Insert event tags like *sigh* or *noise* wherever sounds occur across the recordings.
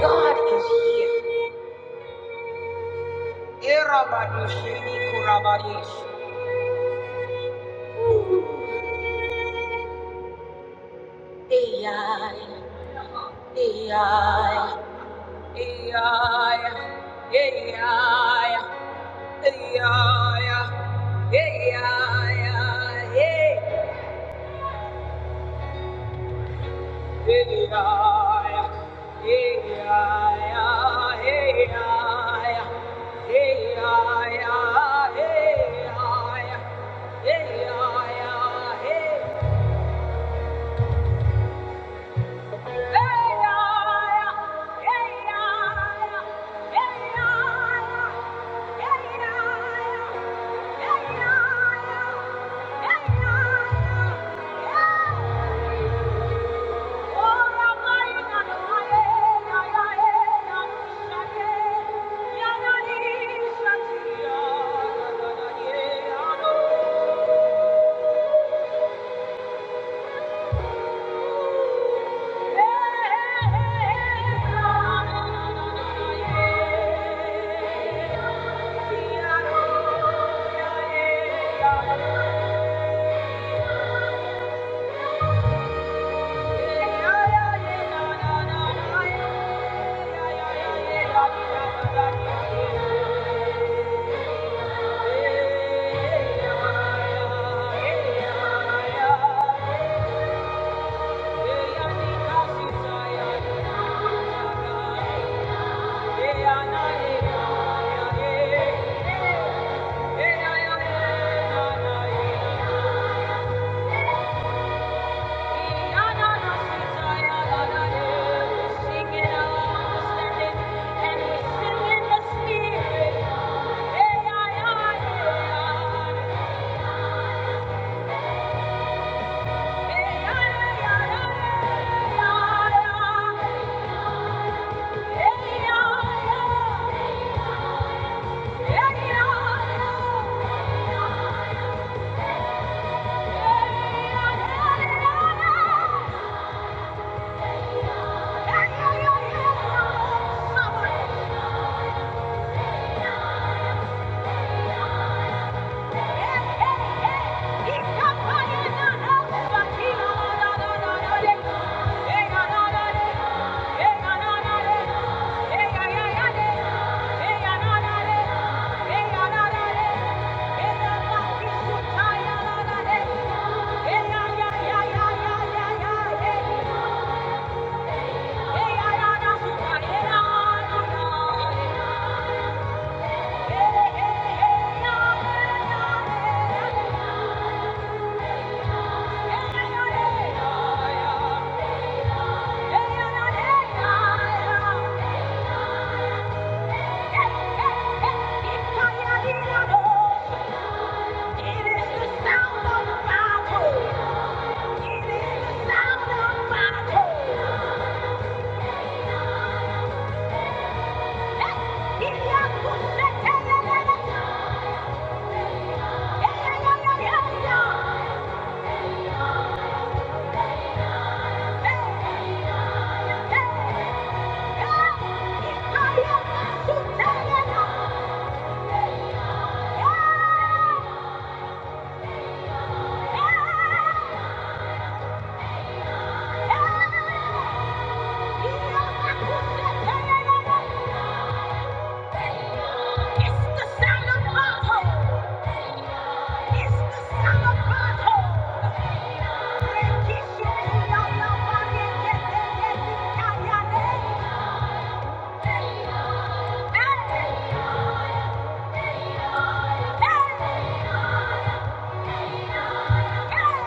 God is here. Erabadoshini korabadish. AI, AI, AI, AI, AI, AI, Yeah. Yeah. Yeah. Yeah. Yeah. Yeah.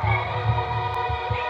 Hey! Wherever you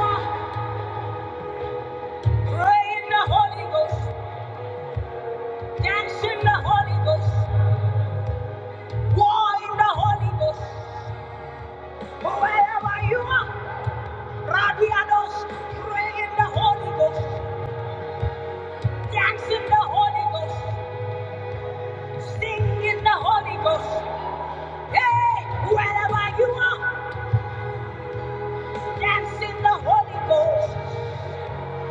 are, pray in the Holy Ghost, dance in the Holy Ghost, war in the Holy Ghost. Wherever you are. Rabiados, pray in the Holy Ghost, dance in the Holy Ghost, sing in the Holy Ghost. Hey, wherever you are, dance in the Holy Ghost,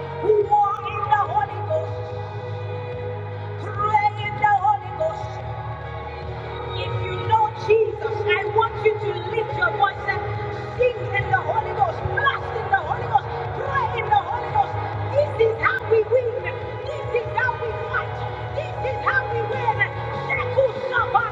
walk in the Holy Ghost, pray in the Holy Ghost. If you know Jesus, I want you to lift your voice and sing in the Holy Ghost, blast in the Holy Ghost, pray in the Holy Ghost. This is how we win. This is how we fight. This is how we win. Sheku Saba.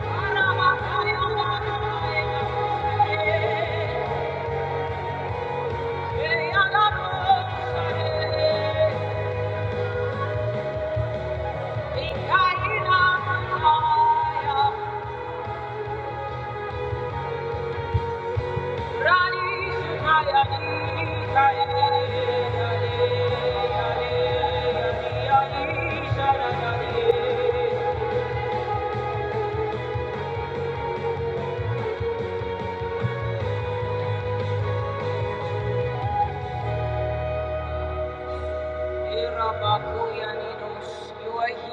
Arabakaya. You are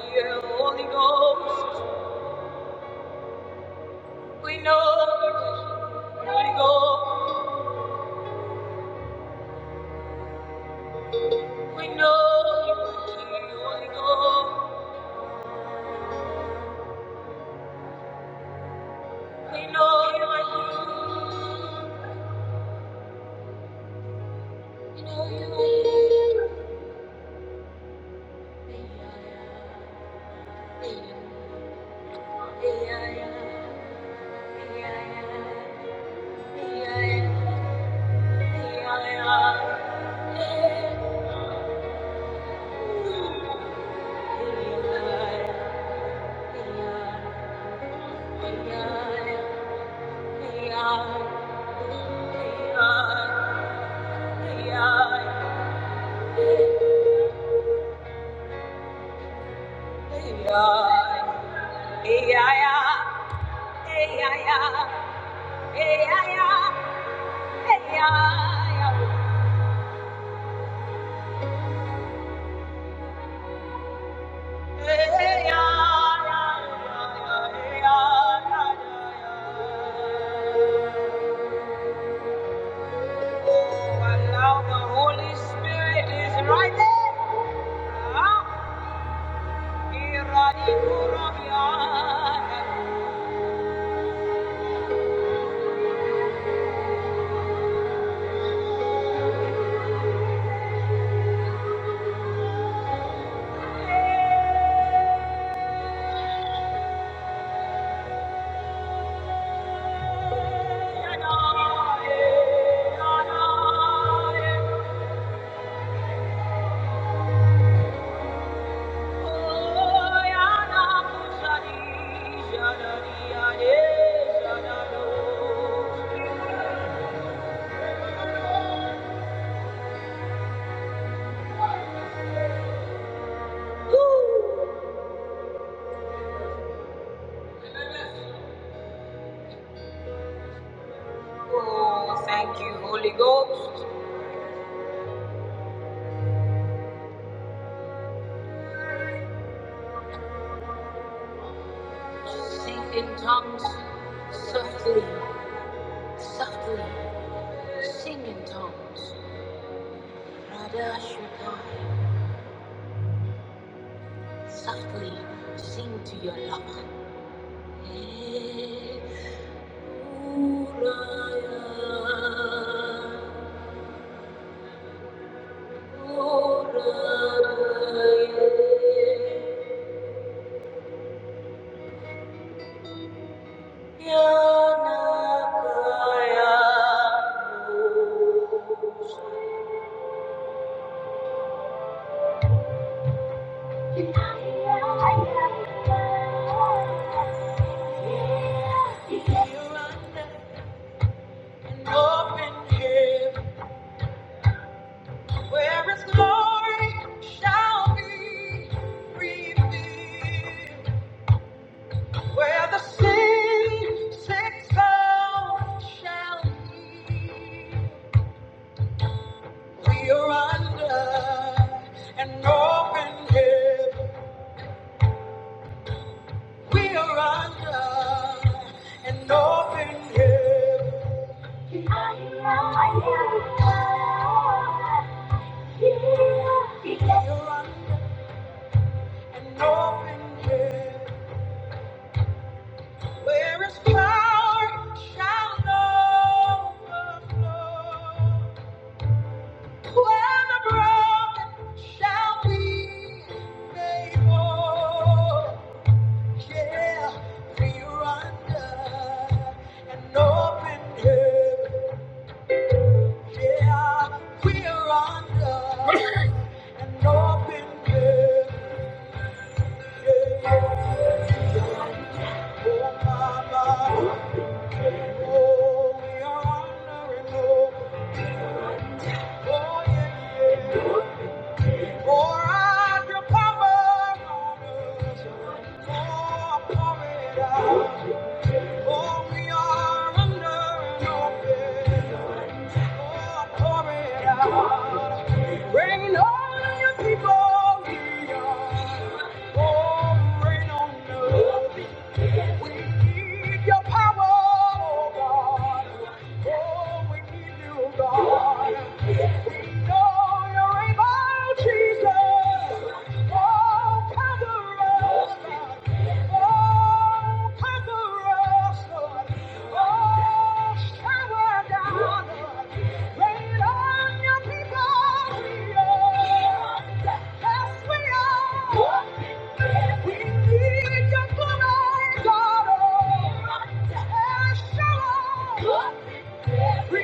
here, Holy Ghost. We know you're here, Holy Ghost. We know you're here, Holy Ghost. We know you are here. We know you are here. Yeah, yeah, yeah, yeah, yeah, yeah. Yeah. Allow the Holy Spirit is right there. Ah, Oh, thank you, Holy Ghost. Sing in tongues, softly, softly, sing in tongues. Radha Shukran. softly sing to your love. Hey, Uraya, uraya, yanakaya. Where is glory shall be revealed. Where the sin, sick soul shall be around in heaven. There is hope when the broken shall be made whole. Yeah, we are under an open heaven. Yeah, we are under an open heaven. Yeah, yeah. Oh, mama. Oh, oh, yeah, Rain on your people, we don't know. We need your power, oh God. Oh, we need you, God. We know you're able, Jesus. Oh, cover us. What? Thank you.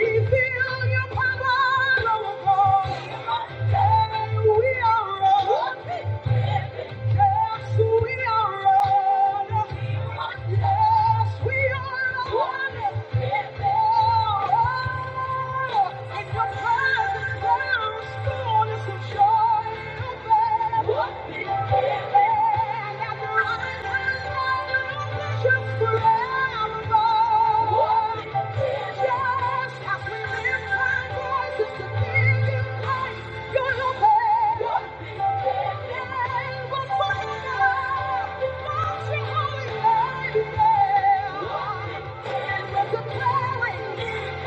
Yeah. Miracle! Miracle!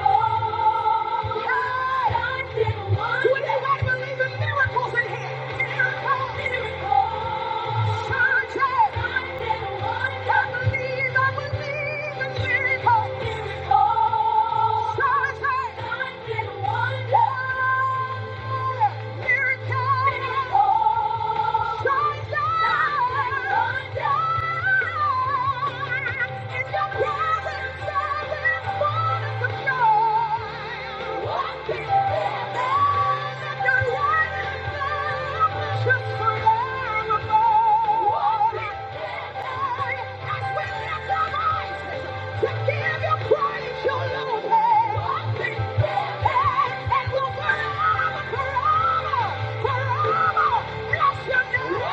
Bless your name!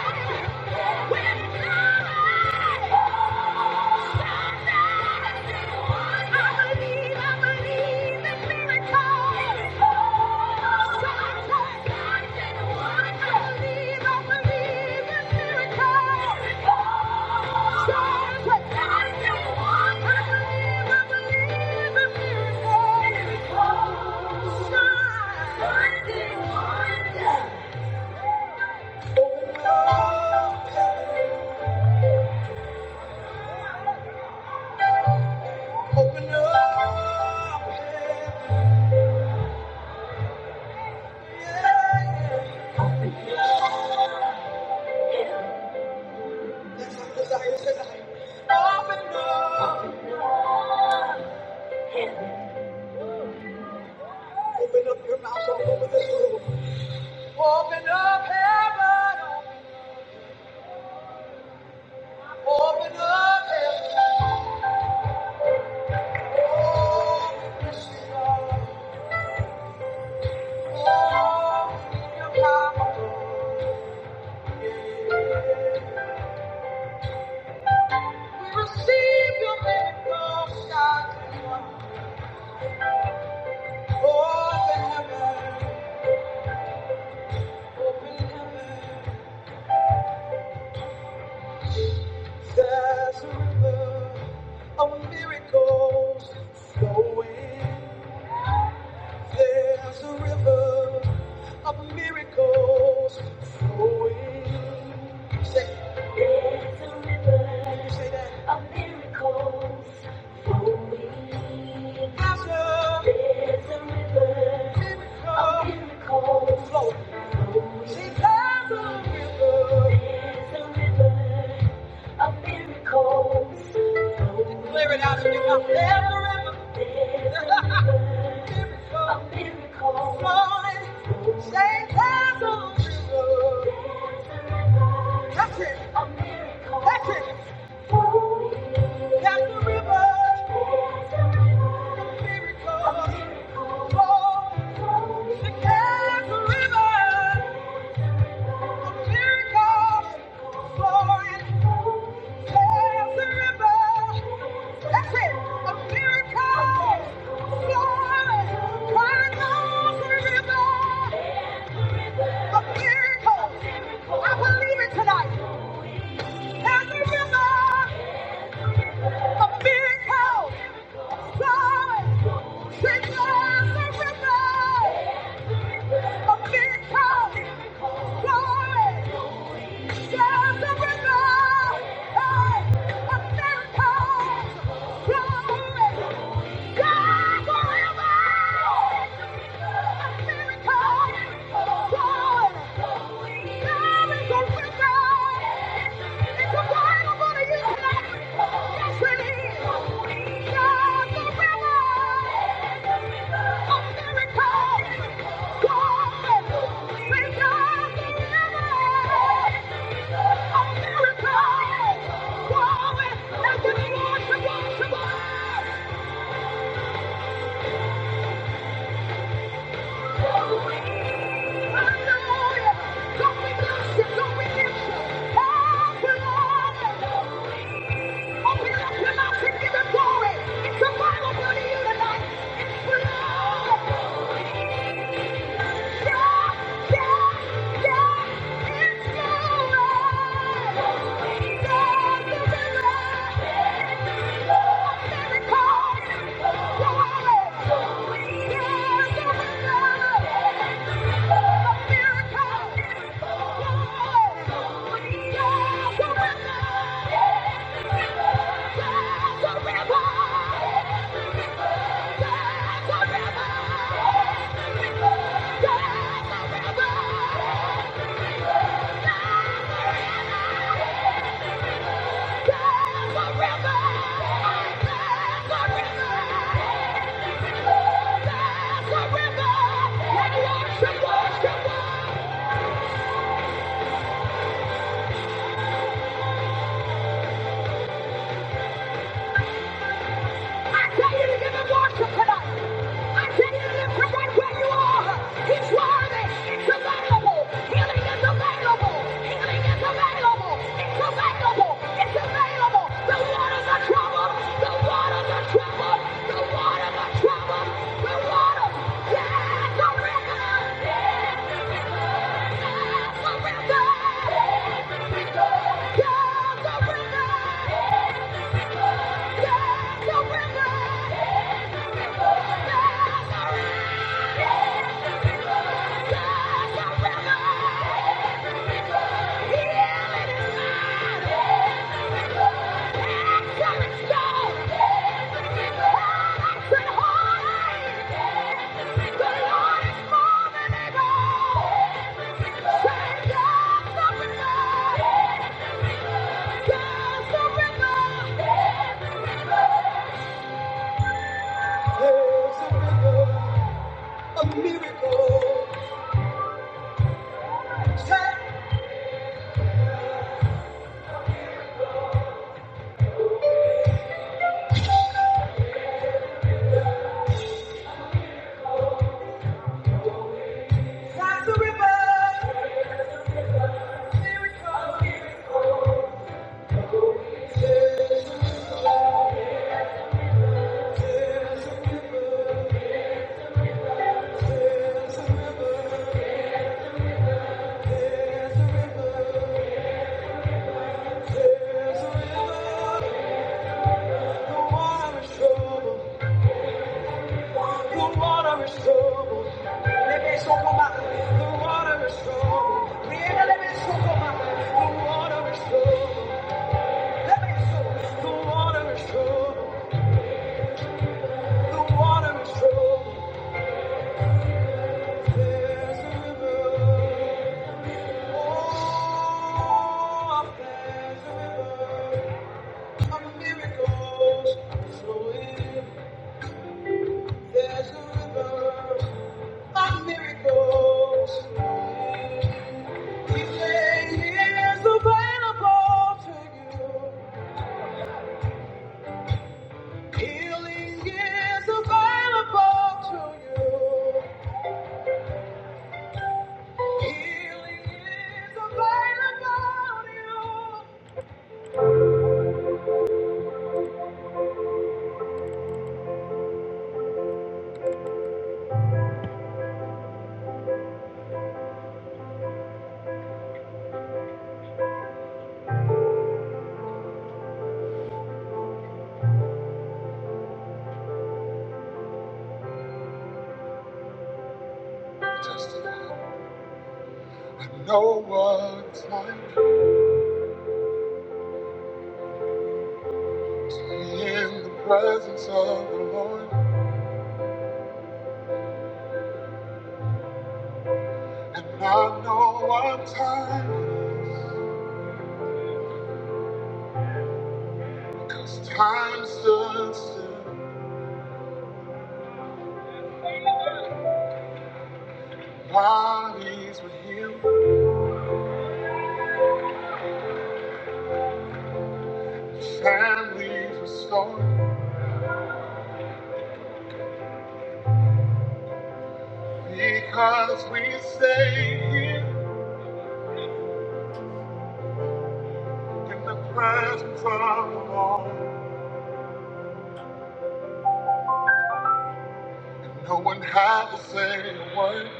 Oh! Open up, open up, yeah. That's our desire tonight. Open up, open up your mouth all this room. Open up heaven, open up heaven, open heaven, open heaven. There's a river of miracles flowing. There's a river of miracles flowing. Say, can you say that? There's a river of miracles flowing. Because a river a river of it out of your mouth. There's a river. There's a river Say, there's a miracle. That's it. That's it. There's a river. Miracles. Flow. Say, there's a river. Tonight. Hey! God forever! A miracle! God! God is a miracle! It's a word to use Yes, it is. God forever! A miracle! God! Say God forever! A miracle! God! Now give me more, some more, some more! Yeah. Worship, worship, worship. I tell you to give him worship tonight. I tell you to lift right where you are. He's worthy. available. Healing is available. Healing is available. It's available. It's available. The waters are troubled. The waters are troubled. The waters are troubled. The waters. Yes, the river. Yes, the river. Yes, the river. Yes, the river. Yes, Yes, There's a river. There's a river. The water is troubled. The water is troubled. Let me so come The water is troubled. Yeah, let me so come The water is troubled. Let me so. The water is troubled. The water is troubled. There's a river. Oh, there's a river. Of miracles flowing. There's a river. My miracles. Healing is available to you. Healing is available to you. Healing is available to you. Just when no one's like to be in the presence of the Lord, and I know what time, 'cause time stood still. Bodies were healed, families restored, because we stayed here in the presence of the Lord. And no one had to say a word,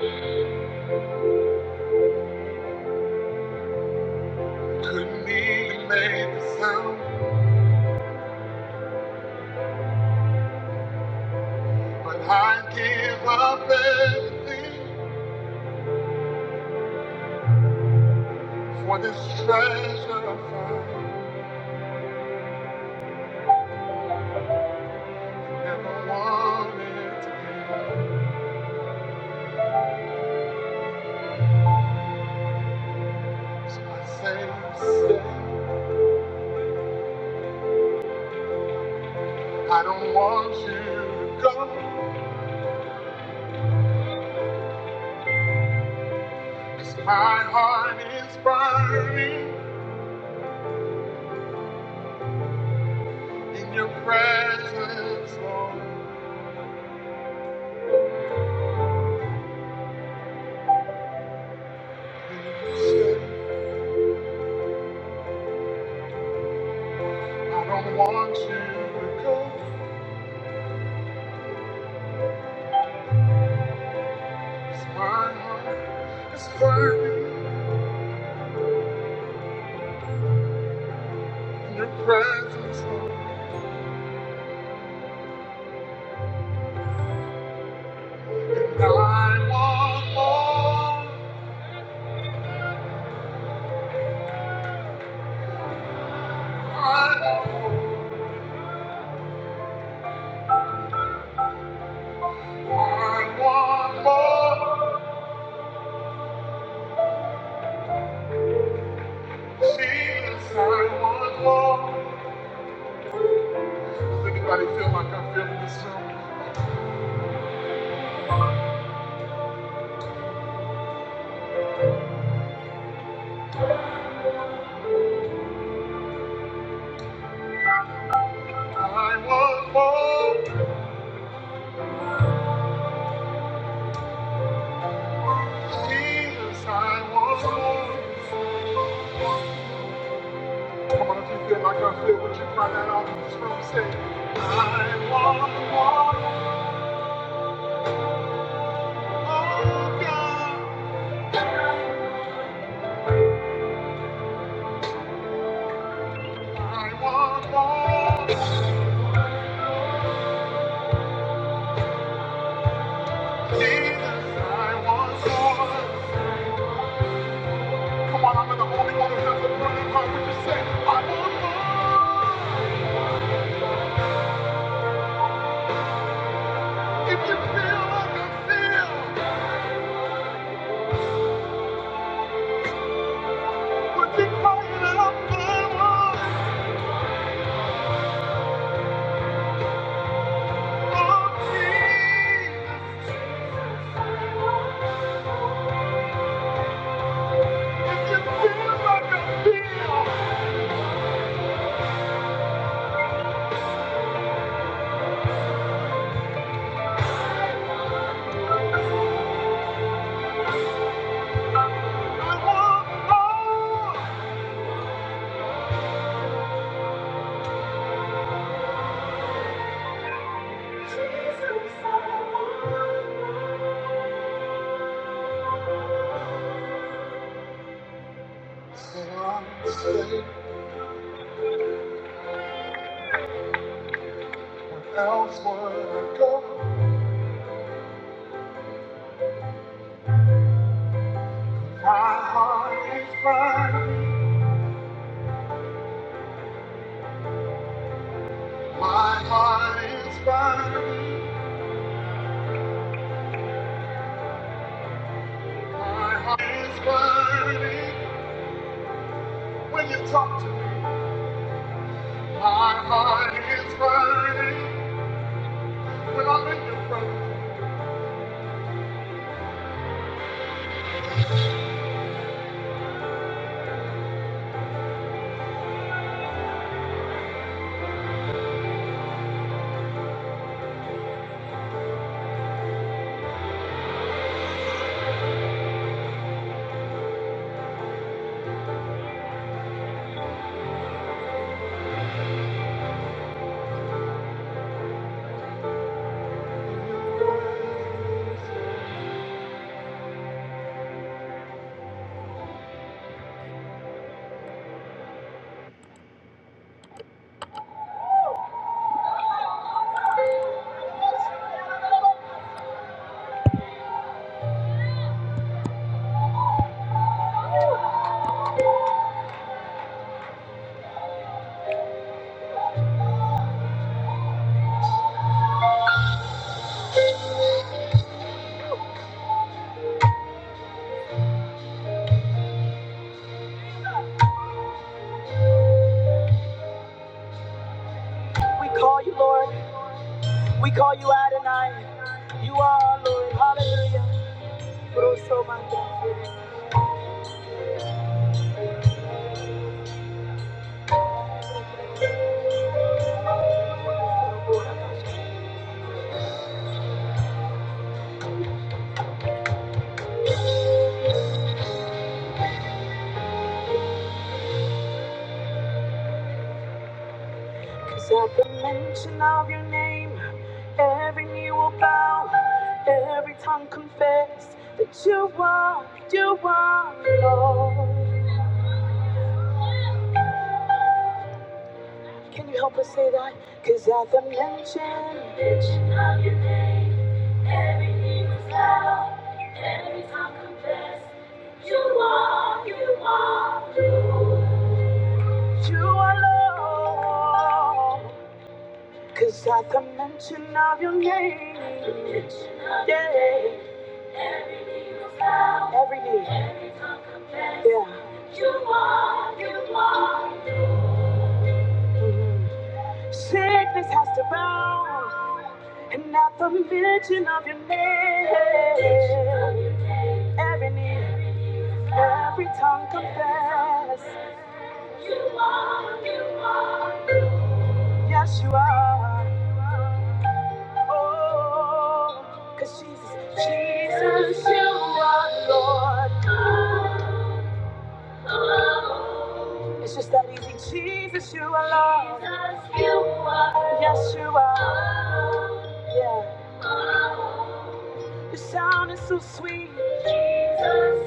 couldn't even make a sound. But I give up everything for this treasure I found. Never wanted to be, so I say, stay. I don't want you to go. As My heart is burning in your presence, Lord. please, I don't want you to go. go. 'Cause my heart is burning in your presence, Lord. I want more. I want more. I want more. Jesus, I want more. Does anybody feel like I feel this song? I want more. Jesus, I was born. Come on, if you feel like I feel, would you cry that out in this room? Say, I want more, oh God. I want more. Jesus, I was born. Come on, I'm in the only one who has a burning heart. Would you say, I want more? If you feel like I feel, would you cry it out? I want more. Jesus. When you Talk to me. My heart is burning when I'm in your presence. We call you Adonai. You are Lord. Hallelujah. Rosso Manda. Cause at the mention of your name, every knee will bow, every tongue confess that you are, you are Lord. Can you help us say that? Cause at the mention, you are Lord. Cause at the mention of your name, yeah, every knee, yeah. Mhm. Sickness has to bow. And at the mention of your name, Every knee, every tongue confess, yes you are. Oh, 'cause Jesus, Jesus, you are Lord. It's just that easy. Jesus, you are Lord. Yes you are. Yeah, the sound is so sweet.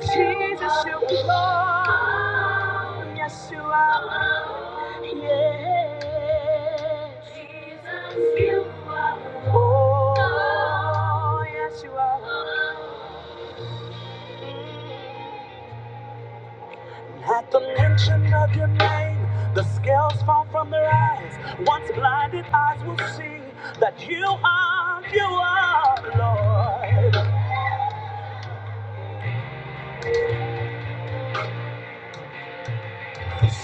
Jesus, you are Lord. Yes you are. Yeah. Jesus. you Oh, yes, you are. You are, Lord.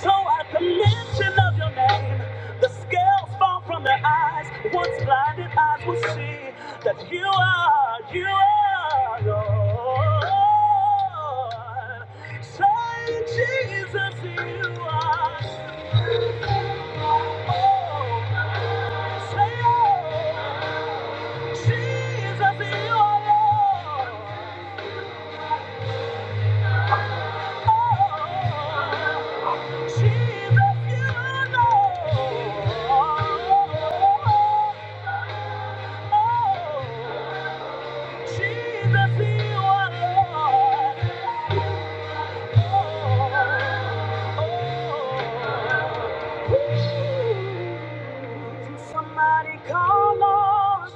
So at the mention of your name, the scales fall from their eyes. Once blinded eyes will see that you are, you are, Lord. Say, Jesus, you are. Oh, say, oh, Jesus, you are, Lord. Somebody call on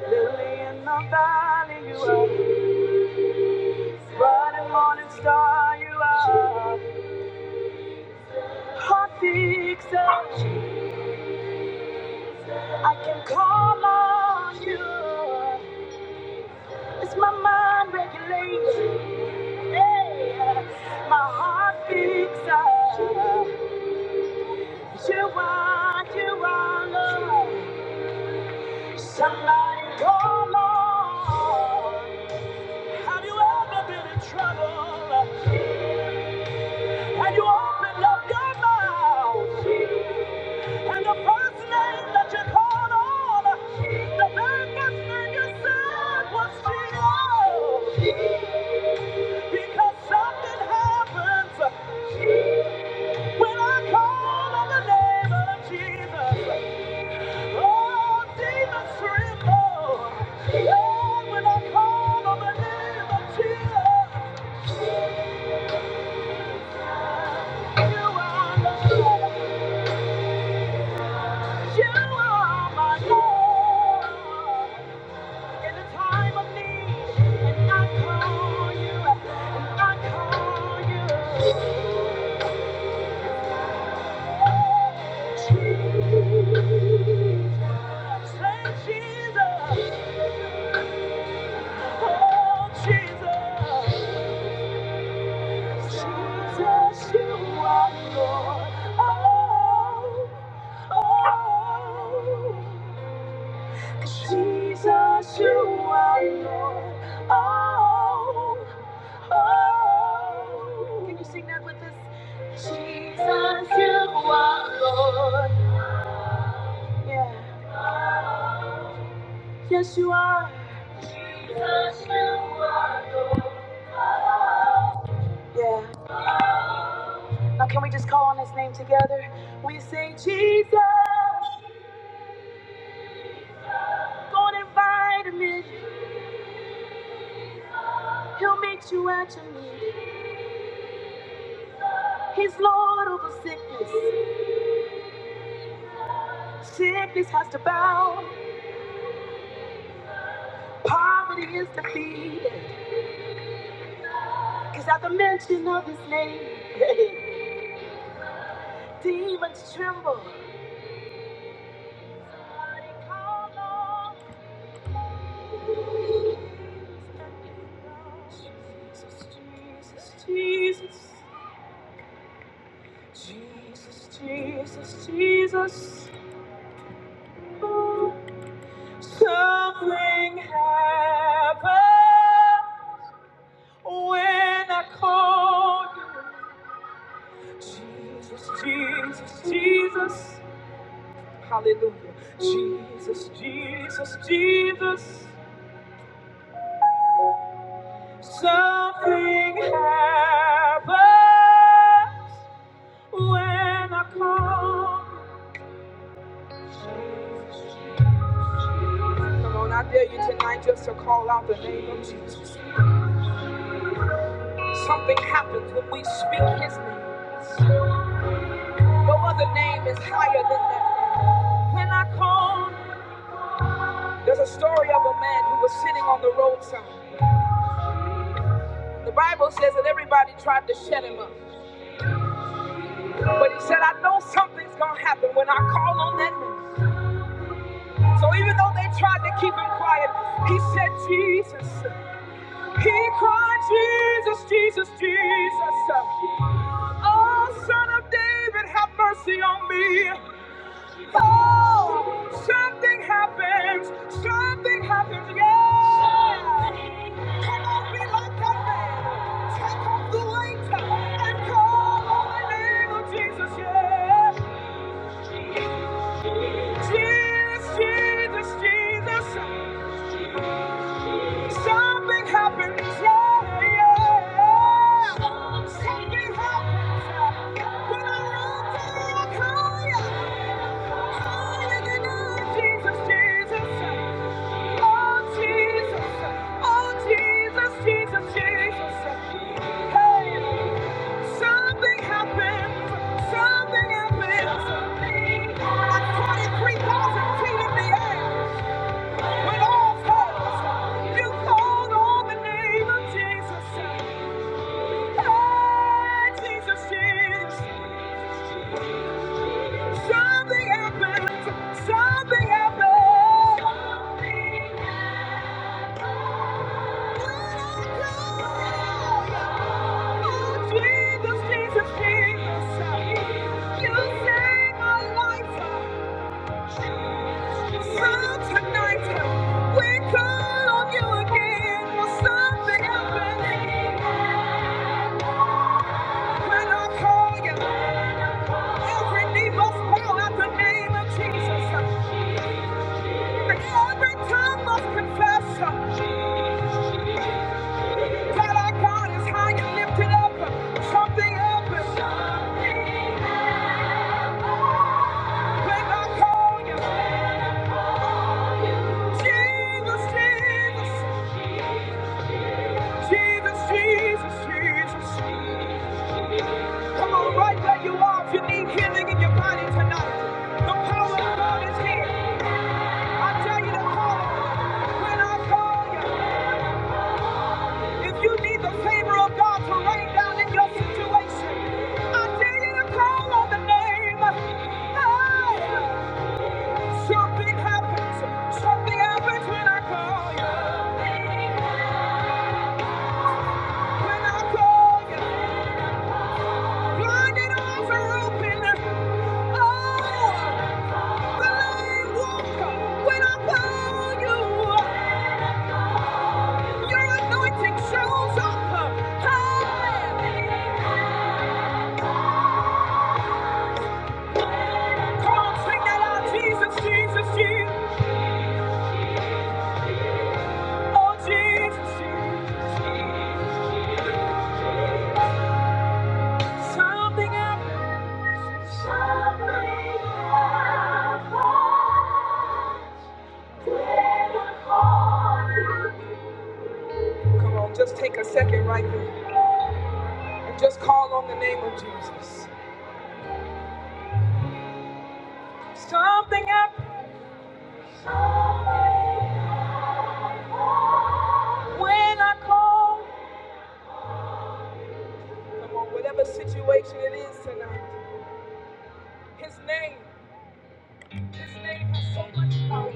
Lily in the valley, you are. Bright and morning star, you are. Hot fixer. I can call on you. It's my mind regulation. Yeah. My heart picks up. You are, you are love. Somebody call on. Have you ever been in trouble? And you opened up your mouth. And the first name that you called on, the very first name you said was Jesus. Because something happens when I call on the name of Jesus. Oh, demons tremble. Oh, when I call on the name of Jesus, you are my Lord. You are my Lord. In the time of need, and I call you, and I call you. Jesus, Say Jesus. Oh, Jesus, Jesus, you are Lord. Oh, oh, Jesus, you are Lord. Oh, oh. Can you sing that with us? Jesus, you are Lord. Yeah. Yes, you are. Yeah. Now, can we just call on his name together? We say, Jesus, go and invite him in. He'll make you out of me. He's Lord over sickness. Sickness has to bow. Poverty is defeated. Cause at the mention of his name, *laughs* demons tremble. Somebody call on Jesus, Jesus, Jesus, Jesus, Jesus, Jesus. Something happened when I called you. Jesus, Jesus, Jesus. Hallelujah. Jesus, Jesus, Jesus. Something happens when I call. Come on, I dare you tonight just to call out the name of Jesus. Something happens when we speak his name. No other name is higher than that name. When I call, there's a story of a man who was sitting on the roadside. The Bible says that everybody tried to shut him up. But he said, I know something's gonna happen when I call on that name. So even though they tried to keep him quiet, he said, Jesus. He cried, Jesus, Jesus, Jesus. Oh, son of David, have mercy on me. Oh, something happens. Something happens. Yeah. Come on, be like that man. Take off the weight and call on the name of Jesus. Yeah. Jesus, Jesus, Jesus, you saved my life. From tonight, we call on you again for something happening. When I call you, every knee must bow at the name of Jesus. every tongue must confess that our God is high and lifted up. Something happens when I call you. Jesus, Jesus, Jesus, Jesus, Jesus. Come on, right where you are if you need healing in your body tonight. The power of God is here. I tell you to call when I call you. Something happens. Something happens when I call you. I need a open. Oh, when I call you, your anointing shows up. Come on, sing that out. Jesus, Jesus, Jesus. Oh, Jesus, Jesus. Something happens. Come on, just take a second right there and just call on the name of Jesus. Something happens. When I call, come on, whatever situation it is tonight, His name, His name has so much power.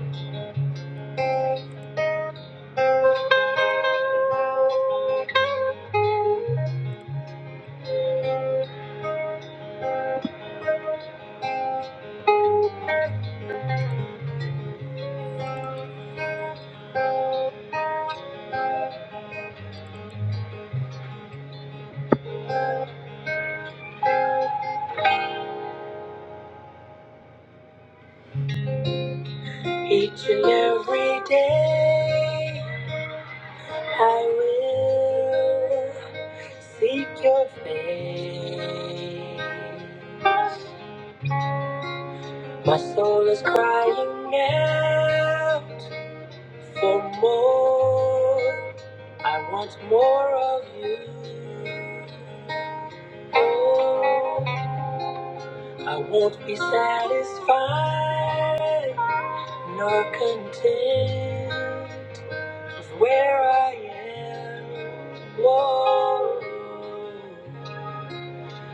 Each and every day, I will seek Your face. My soul is crying out for more. I want more of You. Oh, I won't be satisfied nor content with where I am. Lord.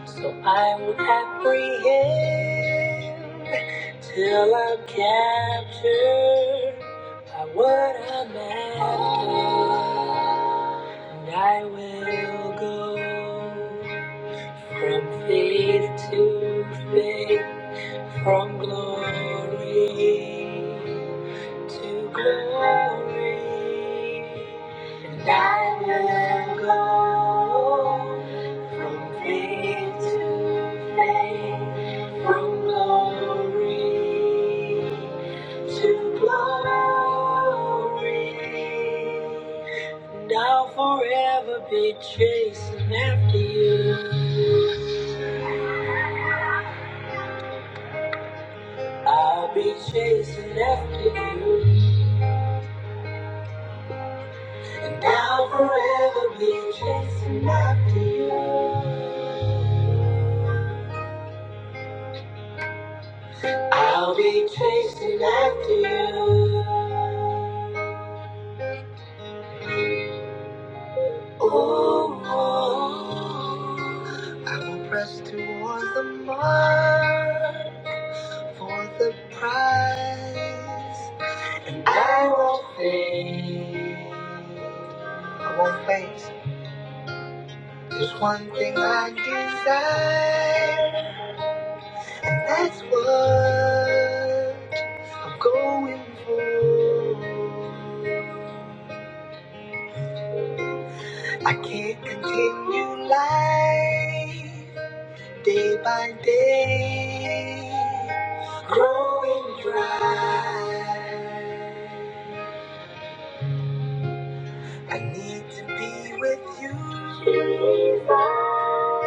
So I will apprehend till I'm captured by what I'm after. And I will go from faith to faith. From glory to glory, and I will go from faith to faith, from glory to glory, and I'll forever be chasing after you. I'll be chasing after you. And Now forever be chasing after you. I'll be chasing after you. Oh, oh. I will press towards the mark for the prize. I won't faint. I won't faint. There's one thing I desire. That's what. I'm going for. I can't continue life day by day, growing dry. I need to be with you.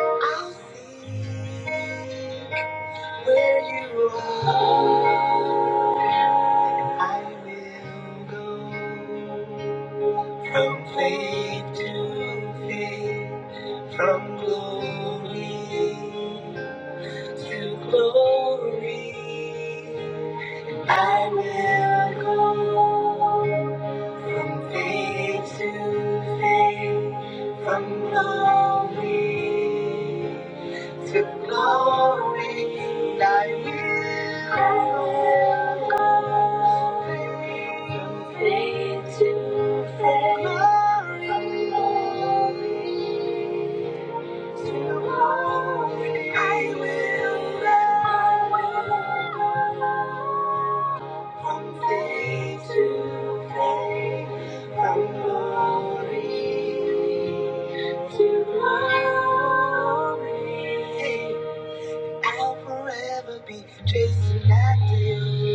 I'll seek where you are. I will go. From faith to faith, from glory to glory, I will go to glory, thy glory. I go from faith to faith, from glory to glory. Hey, I'll forever be chasing after you.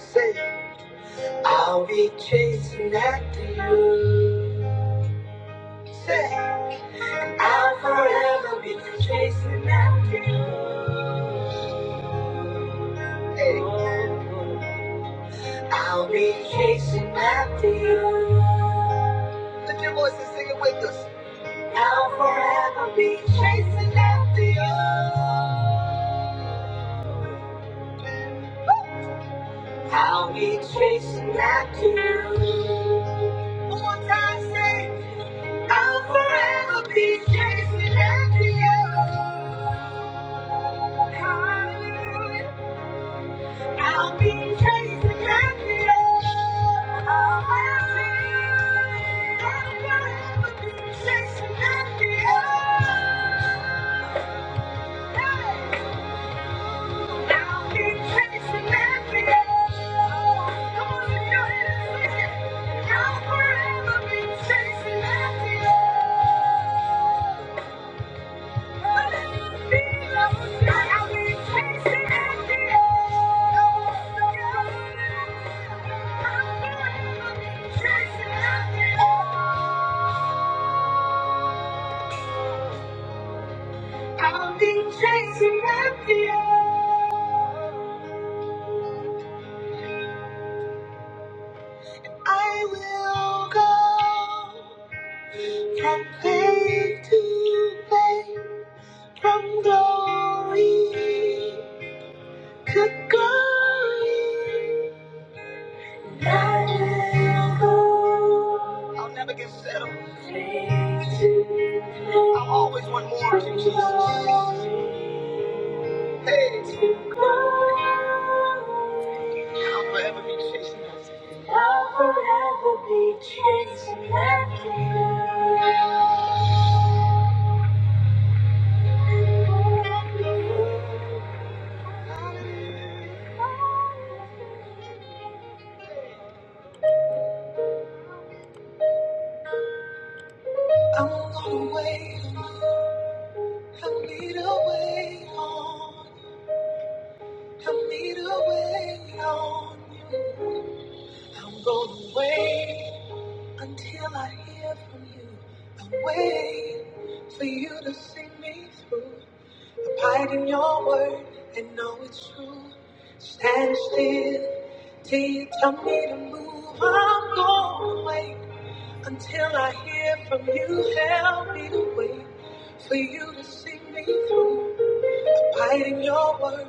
Say, I'll be chasing after you. Say, I'll forever be chasing. I'll be chasing after you. I'll forever be chasing after you. I'll be chasing after you. One more time, say, I'll forever be chasing after you. Hallelujah. I'll be chasing happy I'll I'll have be chasing happy I'll be chasing happy Come on, lift your hands and sing it. I'll forever be chasing happy I've been chasing after you. I'll forever be chasing after you. I'm gonna wait. Help me to wait on. Help me to wait on you. I'm gonna wait until I hear from you. I'm waiting for you to see me through. Abide in your word and know it's true. Stand still till you tell me to move. I'm gonna wait until I hear from you. Help me to wait for you to see me through. Hiding your word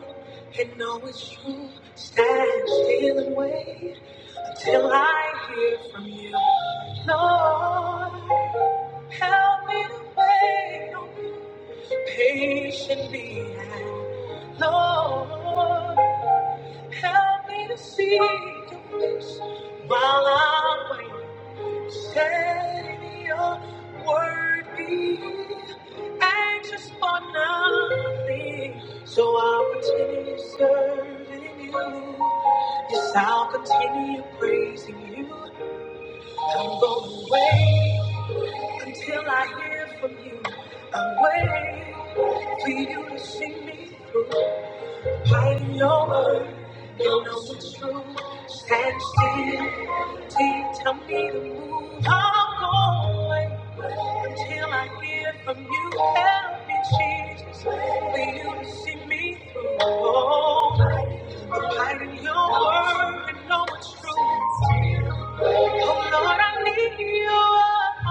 and know it's true. Stand still and wait until I hear from you. Lord, help me to wait on you patiently. Lord, help me to see your face while I'm waiting. Set in your word be anxious for nothing, so I'll continue serving you. Yes, I'll continue praising you I'll wait until I hear from you. I'm waiting for you to see me through. Hiding your word. Don't know what's true. Stand still till tell me to move. I'm going until I hear from you. Help me, Jesus, for you to see me through. Oh, the light in your word and know it's true. Oh, Lord, I need you.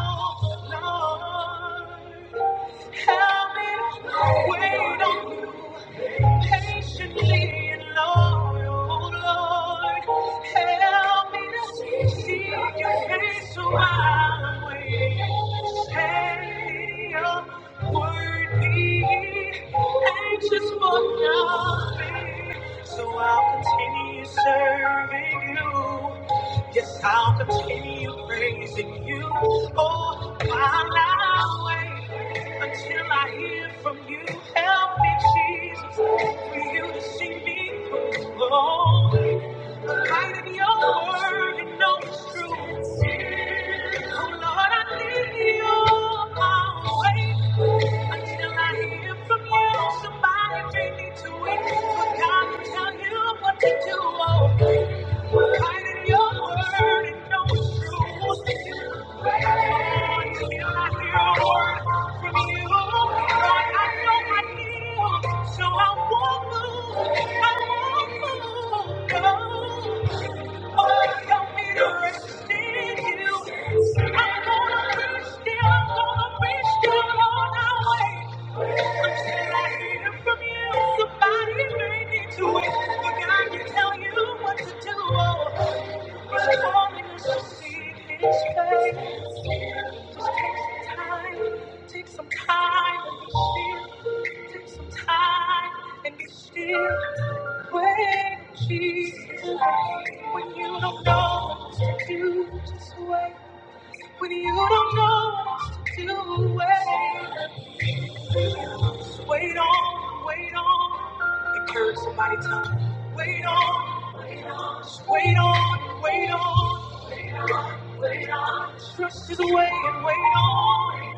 Oh, Lord, help me to wait on you. Patiently alone, oh Lord, help me to see your face while I'm waiting. Say Your word. Be anxious for nothing, so I'll continue serving you. Yes, I'll continue praising you all my way until I hear from you. Help me, Jesus, for you to see me through. Oh, the light of your word, you know it's true. Oh, Lord, I need you all my way until I hear from you. Somebody bring me to it. For God to tell you what to do. Oh, so I won't move. I won't move. No. Somebody may need to wait, but God can tell you what to do just wait. Just wait somebody, tell them, wait on, wait on, just wait on, wait on. Trust is away and wait on.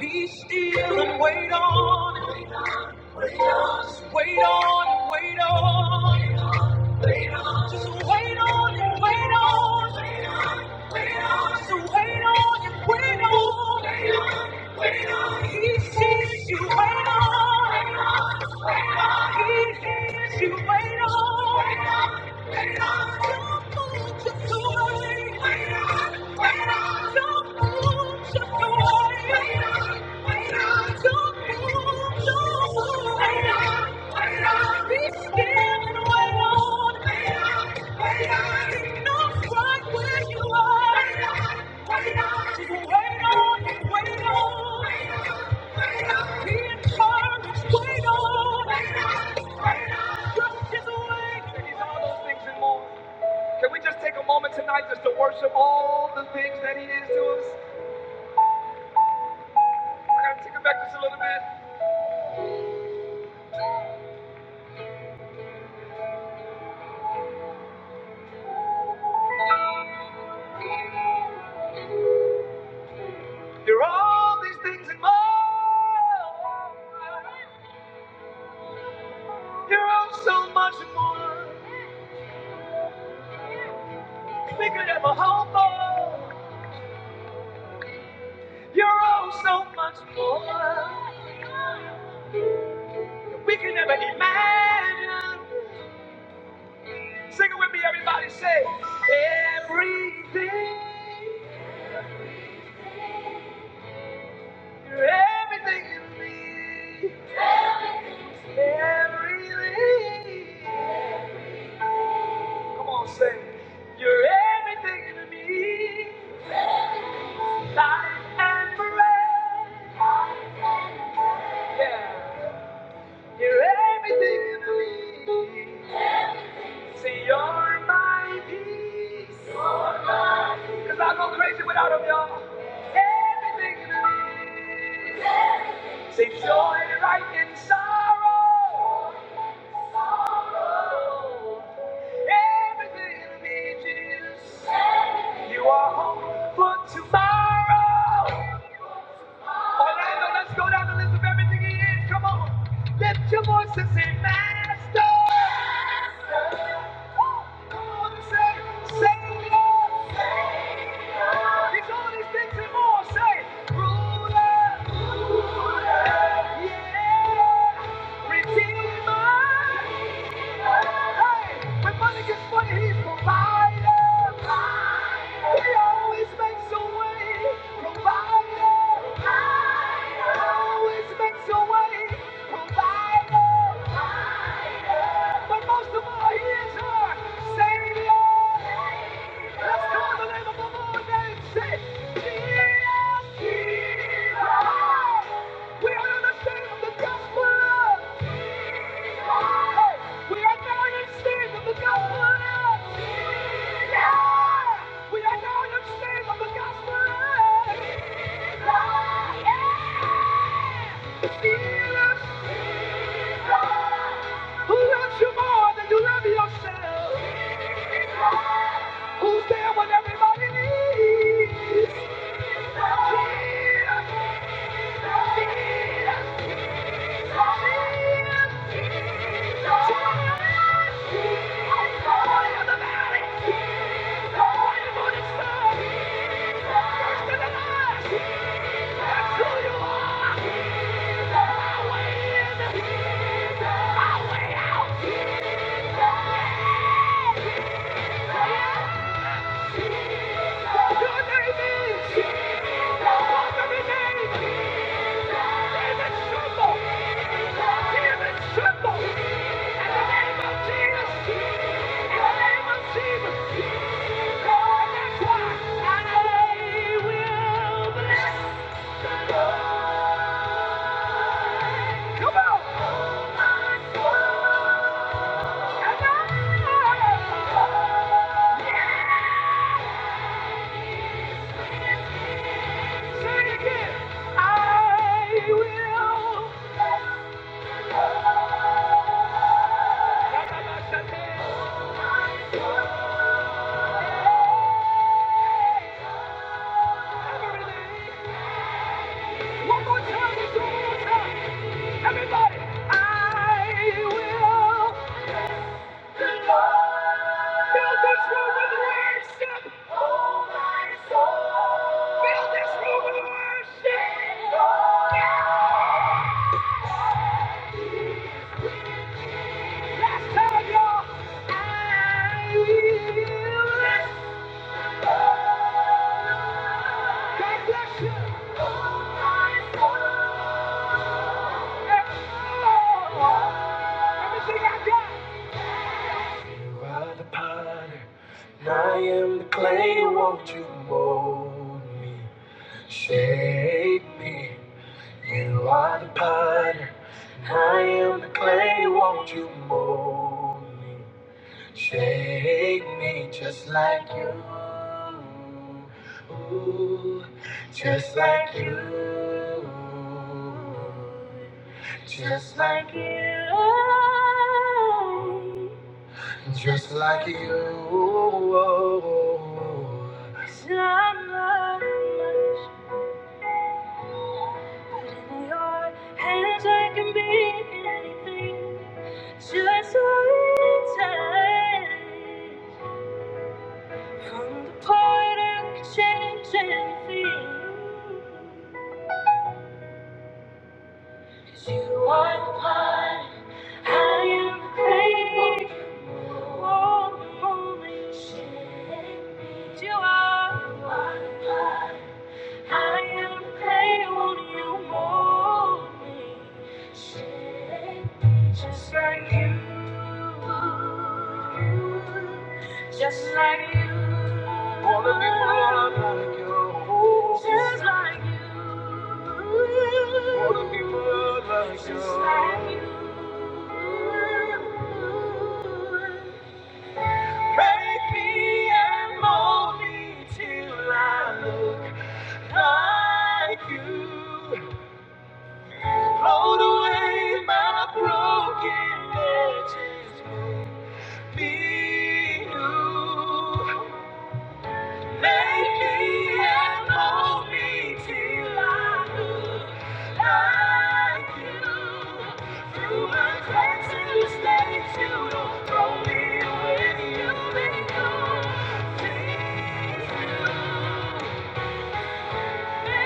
Be still and wait on. Wait on, wait on, wait on. Just wait on and wait on. Wait on, wait on. wait on, Don't move, just wait on. Can we just take a moment tonight just to worship all the things that he is to us? I gotta take it back just a little bit. You're all these things and more. You're all so much more. We could ever hope for. You're all so much more. We can never imagine. Sing it with me, everybody. Say everything. You're everything in me. See, you're my peace. Cause I go crazy without him, y'all. Everything in me. Say joy and right and sorrow. Oh, Everything in me, Jesus. You are hope for tomorrow. Orlando, let's go down the list of everything he is. Come on. Lift your voice and say, Master. Woo. Come on and say, Savior. He's all these things and more. Say, Ruler. Yeah. Redeemer. Hey, when money gets funny, he's provider. He always makes a way. Provider. He Always makes a way. Provider. But most of all, he is our Savior. Let's call the name of the Lord and say, Jesus, Jesus. We are the state of the gospel. Jesus. We are now in the state of the gospel. Jesus. We are now in the state of the gospel. Jesus. Yeah. Jesus, who loves you more than you love yourself. Jesus. Who's there when everybody needs? Come on, say it again. I will. I will. Just what I am crazy, you are. I am grateful you mold me, just like you, you, just like you. Wanna be more like you, just like you. Wanna be more like you, just like you. And mold me till I look like you. Rolled away my broken edges will be new. Make me and hold me till I look like you. Through my cracks and mistakes, you don't throw me away. You make me things new. Yeah.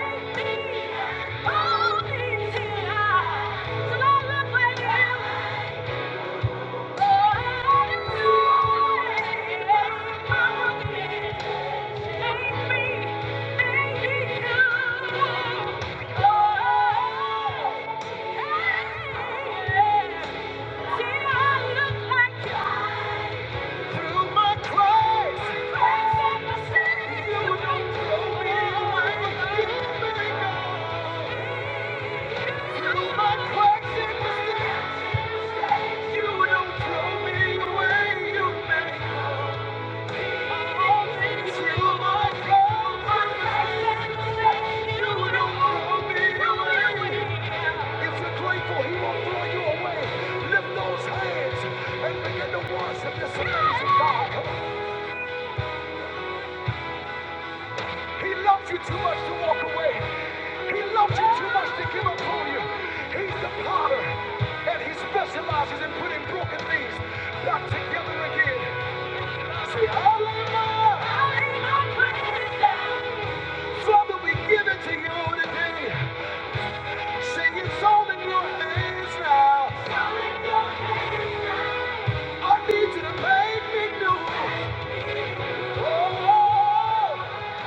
Through my cries, cries of the you don't throw me away. You may go. Through my cracks in the sea, you don't throw me away. You may go. Through my troubles, you don't throw me away. If you're grateful, he won't throw you away. Lift those hands and begin to worship this amazing God. Come on. He loves you too much to walk away. He loves you too much to give up on you. He's the potter, and he specializes in putting broken things back together again. Say, Hallelujah! Hallelujah! Father, we give it to you today. Sing it's all in your hands now. I need you to make me new. Oh, oh,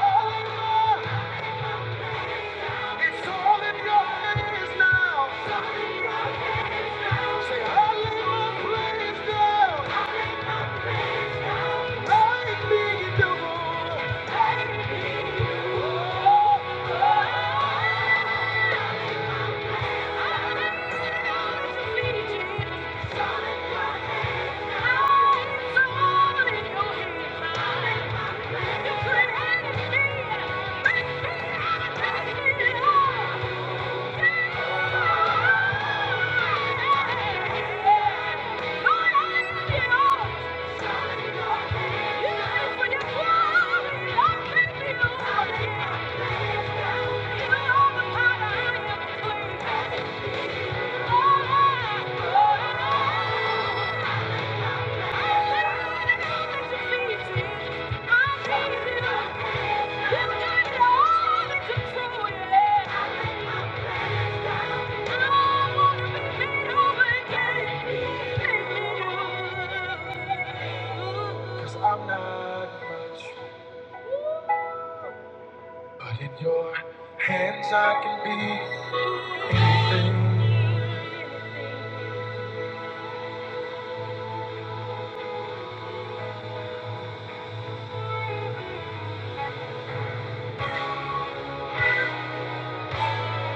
hallelujah. It's all in your hands now. Say, I lay my praise down. I need you. Thank you i I'm not much, but in your hands I can be.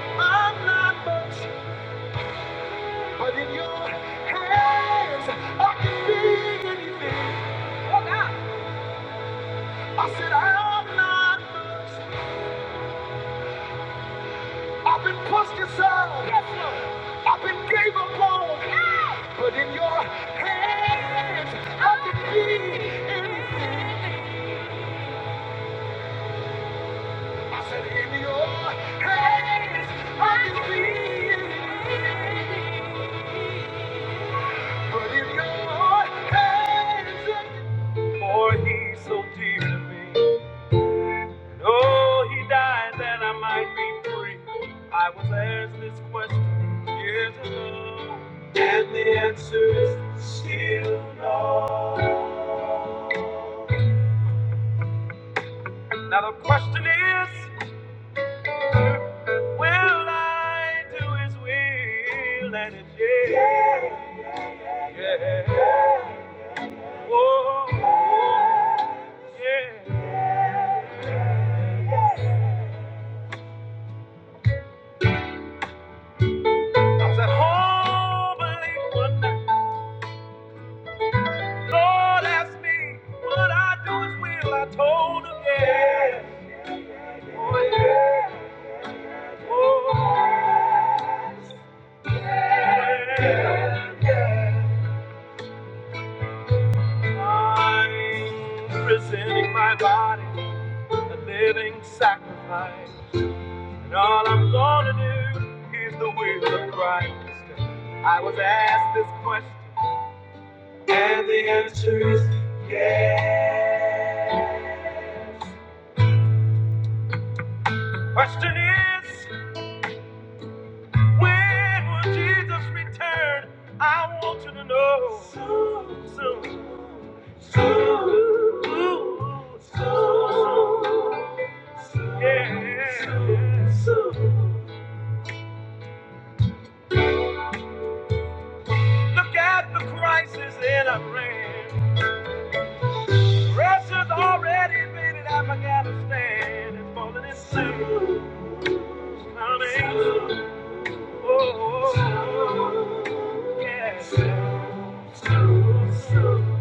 I'm not much, but in your hands I can be anything. Oh God. I said I'm not much, I've been pushed aside. Yes, Lord. I've been gave up on. Yeah. But in your hands, I can be anything. I said, in your hands, I can be anything. But in your hands, I can... For he's so dear to me. Oh, he died that I might be free. I was asked this question years ago. And the answer is still no. Now the question is, will I do his will and it's yeah, yeah, yeah. oh, yeah. I was at home late one night. Lord asked me, would I do his will? I told him, yeah, oh, yeah, oh, yeah. Yeah, yeah. I'm presenting my body a living sacrifice. And all I'm gonna do is the will of Christ. I was asked this question, and this question is when will Jesus return? I want you to know soon, soon, soon, soon, soon, yeah. soon, soon. Look at the crisis in our land. Russia's already invaded Afghanistan and falling in soon. Honey. Oh, yeah. Soon, soon, soon.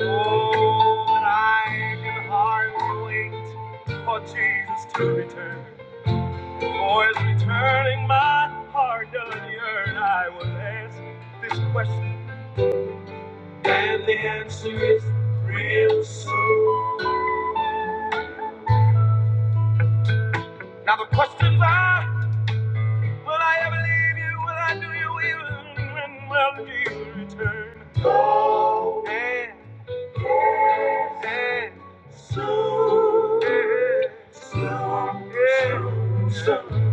Oh, but I can hardly wait for Jesus to return. For his returning, my heart does yearn. I will ask this question, and the answer is real soon. Now the questions I Will I ever leave you? Will I do you evil? when will you return? Oh, And, and soon, and soon, yeah. soon.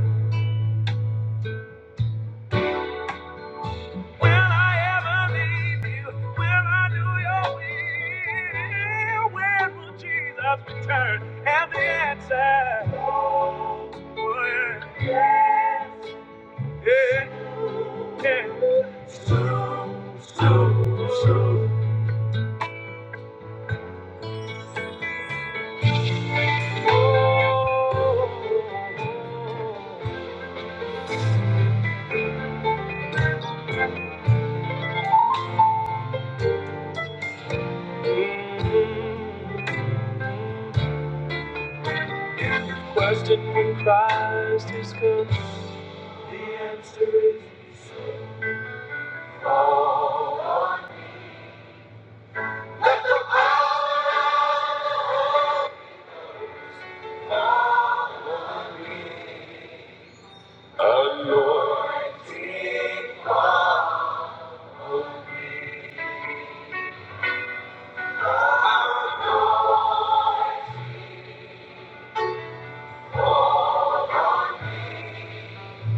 Will I ever leave you? Will I do your will? When will Jesus return? And the answer, Oh, Well, Yes. Yeah, yeah. Soon, soon, soon. Question in Christ is come. The answer is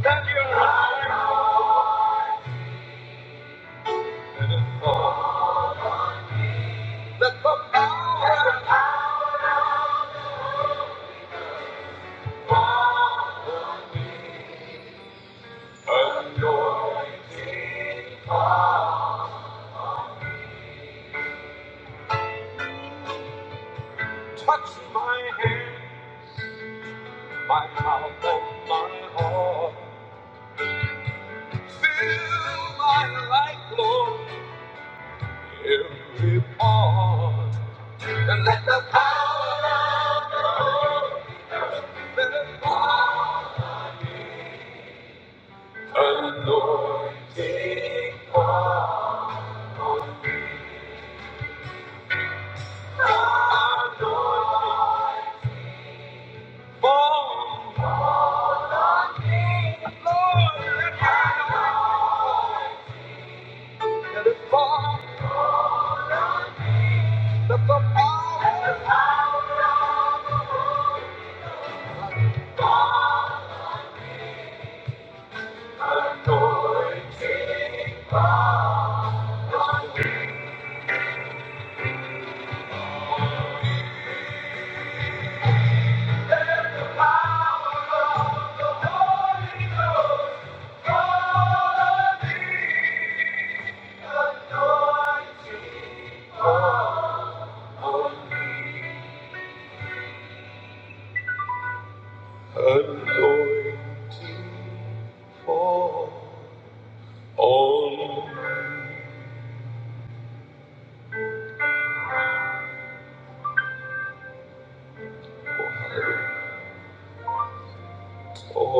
that you're higher than all. That the power of your hand touch my hand, my mouth, and my heart. Fill my life, Lord, every part. And let the power of your hand anointing fall. Let it fall. glory.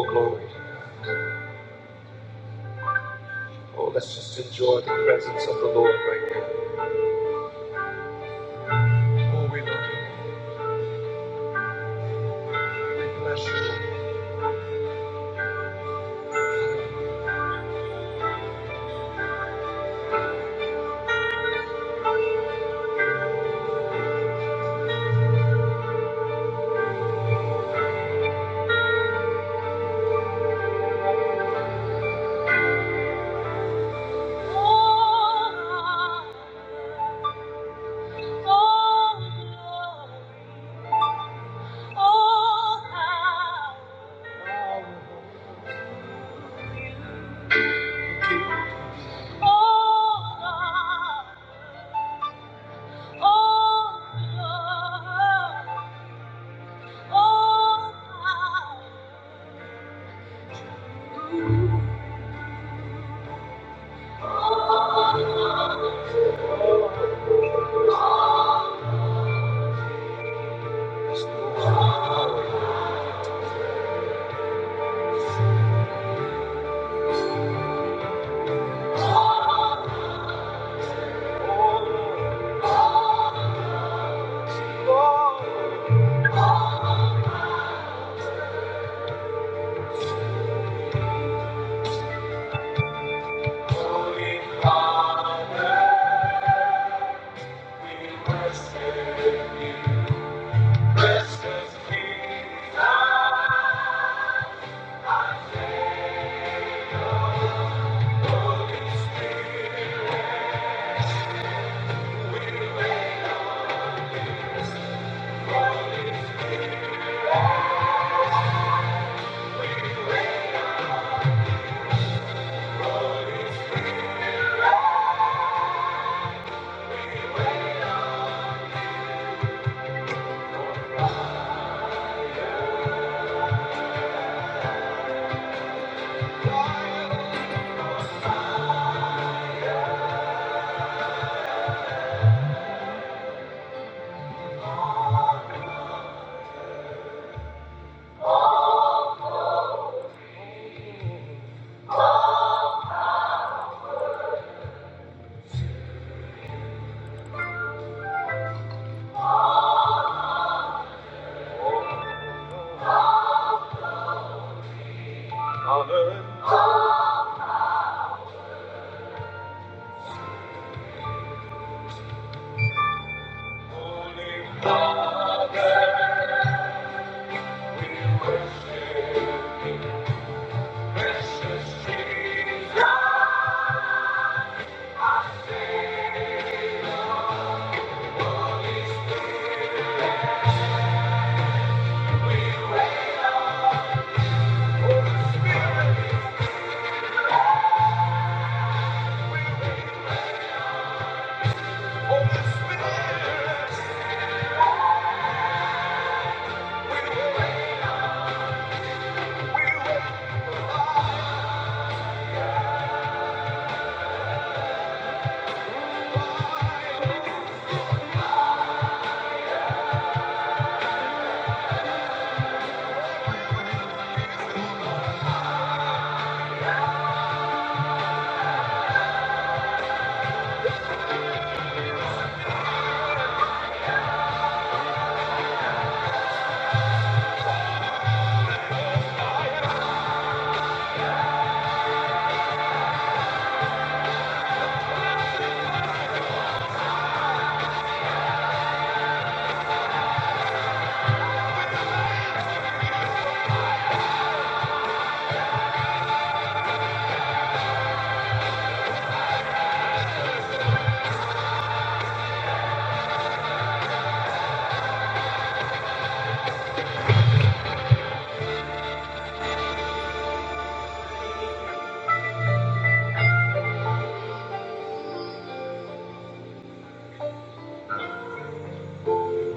Oh, let's just enjoy the Lord right now. Holy Father, we worship you. Honor. Holy Spirit, we worship you. Wait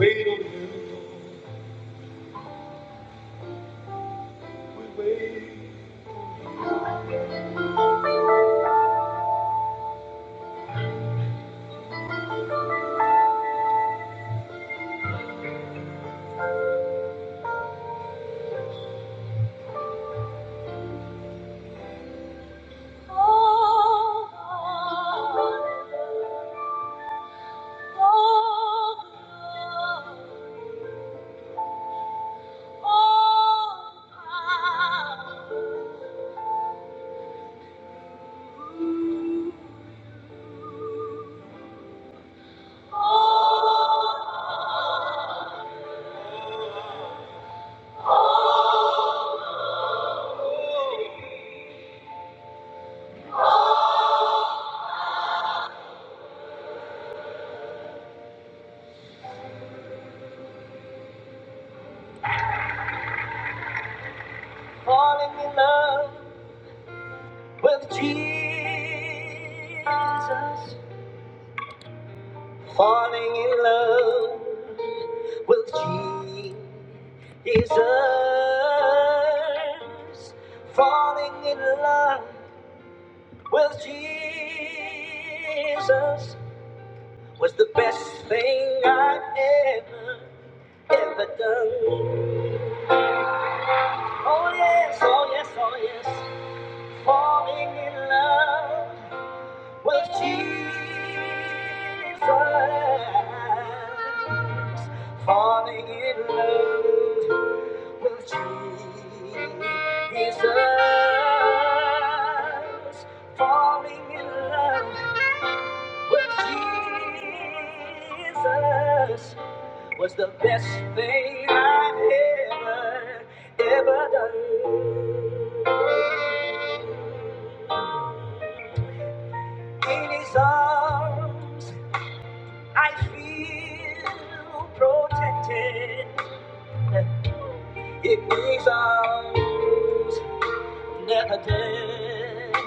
on you, we wait. Well, Jesus, falling in love with Jesus, falling in love with Jesus was the best thing I've ever, ever done. Oh, yes, oh, yes, oh, yes. Falling in love with Jesus. Falling in love with Jesus. Falling in love with Jesus was the best thing I've ever, ever done. In his arms. I feel protected. It means I'm never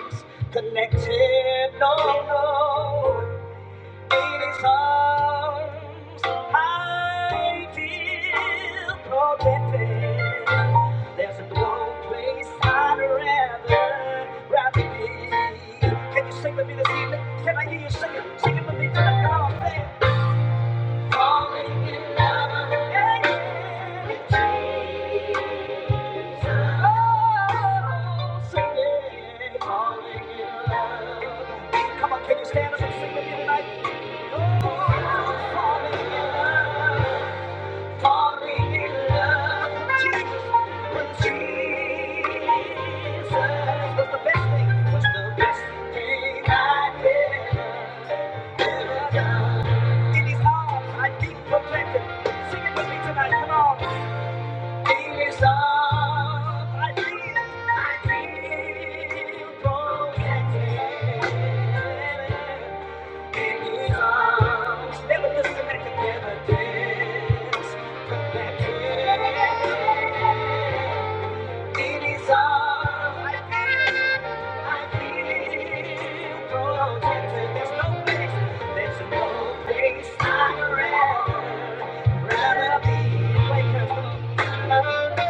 disconnected. No, no. It is arms. I feel protected. There's no place I'd rather, rather be. Can you sing with me this evening? Can I hear you singing? Sing it with me till I get off there. Falling in love again. Oh, sing it. Falling in love. Come on, can you stand up and sing with me tonight? Oh, falling in love. Falling in love. Jesus. When Jesus was the best thing, was the best thing I did. In his arms, I deep protected. Sing it with me tonight, come on. I I'd rather Thank you.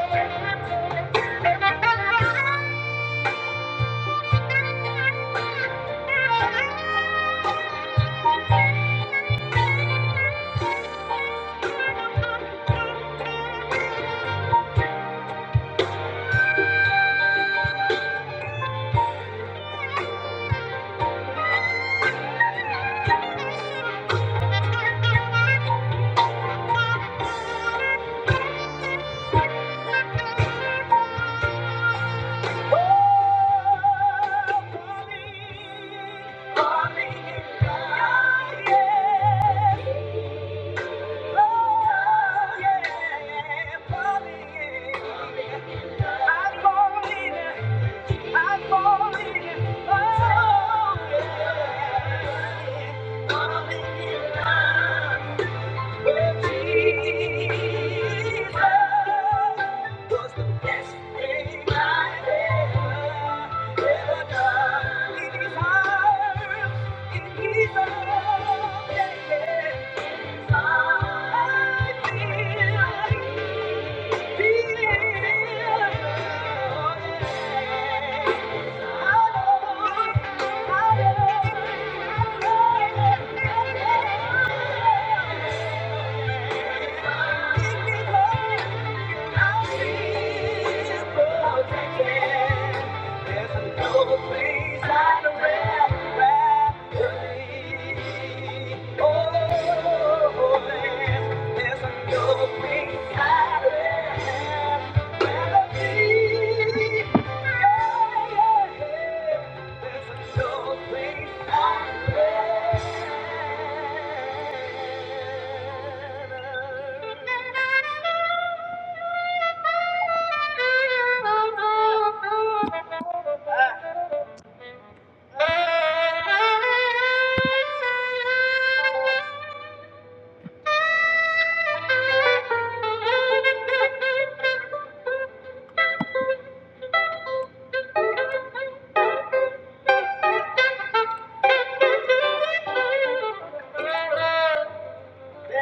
I you.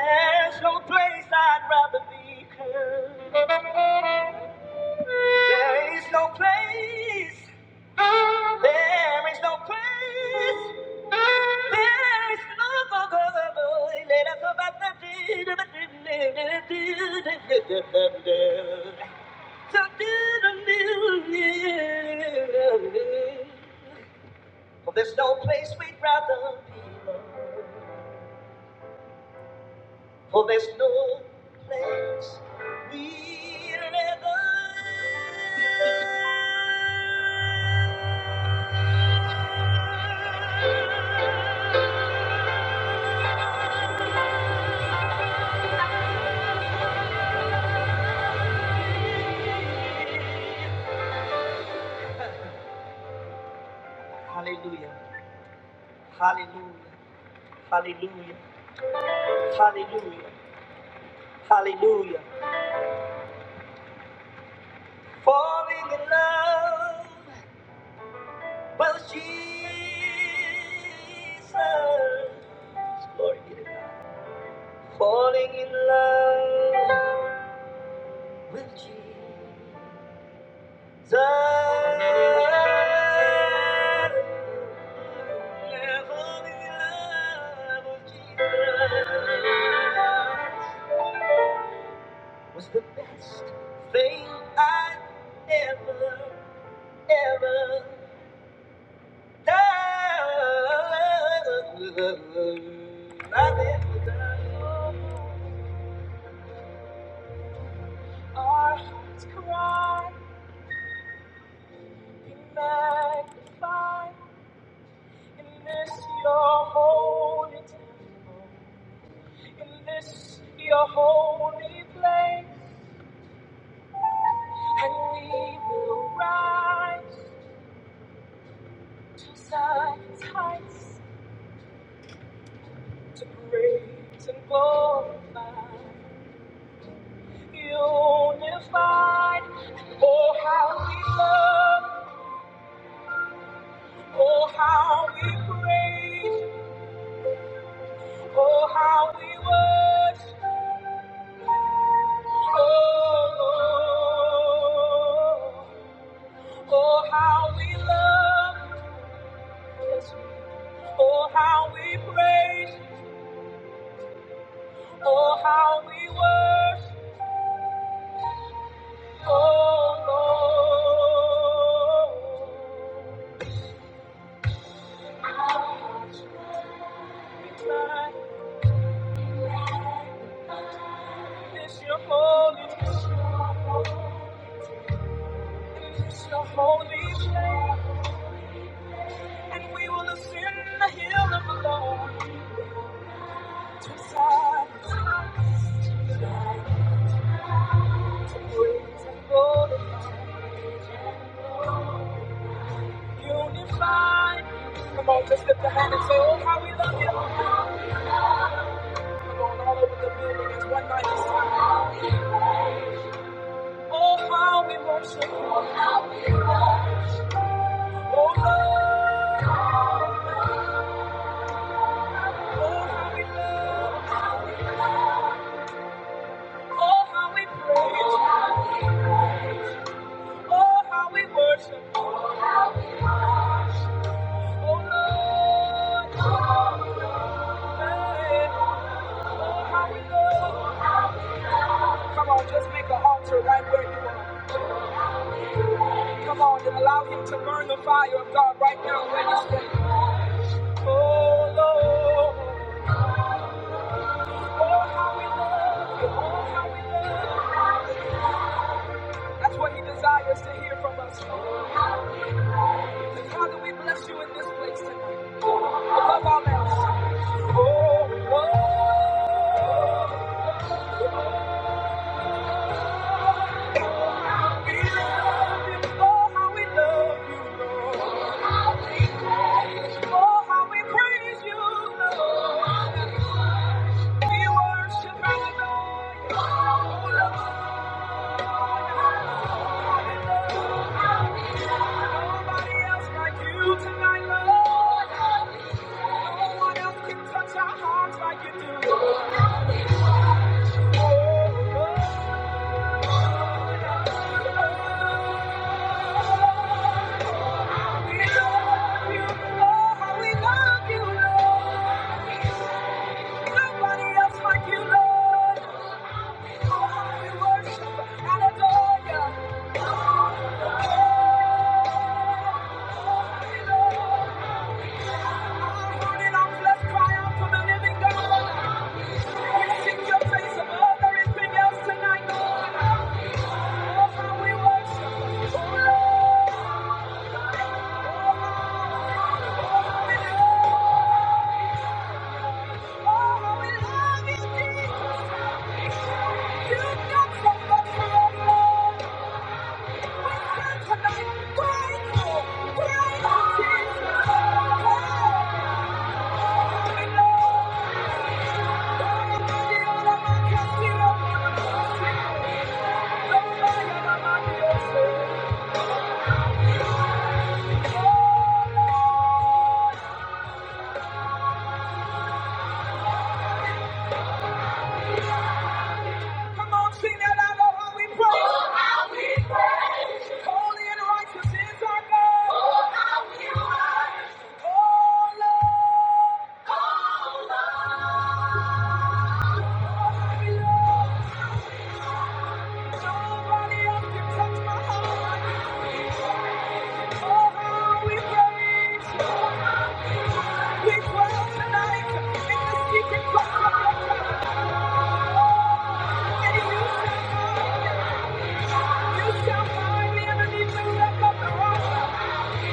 There's no place I'd rather be. There is no place. There is no place. There is no place. Let us go back to the For there's no place we'd rather be. For there's no place we'd rather. Hallelujah. Hallelujah. Hallelujah. Hallelujah. Hallelujah. Falling in love with Jesus. Falling in love with Jesus. Yeah, falling in love with Jesus was the best thing I ever, ever done. Our hearts cry, be magnified in this your holy temple, in this your holy place, and we will rise to Zion's heights to praise and glorify, unified. Oh how we love, oh how we praise, oh how we worship. Oh, oh, oh, how we love, oh, how we praise, oh, how we worship, oh, God, it's your holy, it's your holy name, and we will ascend the hill of the Lord, God, praise and glory, unified. Come on, just lift the hand and say, oh, how we love you, oh, how we praise. Come on, just make an altar right where you are. Come on and allow Him to burn the fire of God right now where you stand. Oh Lord, oh how we love you, oh how we love you. That's what He desires to hear from us. Father, we bless you. Oh, how we praise you. Oh, how we praise you, Lord. We worship you, Lord. Oh, how we love you. Nobody else. Thank you. got so much love. Nobody else can touch my heart. Oh, how we praise. We dwell tonight in the secret place of your tabernacle. And you shall find, you shall find me underneath the wreck of the rock.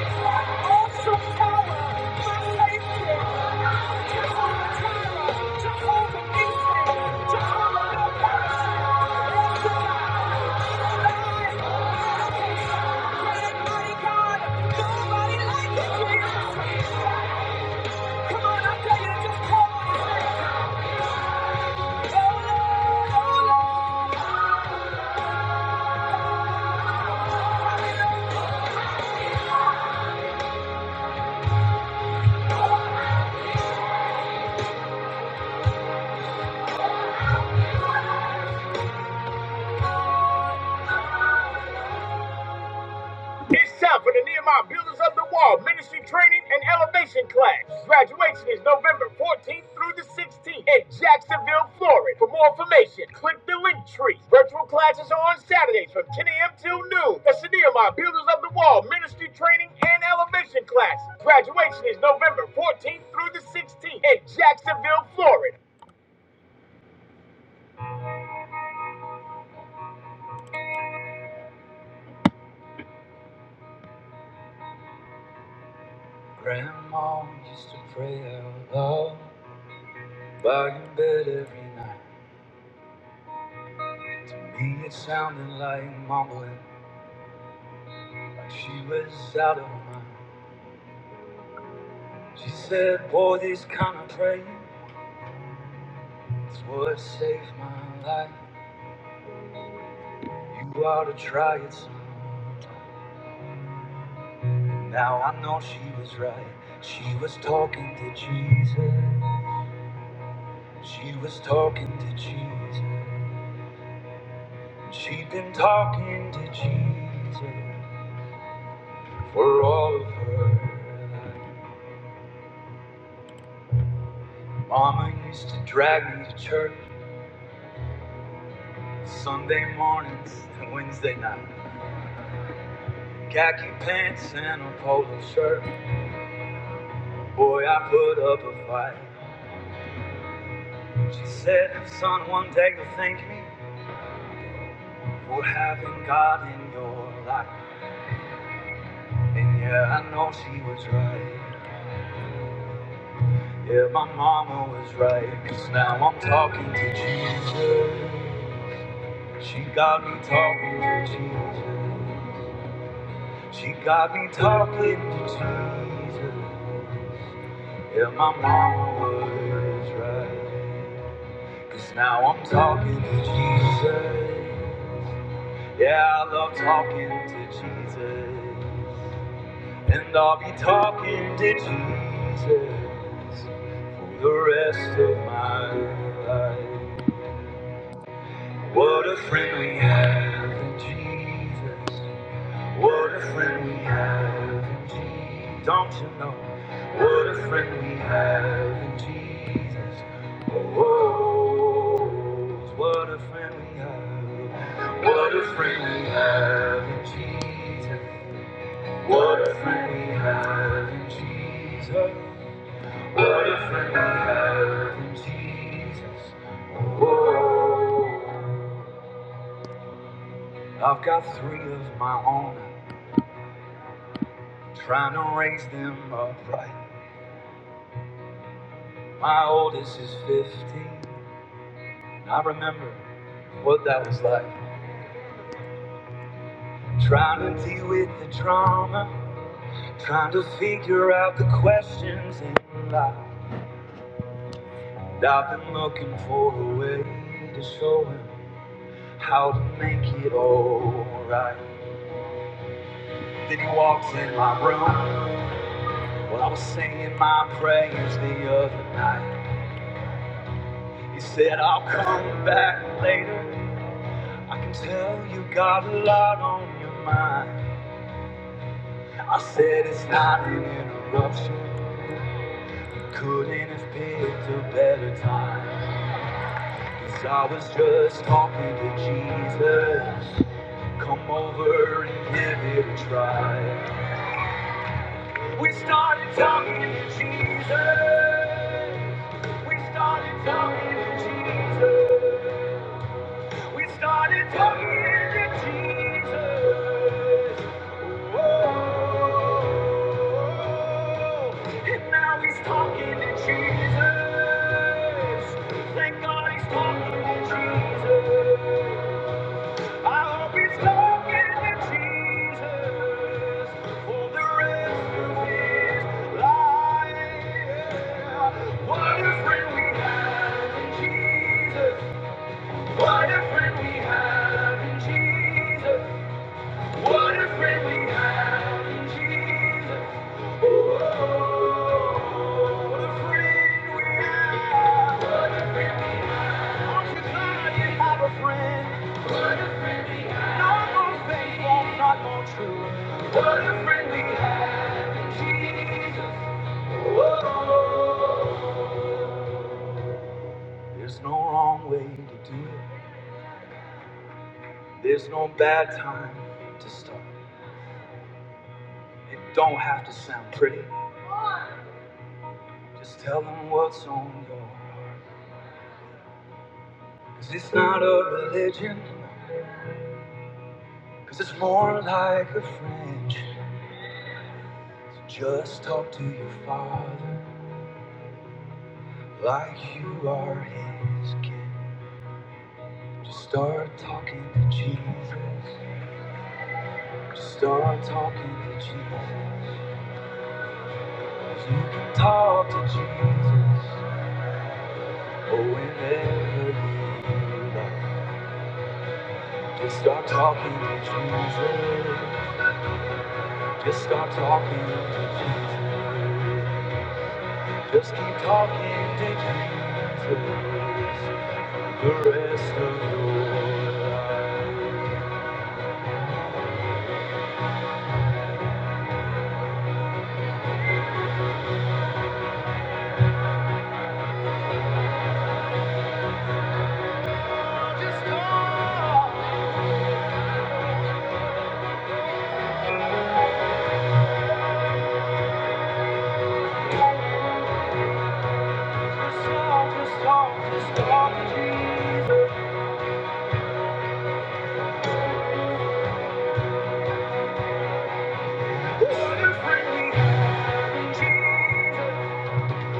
My awesome tower, my safety, Jehovah Jireh, Jehovah Nissi, Jehovah Gabbalah, El Shaddai, Adonai, great mighty God. Nobody like you, Jesus. Come on, I tell you just call Grandma used to pray out loud by your bed every night. To me, it sounded like mumbling, like she was out of her mind. She said, Boy, this kind of praying is what saved my life. You ought to try it son. Now I know she was right. She was talking to Jesus. She was talking to Jesus. She'd been talking to Jesus. For all of her. Mama used to drag me to church Sunday mornings and Wednesday nights. Khaki pants and a polo shirt. Boy, I put up a fight. She said, Son, one day you'll thank me for having God in your life. And yeah, I know she was right. Yeah, my mama was right. Cause now I'm talking to Jesus. She got me talking to Jesus. She got me talking to Jesus. Yeah, my mama was right. 'Cause now I'm talking to Jesus. Yeah, I love talking to Jesus. And I'll be talking to Jesus for the rest of my life. What a friend we have in Jesus. What a friend we have in Jesus. Don't you know? What a friend we have in Jesus. Oh, what a friend we have. What a friend we have in Jesus. What a friend we have in Jesus. What a friend we have in Jesus. I've got three of my own. Trying to raise them upright. My oldest is 15. I remember what that was like. Trying to deal with the trauma, trying to figure out the questions in life. I've been looking for a way to show him how to make it alright. Then he walks in my room while I was singing my prayers the other night. He said, I'll come back later. I can tell you got a lot on your mind. I said, It's not an interruption. Couldn't have picked a better time. 'Cause I was just talking to Jesus. Come over and give it a try. We started talking to Jesus. We started talking to Jesus. We started talking to Jesus. Oh, and now he's talking to Jesus. Thank God he's talking to Jesus. I hope he's talking to Jesus for the rest of his life. What a friend we have in Jesus. What a friend we have in Jesus. What a friend we have in Jesus. Oh, what a friend we have. What a friend. Aren't you glad you have a friend? What a friend we have. Not more faithful, not more true. What a friend we have in Jesus. Oh, There's no wrong way to do it. There's no bad time to start. It don't have to sound pretty. Just tell them what's on your heart. 'Cause it's not a religion. 'Cause it's more like a friendship. So just talk to your father like you are his kid. Just start talking to Jesus. Just start talking to Jesus. 'Cause you can talk to Jesus. Oh, whenever you like. Just start talking to Jesus. Just start talking to Jesus. Just keep talking dictators the rest of your life. Just talk, just talk, just talk, just talk to Jesus. What a friend we have in Jesus.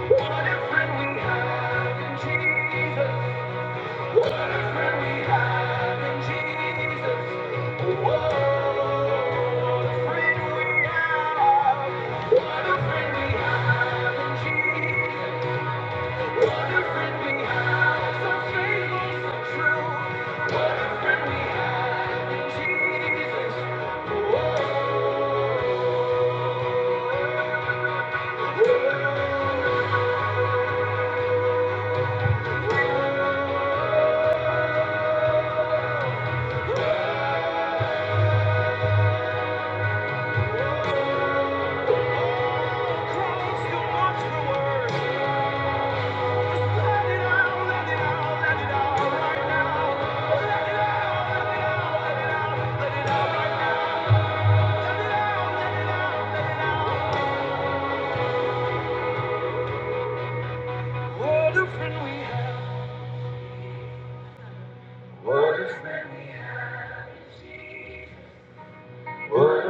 What a friend we have in Jesus. What a friend we have in Jesus. What a friend we have. What a friend we have in Jesus. What a friend we have. What a friend we have. What a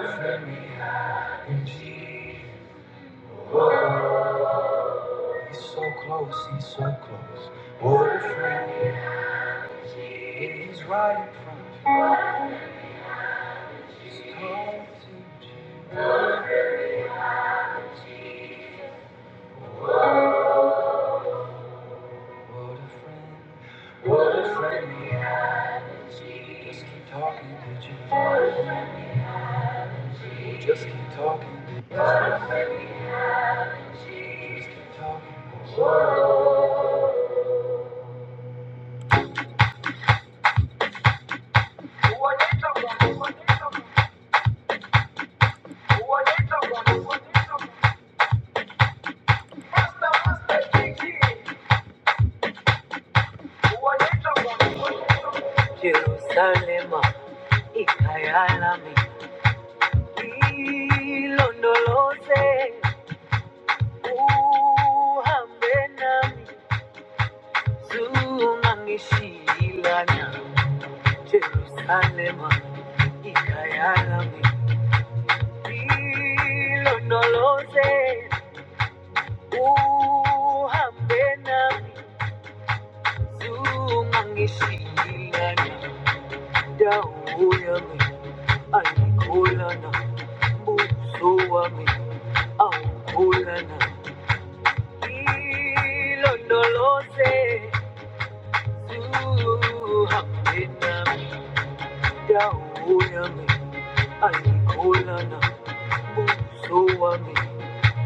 friend we have in Jesus. He's so close, he's so close. What a friend we have. He's right in front of us. He's close to Jesus. What a friend, what a friend we have. You just keep talking, did you? What a friend you just keep talking, did you? What a friend you just keep talking. Uhambe nami, sungangishilana, Jerusalema ikaya lami ilondoloze Uhambe nami zuma ngishilana dawo yami ayikholana buso wami awukholana ilondoloze uhambe nami dawo yami ayikholana buso wami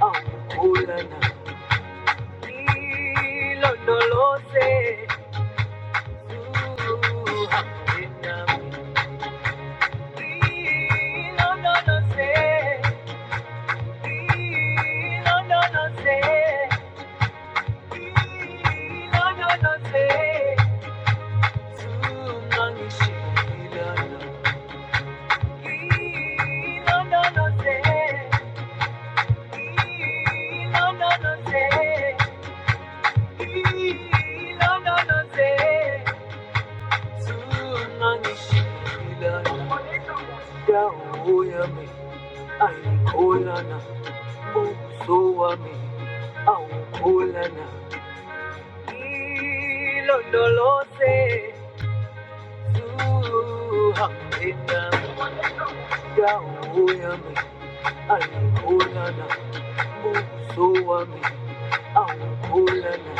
awukholana ilondoloze uhambe nami Tunanishila damu yami aikolana uso wami aukolana ilondolose tuhapenda damu yami aikolana uso wami aukolana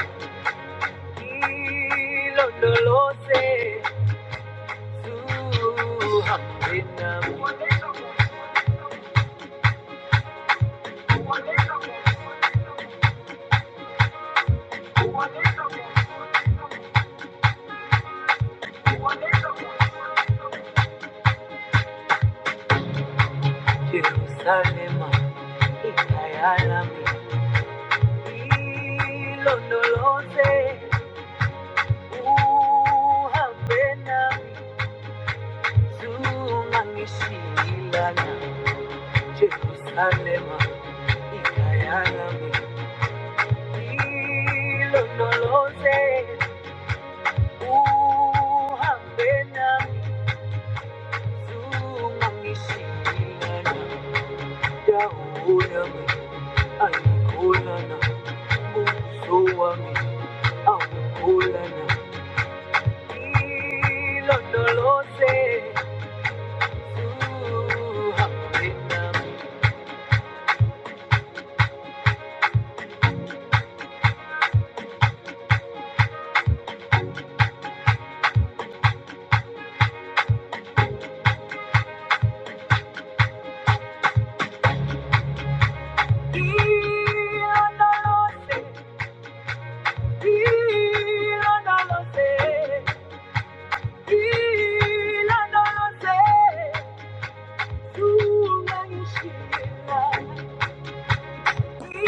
tusamanami ilondolose Uhambe nami zungangishilana Jerusalema ikhaya lami ngilondoloze uhambe nami zungangishilana ngilondoloze ngilondoloze ngilondoloze zungangishilana Yeah,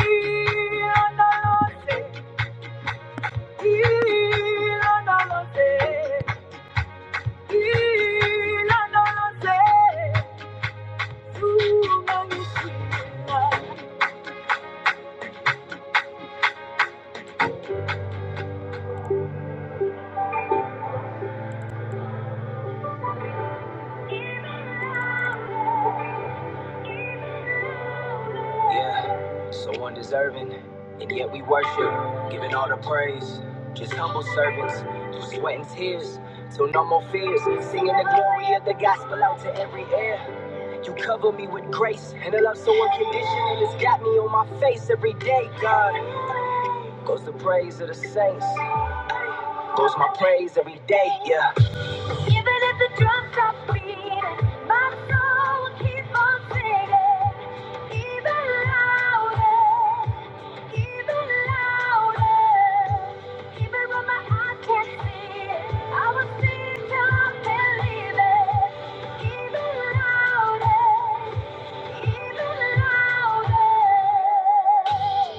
so undeserving, and yet we worship, giving all the praise. Just humble servants, through sweat and tears, till no more fears. Singing the glory of the gospel out to every ear. You cover me with grace, and a love so unconditional. It's got me on my face every day, God. Goes the praise of the saints. Goes my praise every day, yeah. Even if the drum stops beating, my soul will keep on singing. Even louder, even louder. Even when my eyes can't see it, I will sing till I believe it. Even louder, even louder.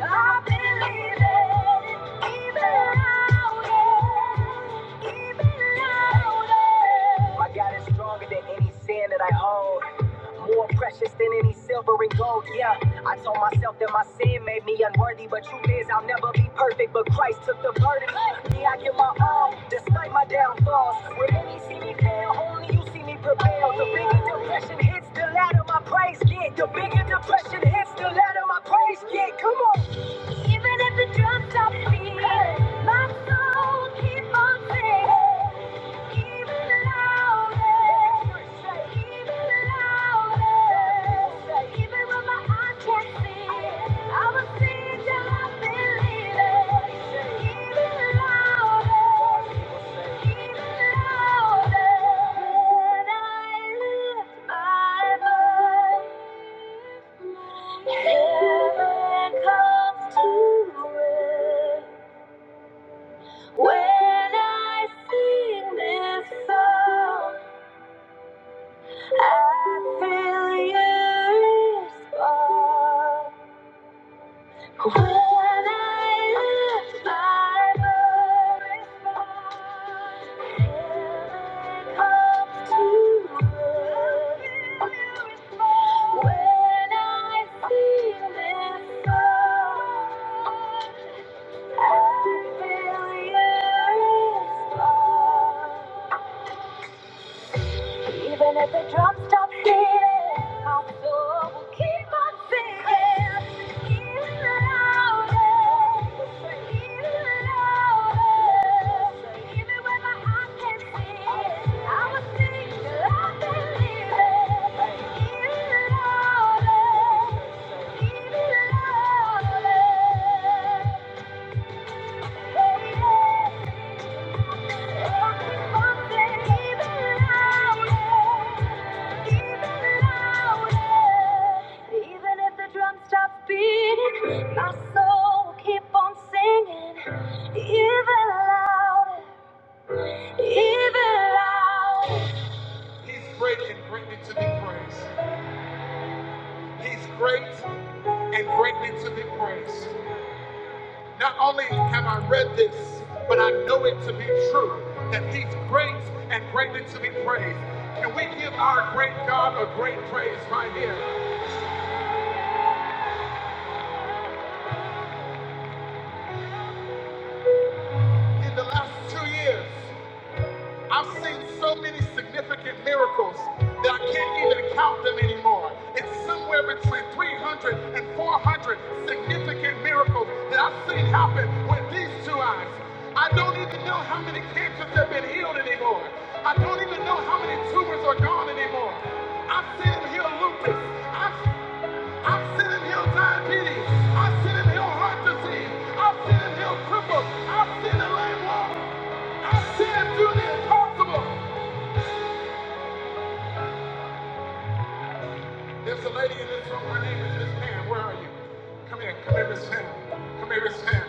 I got it stronger than any sin. More precious than any silver and gold, yeah. I told myself that my sin made me unworthy, but truth is I'll never be perfect. But Christ took the burden. Me, I give my all, despite my downfalls. When many see me fail, only you see me prevail. The bigger depression hits, the louder my praise get. The bigger depression hits, the louder my praise get. Come on. Even if the drums stop beating, my soul keep on singing. Heaven comes to it. When I sing this song, I feel your spark when I lift my voice. Heaven comes to earth when I sing this song. I feel your spark. Even if the drop stops beating, my soul will keep on singing. Even louder, even louder. Even when my heart can't see it, I will sing till I believe it. Even louder, even louder. Hey. yeah. Even if the drum stops beating, my soul will keep on singing. Even louder, even louder. He's great and greatly to be praised. He's great and greatly to be praised. Not only have I read this, but I know it to be true that He's great and greatly to be praised. Can we give our great God a great praise right here? In the last two years, I've seen so many significant miracles that I can't even count them anymore. It's somewhere between 300 and 400 significant miracles that I've seen happen with these two eyes. I don't even know how many cancers have been healed anymore. I don't even know how many tumors are gone anymore. I've seen him heal lupus. I've I've seen him heal diabetes. I've seen him heal heart disease. I've seen him heal cripples. I've seen him lay I said, do the impossible. There's a lady in this room. Her name is Miss Pam. Where are you? Come here. Come here, Miss Pam. Come here, Miss Pam.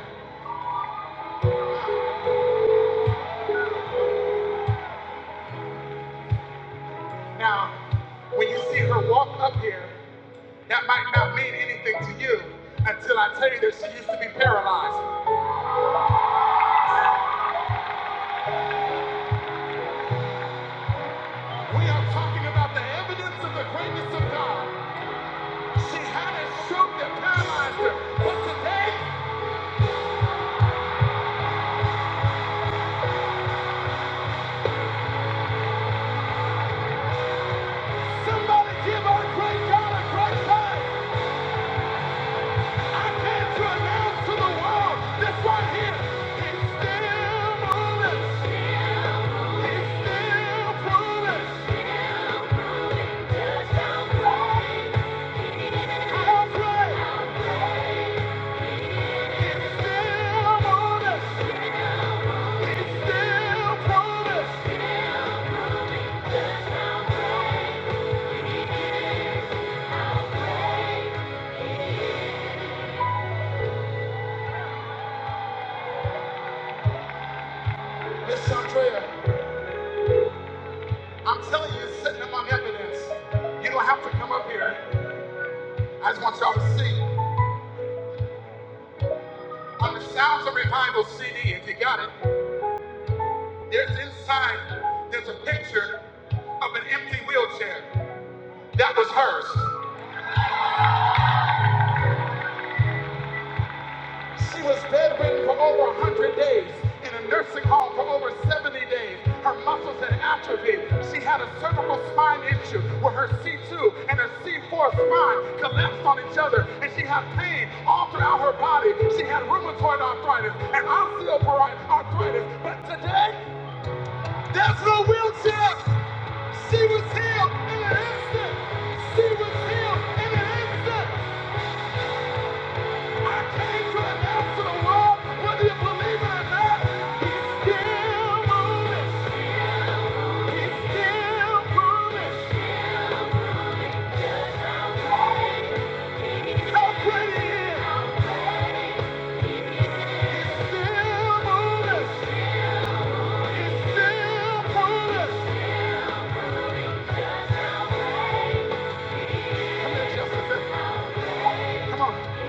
Now, when you see her walk up here, that might not mean anything to you until I tell you that she used to be paralyzed. We are talking about the evidence of the greatness of God. She had a stroke that paralyzed her. But today, somebody give our great God a great time. I came to announce to Miss Andrea. I'm telling you, it's sitting among evidence. You don't have to come up here. I just want y'all to see. On the Sounds of Revival CD, if you got it, there's inside, there's a picture of an empty wheelchair. That was hers. She was bedridden for over 100 days, in a nursing home for over 70 days. Her muscles had atrophied. She had a cervical spine issue where her C2 and her C4 spine collapsed on each other, and she had pain all throughout her body. She had rheumatoid arthritis and osteoarthritis. But today, there's no wheelchair. She was healed in an instant. She was healed in an instant. Come on.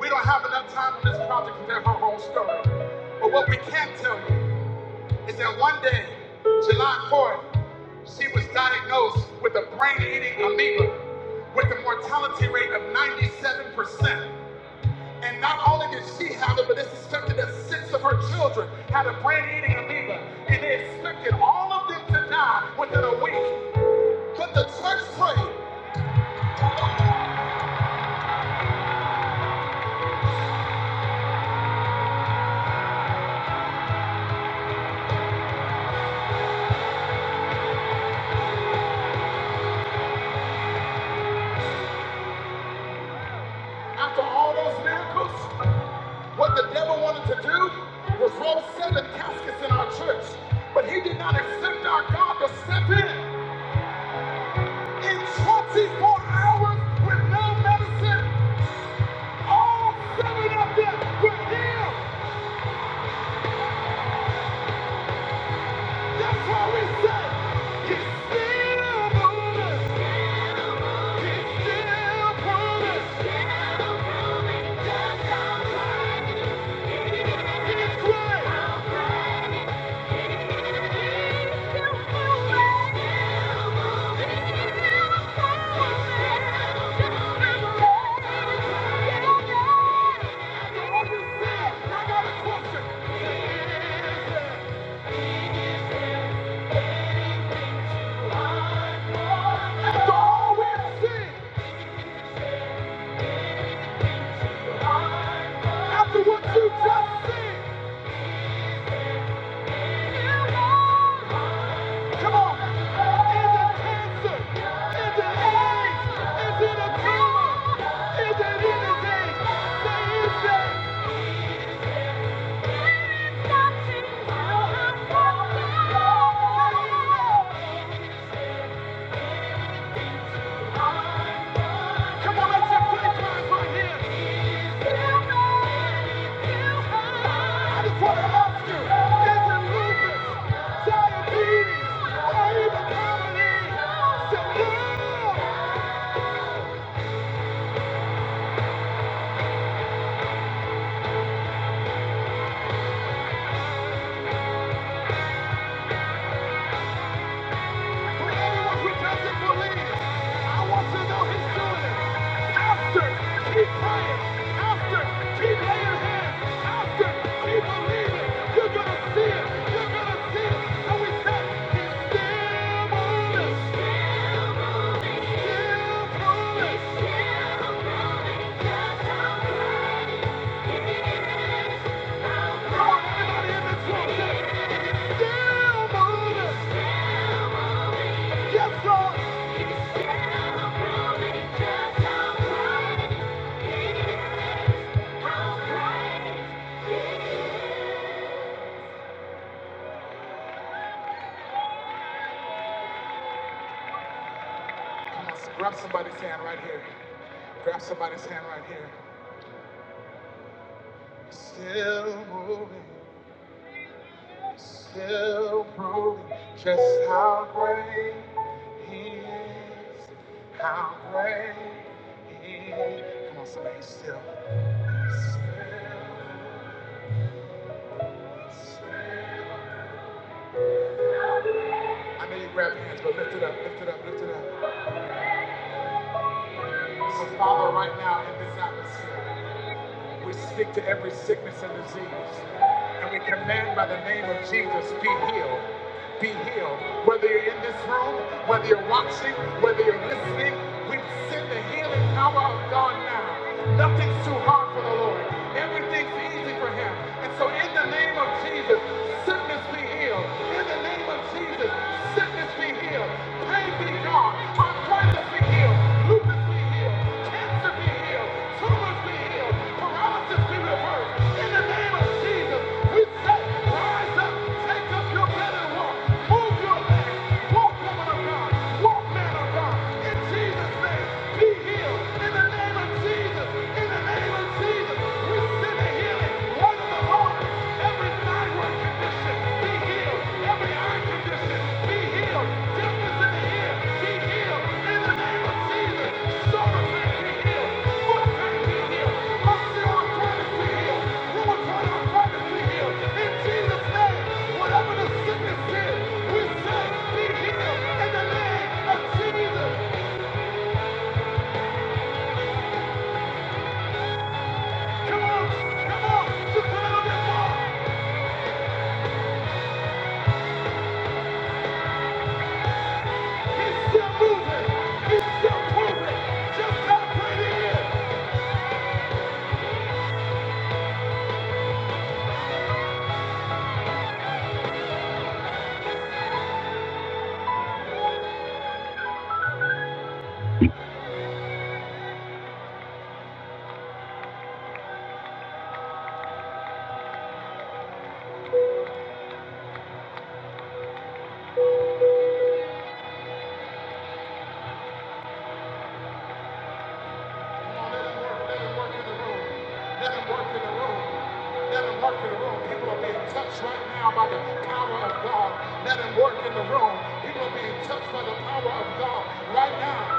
We don't have enough time on this project to tell her whole story. But what we can tell you is that one day, July 4th, she was diagnosed with a brain-eating amoeba with a mortality rate of 97%. And not only did she have it, but it's expected that six of her children had a brain eating amoeba. And they expected all of them to die within a week. Could the church pray after all those miracles? What the devil wanted to do was roll seven caskets in our church. But he did not expect our God to step in. In 24 hours with no medicine, all seven of them were healed. That's why we say you still promise. You still promise. It's great. Always say, I got a question. After all we've seen, after what you just seen, come on. Is it cancer? Is it AIDS? Is it a tumor? Is it anything? Say it's that. Diabetes, or even poverty, so yeah. So Yes, grab somebody's hand right here. Grab somebody's hand right here. Still moving. Still proving just how great He is. How great He is. Come on, somebody, He's still. Still. still. I know you grab your hands, but lift it up, lift it up, lift it up. So, Father, right now in this atmosphere. We speak to every sickness and disease. And we command by the name of Jesus, be healed. Be healed. Whether you're in this room, whether you're watching, whether you're listening, we send the healing power of God now. Nothing's too hard for the Lord. Everything's easy for him. And so in the name of Jesus, sickness be healed. In the name of Jesus, sickness be healed. Pain be gone. Arthritis be healed. Lupus be healed. Cancer be healed. Tumors be healed. Paralysis be reversed. In the name of Jesus, we say, rise up. Take up your bed and walk. Move your legs. Walk, woman of God. Walk, man of God. In Jesus' name, be healed. In the name of Jesus. In the name of Jesus, we send a healing. Come on, come on, just put it on that wall. It's still moving. It's still moving. Just how great Let him work in the room. Let him work in the room. Let him work in the room. People are being touched right now by the power of God. Let him work in the room. People are being touched by the power of God right now.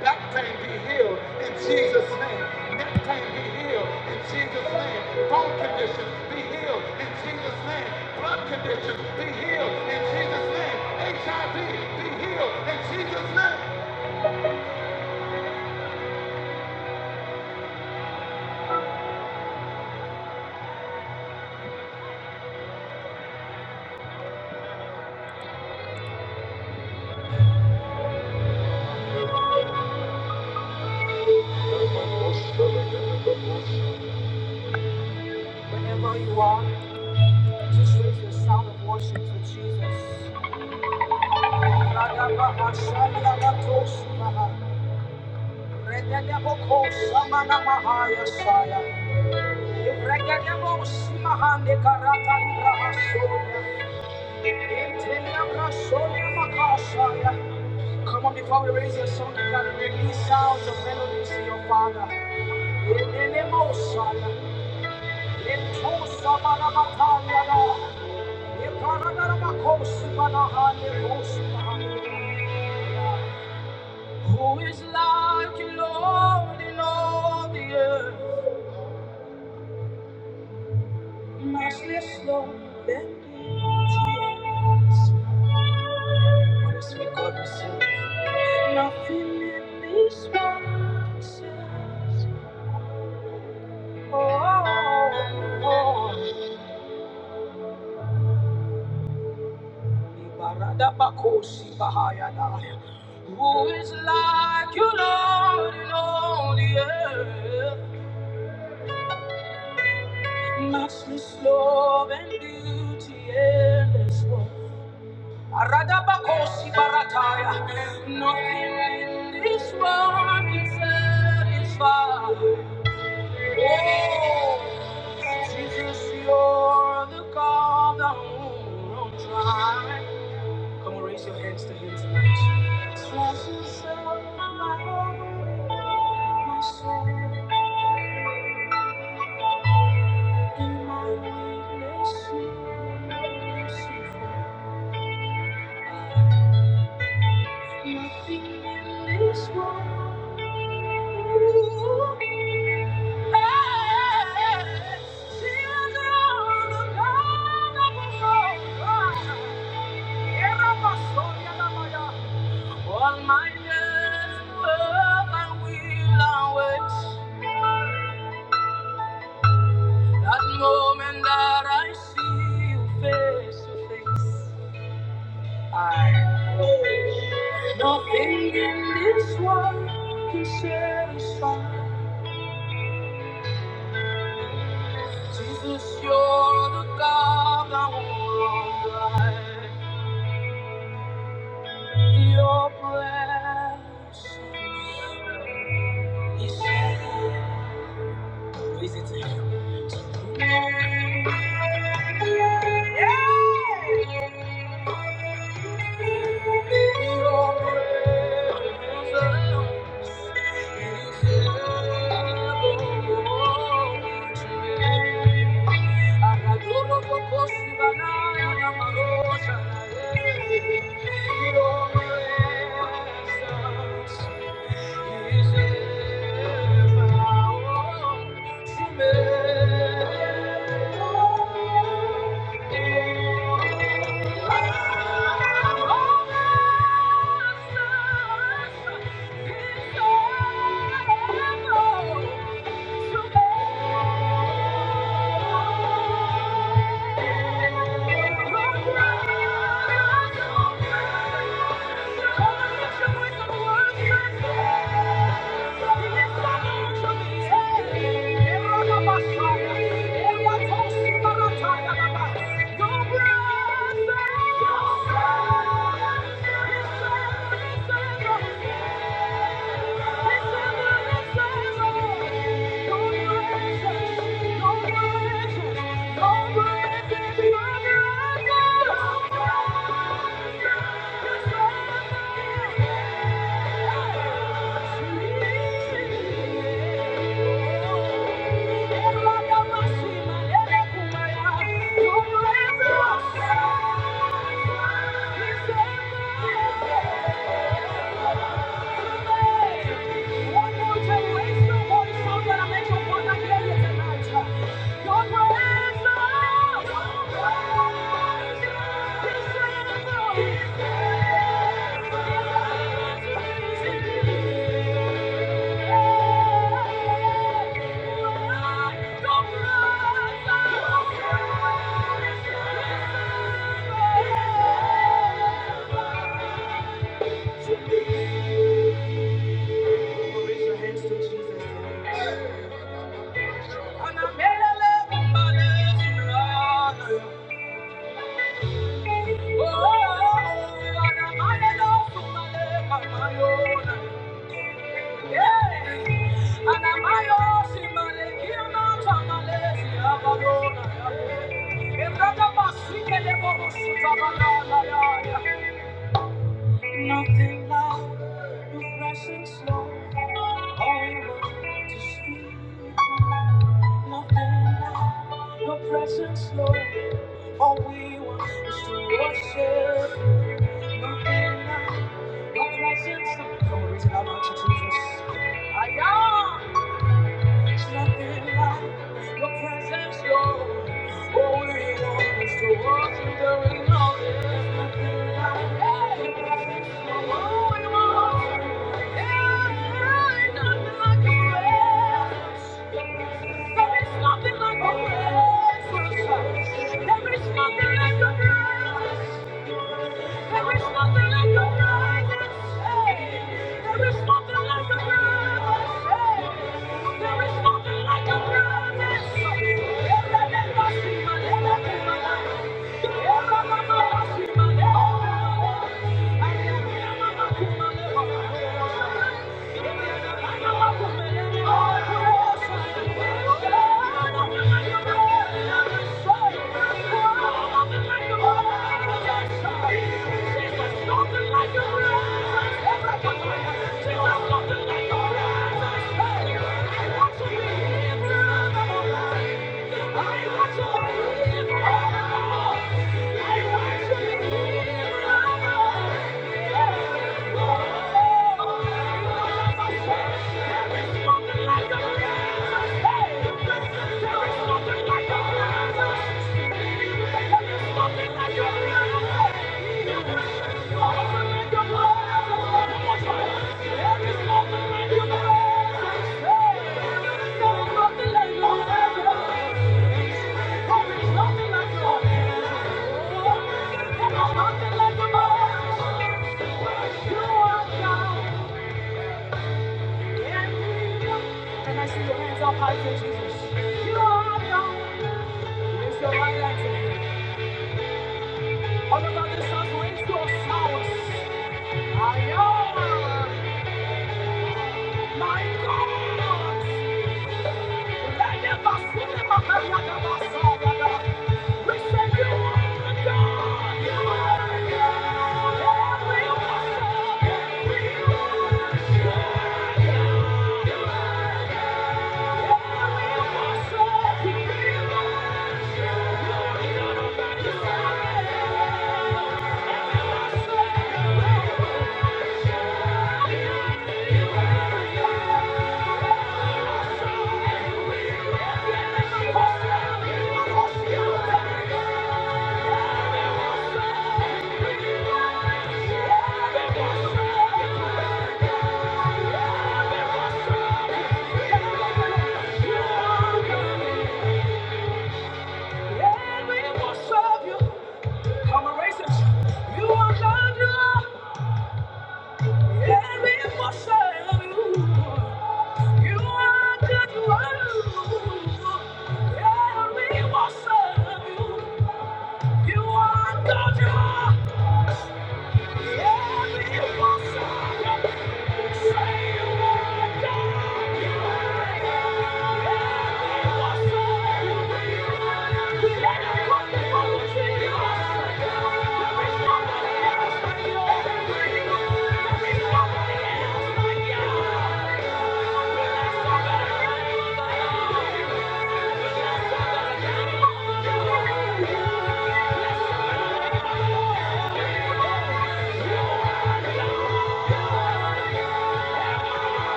Back pain be healed in Jesus' name. Neck pain be healed in Jesus' name. Bone condition be healed in Jesus' name. Blood condition be healed in Jesus' name. HIV be healed in Jesus' name. Whenever you are, just raise your sound of worship to Jesus. Yes, I am. Come on, before we raise your song, you gotta release sounds of melodies to your father. Who is like you, Lord, in all the earth? Matchless, Lord, than thee. What is we God Nothing in this world says, oh, oh, oh. Ibaradabakosi bahayadaya. Who is like you, Lord, in all the earth? Matchless love and beauty, endless love. Aradabakosi barataya. Nothing in this world. Erabasoya lamaya. All my days above I will await that moment that I see you face to face. In your presence, it is heaven today. Akadoro kokosi banaya na marosha na yeye. In your presence. Thank you. Your breath, your breath. Thank you. Thank you. One more time, raise your voice so that I make your father you Your praise, Your praise, And I made a living by this love. Worship the presence of my Jesus. I am. I am. Oh, and more. Thank you. I want to be Thank you. Can I see your hands up high to Jesus? You are God. Raise your right hand to Him. All about this house, raise your sounds. I am my God. Let them pass through the back of the other We say you are God. You are God. We worship. We worship. You are God. We worship. We worship. Yeah, we worship you. i You are God, you are every emotion of you. You are God, you are every emotion of you. You are God, you are. He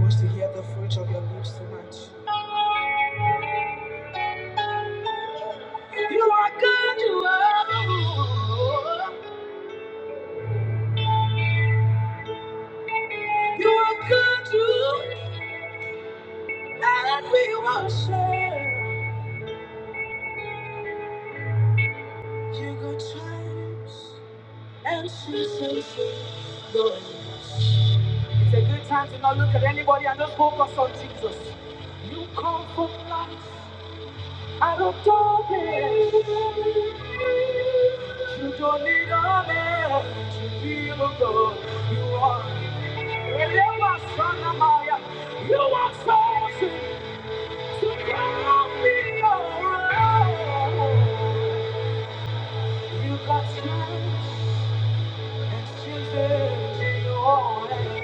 wants to hear the fruit of your lips tonight. It's a good time to not look at anybody and just focus on Jesus. You come from light out of darkness. You don't need a man to be the God. You are. You are chosen to come and be your own. You got chance and choose it in your hands.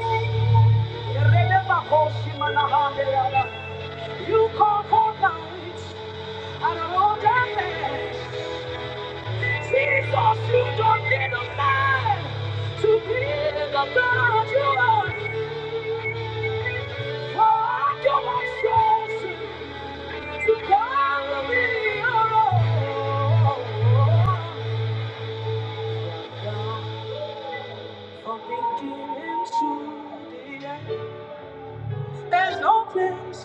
Eleva Koshimanahandeyala. You come from light. And I don't want that man. Jesus, you don't need a man to be the God you are. For I don't want souls to call me your own.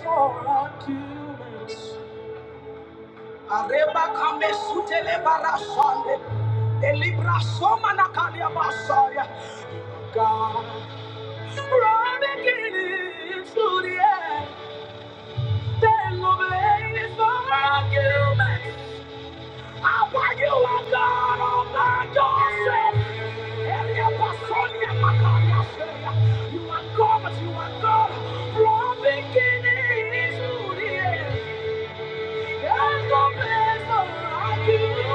For I knew Arebe sutele barasande, elibra soma na kalia basaya. God, run again to the end. Then no blaze for argument. Power you are God all by yourself. Elia Basonia Makaria Seria. You are God, you are God. From beginning to the end. There's no place like you.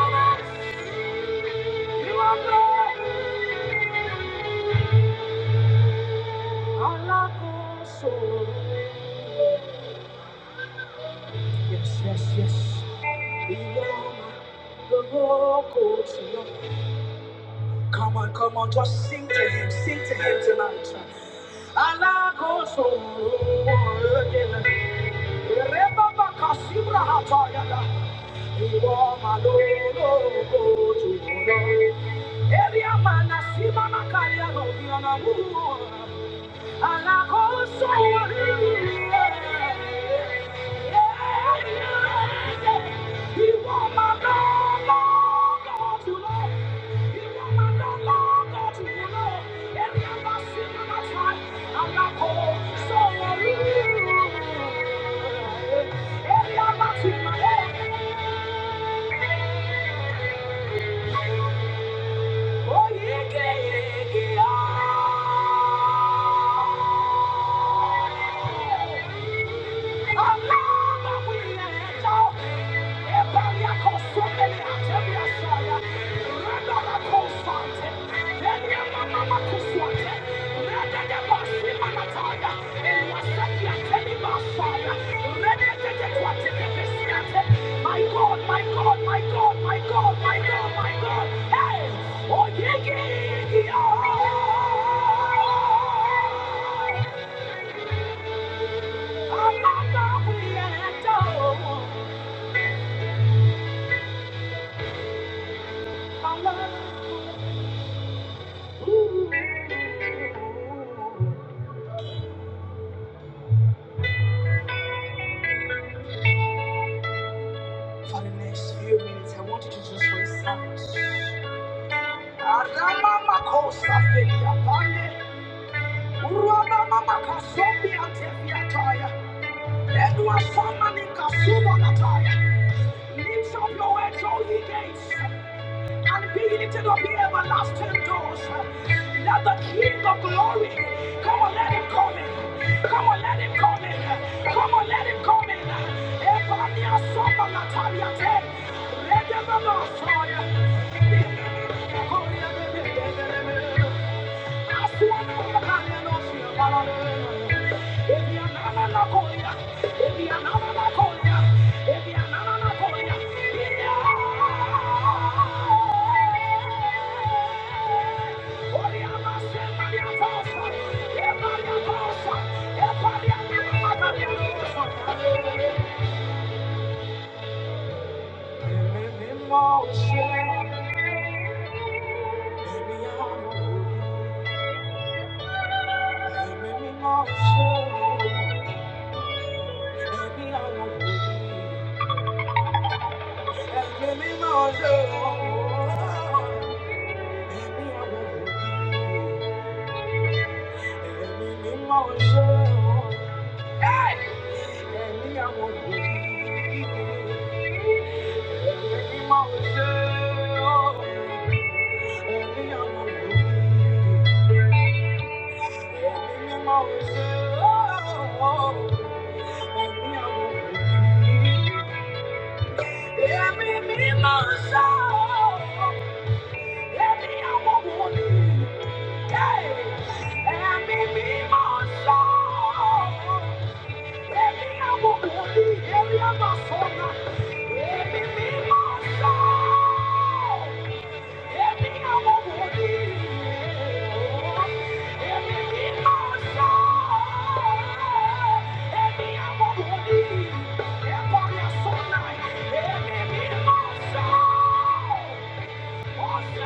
oh, go to Olo. Elia Manasima Makaria Noviana Mua. And I also want to You want my dog, dog, dog, you know. want my dog, dog, dog, you Every time I see you, that's right. I also want you. Every time I see my dog, oh, yeah, yeah, yeah, yeah. My God, my God, my God, my God, my God, my God. Hey, oh, yeah, yeah, yeah. yeah. For the next few minutes, I want you to just raise out. Arama makosa felia pande. Urama mama kasombi atefia taya. Edwa sama ni kasuma nataya. Lift up your heads, all ye gates. and be lifted up the everlasting doors. Let the King of glory come on, let him come in. Come on, let him come in. Come on, let him come in. Ebania soma latalia te. Redemelo soya. Thank you. Hey! and me, me, my soul. Yeah. Thank you.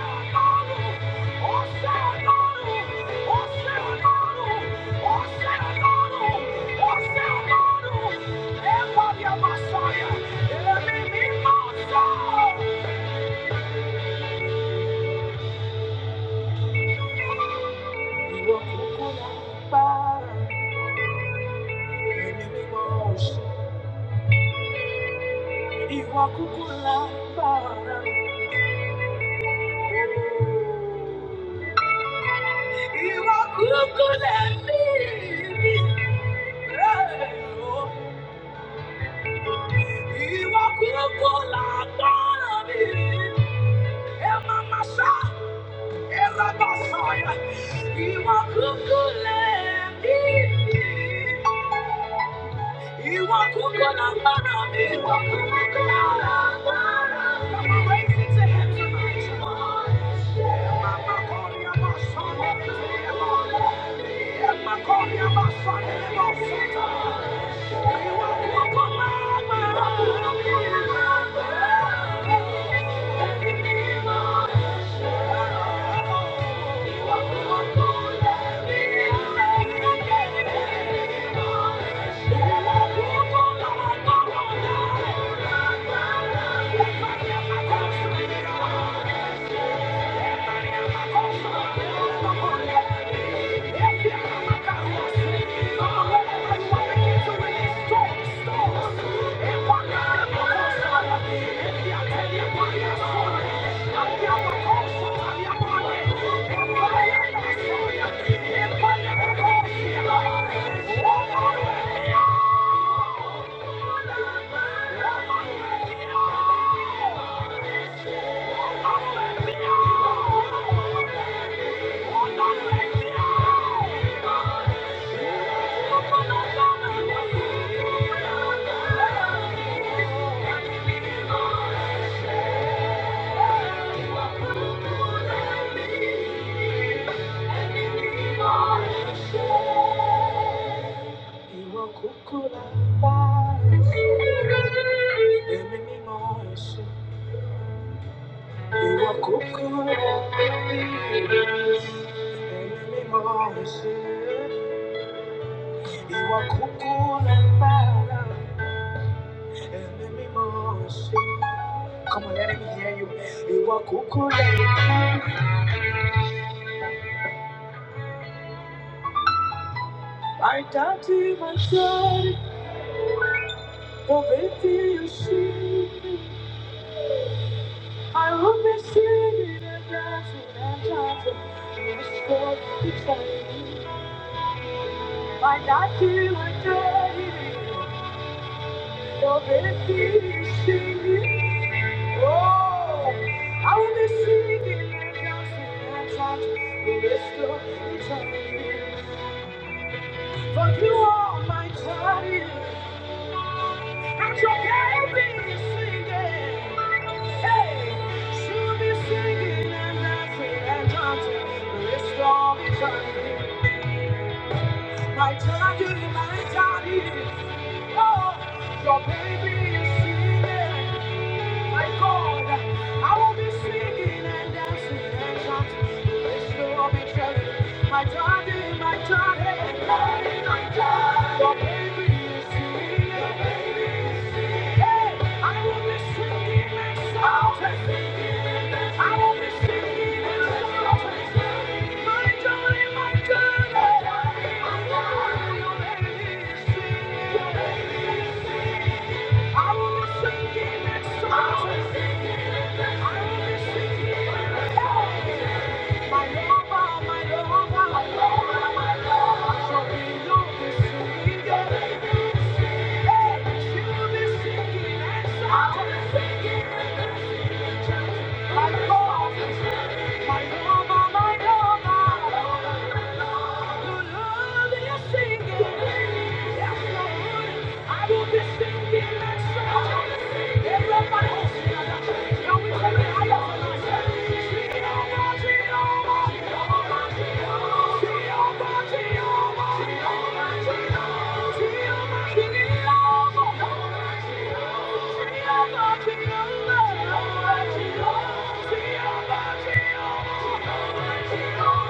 are cuckoo, let me be. Thank you. Thank you. Thank you. Thank you. Ìwọ kúkú la bá Come on, let me hear you. I doubt in my soul, oh baby, I will be singing and dancing and dancing in this world beside you. I doubt in my soul, oh baby, singing. Oh, I will be singing and dancing and chanting the rest of For you are my daddy, and your daddy is singing. Hey God, I will be singing and dancing and chanting the rest of My daddy, my daddy. I will be singing next exalted. My Lord, my Lord, Thank you.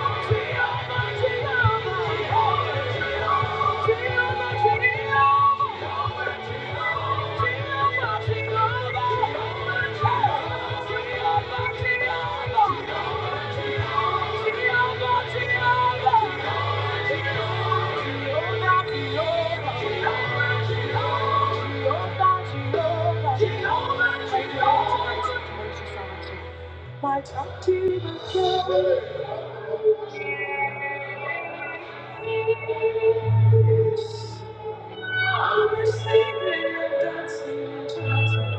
Jehovah, Jehovah. I was singing and dancing and chanting.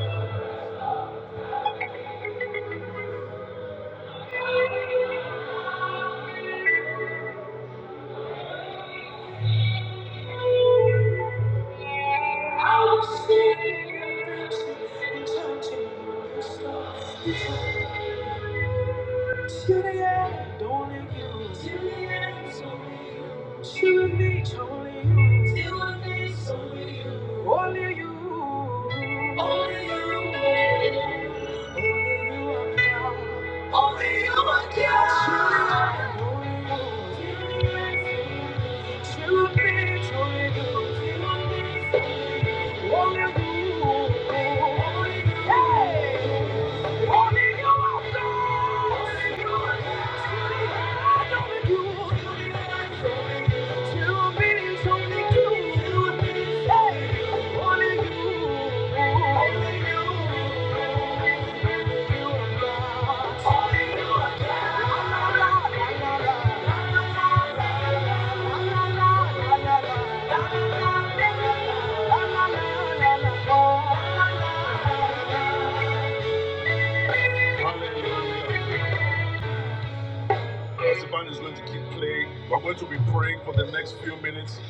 I was singing and dancing and chanting your song. To the end, only you. To the end, to only you. To the beach, only you. Only you. To the end, only you. To the end, to only you. only you. Only you. Hey! Thank you.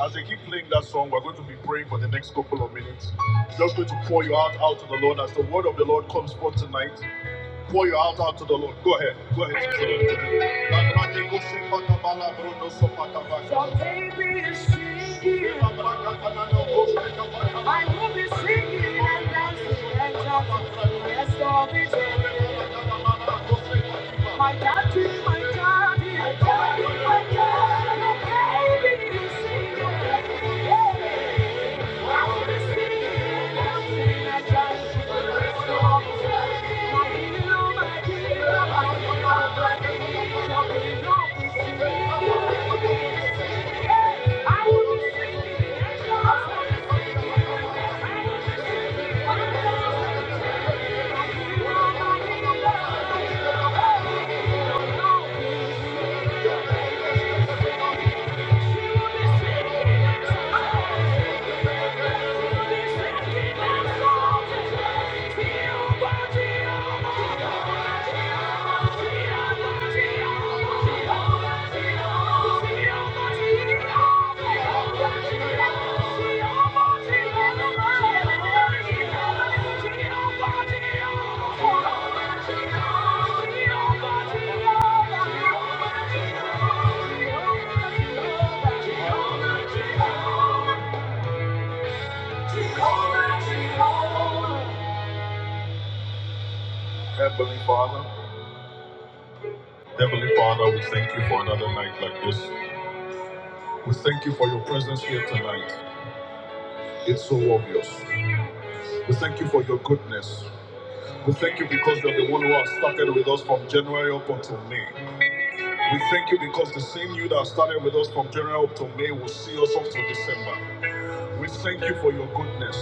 As they keep playing that song, we're going to be praying for the next couple of minutes. Just going to pour you out out to the Lord as the word of the Lord comes forth tonight. Warrior out out to the Lord. Go ahead. Go ahead. Your baby is singing. I will be singing and dancing and jumping. Yes, I'll be jumping. My daddy, my daddy, my daddy, my daddy. Your baby is singing. Thank you. Thank you. Heavenly Father, Heavenly Father, we thank you for another night like this. We thank you for your presence here tonight. It's so obvious. We thank you for your goodness. We thank you because you're the one who has started with us from January up until May. We thank you because the same you that started with us from January up to May will see us up to December. We thank you for your goodness.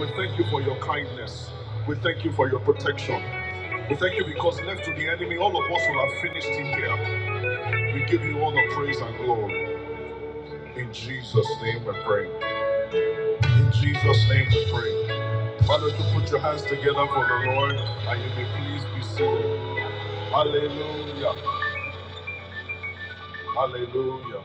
We thank you for your kindness. We thank you for your protection. We thank you because left to the enemy, all of us will have finished in here. We give you all the praise and glory. In Jesus' name we pray. In Jesus' name we pray. Why don't you put your hands together for the Lord and you may please be seated. Hallelujah. Hallelujah.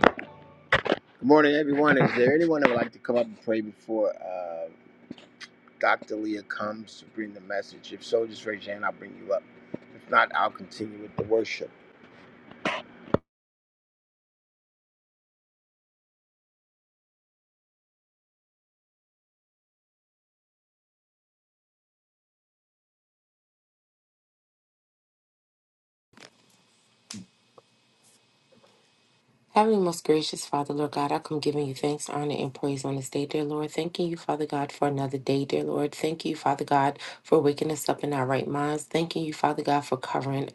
Heavenly, most gracious Father, Lord God, I come giving you thanks, honor, and praise on this day, dear Lord. Thanking you, Father God, for another day, dear Lord. Thank you, Father God, for waking us up in our right minds. Thanking you, Father God, for covering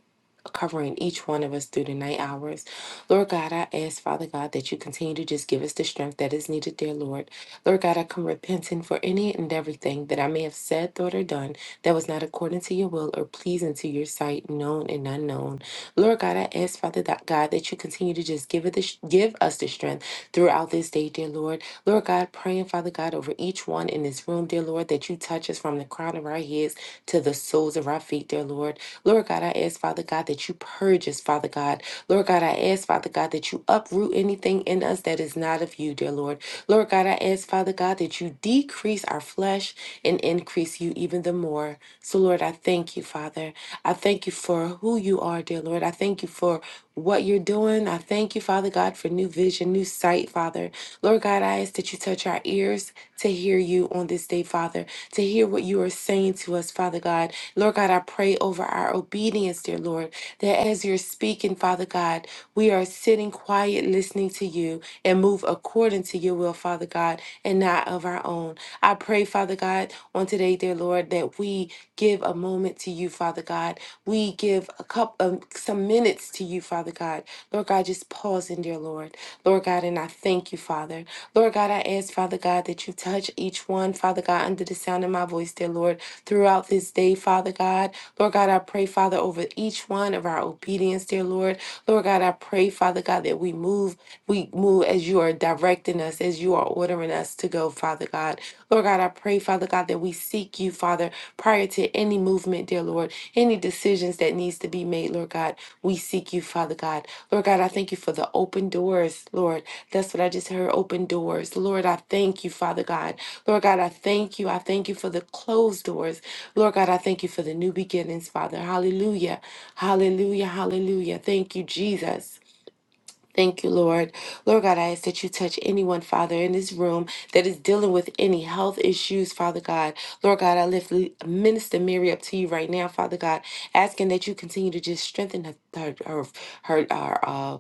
covering each one of us through the night hours. Lord God, I ask, Father God, that you continue to just give us the strength that is needed, dear Lord. Lord God, I come repenting for any and everything that I may have said, thought, or done that was not according to your will or pleasing to your sight, known and unknown. Lord God, I ask, Father that God, that you continue to just give it the sh- give us the strength throughout this day, dear Lord. Lord God, praying, Father God, over each one in this room, dear Lord, that you touch us from the crown of our heads to the soles of our feet, dear Lord. Lord God, I ask, Father God, that you purge us, Father God. Lord God, I ask, Father God, that you uproot anything in us that is not of you, dear Lord. Lord God, I ask, Father God, that you decrease our flesh and increase you even the more. So, Lord, I thank you, Father. I thank you for who you are, dear Lord. I thank you for what you're doing. I thank you, Father God, for new vision, new sight, Father. Lord God, I ask that you touch our ears to hear you on this day, Father, to hear what you are saying to us, Father God. Lord God, I pray over our obedience, dear Lord, that as you're speaking, Father God, we are sitting quiet, listening to you, and move according to your will, Father God, and not of our own. I pray, Father God, on today, dear Lord, that we give a moment to you, Father God. We give a couple um, some minutes to you, Father God. Lord God, just pause in, dear Lord. Lord God, and I thank you, Father. Lord God, I ask, Father God, that you touch each one, Father God, under the sound of my voice, dear Lord, throughout this day, Father God. Lord God, I pray, Father, over each one of our obedience, dear Lord. Lord God, I pray, Father God, that we move, we move as you are directing us, as you are ordering us to go, Father God. Lord God, I pray, Father God, that we seek you, Father prior to any movement, dear Lord, any decisions that needs to be made, Lord God. We seek you, Father God. Lord God, I thank you for the open doors, Lord. That's what I just heard, open doors. Lord, I thank you, Father God. Lord God, I thank you. I thank you for the closed doors. Lord God, I thank you for the new beginnings, Father. Hallelujah. Hallelujah. Hallelujah. Thank you, Jesus. Thank you, Lord. Lord God, I ask that you touch anyone, Father, in this room that is dealing with any health issues, Father God. Lord God, I lift Le- Minister Mary up to you right now, Father God, asking that you continue to just strengthen her her her, her, uh,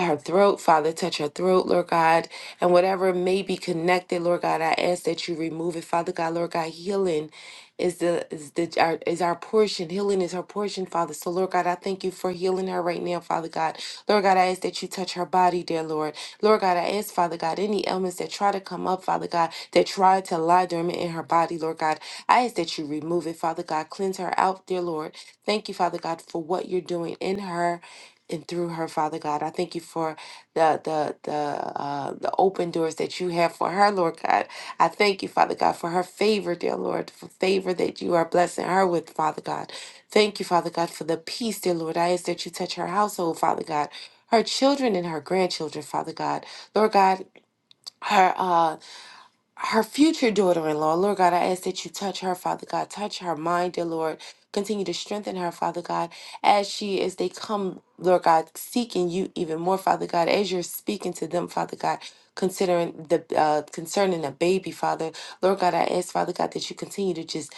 her throat, Father, touch her throat, Lord God, and whatever may be connected, Lord God, I ask that you remove it, Father God, Lord God, healing is the is the our, is our portion healing is her portion father so lord god i thank you for healing her right now father god lord god i ask that you touch her body dear lord lord god i ask father god any ailments that try to come up father god that try to lie dormant in her body lord god i ask that you remove it father god cleanse her out dear lord thank you father god for what you're doing in her and through her, Father God. I thank you for the the the uh, the open doors that you have for her, Lord God. I thank you, Father God, for her favor, dear Lord, for favor that you are blessing her with, Father God. Thank you, Father God, for the peace, dear Lord. I ask that you touch her household, Father God. Her children and her grandchildren, Father God. Lord God, her uh her future daughter in law. Lord God, I ask that you touch her, Father God. Touch her mind, dear Lord. Continue to strengthen her, Father God, as she, as they come, Lord God, seeking you even more, Father God, as you're speaking to them, Father God. Considering the uh, concerning the baby, Father, Lord God, I ask, Father God, that you continue to just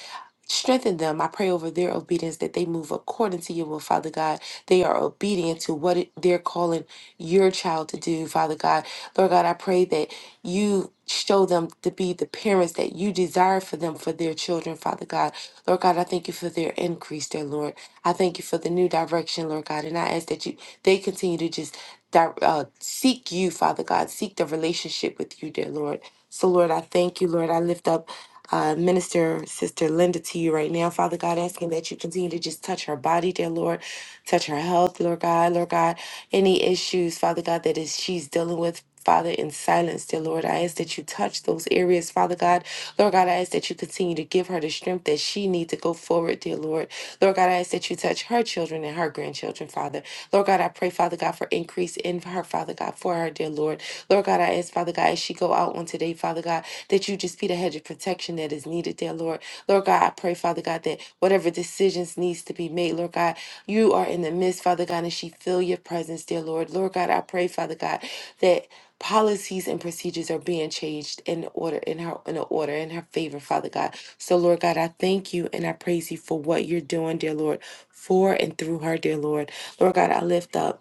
strengthen them. I pray over their obedience that they move according to your will, Father God. They are obedient to what it, they're calling your child to do, Father God. Lord God, I pray that you show them to be the parents that you desire for them for their children, Father God. Lord God, I thank you for their increase, dear Lord. I thank you for the new direction, Lord God. And I ask that you they continue to just di- uh, seek you, Father God, seek the relationship with you, dear Lord. So, Lord, I thank you, Lord. I lift up uh, Minister Sister Linda to you right now, Father God, asking that you continue to just touch her body, dear Lord, touch her health, Lord God, Lord God, any issues, Father God, that is she's dealing with. Father, in silence, dear Lord, I ask that you touch those areas, Father God. Lord God, I ask that you continue to give her the strength that she needs to go forward, dear Lord. Lord God, I ask that you touch her children and her grandchildren, Father. Lord God, I pray, Father God, for increase in her, Father God, for her, dear Lord. Lord God, I ask ask, Father God, as she go out on today, Father God, that you just be the hedge of protection that is needed there, Lord. Lord God, I pray, Father God, that whatever decisions needs to be made, Lord God, you are in the midst, Father God, and she feel your presence, dear Lord. Lord God, I pray, Father God, that policies and procedures are being changed in order in her in order in her favor, Father God. So Lord God, I thank you and I praise you for what you're doing, dear Lord, for and through her, dear Lord. Lord God, I lift up.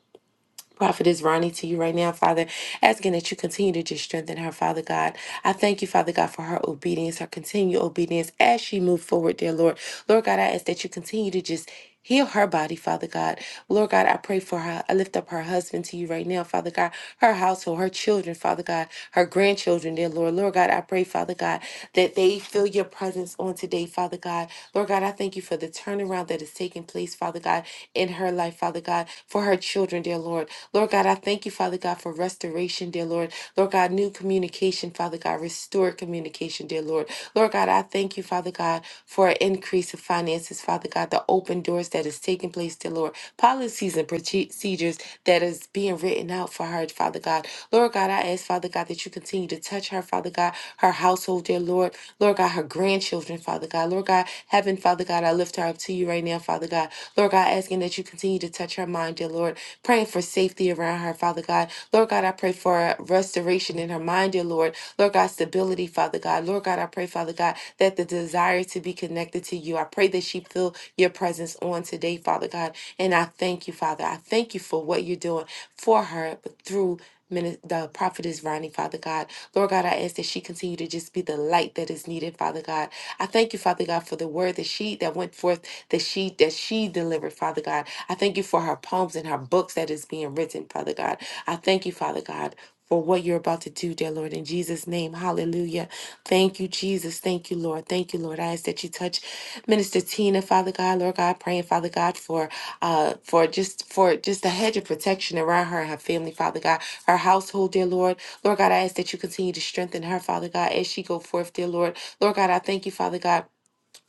Prophetess Ronnie to you right now, Father, asking that you continue to just strengthen her, Father God. I thank you, Father God, for her obedience, her continued obedience as she moved forward, dear Lord. Lord God, I ask that you continue to just heal her body, Father God. Lord God, I pray for her. I lift up her husband to you right now, Father God, her household, her children, Father God, her grandchildren, dear Lord. Lord God, I pray, Father God, that they feel your presence on today, Father. Father God. Lord God, I thank you for the turnaround that is taking place, Father God, in her life, Father God, for her children, dear Lord. Lord God, I thank you, Father God, for restoration, dear Lord. Lord God, new communication, Father God, restored communication, dear Lord. Lord God, I thank you, Father God, for an increase of finances, Father God, the open doors that is taking place, dear Lord, policies and procedures that is being written out for her, Father God. God. Lord God, I ask, Father God, that you continue to touch her, Father God, her household, dear Lord. Lord God, her grandchildren, Father God. Lord God, heaven, Father God, I lift her up to you right now, Father God. Lord God, asking that you continue to touch her mind, dear Lord. Praying for safety around her, Father God. Lord God, I pray for a restoration in her mind, dear Lord. Lord God, stability, Father God. Lord God, I pray, Father God, that the desire to be connected to you, I pray that she feel your presence on today, Father God. And I thank you, Father. I thank you for what you're doing for her through Mini- the prophetess Ronnie, Father God. Lord God, I ask that she continue to just be the light that is needed, Father God. I thank you, Father God, for the word that she that went forth, that she that she delivered, Father God. I thank you for her poems and her books that is being written, Father God. I thank you, Father God for what you're about to do, dear Lord. In Jesus' name, hallelujah. Thank you, Jesus. Thank you, Lord. Thank you, Lord. I ask that you touch Minister Tina, Father God, Lord God, praying, Father God, for uh for just for just a hedge of protection around her and her family, Father God, her household, dear Lord. Lord God, I ask that you continue to strengthen her, Father God, as she go forth, dear Lord. Lord God, I thank you, Father God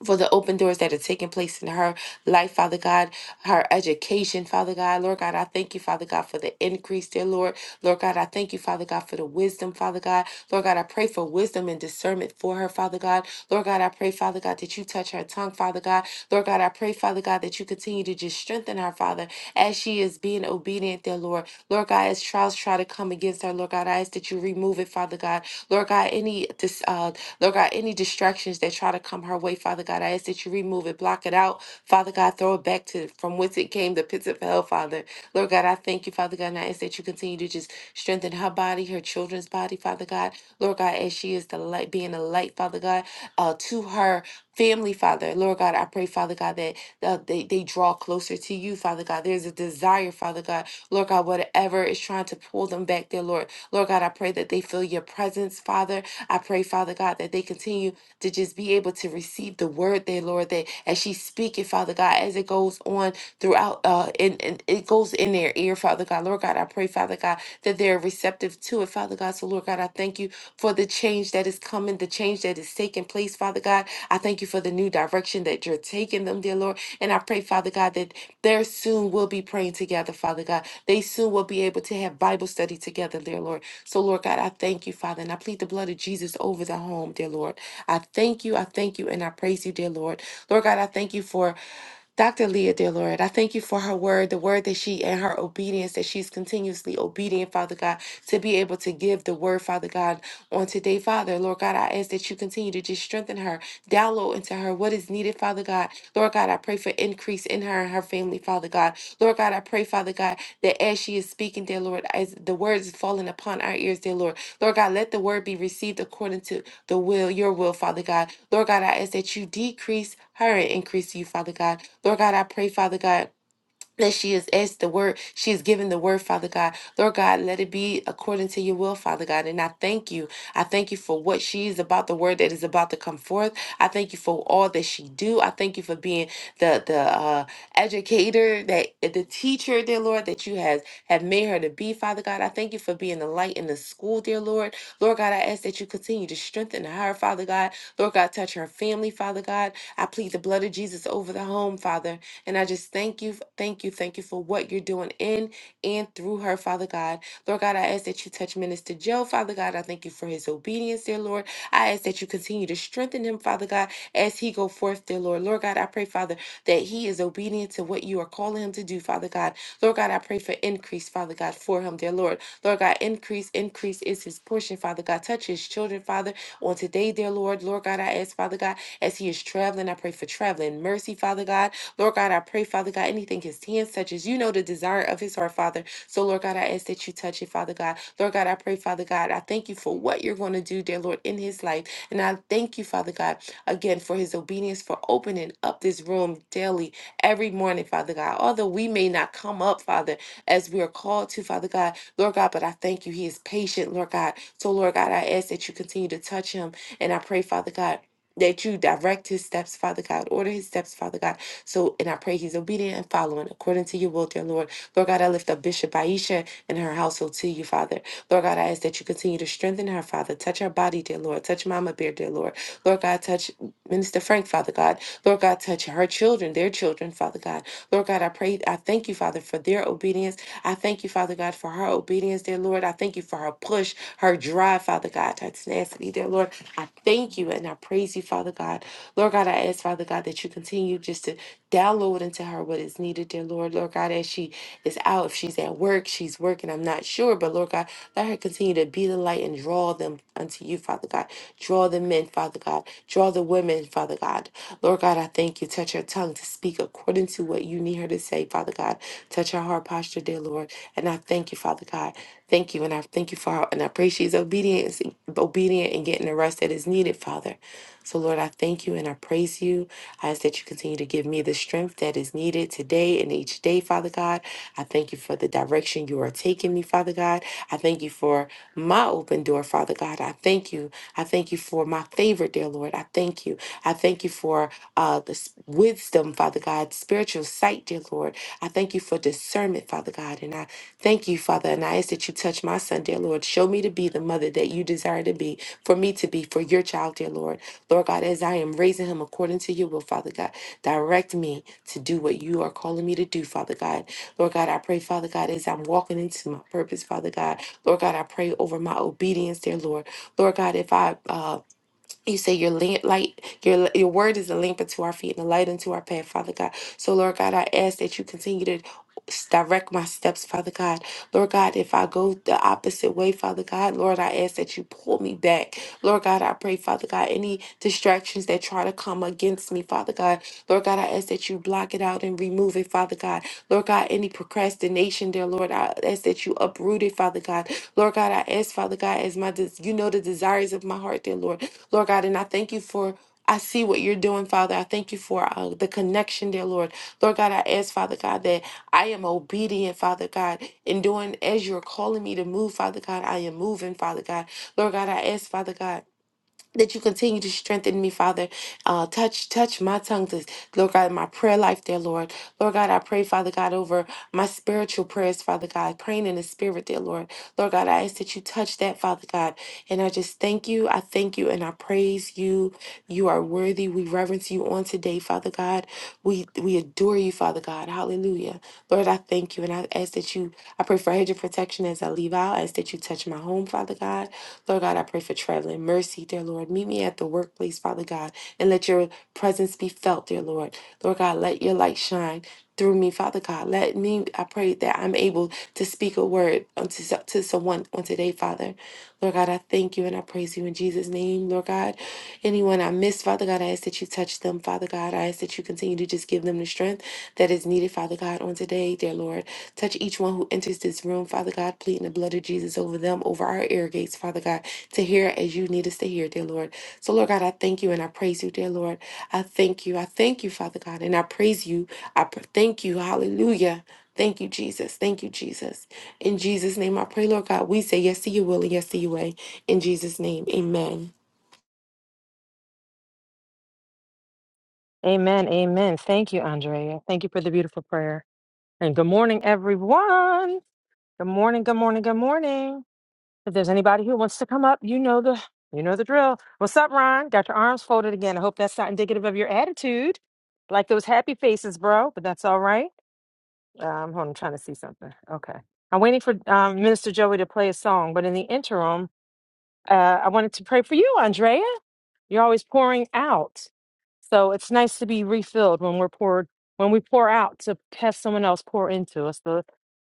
for the open doors that are taking place in her life, Father God, her education, Father God. Lord God, I thank you, Father God, for the increase, dear Lord. Lord God, I thank you, Father God, for the wisdom, Father God. Lord God, I pray for wisdom and discernment for her, Father God. Lord God, I pray, Father God, that you touch her tongue, Father God. Lord God, I pray, Father God, that you continue to just strengthen her her, Father, as she is being obedient, dear Lord. Lord God, as trials try to come against her, Lord God, I ask that you remove it, Father God. Lord God, any dis- uh, Lord God, any distractions that try to come her way, Father God, I ask that you remove it, block it out, Father God, throw it back to from whence it came, the pits of hell, Father. Lord God, I thank you, Father God, and I ask that you continue to just strengthen her body, her children's body, Father God. Lord God, as she is the light, being a light, Father God, uh, to her family, Father. Lord God, I pray, Father God, that uh, they, they draw closer to you, Father God. There's a desire, Father God. Lord God, whatever is trying to pull them back there, Lord. Lord God, I pray that they feel your presence, Father. I pray, Father God, that they continue to just be able to receive the word there, Lord, that as she speaking, Father God, as it goes on throughout, uh, and, and it goes in their ear, Father God. Lord God, I pray, Father God, that they're receptive to it, Father God. So, Lord God, I thank you for the change that is coming, the change that is taking place, Father God. I thank you for the new direction that you're taking them, dear Lord. And I pray, Father God, that there soon will be praying together, Father God. They soon will be able to have Bible study together, dear Lord. So, Lord God, I thank you, Father, and I plead the blood of Jesus over the home, dear Lord. I thank you, I thank you, and I praise you, dear Lord. Lord God, I thank you for Dr. Leah, dear Lord, I thank you for her word, the word that she and her obedience, that she's continuously obedient, Father God, to be able to give the word, Father God, on today, Father. Lord God, I ask that you continue to just strengthen her. Download into her what is needed, Father God. Lord God, I pray for increase in her and her family, Father God. Lord God, I pray, Father God, that as she is speaking, dear Lord, as the words is falling upon our ears, dear Lord. Lord God, let the word be received according to the will, your will, Father God. Lord God, I ask that you decrease her and increase you, Father God. Lord God, I pray, Father God that she has asked the word, she has given the word, Father God. Lord God, let it be according to your will, Father God. And I thank you. I thank you for what she is about, the word that is about to come forth. I thank you for all that she do. I thank you for being the the uh, educator, that the teacher, dear Lord, that you have have made her to be, Father God. I thank you for being the light in the school, dear Lord. Lord God, I ask that you continue to strengthen her, Father God. Lord God, touch her family, Father God. I plead the blood of Jesus over the home, Father. And I just thank you, thank you, thank you for what you're doing in and through her, Father God. Lord God, I ask that you touch Minister Joe, Father God. I thank you for his obedience, dear Lord. I ask that you continue to strengthen him, Father God, as he go forth, dear Lord. Lord God, I pray, Father, that he is obedient to what you are calling him to do, Father God. Lord God, I pray for increase, Father God, for him, dear Lord. Lord God, increase, increase is his portion, Father God. Touch his children, Father, on today, dear Lord. Lord God, I ask, Father God, as he is traveling, I pray for traveling mercy, Father God. Lord God, I pray, Father God, anything his hands touches, you know the desire of his heart, Father. So, Lord God, I ask that you touch it, Father God. Lord God, I pray, Father God, I thank you for what you're going to do, dear Lord, in his life. And I thank you, Father God, again for his obedience, for opening up this room daily, every morning, Father God. Although we may not come up, Father, as we are called to, Father God, Lord God, but I thank you. He is patient, Lord God. So, Lord God, I ask that you continue to touch him. And I pray, Father God, that you direct his steps, Father God. Order his steps, Father God. So, and I pray he's obedient and following according to your will, dear Lord. Lord God, I lift up Bishop Aisha and her household to you, Father. Lord God, I ask that you continue to strengthen her, Father. Touch her body, dear Lord. Touch Mama Bear, dear Lord. Lord God, touch Minister Frank, Father God. Lord God, touch her children, their children, Father God. Lord God, I pray, I thank you, Father, for their obedience. I thank you, Father God, for her obedience, dear Lord. I thank you for her push, her drive, Father God, her tenacity, dear Lord. I thank you and I praise you, Father God. Lord God, I ask, Father God, that you continue just to Download into her what is needed, dear Lord. Lord God, as she is out, if she's at work, she's working, I'm not sure. But Lord God, let her continue to be the light and draw them unto you, Father God. Draw the men, Father God. Draw the women, Father God. Lord God, I thank you. Touch her tongue to speak according to what you need her to say, Father God. Touch her heart posture, dear Lord. And I thank you, Father God. Thank you. And I thank you for her. And I pray she's obedient, obedient and getting the rest that is needed, Father. So, Lord, I thank you and I praise you. I ask that you continue to give me the strength that is needed today and each day, Father God. I thank you for the direction you are taking me, Father God. I thank you for my open door, Father God. I thank you. I thank you for my favor, dear Lord. I thank you. I thank you for uh, the s- wisdom, Father God, spiritual sight, dear Lord. I thank you for discernment, Father God. And I Thank you, Father. And I ask that you touch my son, dear Lord. Show me to be the mother that you desire to be, for me to be, for your child, dear Lord. Lord God, as I am raising him according to your will, Father God, direct me to do what you are calling me to do, Father God. Lord God, I pray, Father God, as I'm walking into my purpose, Father God. Lord God, I pray over my obedience, dear Lord. Lord God, if I um you say your lamp, light, your your word is a lamp unto our feet and a light unto our path, Father God. So, Lord God, I ask that you continue to s- direct my steps, Father God. Lord God, if I go the opposite way, Father God, Lord, I ask that you pull me back. Lord God, I pray, Father God, any distractions that try to come against me, Father God. Lord God, I ask that you block it out and remove it, Father God. Lord God, any procrastination there, Lord, I ask that you uproot it, Father God. Lord God, I ask, Father God, as my des- you know the desires of my heart, dear Lord. Lord God. And I thank you for. I see what you're doing, Father. I thank you for uh, the connection, dear Lord. Lord God, I ask, Father God, that I am obedient, Father God, in doing as you're calling me to move, Father God. I am moving, Father God. Lord God, I ask, Father God that you continue to strengthen me, Father. Uh, touch, touch my tongue, to, Lord God, my prayer life, there, Lord. Lord God, I pray, Father God, over my spiritual prayers, Father God, praying in the spirit, there, Lord. Lord God, I ask that you touch that, Father God. And I just thank you. I thank you and I praise you. You are worthy. We reverence you on today, Father God. We we adore you, Father God. Hallelujah. Lord, I thank you and I ask that you, I pray for a hedge of protection as I leave out. I ask that you touch my home, Father God. Lord God, I pray for traveling mercy, dear Lord. Meet me at the workplace, Father God, and let your presence be felt, dear Lord. Lord God, let your light shine through me, Father God. Let me, I pray that I'm able to speak a word unto, so- to someone on today, Father. Lord God, I thank you and I praise you in Jesus' name, Lord God. Anyone I miss, Father God, I ask that you touch them, Father God. I ask that you continue to just give them the strength that is needed, Father God, on today, dear Lord. Touch each one who enters this room, Father God, pleading the blood of Jesus over them, over our ear gates, Father God, to hear as you need us to hear, dear Lord. So, Lord God, I thank you and I praise you, dear Lord. I thank you. I thank you, Father God, and I praise you. I pr- thank you. Hallelujah. Thank you, Jesus. Thank you, Jesus. In Jesus' name, I pray, Lord God, we say yes to your will and yes to your way. In Jesus' name, amen. Amen. Amen. Thank you, Andrea. Thank you for the beautiful prayer. And good morning, everyone. Good morning. Good morning. Good morning. If there's anybody who wants to come up, you know the you know the drill. What's up, Ron? Got your arms folded again. I hope that's not indicative of your attitude. Like those happy faces, bro, but that's all right. Um, hold on, I'm trying to see something. Okay. I'm waiting for um, Minister Joey to play a song, but in the interim, uh, I wanted to pray for you, Andrea. You're always pouring out. So it's nice to be refilled when we're poured, when we pour out to have someone else pour into us. The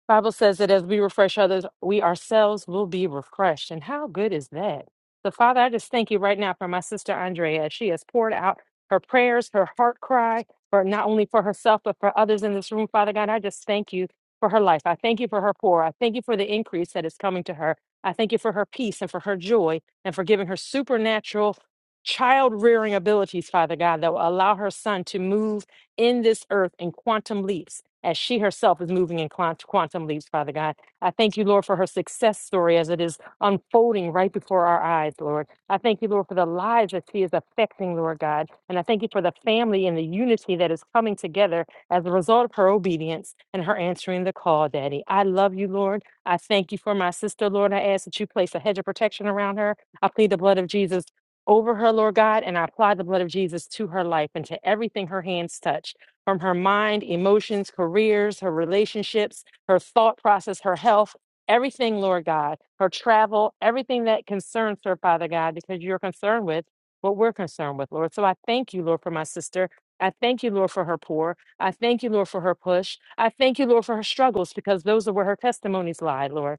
Bible says that as we refresh others, we ourselves will be refreshed. And how good is that? So, Father, I just thank you right now for my sister Andrea. She has poured out her prayers, her heart cry, for not only for herself, but for others in this room. Father God, I just thank you for her life. I thank you for her pour. I thank you for the increase that is coming to her. I thank you for her peace and for her joy and for giving her supernatural child rearing abilities, Father God, that will allow her son to move in this earth in quantum leaps as she herself is moving in quant- quantum leaps, Father God. I thank you, Lord, for her success story as it is unfolding right before our eyes, Lord. I thank you, Lord, for the lives that she is affecting, Lord God. And I thank you for the family and the unity that is coming together as a result of her obedience and her answering the call, Daddy. I love you, Lord. I thank you for my sister, Lord. I ask that you place a hedge of protection around her. I plead the blood of Jesus over her, Lord God, and I apply the blood of Jesus to her life and to everything her hands touch from her mind, emotions, careers, her relationships, her thought process, her health, everything, Lord God, her travel, everything that concerns her, Father God, because you're concerned with what we're concerned with, Lord. So I thank you, Lord, for my sister. I thank you, Lord, for her pour. I thank you, Lord, for her push. I thank you, Lord, for her struggles because those are where her testimonies lie, Lord.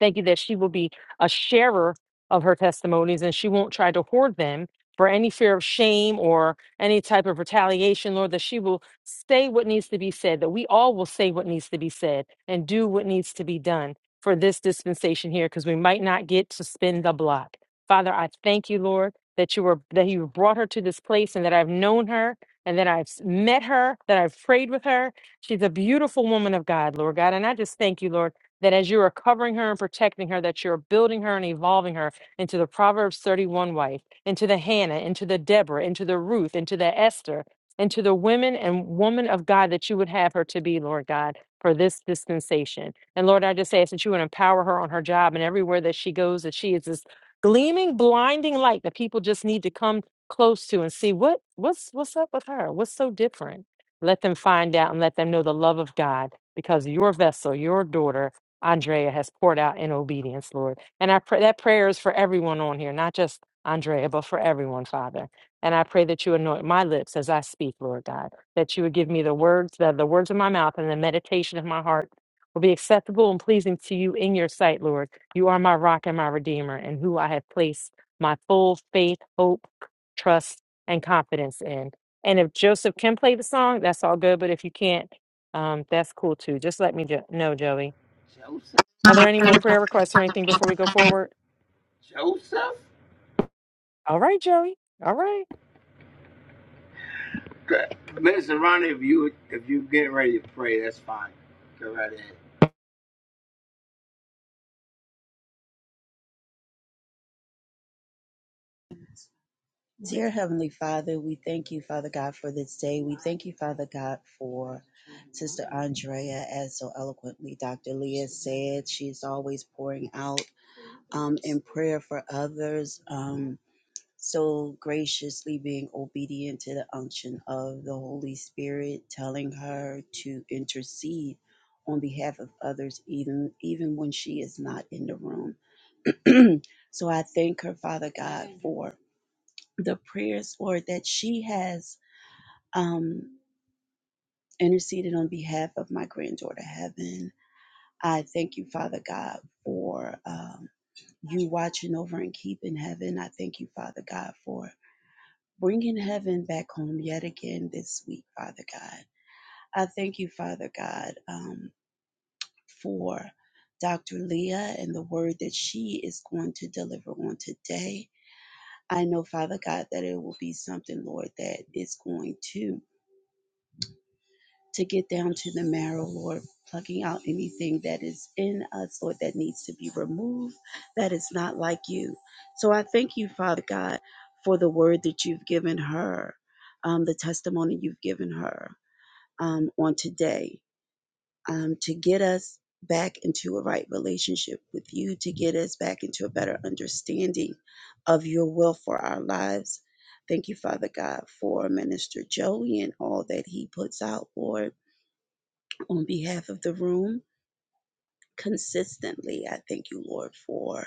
I thank you that she will be a sharer of her testimonies and she won't try to hoard them for any fear of shame or any type of retaliation, Lord, that she will say what needs to be said, that we all will say what needs to be said and do what needs to be done for this dispensation here, because we might not get to spin the block. Father, I thank you, Lord, that you were that you brought her to this place and that I've known her and that I've met her, that I've prayed with her. She's a beautiful woman of God, Lord God. And I just thank you, Lord that as you are covering her and protecting her, that you're building her and evolving her into the Proverbs 31 wife, into the Hannah, into the Deborah, into the Ruth, into the Esther, into the women and woman of God that you would have her to be, Lord God, for this dispensation. And Lord, I just ask that you would empower her on her job and everywhere that she goes, that she is this gleaming, blinding light that people just need to come close to and see what what's what's up with her, what's so different. Let them find out and let them know the love of God because your vessel, your daughter, Andrea has poured out in obedience, Lord. And I pray that prayer is for everyone on here, not just Andrea, but for everyone, Father. And I pray that you anoint my lips as I speak, Lord God, that you would give me the words, the, the words of my mouth and the meditation of my heart will be acceptable and pleasing to you in your sight, Lord. You are my rock and my redeemer, and who I have placed my full faith, hope, trust, and confidence in. And if Joseph can play the song, that's all good. But if you can't, um, that's cool too. Just let me jo- know, Joey are there any more prayer requests or anything before we go forward? All right, Joey. All right. Dear Heavenly Father, we thank you, Father God, for this day. We thank you, Father God, for Sister Andrea, as so eloquently Dr. Leah said. She's always pouring out um, in prayer for others, um, so graciously being obedient to the unction of the Holy Spirit, telling her to intercede on behalf of others, even even when she is not in the room. So I thank her, Father God, for the prayers, Lord, that she has um, interceded on behalf of my granddaughter Heaven. I thank you, Father God, for um, you watching over and keeping Heaven. I thank you, Father God, for bringing Heaven back home yet again this week, Father God. I thank you, Father God, um, for Dr. Leah and the word that she is going to deliver on today. I know, Father God, that it will be something, Lord, that is going to to get down to the marrow, Lord, plucking out anything that is in us, Lord, that needs to be removed, that is not like you. So I thank you, Father God, for the word that you've given her, um, the testimony you've given her um, on today um, to get us back into a right relationship with you, to get us back into a better understanding of your will for our lives. Thank you, Father God, for Minister Joey and all that he puts out, Lord on behalf of the room consistently. I thank you, Lord, for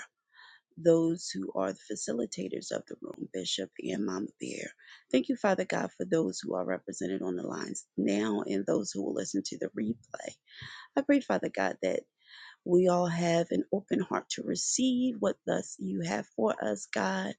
those who are the facilitators of the room, Bishop and Mama Bear. Thank you, Father God, for those who are represented on the lines now and those who will listen to the replay. I pray, Father God, that we all have an open heart to receive what thus you have for us, God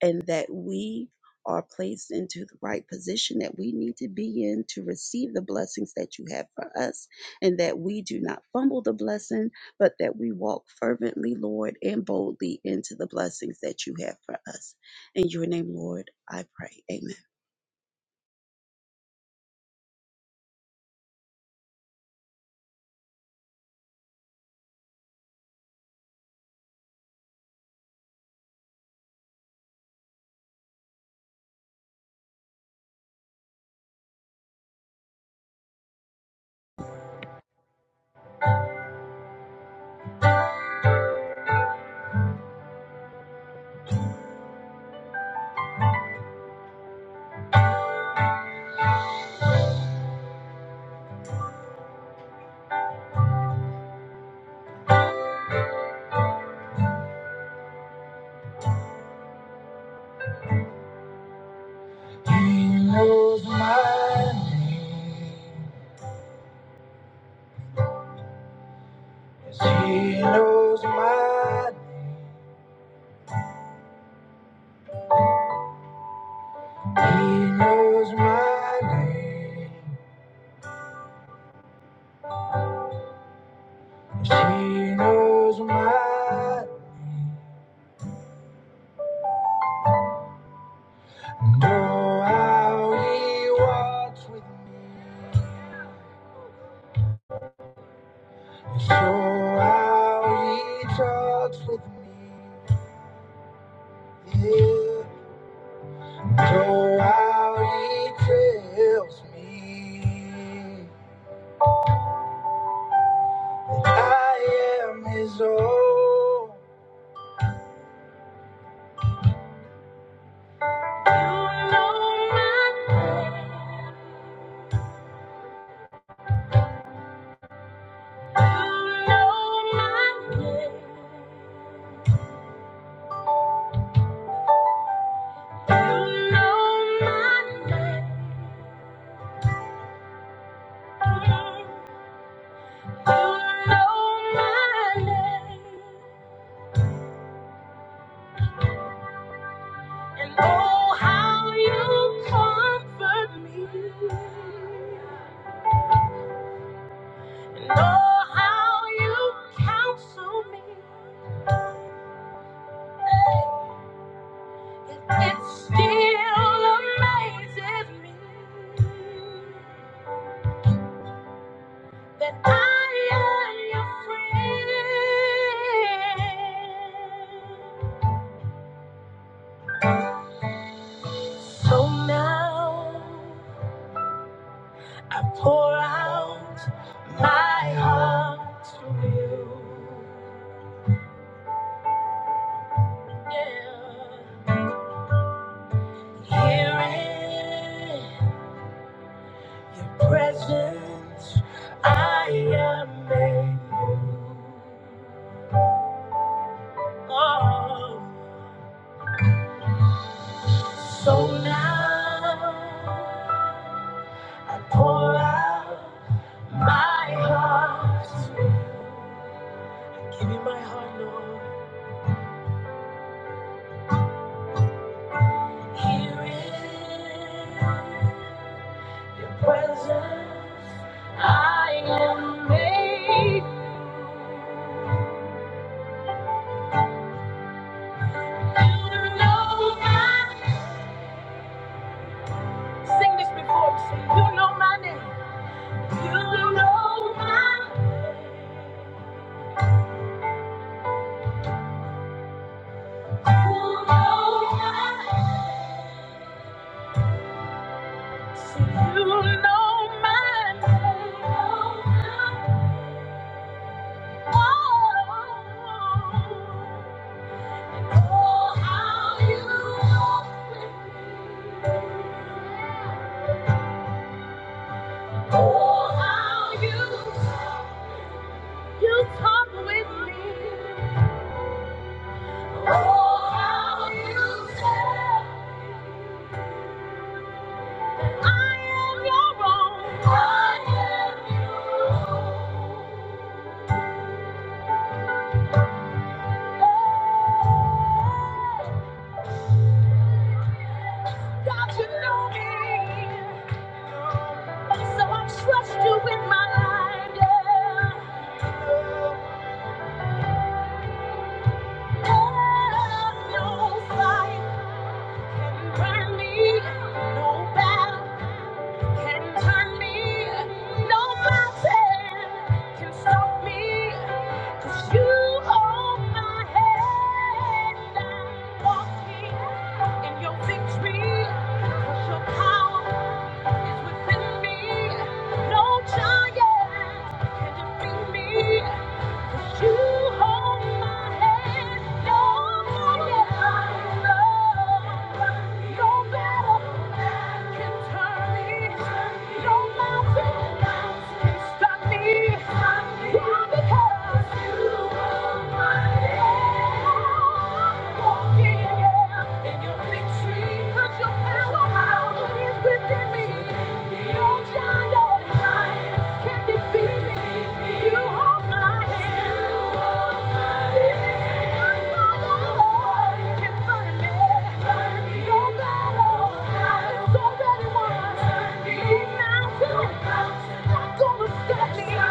and that we are placed into the right position that we need to be in to receive the blessings that you have for us, and that we do not fumble the blessing, but that we walk fervently, Lord, and boldly into the blessings that you have for us. In your name, Lord, I pray. Amen. He knows my name. He knows my name. He knows my name. She knows my know how he walks with me, so how he talks with me, yeah, so how he tells me I am his own. I know my name. You know my name. You know my name, and oh, how you comfort me, and oh, how you counsel me. Hey, It it still amazes me that I am your friend. So now. I pour out my heart to you. Yeah. Here in your presence, I am made new. Oh, so now I pour out my heart. Give me my heart, Lord. Here in. You know my Sing this before You know my name. You know my You know my Say, You know my name. Oh, oh, oh, oh, how you Oh, how you You come with me. Oh, how you say I am your own. I am your own. God, you know me. So I trust you with my life. Yeah. Yeah. No fight can burn me. No battle. can turn me. No mountain can stop me. 'Cause you hold my hand. I'm walking in your victory. 'Cause your power is within me. No giant can defeat me. Walking in your victory can't Thank you. Thank you.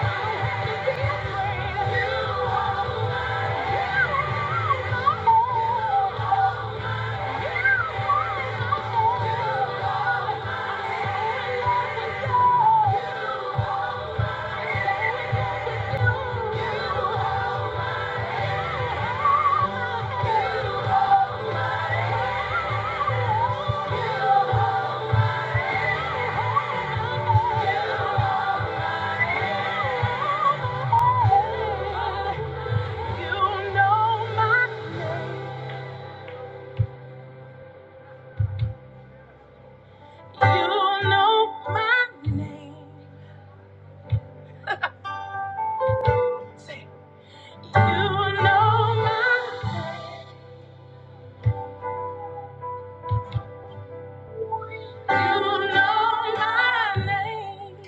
Thank you. You know my name.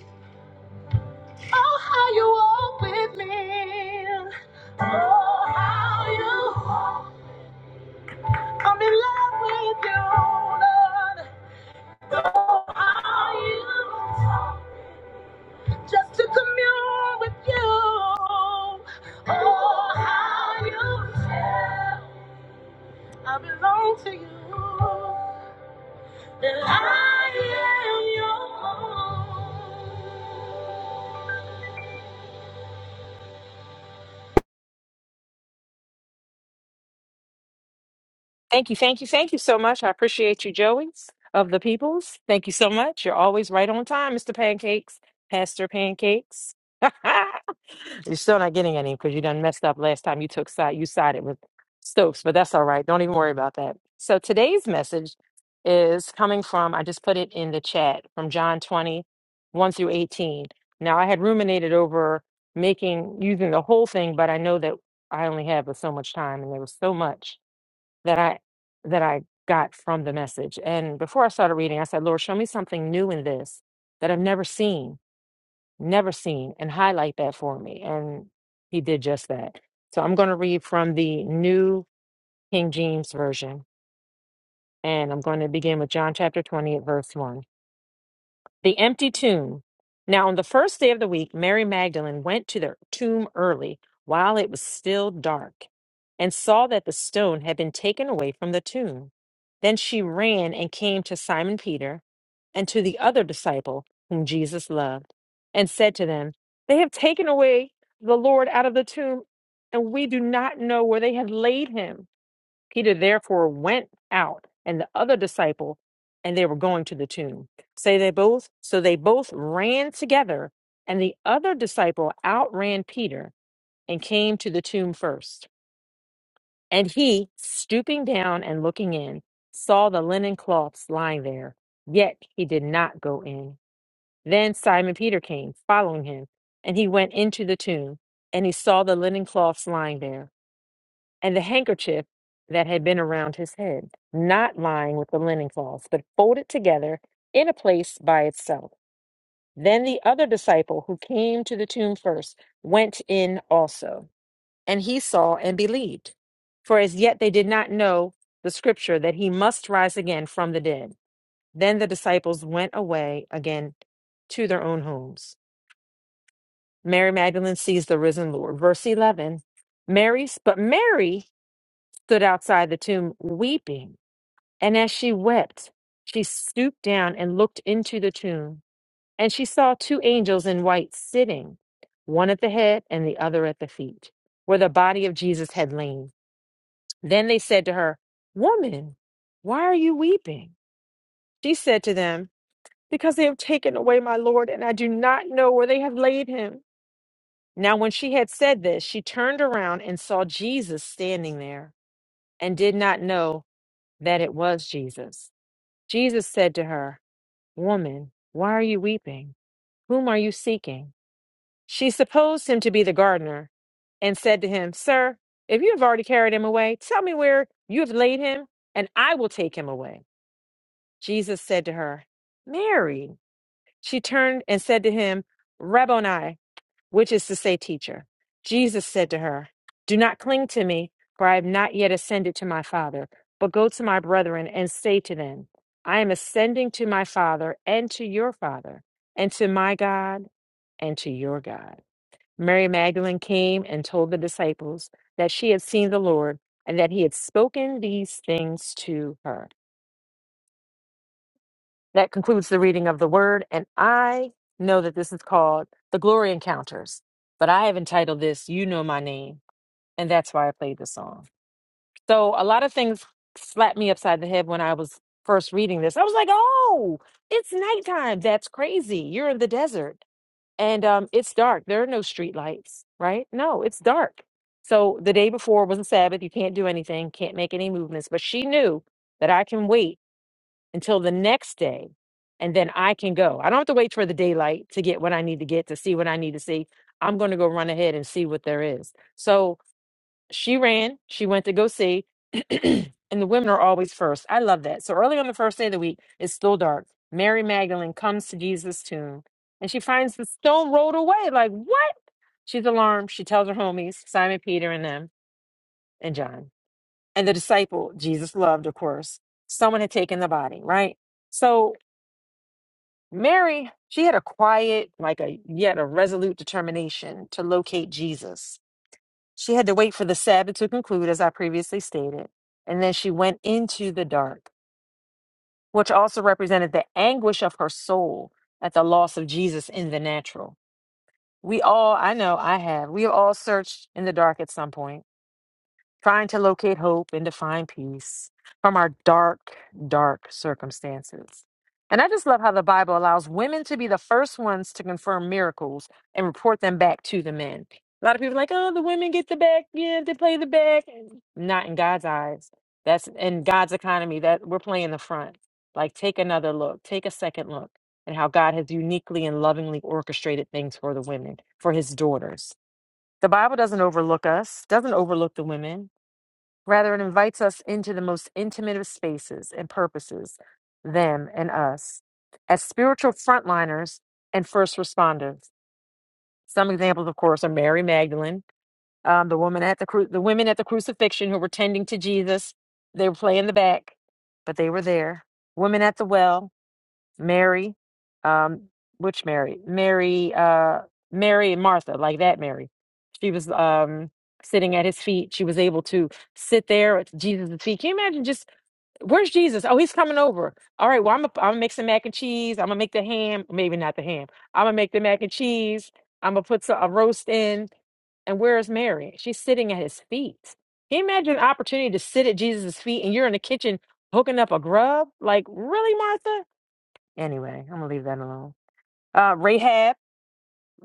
Oh, how you walk with me. Oh, how you I'm in love with you, Lord. Oh, how you just to commune with you. Oh, how you I belong to you. And I am your own. Thank you, thank you, thank you so much. I appreciate you, Joey of the Peoples. Thank you so much. You're always right on time, Mr. Pancakes, Pastor Pancakes. *laughs* you're still not getting any because you done messed up last time you took side. You sided with Stokes, but that's all right. Don't even worry about that. So today's message is coming from. I just put it in the chat from John twenty one through 18. Now I had ruminated over making using the whole thing, but I know that I only have so much time, and there was so much that I that I got from the message. And before I started reading, I said, Lord, show me something new in this that I've never seen, never seen, and highlight that for me. And he did just that. So I'm going to read from the new King James Version. And I'm going to begin with John chapter 20 at verse 1. The empty tomb. Now, on the first day of the week, Mary Magdalene went to the tomb early while it was still dark and saw that the stone had been taken away from the tomb. Then she ran and came to Simon Peter and to the other disciple whom Jesus loved and said to them, They have taken away the Lord out of the tomb, and we do not know where they have laid him. Peter therefore went out and the other disciple, and they were going to the tomb. Say they both, so they both ran together, and the other disciple outran Peter and came to the tomb first. And he, stooping down and looking in, saw the linen cloths lying there, yet he did not go in. Then Simon Peter came, following him, and he went into the tomb, and he saw the linen cloths lying there and the handkerchief that had been around his head, not lying with the linen cloths, but folded together in a place by itself. Then the other disciple who came to the tomb first went in also, and he saw and believed. For as yet they did not know the scripture that he must rise again from the dead. Then the disciples went away again to their own homes. Mary Magdalene sees the risen Lord. Verse 11 Mary, but Mary stood outside the tomb weeping. And as she wept, she stooped down and looked into the tomb. And she saw two angels in white sitting, one at the head and the other at the feet, where the body of Jesus had lain. Then they said to her, Woman, why are you weeping? She said to them, Because they have taken away my Lord, and I do not know where they have laid him. Now, when she had said this, she turned around and saw Jesus standing there, and did not know that it was Jesus. Jesus said to her, Woman, why are you weeping? Whom are you seeking? She supposed him to be the gardener, and said to him, Sir, if you have already carried him away, tell me where you have laid him, and I will take him away. Jesus said to her, Mary. She turned and said to him, Rabboni, which is to say, teacher. Jesus said to her, Do not cling to me, for I have not yet ascended to my Father, but go to my brethren and say to them, I am ascending to my Father and to your Father, and to my God and to your God. Mary Magdalene came and told the disciples that she had seen the Lord and that he had spoken these things to her. That concludes the reading of the word. And I know that this is called The Glory Encounters, but I have entitled this You Know My Name. And that's why I played the song. So a lot of things slapped me upside the head when I was first reading this. I was like, oh, it's nighttime. That's crazy. You're in the desert and um, it's dark. There are no street lights, right? No, it's dark. So the day before was a Sabbath. You can't do anything, can't make any movements. But she knew that I can wait until the next day and then I can go. I don't have to wait for the daylight to get what I need to get to see what I need to see. I'm going to go run ahead and see what there is. So she ran, she went to go see, *clears throat* and the women are always first. I love that. So early on the first day of the week, it's still dark. Mary Magdalene comes to Jesus' tomb and she finds the stone rolled away. Like, what? She's alarmed. She tells her homies, Simon, Peter, and them, and John, and the disciple Jesus loved, of course. Someone had taken the body, right? So Mary, she had a quiet, like a yet a resolute determination to locate Jesus. She had to wait for the Sabbath to conclude, as I previously stated, and then she went into the dark, which also represented the anguish of her soul at the loss of Jesus in the natural. We all, I know I have, we have all searched in the dark at some point trying to locate hope and to find peace from our dark, dark circumstances. And I just love how the Bible allows women to be the first ones to confirm miracles and report them back to the men. A lot of people are like, oh, the women get the back, yeah, they play the back. Not in God's eyes. That's in God's economy that we're playing the front. Like, take another look, take a second look, and how God has uniquely and lovingly orchestrated things for the women, for his daughters. The Bible doesn't overlook us, doesn't overlook the women Rather, it invites us into the most intimate of spaces and purposes, them and us, as spiritual frontliners and first responders. Some examples, of course, are Mary Magdalene, um, the woman at the cru- the women at the crucifixion who were tending to Jesus. They were playing the back, but they were there. Women at the well. Mary, um, which Mary? Mary, uh, Mary and Martha, like that Mary. She was um sitting at his feet. She was able to sit there at Jesus' feet. Can you imagine just where's Jesus? Oh, he's coming over. All right, well, I'm gonna, I'm gonna make some mac and cheese. I'm gonna make the ham, maybe not the ham. I'm gonna make the mac and cheese. I'm gonna put some, a roast in. And where is Mary? She's sitting at his feet. Can you imagine an opportunity to sit at Jesus' feet and you're in the kitchen hooking up a grub? Like, really, Martha? Anyway, I'm gonna leave that alone. Uh, Rahab,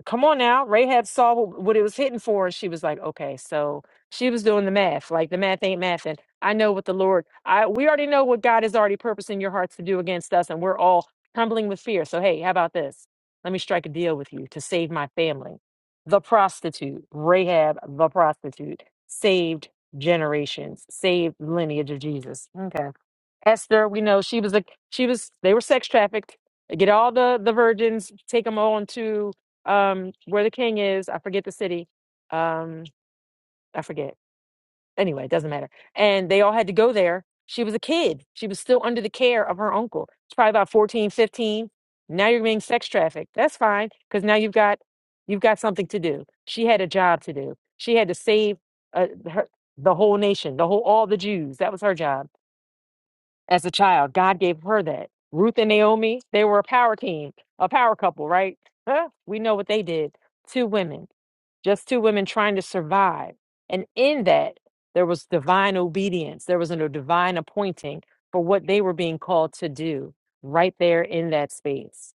come on now. Rahab saw what, what it was hitting for, and she was like, "Okay." So she was doing the math. Like the math ain't math, and I know what the Lord. I we already know what God is already purposing your hearts to do against us, and we're all trembling with fear. So hey, how about this? Let me strike a deal with you to save my family. The prostitute, Rahab, the prostitute, saved generations, saved lineage of Jesus. Okay. Esther, we know she was a she was they were sex trafficked. They Get all the the virgins, take them all into um where the king is. I forget the city. Um, I forget. Anyway, it doesn't matter. And they all had to go there. She was a kid. She was still under the care of her uncle. She's probably about 14, 15. Now you're being sex trafficked. That's fine because now you've got you've got something to do. She had a job to do. She had to save uh, her, the whole nation, the whole all the Jews. That was her job as a child. God gave her that. Ruth and Naomi, they were a power team, a power couple, right? Huh? We know what they did. Two women, just two women trying to survive. And in that, there was divine obedience, there was a divine appointing for what they were being called to do right there in that space.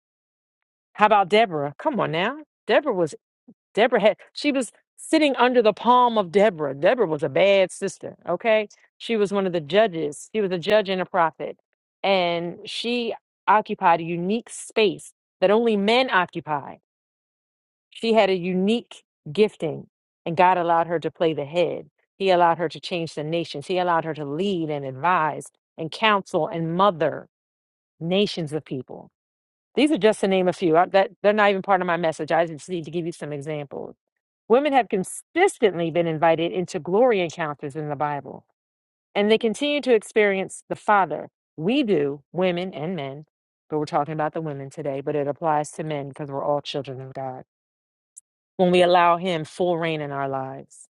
How about Deborah? Come on now. Deborah was Deborah had she was sitting under the palm of Deborah. Deborah was a bad sister, okay? She was one of the judges. She was a judge and a prophet. And she occupied a unique space that only men occupy. She had a unique gifting, and God allowed her to play the head. He allowed her to change the nations. He allowed her to lead and advise and counsel and mother nations of people. These are just to name a few. I, that they're not even part of my message. I just need to give you some examples Women have consistently been invited into glory encounters in the Bible, and they continue to experience the Father. We do, women and men, but we're talking about the women today, but it applies to men because we're all children of God when we allow Him full reign in our lives.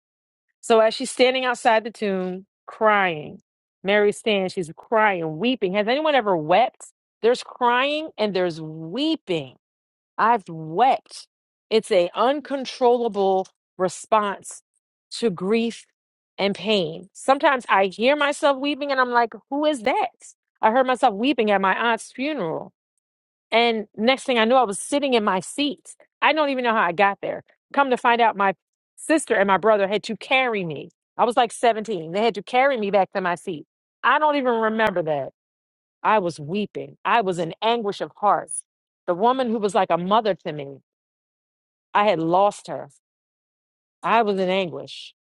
So as she's standing outside the tomb crying, Mary stands, she's crying, weeping. Has anyone ever wept? There's crying and there's weeping I've wept. It's a uncontrollable response to grief and pain. Sometimes I hear myself weeping and I'm like, who is that? I heard myself weeping at my aunt's funeral. And next thing I knew, I was sitting in my seat. I don't even know how I got there. Come to find out, my sister and my brother had to carry me. I was like 17. They had to carry me back to my seat. I don't even remember that. I was weeping. I was in anguish of heart the woman who was like a mother to me. I had lost her. I was in anguish.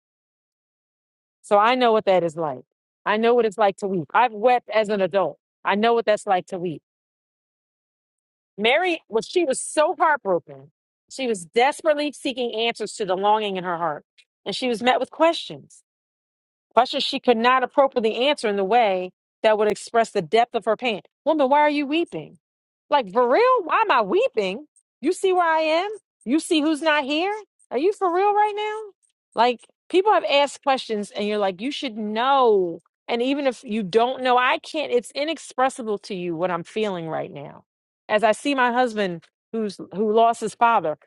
So I know what that is like. I know what it's like to weep. I've wept as an adult. I know what that's like to weep. Mary was she was so heartbroken. She was desperately seeking answers to the longing in her heart. And she was met with questions. Questions she could not appropriately answer in the way that would express the depth of her pain. Woman, why are you weeping? Like, for real? Why am I weeping? You see where I am? You see who's not here? Are you for real right now? Like, people have asked questions and you're like, you should know. And even if you don't know, I can't, it's inexpressible to you what I'm feeling right now. As I see my husband who's who lost his father,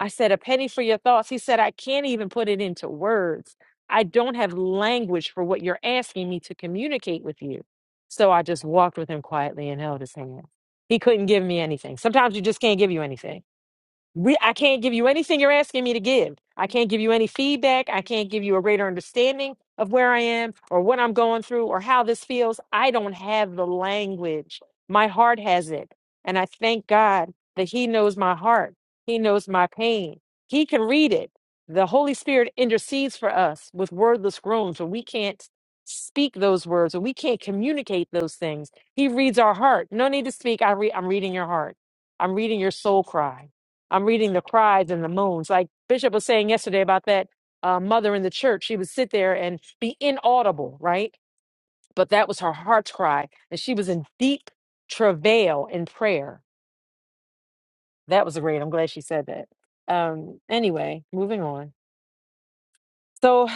I said, a penny for your thoughts. He said, I can't even put it into words I don't have language for what you're asking me to communicate with you. So I just walked with him quietly and held his hand. He couldn't give me anything. Sometimes you just can't give you anything we, I can't give you anything you're asking me to give. I can't give you any feedback. I can't give you a greater understanding of where I am or what I'm going through or how this feels. I don't have the language. My heart has it. And I thank God that He knows my heart. He knows my pain. He can read it. The Holy Spirit intercedes for us with wordless groans when we can't speak those words or we can't communicate those things. He reads our heart. No need to speak. I re- I'm reading your heart. I'm reading your soul cry. I'm reading the cries and the moans. Like Bishop was saying yesterday about that uh, mother in the church, she would sit there and be inaudible, right? But that was her heart's cry. And she was in deep travail in prayer. That was great. I'm glad she said that. Um, anyway, moving on. So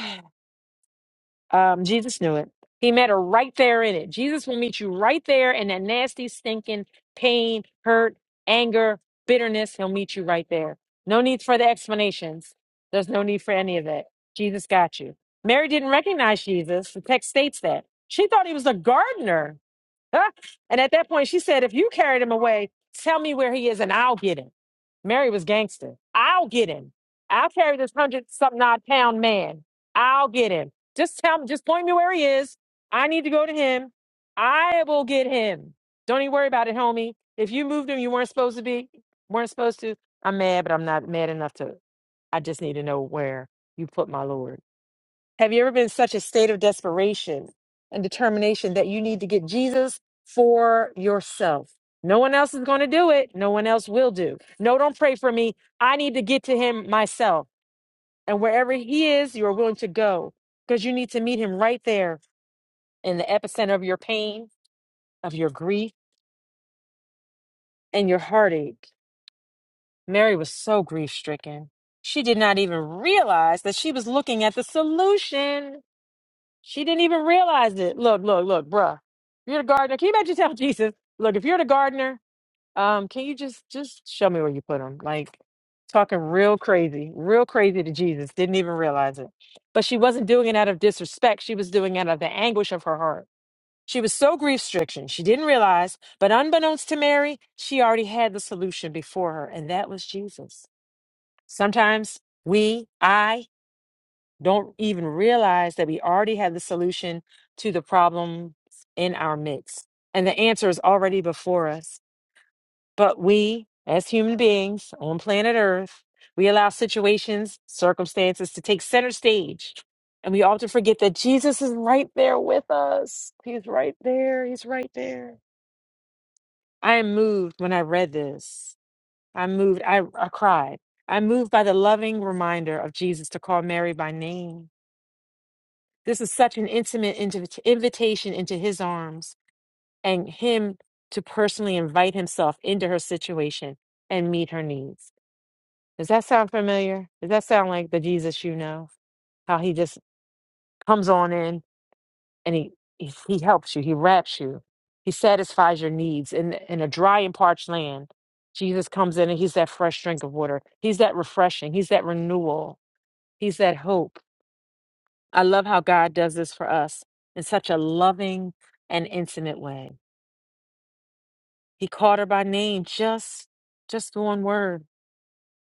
Um, Jesus knew it. He met her right there in it. Jesus will meet you right there in that nasty, stinking pain, hurt, anger, bitterness. He'll meet you right there. No need for the explanations. There's no need for any of that. Jesus got you. Mary didn't recognize Jesus. The text states that. She thought he was a gardener. *laughs* Huh? and at that point, she said, If you carried him away, tell me where he is and I'll get him. Mary was gangster. I'll get him. I'll carry this hundred something odd pound man. I'll get him. Just tell me, just point me where he is. I need to go to him. I will get him. Don't even worry about it, homie. If you moved him, you weren't supposed to be, weren't supposed to. I'm mad, but I'm not mad enough to. I just need to know where you put my Lord. Have you ever been in such a state of desperation and determination that you need to get Jesus for yourself? No one else is going to do it. No one else will do. No, don't pray for me. I need to get to him myself. And wherever he is, you are willing to go because you need to meet him right there in the epicenter of your pain, of your grief, and your heartache. Mary was so grief stricken. She did not even realize that she was looking at the solution She didn't even realize it. Look, look, look, bruh. You're the gardener. Can you imagine telling *laughs* Jesus, look, if you're the gardener, um, can you just just show me where you put them? Like talking real crazy, real crazy to Jesus. Didn't even realize it. But she wasn't doing it out of disrespect. She was doing it out of the anguish of her heart. She was so grief stricken, she didn't realize, but unbeknownst to Mary, she already had the solution before her, and that was Jesus. Sometimes we, I, don't even realize that we already have the solution to the problem in our midst. And the answer is already before us. But we, as human beings on planet Earth, we allow situations, circumstances to take center stage. And we often forget that Jesus is right there with us. He's right there. He's right there. I am moved when I read this. I moved, I, I cried. I'm moved by the loving reminder of Jesus to call Mary by name This is such an intimate invit- invitation into his arms and him to personally invite himself into her situation and meet her needs. Does that sound familiar? Does that sound like the Jesus you know? How he just comes on in and he he, he helps you, he wraps you, he satisfies your needs in in a dry and parched land. Jesus comes in and he's that fresh drink of water. He's that refreshing. He's that renewal. He's that hope. I love how God does this for us in such a loving and intimate way. He called her by name, just just one word,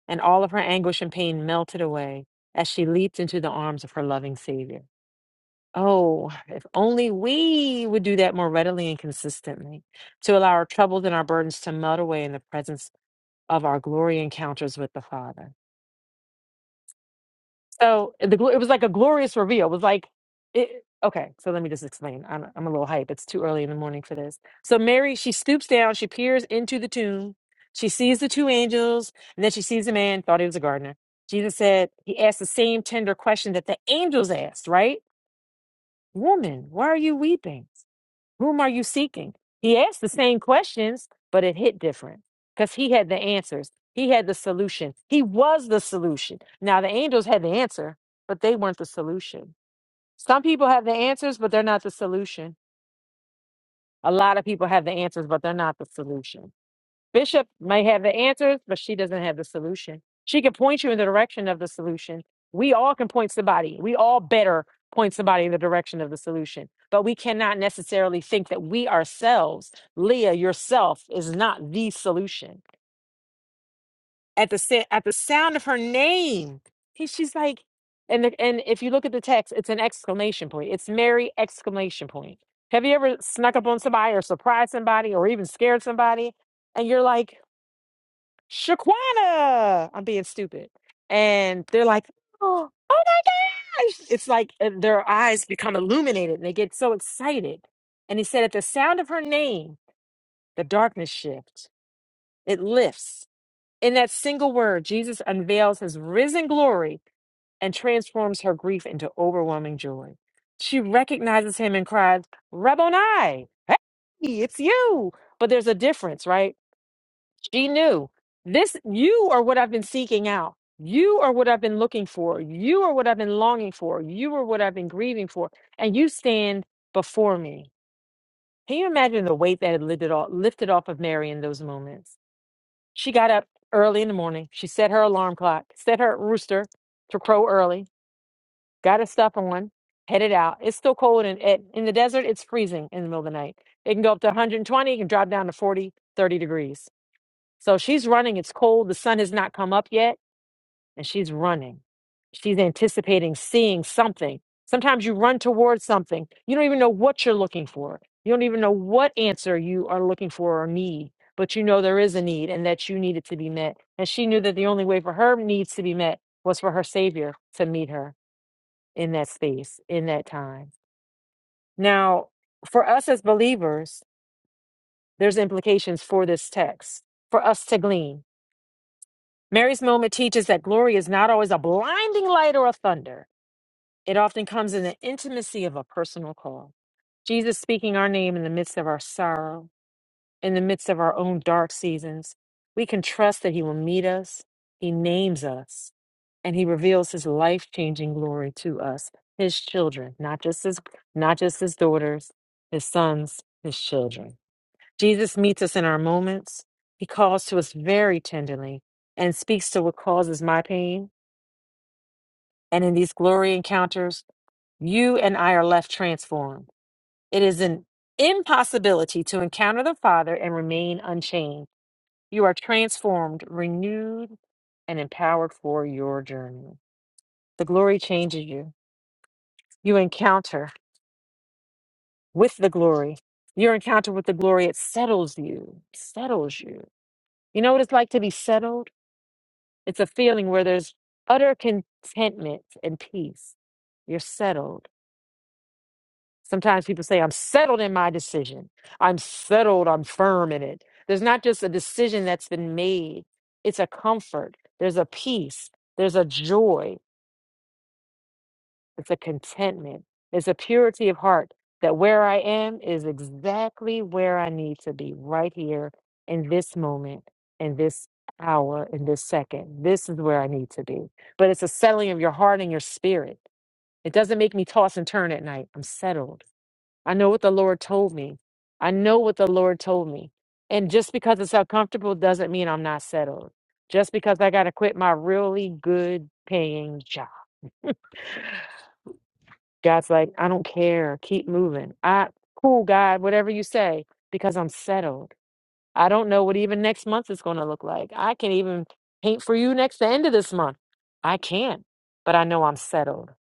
and all of her anguish and pain melted away as she leaped into the arms of her loving Savior. Oh, if only we would do that more readily and consistently, to allow our troubles and our burdens to melt away in the presence of our glory encounters with the Father. So eh, the glo- it was like a glorious reveal. It was like it. Okay, so let me just explain. I'm I'm a little hype. It's too early in the morning for this. So Mary, she stoops down, she peers into the tomb, she sees the two angels, and then she sees a man. Thought he was a gardener. Jesus said he asked the same tender question that the angels asked, right? Woman, why are you weeping? Whom are you seeking? He asked the same questions, but it hit different because he had the answers. He had the solution. He was the solution. Now, the angels had the answer, but they weren't the solution. Some people have the answers, but they're not the solution. A lot of people have the answers, but they're not the solution. Bishop may have the answers, but she doesn't have the solution. She can point you in the direction of the solution. We all can point somebody. We all better point somebody in the direction of the solution. But we cannot necessarily think that we ourselves, Leah yourself, is not the solution. At the sa- at the sound of her name, he- she's like, and the, and if you look at the text, it's an exclamation point. It's Mary exclamation point. Have you ever snuck up on somebody or surprised somebody or even scared somebody, and you're like, Shaquana. I'm being stupid. And they're like, oh, oh my gosh. It's like uh, their eyes become illuminated and they get so excited. And he said, at the sound of her name, the darkness shifts, it lifts. In that single word, Jesus unveils his risen glory and transforms her grief into overwhelming joy. She recognizes him and cries, Rabboni, hey, it's you. But there's a difference, right? She knew this, you are what I've been seeking out. You are what I've been looking for. You are what I've been longing for. You are what I've been grieving for. And you stand before me. Can you imagine the weight that had lifted off, lifted off of Mary in those moments? She got up early in the morning. She set her alarm clock, set her rooster to crow early, got her stuff on, headed out. It's still cold and in, in the desert, it's freezing in the middle of the night. It can go up to 120, it can drop down to 40 30 degrees so she's running. It's cold. The sun has not come up yet, and she's running. She's anticipating seeing something. Sometimes you run towards something. You don't even know what you're looking for. You don't even know what answer you are looking for or need, but you know there is a need and that you need it to be met. And she knew that the only way for her needs to be met was for her Savior to meet her in that space, in that time. Now, for us as believers, there's implications for this text for us to glean Mary's moment teaches that glory is not always a blinding light or a thunder. It often comes in the intimacy of a personal call. Jesus speaking our name in the midst of our sorrow, in the midst of our own dark seasons. We can trust that He will meet us, He names us, and He reveals His life changing glory to us, His children, not just His, not just His daughters, His sons, His children. Jesus meets us in our moments. He calls to us very tenderly and speaks to what causes my pain. And in these glory encounters, you and I are left transformed. It is an impossibility to encounter the Father and remain unchanged. You are transformed, renewed, and empowered for your journey. The glory changes you. You encounter with the glory. Your encounter with the glory, it settles you, settles you. You know what it's like to be settled? It's a feeling where there's utter contentment and peace. You're settled. Sometimes people say, I'm settled in my decision. I'm settled. I'm firm in it. There's not just a decision that's been made, it's a comfort. There's a peace. There's a joy. It's a contentment. It's a purity of heart that where I am is exactly where I need to be, right here in this moment, in this hour, in this second. This is where I need to be. But it's a settling of your heart and your spirit. It doesn't make me toss and turn at night. I'm settled. I know what the Lord told me. I know what the Lord told me. And just because it's uncomfortable doesn't mean I'm not settled. Just because I got to quit my really good paying job God's like, I don't care. Keep moving. I cool, God, whatever you say, because I'm settled. I don't know what even next month is going to look like. I can even paint for you next the end of this month. I can't, but I know I'm settled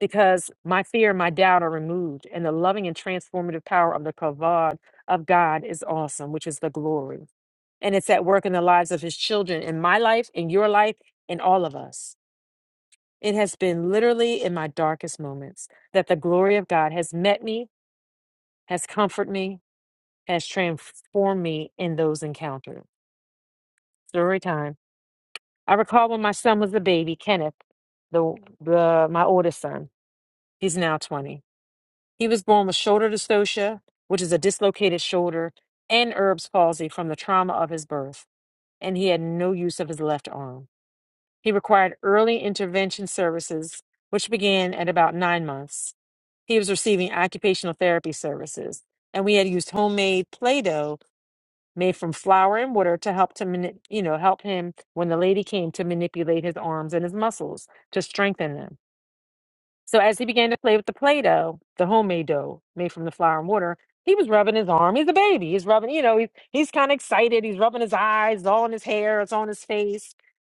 because my fear, my doubt are removed, and the loving and transformative power of the kavod of God is awesome, which is the glory, and it's at work in the lives of His children, in my life, in your life, in all of us. It has been literally in my darkest moments that the glory of God has met me, has comforted me, has transformed me in those encounters. Story time. I recall when my son was a baby, Kenneth, the, the my oldest son. He's now 20. He was born with shoulder dystocia, which is a dislocated shoulder, and Erb's palsy from the trauma of his birth, and he had no use of his left arm. He required early intervention services, which began at about nine months. He was receiving occupational therapy services, and we had used homemade Play-Doh made from flour and water to help to mani- you know help him when the lady came to manipulate his arms and his muscles to strengthen them. So as he began to play with the Play-Doh, the homemade dough made from the flour and water, he was rubbing his arm. He's a baby. He's rubbing, you know, he's he's kind of excited. He's rubbing his eyes, it's all in his hair, it's on his face,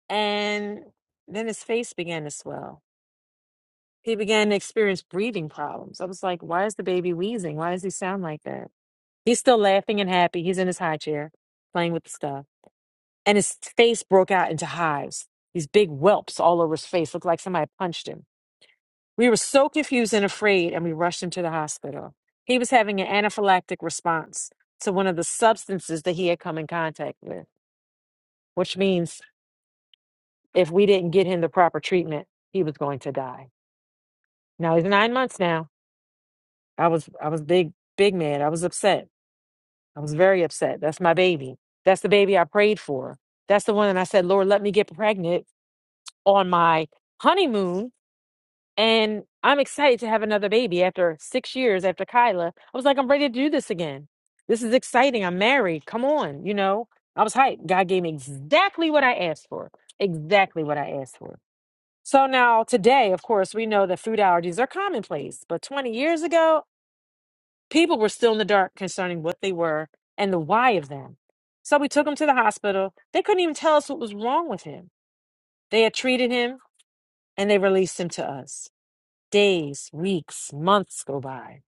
and then his face began to swell he began to experience breathing problems. I was like, why is the baby wheezing? Why does he sound like that? He's still laughing and happy. He's in his high chair playing with the stuff. And his face broke out into hives. These big whelps all over his face looked like somebody punched him. We were so confused and afraid, and we rushed him to the hospital. He was having an anaphylactic response to one of the substances that he had come in contact with, which means if we didn't get him the proper treatment, he was going to die. Now he's nine months now I was I was big big mad. I was upset. I was very upset. That's my baby. That's the baby I prayed for. That's the one that I said, Lord, let me get pregnant on my honeymoon. And I'm excited to have another baby after six years after Kyla. I was like, I'm ready to do this again. This is exciting. I'm married. Come on, you know. I was hyped. God gave me exactly what I asked for. Exactly what I asked for. So now today, of course, we know that food allergies are commonplace. But 20 years ago, People were still in the dark concerning what they were and the why of them. So we took him to the hospital. They couldn't even tell us what was wrong with him. They had treated him and they released him to us. Days, weeks, months go by.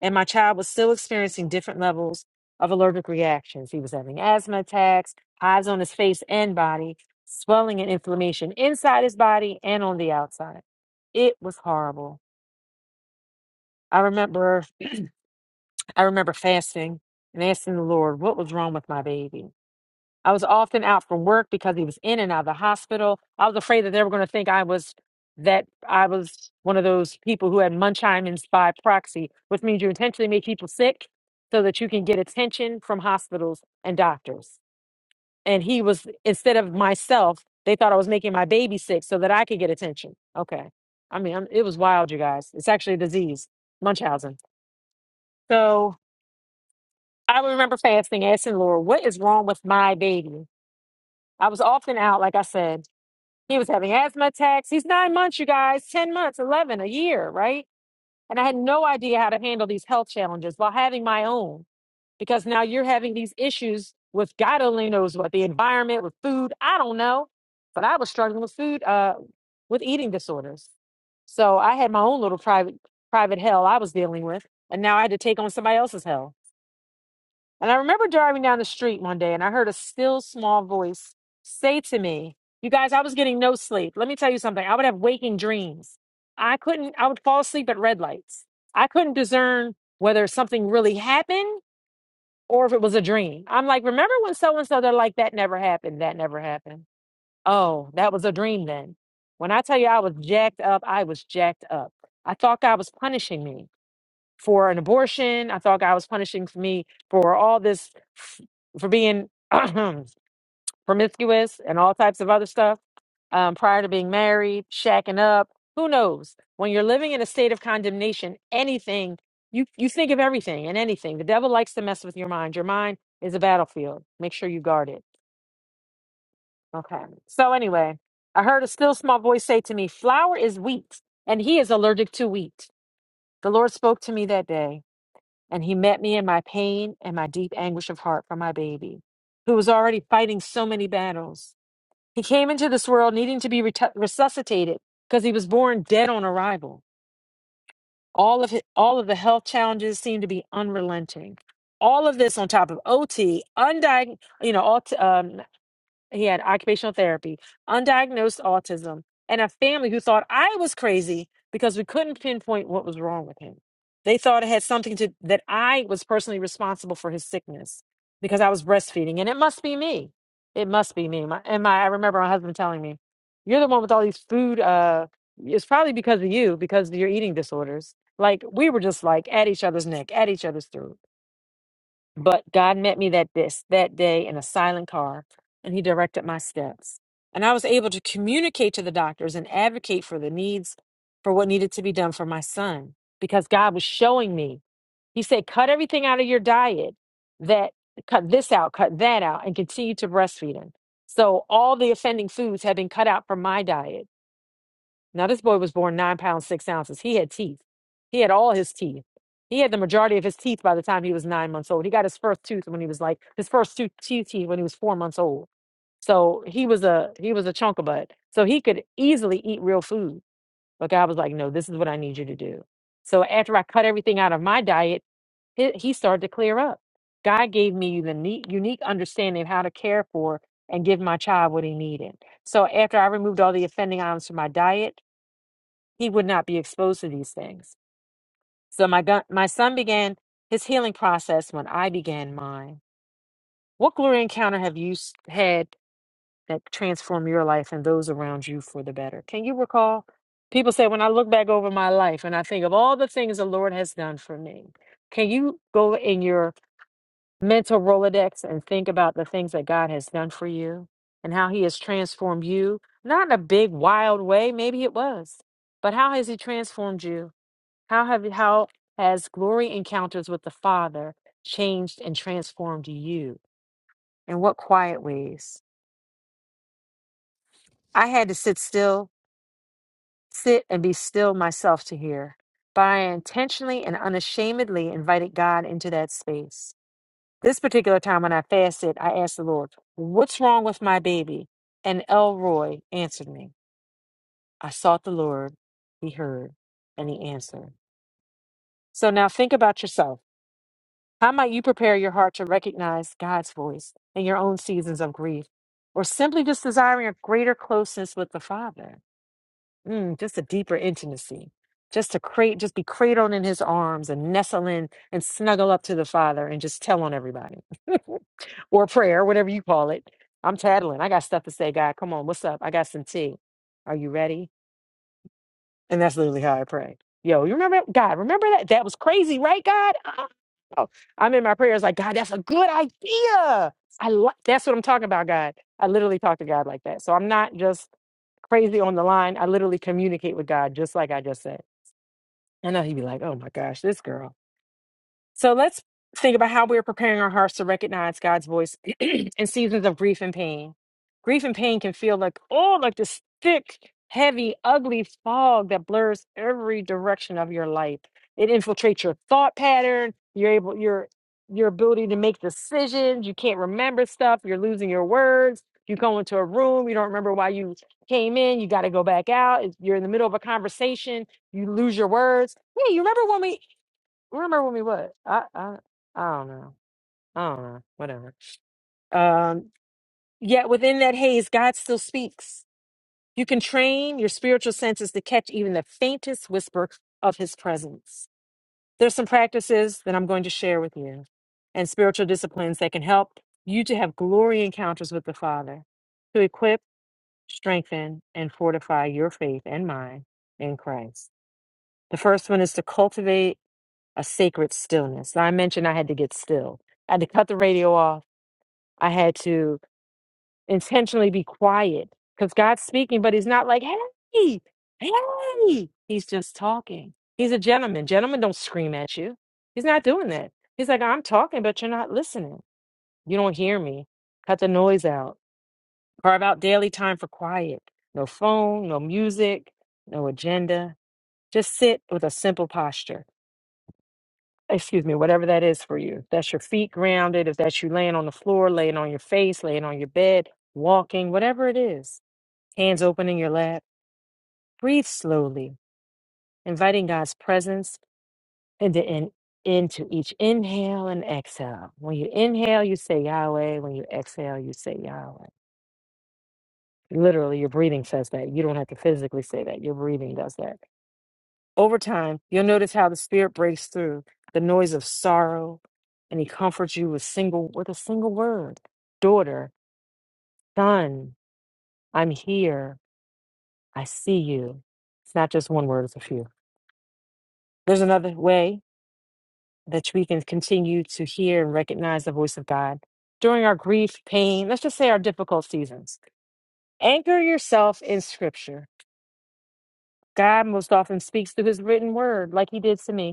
And my child was still experiencing different levels of allergic reactions. He was having asthma attacks, hives on his face and body, swelling and inflammation inside his body and on the outside. It was horrible. I remember I remember fasting and asking the Lord what was wrong with my baby. I was often out from work because he was in and out of the hospital. I was afraid that they were going to think I was that I was one of those people who had Munchausen's by proxy, which means you intentionally make people sick so that you can get attention from hospitals and doctors. And he was instead of myself, they thought I was making my baby sick so that I could get attention. Okay, I mean I'm, it was wild, you guys. It's actually a disease, Munchausen. So I remember fasting, asking Lord, "What is wrong with my baby?" I was often out, like I said He was having asthma attacks. He's nine months, you guys, 10 months, 11, a year, right? And I had no idea how to handle these health challenges while having my own because now you're having these issues with God only knows what the environment, with food. I don't know, but I was struggling with food, uh, with eating disorders. So I had my own little private, private hell I was dealing with. And now I had to take on somebody else's hell. And I remember driving down the street one day and I heard a still small voice say to me, You guys, I was getting no sleep. Let me tell you something. I would have waking dreams. I couldn't, I would fall asleep at red lights. I couldn't discern whether something really happened or if it was a dream. I'm like, Remember when so and so, they're like, That never happened. That never happened. Oh, that was a dream then. When I tell you I was jacked up, I was jacked up. I thought God was punishing me for an abortion. I thought God was punishing for me for all this, f- for being *clears throat* promiscuous and all types of other stuff um, prior to being married, shacking up. Who knows? When you're living in a state of condemnation, anything you you think of everything and anything. The devil likes to mess with your mind. Your mind is a battlefield. Make sure you guard it. Okay. So anyway, I heard a still small voice say to me, "Flour is wheat, and he is allergic to wheat." The Lord spoke to me that day and he met me in my pain and my deep anguish of heart for my baby, who was already fighting so many battles. He came into this world needing to be retu- resuscitated because he was born dead on arrival. All of his, all of the health challenges seemed to be unrelenting. All of this on top of OT, undiagnosed, you know, he had occupational therapy, undiagnosed autism, and a family who thought I was crazy because we couldn't pinpoint what was wrong with him. They thought it had something to that I was personally responsible for his sickness because I was breastfeeding, and it must be me. It must be me. My, and my, I remember my husband telling me, "You're the one with all these food. Uh, it's probably because of you, because of your eating disorders." Like we were just like at each other's neck, at each other's throat. But God met me that this that day in a silent car, and He directed my steps. And I was able to communicate to the doctors and advocate for the needs for what needed to be done for my son because God was showing me. He said, "Cut everything out of your diet that cut this out, cut that out, and continue to breastfeed him." So all the offending foods had been cut out from my diet now, this boy was born nine pounds, six ounces. He had teeth. He had all his teeth. He had the majority of his teeth by the time he was nine months old. He got his first tooth when he was like his first two two teeth when he was four months old. So he was a he was a chunk of butt. So he could easily eat real food. But God was like, no, this is what I need you to do. So after I cut everything out of my diet, he, he started to clear up. God gave me the neat, unique understanding of how to care for and give my child what he needed. So after I removed all the offending items from my diet, he would not be exposed to these things. So my gu- my son began his healing process when I began mine. What glory encounter have you s- had that transformed your life and those around you for the better? Can you recall? People say when I look back over my life and I think of all the things the Lord has done for me. Can you go in your mental Rolodex and think about the things that God has done for you and how he has transformed you? Not in a big wild way, maybe it was, but how has he transformed you? How have how has glory encounters with the Father changed and transformed you? In what quiet ways? I had to sit still, sit and be still myself to hear. But I intentionally and unashamedly invited God into that space. This particular time when I fasted, I asked the Lord, What's wrong with my baby? And Elroy answered me. I sought the Lord, he heard, and he answered. So now think about yourself. How might you prepare your heart to recognize God's voice in your own seasons of grief or simply just desiring a greater closeness with the Father? Mm, just a deeper intimacy, just to crate, just be cradled in his arms and nestle in and snuggle up to the Father and just tell on everybody *laughs* or prayer, whatever you call it. I'm tattling. I got stuff to say, God. Come on, what's up? I got some tea. Are you ready? And that's literally how I pray. Yo, you remember God? Remember that? That was crazy, right? God, Uh-uh. oh, I'm in my prayers like God. That's a good idea. I like. That's what I'm talking about, God. I literally talk to God like that. So I'm not just crazy on the line. I literally communicate with God just like I just said. And now he'd be like, "Oh my gosh, this girl." So let's think about how we're preparing our hearts to recognize God's voice *clears throat* in seasons of grief and pain. Grief and pain can feel like, oh, like this thick, heavy, ugly fog that blurs every direction of your life. It infiltrates your thought pattern, you're able your your ability to make decisions, you can't remember stuff, you're losing your words, you go into a room, you don't remember why you came in, you got to go back out, if you're in the middle of a conversation, you lose your words. Yeah, you remember when we remember when we what? I I I don't know. I don't know. Whatever. Um. Yet within that haze, God still speaks. You can train your spiritual senses to catch even the faintest whisper of His presence. There's some practices that I'm going to share with you, and spiritual disciplines that can help you to have glory encounters with the Father, to equip, strengthen, and fortify your faith and mind in Christ. The first one is to cultivate. a sacred stillness. Now, I mentioned I had to get still. I had to cut the radio off. I had to intentionally be quiet because God's speaking, but He's not like, hey, hey. He's just talking. He's a gentleman. Gentlemen don't scream at you. He's not doing that. He's like, I'm talking, but you're not listening. You don't hear me. Cut the noise out. Carve out daily time for quiet. No phone, no music, no agenda. Just sit with a simple posture excuse me, whatever that is for you. If that's your feet grounded, if that's you laying on the floor, laying on your face, laying on your bed, walking, whatever it is, hands open in your lap, breathe slowly, inviting God's presence into, in, into each inhale and exhale. When you inhale, you say Yahweh. When you exhale, you say Yahweh. Literally, your breathing says that. You don't have to physically say that. Your breathing does that. Over time, you'll notice how the Spirit breaks through the noise of sorrow, and He comforts you with single with a single word, daughter, son, I'm here, I see you. It's not just one word; it's a few. There's another way that we can continue to hear and recognize the voice of God during our grief, pain. Let's just say our difficult seasons. Anchor yourself in Scripture. God most often speaks through His written word, like He did to me.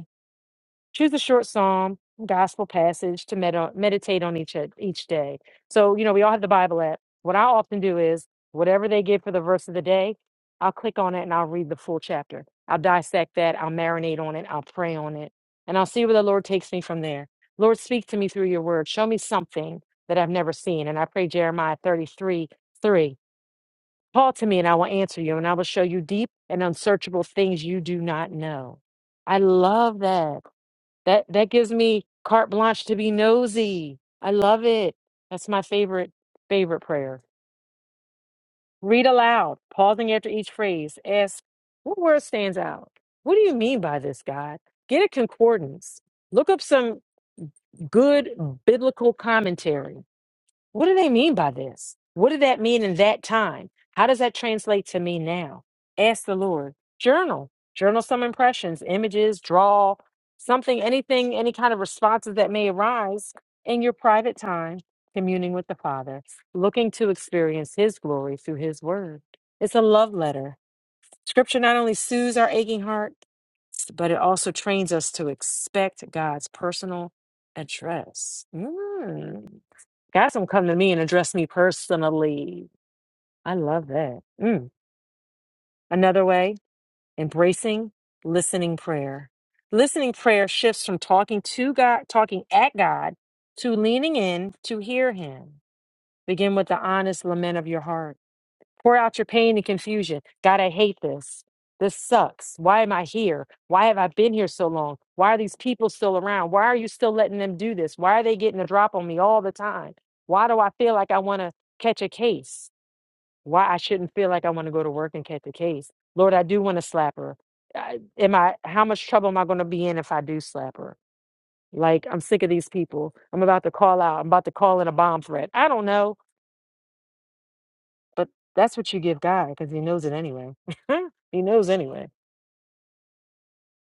choose a short psalm gospel passage to med- meditate on each each day so you know we all have the bible app what i often do is whatever they give for the verse of the day i'll click on it and i'll read the full chapter i'll dissect that i'll marinate on it i'll pray on it and i'll see where the lord takes me from there lord speak to me through your word show me something that i've never seen and i pray jeremiah 33 3 call to me and i will answer you and i will show you deep and unsearchable things you do not know i love that that that gives me carte blanche to be nosy. I love it. That's my favorite favorite prayer. Read aloud, pausing after each phrase. Ask what word stands out. What do you mean by this, God? Get a concordance. Look up some good biblical commentary. What do they mean by this? What did that mean in that time? How does that translate to me now? Ask the Lord. Journal. Journal some impressions, images, draw something, anything, any kind of responses that may arise in your private time, communing with the Father, looking to experience His glory through His Word. It's a love letter. Scripture not only soothes our aching heart, but it also trains us to expect God's personal address. Mm. God's gonna come to me and address me personally. I love that. Mm. Another way, embracing listening prayer. Listening prayer shifts from talking to God, talking at God, to leaning in to hear Him. Begin with the honest lament of your heart. Pour out your pain and confusion. God, I hate this. This sucks. Why am I here? Why have I been here so long? Why are these people still around? Why are you still letting them do this? Why are they getting the drop on me all the time? Why do I feel like I want to catch a case? Why I shouldn't feel like I want to go to work and catch a case? Lord, I do want to slap her. I, am I? How much trouble am I going to be in if I do slap her? Like I'm sick of these people. I'm about to call out. I'm about to call in a bomb threat. I don't know. But that's what you give God because He knows it anyway. *laughs* he knows anyway.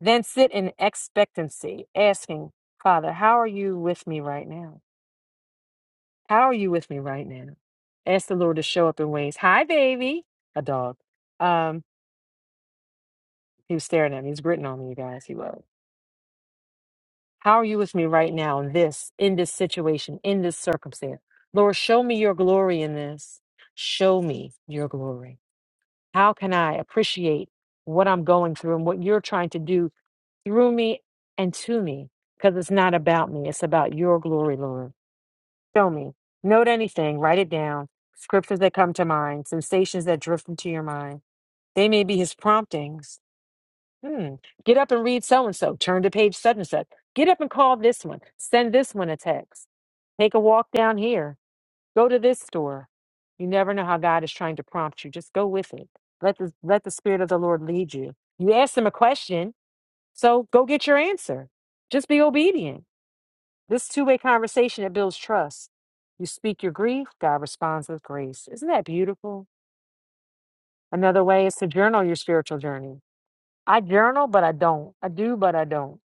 Then sit in expectancy, asking, Father, how are you with me right now? How are you with me right now? Ask the Lord to show up in ways. Hi, baby. A dog. Um, he was staring at me. He's gritting on me, you guys. He was. How are you with me right now in this, in this situation, in this circumstance? Lord, show me your glory in this. Show me your glory. How can I appreciate what I'm going through and what you're trying to do through me and to me because it's not about me. It's about your glory, Lord. Show me. Note anything, write it down. Scriptures that come to mind, sensations that drift into your mind. They may be his promptings. Hmm. Get up and read so and so. Turn to page such and such. Get up and call this one. Send this one a text. Take a walk down here. Go to this store. You never know how God is trying to prompt you. Just go with it. Let the, let the Spirit of the Lord lead you. You ask him a question. So go get your answer. Just be obedient. This two way conversation that builds trust. You speak your grief, God responds with grace. Isn't that beautiful? Another way is to journal your spiritual journey. I journal, but I don't. I do, but I don't.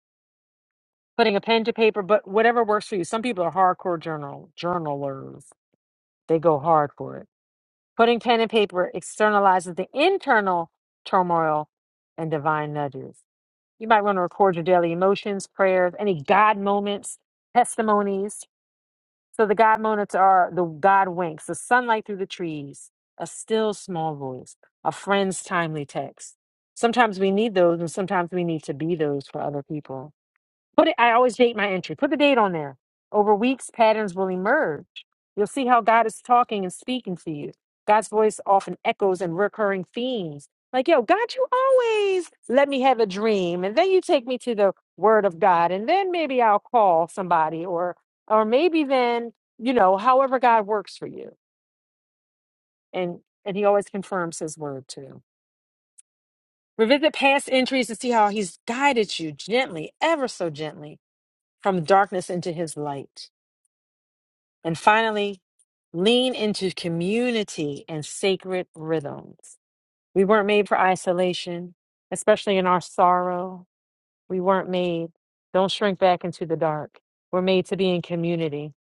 Putting a pen to paper, but whatever works for you. Some people are hardcore journal journalers. They go hard for it. Putting pen and paper externalizes the internal turmoil and divine nudges. You might want to record your daily emotions, prayers, any God moments, testimonies. So the God moments are the God winks, the sunlight through the trees, a still small voice, a friend's timely text. Sometimes we need those, and sometimes we need to be those for other people. Put it, I always date my entry. Put the date on there. Over weeks, patterns will emerge. You'll see how God is talking and speaking to you. God's voice often echoes in recurring themes. Like, yo, God, you always let me have a dream. And then you take me to the word of God. And then maybe I'll call somebody or or maybe then, you know, however God works for you. And and he always confirms his word too. Revisit past entries to see how he's guided you gently, ever so gently, from darkness into his light. And finally, lean into community and sacred rhythms. We weren't made for isolation, especially in our sorrow. We weren't made, don't shrink back into the dark. We're made to be in community.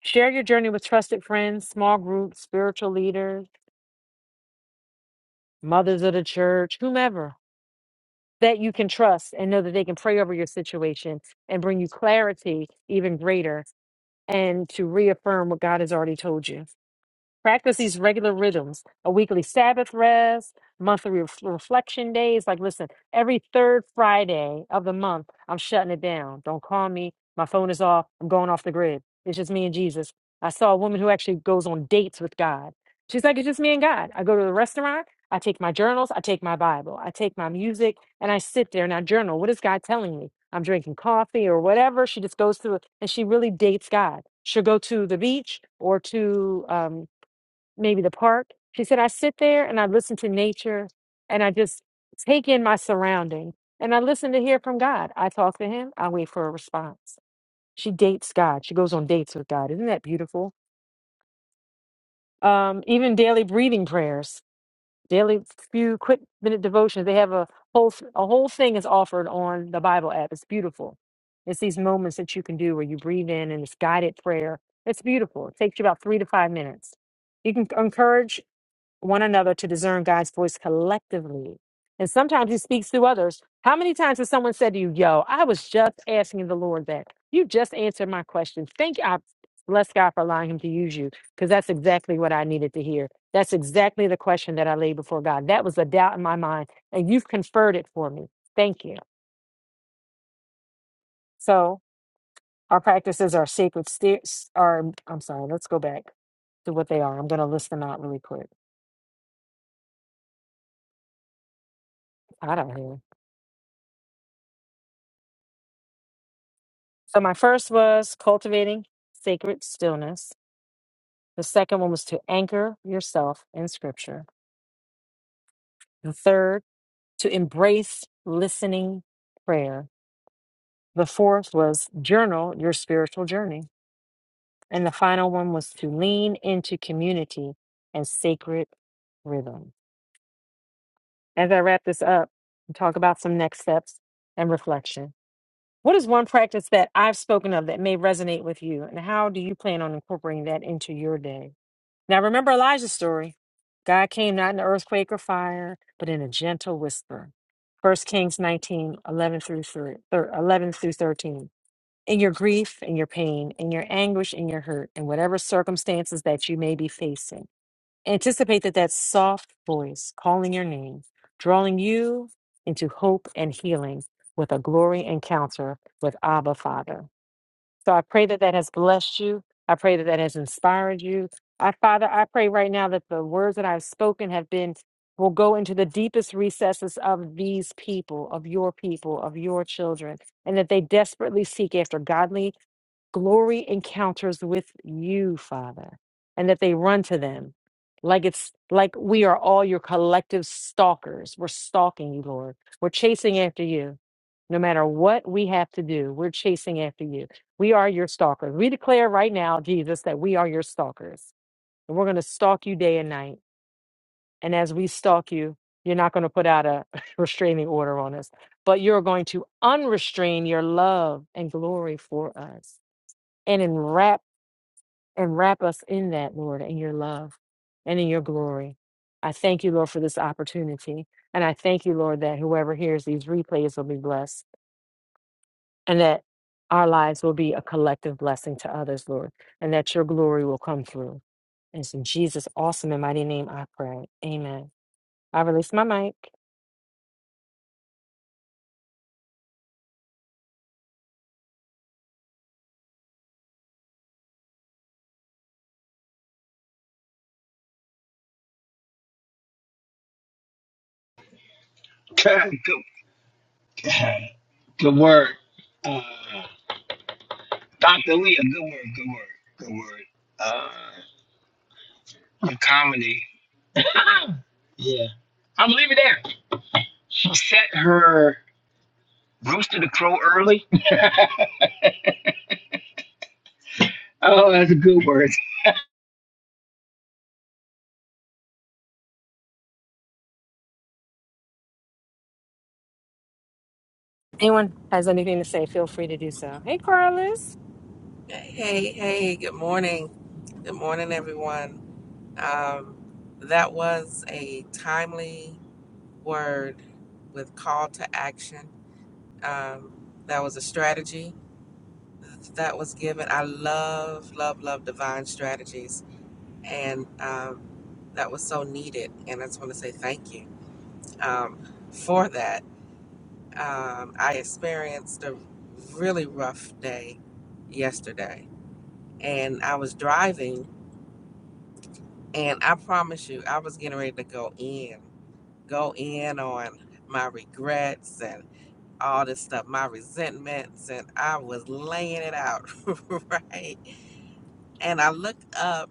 Share your journey with trusted friends, small groups, spiritual leaders, mothers of the church, whomever that you can trust and know that they can pray over your situation and bring you clarity even greater and to reaffirm what God has already told you. Practice these regular rhythms a weekly Sabbath rest, monthly ref reflection days. Like, listen, every third Friday of the month, I'm shutting it down. Don't call me. My phone is off. I'm going off the grid. It's just me and Jesus. I saw a woman who actually goes on dates with God. She's like, it's just me and God. I go to the restaurant. I take my journals. I take my Bible. I take my music and I sit there and I journal. What is God telling me? I'm drinking coffee or whatever. She just goes through it and she really dates God. She'll go to the beach or to um, maybe the park. She said, I sit there and I listen to nature and I just take in my surrounding and I listen to hear from God. I talk to him, I wait for a response. She dates God. She goes on dates with God. Isn't that beautiful? Um, even daily breathing prayers, daily few quick minute devotions. They have a whole a whole thing is offered on the Bible app. It's beautiful. It's these moments that you can do where you breathe in and it's guided prayer. It's beautiful. It takes you about three to five minutes. You can encourage one another to discern God's voice collectively. And sometimes he speaks through others. How many times has someone said to you, Yo, I was just asking the Lord that? You just answered my question. Thank you. I bless God for allowing him to use you because that's exactly what I needed to hear. That's exactly the question that I laid before God. That was a doubt in my mind, and you've conferred it for me. Thank you. So our practices are sacred stairs. Are I'm sorry. Let's go back to what they are. I'm going to list them out really quick. I don't know. So my first was cultivating sacred stillness. The second one was to anchor yourself in scripture. The third, to embrace listening prayer. The fourth was journal your spiritual journey. And the final one was to lean into community and sacred rhythm. As I wrap this up and talk about some next steps and reflection, what is one practice that I've spoken of that may resonate with you? And how do you plan on incorporating that into your day? Now remember Elijah's story. God came not in earthquake or fire, but in a gentle whisper. First Kings 19 11 through, thir- thir- 11 through 13. In your grief, in your pain, in your anguish, in your hurt, in whatever circumstances that you may be facing, anticipate that that soft voice calling your name, drawing you into hope and healing with a glory encounter with Abba Father. So I pray that that has blessed you. I pray that that has inspired you. I, Father, I pray right now that the words that I've spoken have been, will go into the deepest recesses of these people, of your people, of your children, and that they desperately seek after godly glory encounters with you, Father, and that they run to them like it's like we are all your collective stalkers. We're stalking you, Lord. We're chasing after you. No matter what we have to do, we're chasing after you. We are your stalkers. We declare right now, Jesus, that we are your stalkers. And we're going to stalk you day and night. And as we stalk you, you're not going to put out a *laughs* restraining order on us, but you're going to unrestrain your love and glory for us and enrap and wrap us in that, Lord, in your love and in your glory. I thank you, Lord, for this opportunity. And I thank you, Lord, that whoever hears these replays will be blessed and that our lives will be a collective blessing to others, Lord, and that your glory will come through. And it's in Jesus' awesome and mighty name I pray. Amen. I release my mic. Good, good, good word. Uh, Dr. Leah, good word, good word, good word. Uh, your comedy. *coughs* *laughs* yeah. I'm leaving there. She set her rooster to crow early. *laughs* oh, that's a good word. Anyone has anything to say, feel free to do so. Hey, Carlos. Hey, hey, good morning. Good morning, everyone. Um, that was a timely word with call to action. Um, that was a strategy that was given. I love, love, love divine strategies. And um, that was so needed. And I just want to say thank you um, for that. Um, I experienced a really rough day yesterday, and I was driving And I promise you, I was getting ready to go in, go in on my regrets and all this stuff, my resentments, and I was laying it out, *laughs* right? And I looked up,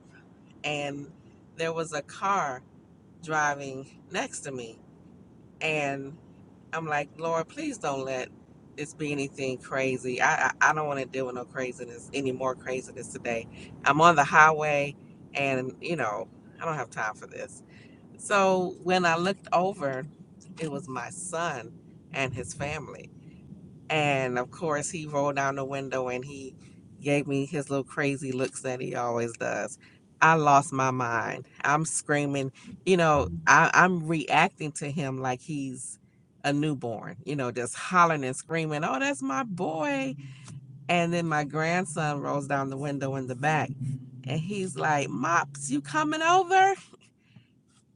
and there was a car driving next to me. And I'm like, Lord, please don't let this be anything crazy. I, I, I don't want to deal with no craziness, any more craziness today. I'm on the highway, and, you know, I don't have time for this So when I looked over, it was my son and his family. And of course, he rolled down the window and he gave me his little crazy looks that he always does. I lost my mind. I'm screaming. You know, I, I'm reacting to him like he's a newborn, you know, just hollering and screaming, Oh, that's my boy. And then my grandson rolls down the window in the back and he's like, Mops, you coming over?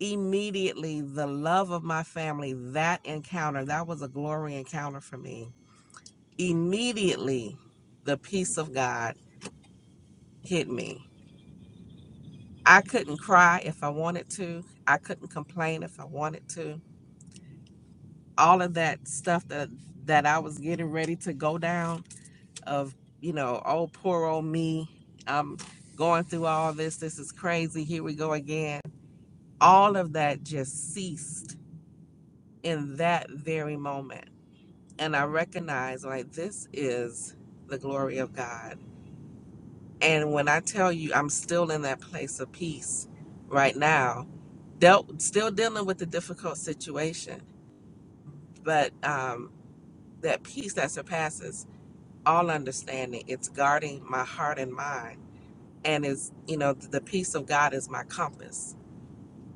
immediately the love of my family that encounter that was a glory encounter for me immediately the peace of god hit me i couldn't cry if i wanted to i couldn't complain if i wanted to all of that stuff that that i was getting ready to go down of you know oh poor old me i'm going through all this this is crazy here we go again all of that just ceased in that very moment and I recognize like this is the glory of God. And when I tell you I'm still in that place of peace right now, dealt still dealing with the difficult situation, but um, that peace that surpasses all understanding, it's guarding my heart and mind, and is you know the peace of God is my compass.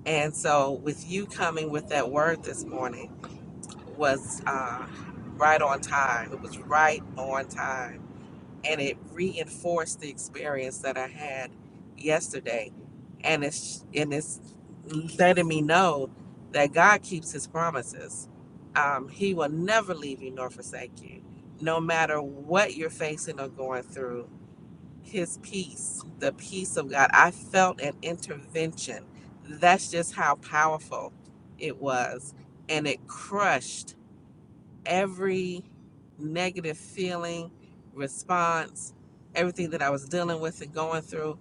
And so with you coming with that word this morning was uh, right on time. It was right on time and it reinforced the experience that I had yesterday. And it's and it's letting me know that God keeps His promises. Um, he will never leave you nor forsake you, no matter what you're facing or going through. His peace, the peace of God. I felt an intervention. That's just how powerful it was, and it crushed every negative feeling, response, everything that I was dealing with and going through,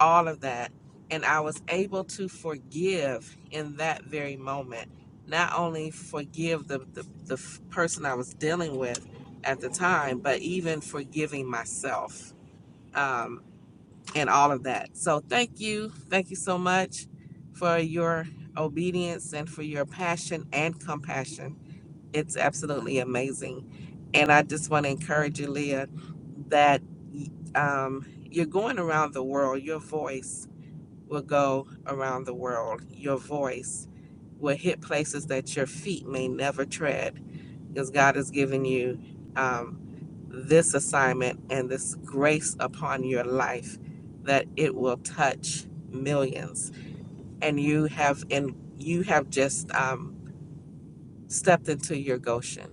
all of that. And I was able to forgive in that very moment. Not only forgive the, the, the person I was dealing with at the time, but even forgiving myself um, and all of that. So thank you. Thank you so much for your obedience and for your passion and compassion it's absolutely amazing. And I just want to encourage you, Leah, that um, you're going around the world. Your voice will go around the world. Your voice will hit places that your feet may never tread because God has given you um, this assignment and this grace upon your life that it will touch millions. And you have and you have just um, stepped into your Goshen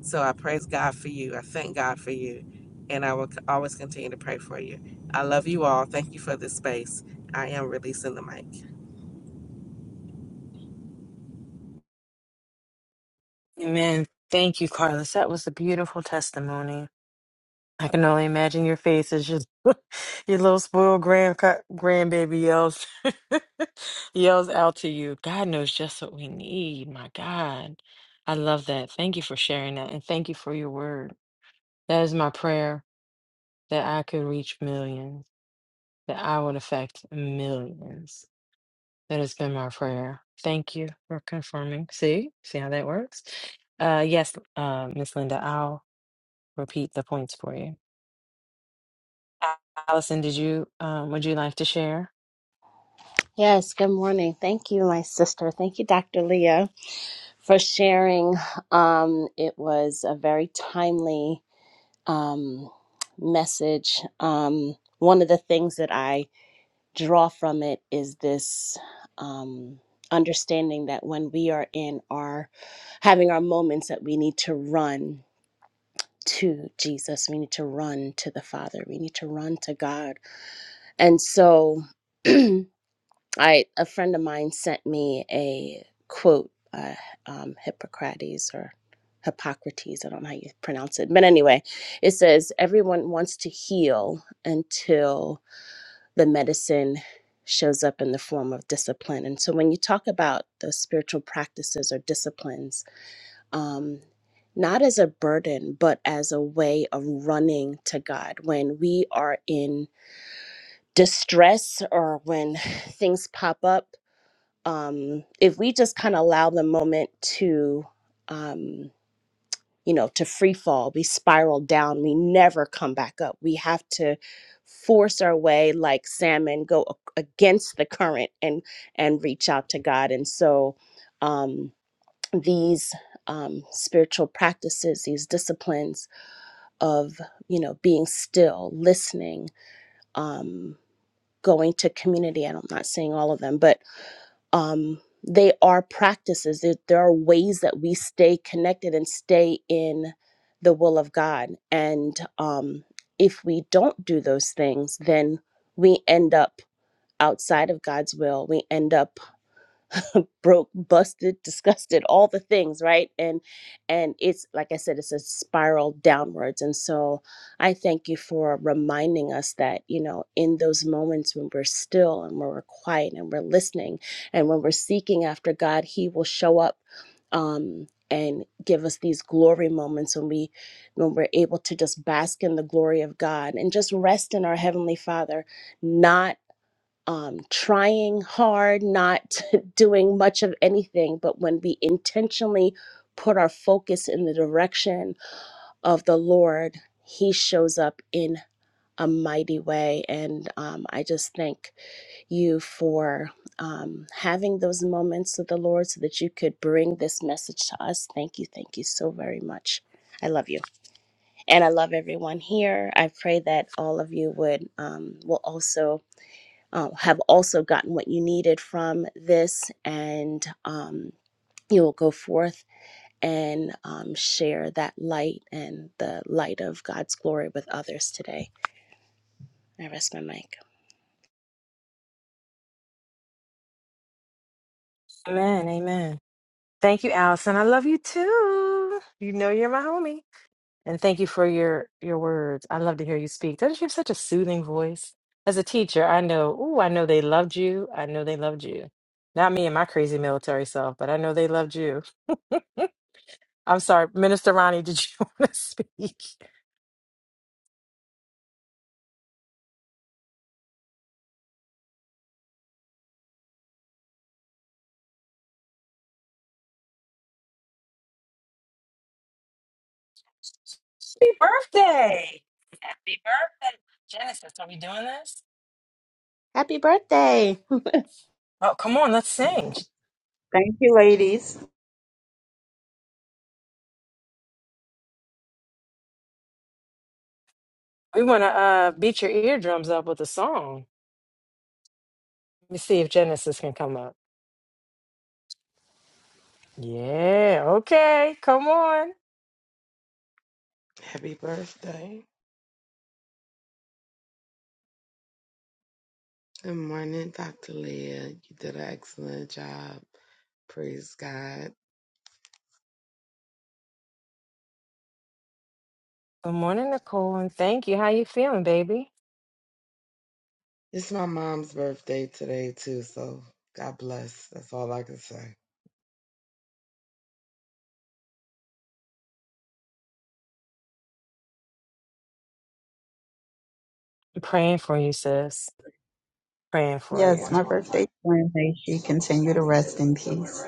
So I praise God for you. I thank God for you. And I will c- always continue to pray for you. I love you all. Thank you for this space. I am releasing the mic. Amen. Thank you, Carlos. That was a beautiful testimony. I can only imagine your face as your *laughs* your little spoiled grand grandbaby yells *laughs* yells out to you. God knows just what we need. My God, I love that. Thank you for sharing that, and thank you for your word. That is my prayer that I could reach millions, that I would affect millions. That has been my prayer. Thank you for confirming. See, see how that works. Uh, yes, uh, Miss Linda, I'll repeat the points for you. Allison, did you um, would you like to share? Yes, good morning. Thank you, my sister. Thank you, Dr. Leah, for sharing. Um, it was a very timely um, message. Um, one of the things that I draw from it is this um, understanding that when we are in our having our moments, that we need to run to Jesus, we need to run to the Father, we need to run to God. And so, *clears throat* I a friend of mine sent me a quote, uh, um, Hippocrates or Hippocrates. I don't know how you pronounce it, but anyway, it says everyone wants to heal until the medicine shows up in the form of discipline. And so, when you talk about those spiritual practices or disciplines, um, not as a burden, but as a way of running to God when we are in distress or when *sighs* things pop up um, if we just kind of allow the moment to, um, you know, to free fall, we spiral down, we never come back up. We have to force our way like salmon, go a- against the current and and reach out to God. And so um, these um, spiritual practices, these disciplines of, you know, being still, listening, um, going to community. And I'm not saying all of them, but um, they are practices. There, there are ways that we stay connected and stay in the will of God. And um, if we don't do those things, then we end up outside of God's will. We end up broke, busted, disgusted, all the things, right? And and it's like I said, it's a spiral downwards. And so I thank you for reminding us that, you know, in those moments when we're still and when we're quiet and we're listening and when we're seeking after God, He will show up um and give us these glory moments when we when we're able to just bask in the glory of God and just rest in our heavenly father not um, trying hard, not *laughs* doing much of anything, but when we intentionally put our focus in the direction of the Lord, He shows up in a mighty way. And um, I just thank you for um, having those moments with the Lord so that you could bring this message to us. Thank you. Thank you so very much. I love you. And I love everyone here. I pray that all of you would um, will also uh, have also gotten what you needed from this, and um, you'll go forth and um, share that light and the light of God's glory with others today. I rest my mic. Amen, amen. Thank you, Allison. I love you too. You know you're my homie. And thank you for your your words. I love to hear you speak. Doesn't you have such a soothing voice? As a teacher, I know, ooh, I know they loved you. I know they loved you. Not me and my crazy military self, but I know they loved you. *laughs* I'm sorry, Minister Ronnie, did you *laughs* want to speak? Happy birthday. Happy birthday. Genesis, are we doing this? Happy birthday. *laughs* Oh, come on, let's sing. Thank you, ladies. We want to uh, beat your eardrums up with a song. Let me see if Genesis can come up. Yeah, okay, come on. Happy birthday. Good morning, Dr. Leah. You did an excellent job. Praise God. Good morning, Nicole, and thank you. How you feeling, baby? It's my mom's birthday today too, so God bless. That's all I can say. I'm praying for you, sis. Praying for Yes, you. my birthday is Wednesday. She continue to rest in peace.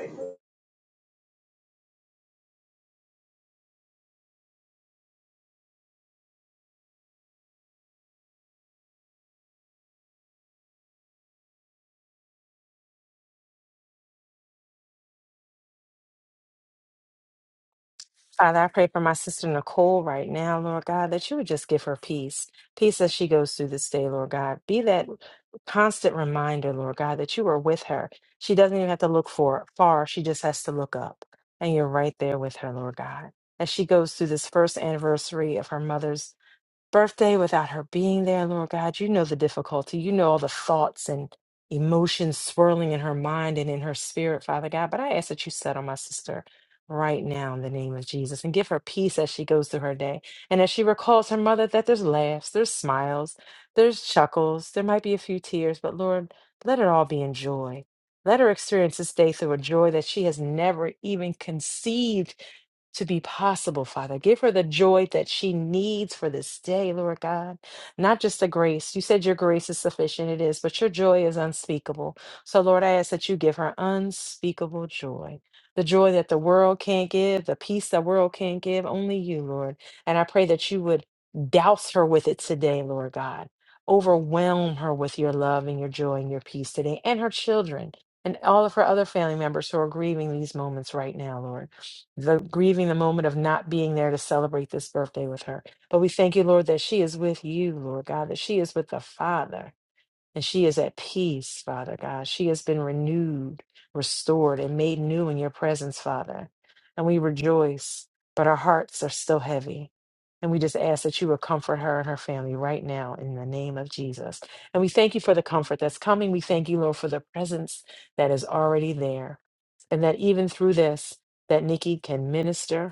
Father, I pray for my sister Nicole right now, Lord God, that you would just give her peace. Peace as she goes through this day, Lord God. Be that constant reminder, Lord God, that you are with her. She doesn't even have to look for far. She just has to look up. And you're right there with her, Lord God. As she goes through this first anniversary of her mother's birthday without her being there, Lord God. You know the difficulty. You know all the thoughts and emotions swirling in her mind and in her spirit, Father God. But I ask that you settle my sister right now in the name of Jesus and give her peace as she goes through her day. And as she recalls her mother, that there's laughs, there's smiles, there's chuckles, there might be a few tears, but Lord, let it all be in joy. Let her experience this day through a joy that she has never even conceived to be possible, Father. Give her the joy that she needs for this day, Lord God. Not just the grace. You said your grace is sufficient. It is, but your joy is unspeakable. So, Lord, I ask that you give her unspeakable joy. The joy that the world can't give, the peace the world can't give, only you, Lord. And I pray that you would douse her with it today, Lord God. Overwhelm her with your love and your joy and your peace today, and her children and all of her other family members who are grieving these moments right now, Lord the grieving the moment of not being there to celebrate this birthday with her. But we thank you, Lord, that she is with you, Lord God, that she is with the Father and she is at peace, Father God. She has been renewed, restored, and made new in your presence, Father. And we rejoice, but our hearts are still heavy. And we just ask that you would comfort her and her family right now in the name of Jesus. And we thank you for the comfort that's coming. We thank you, Lord, for the presence that is already there. And that even through this, that Nikki can minister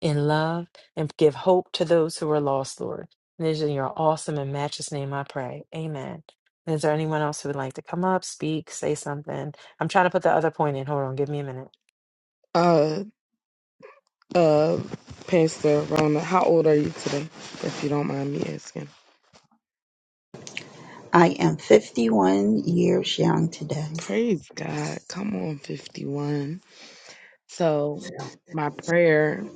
in love and give hope to those who are lost, Lord. And it is in your awesome and matchless name I pray. Amen. And is there anyone else who would like to come up, speak, say something? I'm trying to put the other point in. Hold on. Give me a minute. Uh uh Pastor Rona, how old are you today? If you don't mind me asking. I am 51 years young today. Praise God. Come on, fifty one. So Mm. my prayer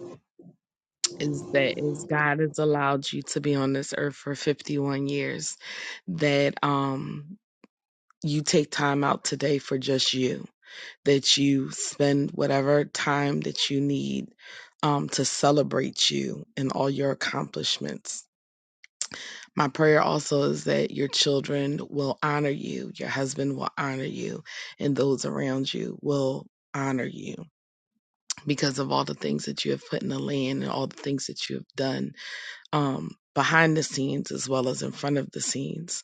is that as God has allowed you to be on this earth for fifty one years, that um you take time out today for just you, that you spend whatever time that you need um, to celebrate you and all your accomplishments. My prayer also is that your children will honor you, your husband will honor you, and those around you will honor you because of all the things that you have put in the land and all the things that you have done um, behind the scenes as well as in front of the scenes.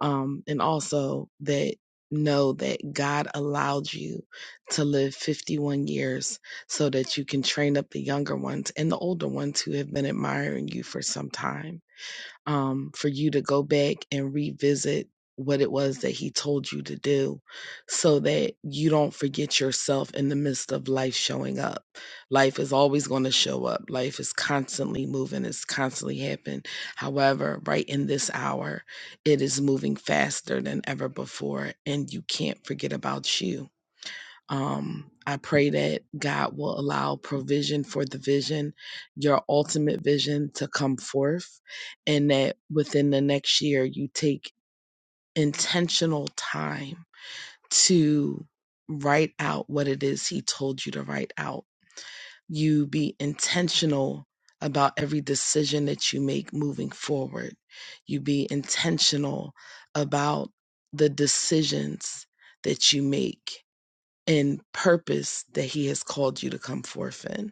Um, and also that know that God allowed you to live 51 years so that you can train up the younger ones and the older ones who have been admiring you for some time um, for you to go back and revisit what it was that he told you to do so that you don't forget yourself in the midst of life showing up. Life is always going to show up. Life is constantly moving, it's constantly happening. However, right in this hour, it is moving faster than ever before and you can't forget about you um, I pray that God will allow provision for the vision, your ultimate vision to come forth, and that within the next year you take intentional time to write out what it is He told you to write out. You be intentional about every decision that you make moving forward. You be intentional about the decisions that you make and purpose that He has called you to come forth in.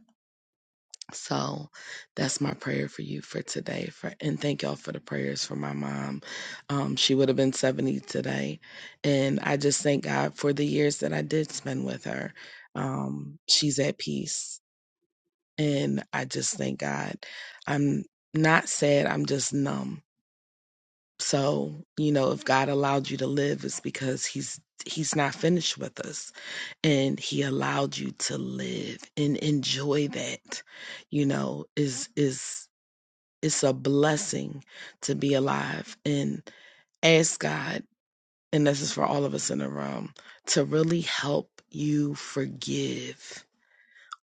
So that's my prayer for you for today. For and thank y'all for the prayers for my mom. Um, she would have been 70 today. And I just thank God for the years that I did spend with her. Um, she's at peace. And I just thank God. I'm not sad, I'm just numb. So, you know, if God allowed you to live, it's because He's He's not finished with us and he allowed you to live and enjoy that you know is is it's a blessing to be alive and ask god and this is for all of us in the room to really help you forgive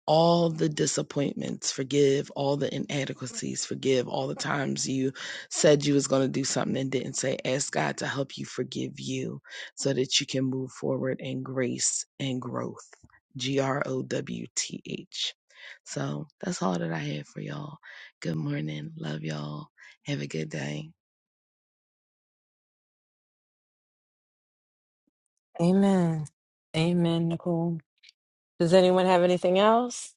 all the disappointments forgive all the inadequacies forgive all the times you said you was going to do something and didn't say ask god to help you forgive you so that you can move forward in grace and growth g-r-o-w-t-h so that's all that i have for y'all good morning love y'all have a good day Amen. Amen, Nicole. Does anyone have anything else?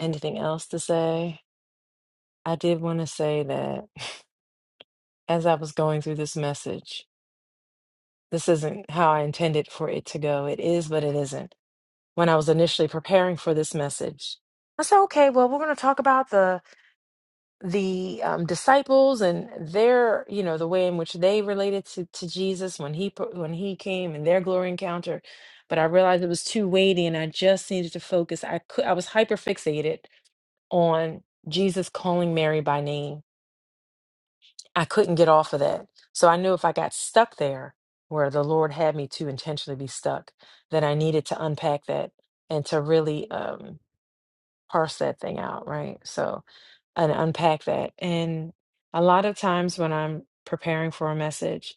Anything else to say? I did want to say that as I was going through this message, this isn't how I intended for it to go. It is, but it isn't. When I was initially preparing for this message, I said, okay, well, we're going to talk about the the um, disciples and their you know the way in which they related to, to jesus when he pro- when he came and their glory encounter but i realized it was too weighty and i just needed to focus i could i was hyper fixated on jesus calling mary by name i couldn't get off of that so i knew if i got stuck there where the lord had me to intentionally be stuck then i needed to unpack that and to really um, parse that thing out, right? So, and unpack that. And a lot of times when I'm preparing for a message,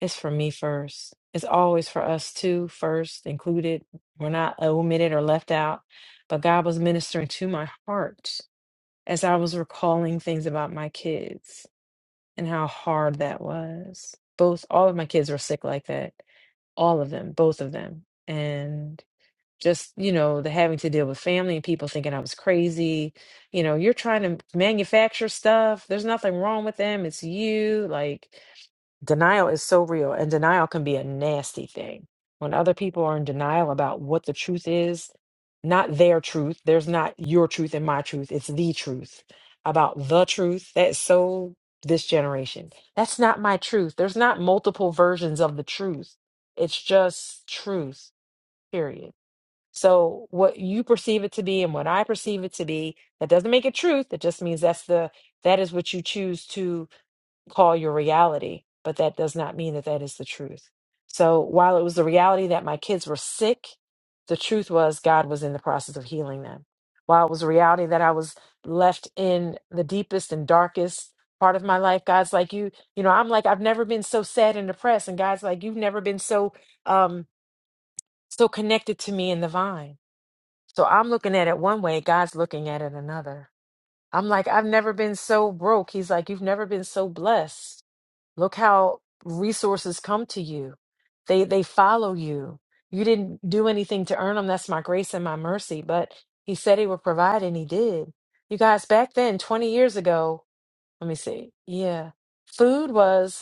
it's for me first. It's always for us too, first included. We're not omitted or left out. But God was ministering to my heart as I was recalling things about my kids and how hard that was. Both, all of my kids were sick like that. All of them, both of them. and just you know the having to deal with family and people thinking i was crazy you know you're trying to manufacture stuff there's nothing wrong with them it's you like denial is so real and denial can be a nasty thing when other people are in denial about what the truth is not their truth there's not your truth and my truth it's the truth about the truth that's so this generation that's not my truth there's not multiple versions of the truth it's just truth period so what you perceive it to be and what I perceive it to be, that doesn't make it truth. It just means that's the that is what you choose to call your reality, but that does not mean that that is the truth. So while it was the reality that my kids were sick, the truth was God was in the process of healing them. While it was a reality that I was left in the deepest and darkest part of my life, God's like you, you know, I'm like I've never been so sad and depressed and God's like you've never been so um so connected to me in the vine so I'm looking at it one way, God's looking at it another. I'm like, I've never been so broke. He's like, you've never been so blessed. Look how resources come to you. They they follow you. You didn't do anything to earn them. That's my grace and my mercy. But he said he would provide and he did. You guys, back then, 20 years ago, let me see. Yeah. Food was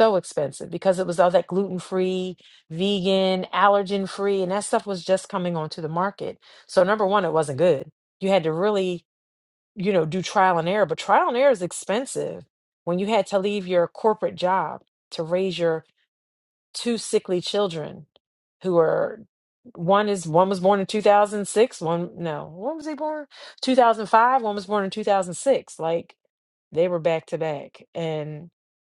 so expensive because it was all that gluten free, vegan, allergen free, and that stuff was just coming onto the market. So, number one, it wasn't good. You had to really, you know, do trial and error, but trial and error is expensive when you had to leave your corporate job to raise your two sickly children who are one is one was born in 2006 one no when was he born 2005 one was born in 2006 like they were back to back and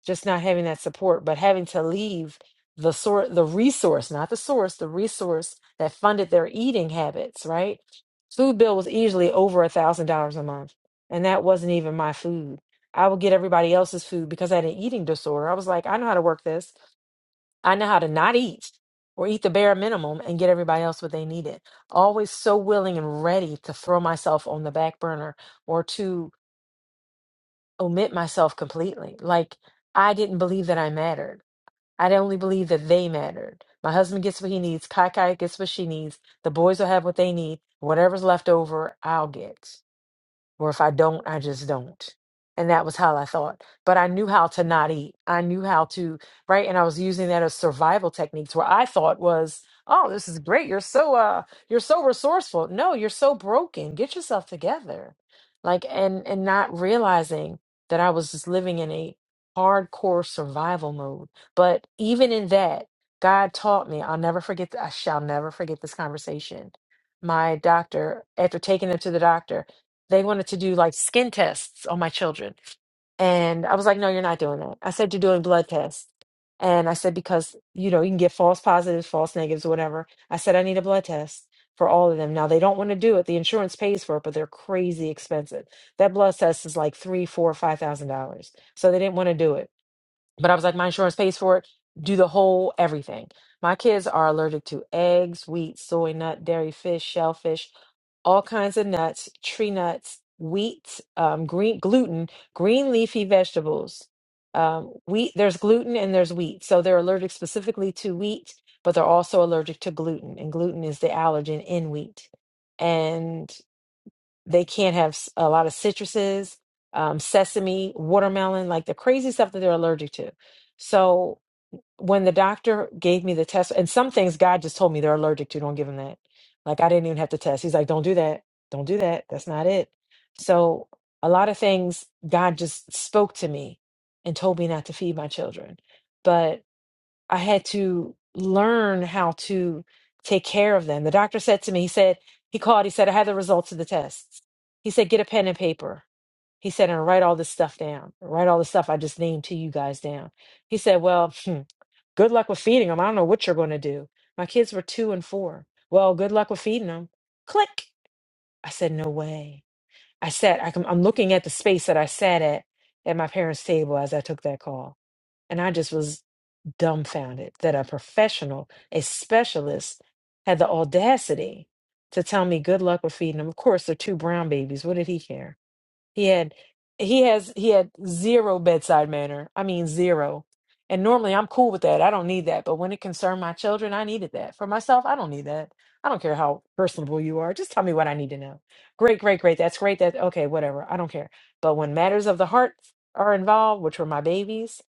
just not having that support but having to leave the sort the resource not the source the resource that funded their eating habits right food bill was easily over a thousand dollars a month and that wasn't even my food i would get everybody else's food because i had an eating disorder i was like i know how to work this I know how to not eat or eat the bare minimum and get everybody else what they needed. Always so willing and ready to throw myself on the back burner or to omit myself completely. Like I didn't believe that I mattered. I only believed that they mattered. My husband gets what he needs. Kai Kai gets what she needs. The boys will have what they need. Whatever's left over, I'll get or if I don't, I just don't. And that was how I thought. But I knew how to not eat. I knew how to, right? And I was using that as survival techniques where I thought was, oh, this is great. You're so uh you're so resourceful. No, you're so broken. Get yourself together. Like and and not realizing that I was just living in a hardcore survival mode. But even in that, God taught me, I'll never forget, th- I shall never forget this conversation. My doctor, after taking him to the doctor, they wanted to do like skin tests on my children. And I was like, no, you're not doing that. I said, you're doing blood tests. And I said, because, you know, you can get false positives, false negatives, whatever. I said, I need a blood test for all of them. Now, they don't want to do it. The insurance pays for it, but they're crazy expensive. That blood test is like three, four, five thousand dollars. So they didn't want to do it. But I was like, my insurance pays for it. Do the whole everything. My kids are allergic to eggs, wheat, soy nut, dairy, fish, shellfish, all kinds of nuts, tree nuts, wheat, um, green gluten, green leafy vegetables. Um, wheat, there's gluten and there's wheat. So they're allergic specifically to wheat, but they're also allergic to gluten, and gluten is the allergen in wheat. And they can't have s- a lot of citruses, um, sesame, watermelon, like the crazy stuff that they're allergic to. So when the doctor gave me the test, and some things God just told me they're allergic to, don't give them that. Like I didn't even have to test. He's like, don't do that. Don't do that. That's not it. So a lot of things God just spoke to me and told me not to feed my children. But I had to learn how to take care of them. The doctor said to me, he said, he called, he said, I had the results of the tests. He said, get a pen and paper. He said, and write all this stuff down. Write all the stuff I just named to you guys down. He said, well, hmm, good luck with feeding them. I don't know what you're going to do. My kids were two and four. Well, good luck with feeding them. Click. I said, no way. I said, I can, I'm looking at the space that I sat at at my parents' table as I took that call. And I just was dumbfounded that a professional, a specialist, had the audacity to tell me good luck with feeding them. Of course, they're two brown babies. What did he care? He had he has he had zero bedside manner. I mean zero. And normally I'm cool with that. I don't need that. But when it concerned my children, I needed that. For myself, I don't need that. I don't care how personable you are. Just tell me what I need to know. Great, great, great. That's great. That okay, whatever. I don't care. But when matters of the heart are involved, which were my babies,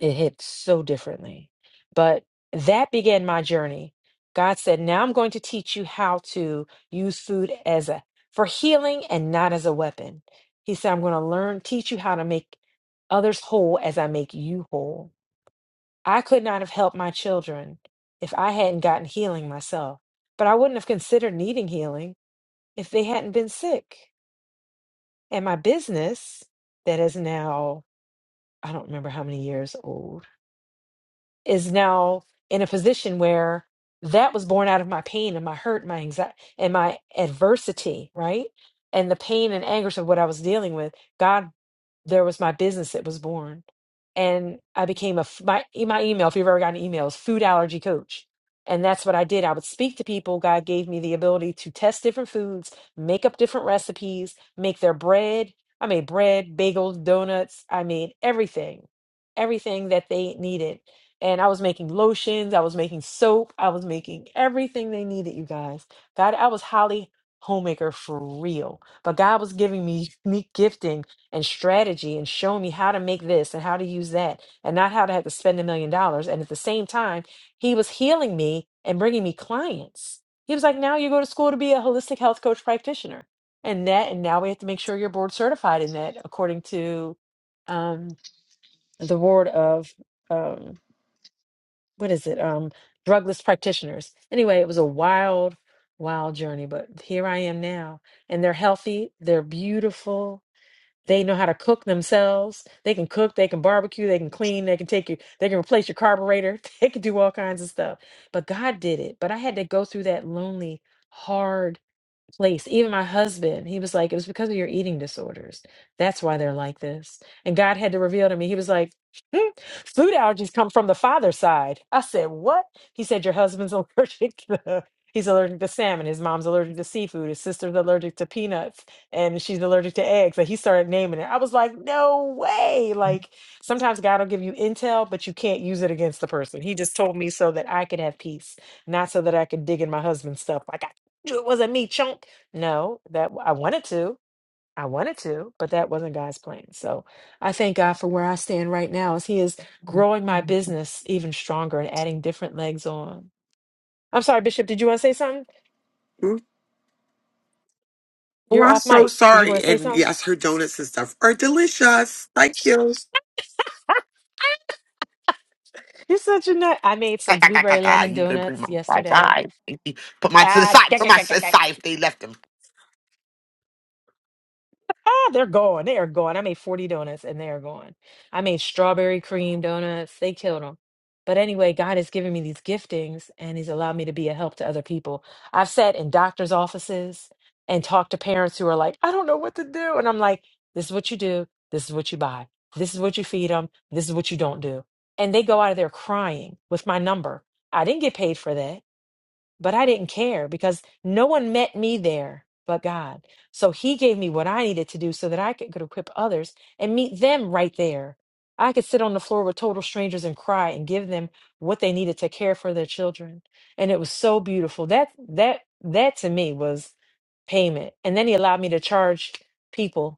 it hit so differently. But that began my journey. God said, Now I'm going to teach you how to use food as a for healing and not as a weapon. He said, I'm going to learn, teach you how to make others whole as I make you whole. I could not have helped my children if I hadn't gotten healing myself, but I wouldn't have considered needing healing if they hadn't been sick. And my business, that is now, I don't remember how many years old is now in a position where that was born out of my pain and my hurt my anxiety and my adversity right and the pain and anguish of what i was dealing with god there was my business that was born and i became a f- my, e, my email if you've ever gotten emails food allergy coach and that's what i did i would speak to people god gave me the ability to test different foods make up different recipes make their bread i made bread bagels donuts i made everything everything that they needed and I was making lotions, I was making soap, I was making everything they needed, you guys. God, I was highly homemaker for real. But God was giving me *laughs* me gifting and strategy and showing me how to make this and how to use that and not how to have to spend a million dollars. And at the same time, he was healing me and bringing me clients. He was like, "Now you go to school to be a holistic health coach practitioner." And that and now we have to make sure you're board certified in that according to um the word of um what is it um drugless practitioners anyway it was a wild wild journey but here i am now and they're healthy they're beautiful they know how to cook themselves they can cook they can barbecue they can clean they can take you they can replace your carburetor *laughs* they can do all kinds of stuff but god did it but i had to go through that lonely hard place. Even my husband, he was like, it was because of your eating disorders. That's why they're like this. And God had to reveal to me, he was like, "Hmm, food allergies come from the father's side. I said, what? He said, your husband's *laughs* allergic to. He's allergic to salmon. His mom's allergic to seafood. His sister's allergic to peanuts, and she's allergic to eggs. Like he started naming it. I was like, "No way!" Like sometimes God will give you intel, but you can't use it against the person. He just told me so that I could have peace, not so that I could dig in my husband's stuff. Like I knew it wasn't me, chunk. No, that I wanted to. I wanted to, but that wasn't God's plan. So I thank God for where I stand right now as He is growing my business even stronger and adding different legs on. I'm sorry, Bishop, did you want to say something? Mm. Oh, You're I'm off so mic. Did you want sorry. to say And something? yes, her donuts and stuff are delicious. Thank you. *laughs* You're such a nut. I made Ga, some ga, ga, ga, blueberry ga. lemon You better bring donuts my my yesterday. guy. Thank you. Put mine to the Ah, side. Put mine to *laughs* the side if they left him. Ah, they're gone. They are gone. I made 40 donuts and they are gone. I made strawberry cream donuts. They killed them. But anyway, God has given me these giftings and He's allowed me to be a help to other people. I've sat in doctor's offices and talked to parents who are like, I don't know what to do. And I'm like, this is what you do. This is what you buy. This is what you feed them. This is what you don't do. And they go out of there crying with my number. I didn't get paid for that but I didn't care because no one met me there but God. So He gave me what I needed to do so that I could, could equip others and meet them right there. I could sit on the floor with total strangers and cry and give them what they needed to care for their children. And it was so beautiful. That that that to me was payment. And then he allowed me to charge people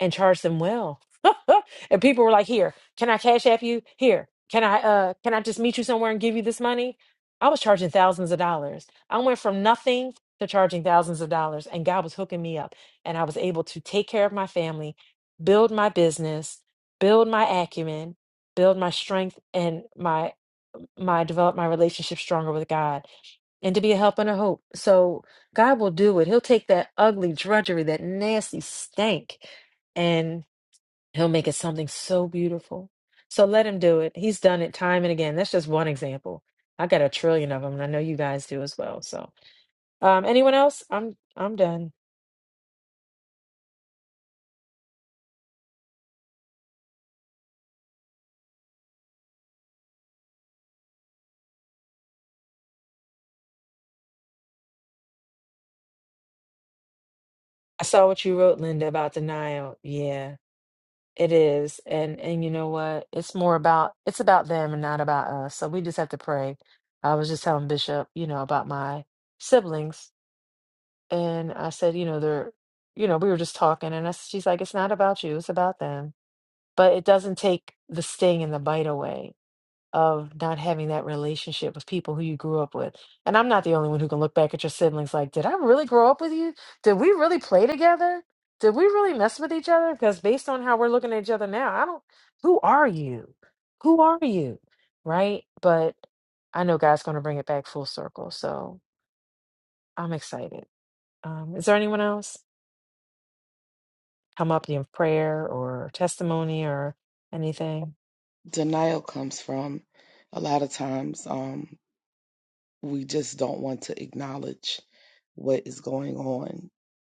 and charge them well. *laughs* and people were like, "Here, can I cash app you? Here, can I uh can I just meet you somewhere and give you this money?" I was charging thousands of dollars. I went from nothing to charging thousands of dollars and God was hooking me up and I was able to take care of my family, build my business, build my acumen, build my strength and my my develop my relationship stronger with God and to be a help and a hope. So God will do it. He'll take that ugly drudgery, that nasty stank and he'll make it something so beautiful. So let him do it. He's done it time and again. That's just one example. I got a trillion of them, and I know you guys do as well. So, um, anyone else? I'm I'm done. I saw what you wrote, Linda, about denial. Yeah, it is, and and you know what? It's more about it's about them and not about us. So we just have to pray. I was just telling Bishop, you know, about my siblings, and I said, you know, they're, you know, we were just talking, and I, she's like, it's not about you, it's about them but it doesn't take the sting and the bite away of not having that relationship with people who you grew up with. And I'm not the only one who can look back at your siblings like, did I really grow up with you? Did we really play together? Did we really mess with each other? Because based on how we're looking at each other now, I don't, who are you? Who are you? Right? But I know God's going to bring it back full circle. So I'm excited. Um, is there anyone else? Come up, in prayer or testimony or anything? denial comes from a lot of times um we just don't want to acknowledge what is going on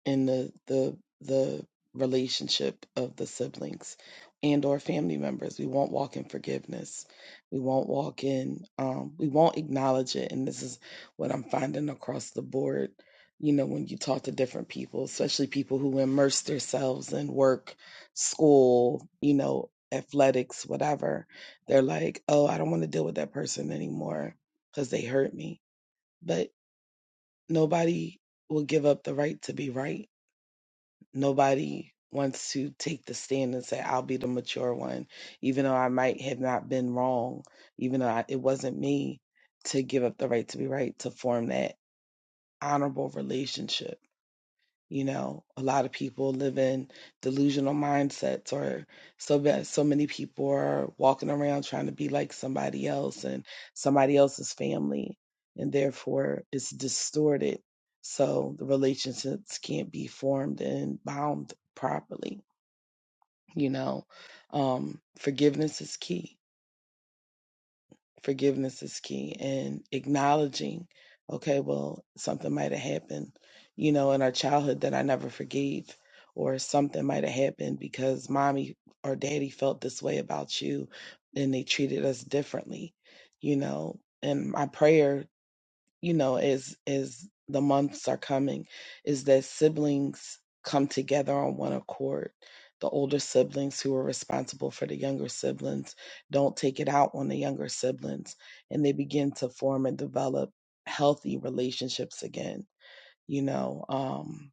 in the the the relationship of the siblings and or family members we won't walk in forgiveness we won't walk in um, we won't acknowledge it and this is what i'm finding across the board you know when you talk to different people especially people who immerse themselves in work school you know athletics whatever they're like oh i don't want to deal with that person anymore because they hurt me but nobody will give up the right to be right. Nobody wants to take the stand and say, I'll be the mature one, even though I might have not been wrong, even though I, it wasn't me to give up the right to be right, to form that honorable relationship you know, a lot of people live in delusional mindsets, or so bad, so many people are walking around trying to be like somebody else and somebody else's family, and therefore it's distorted. So the relationships can't be formed and bound properly. You know, um, forgiveness is key forgiveness is key and acknowledging okay well something might have happened you know in our childhood that i never forgave or something might have happened because mommy or daddy felt this way about you and they treated us differently you know and my prayer you know as as the months are coming is that siblings come together on one accord the older siblings who are responsible for the younger siblings don't take it out on the younger siblings and they begin to form and develop healthy relationships again you know um,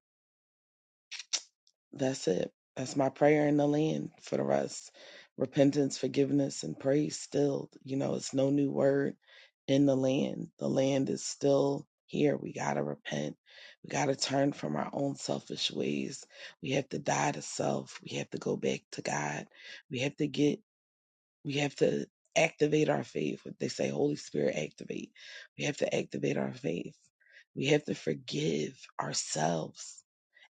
that's it. That's my prayer in the land for the rest. Repentance, forgiveness, and praise still. You know, it's no new word in the land. The land is still here. We got to repent. We got to turn from our own selfish ways. We have to die to self. We have to go back to God. We have to get, we have to activate our faith. What they say, Holy Spirit, activate. We have to activate our faith. We have to forgive ourselves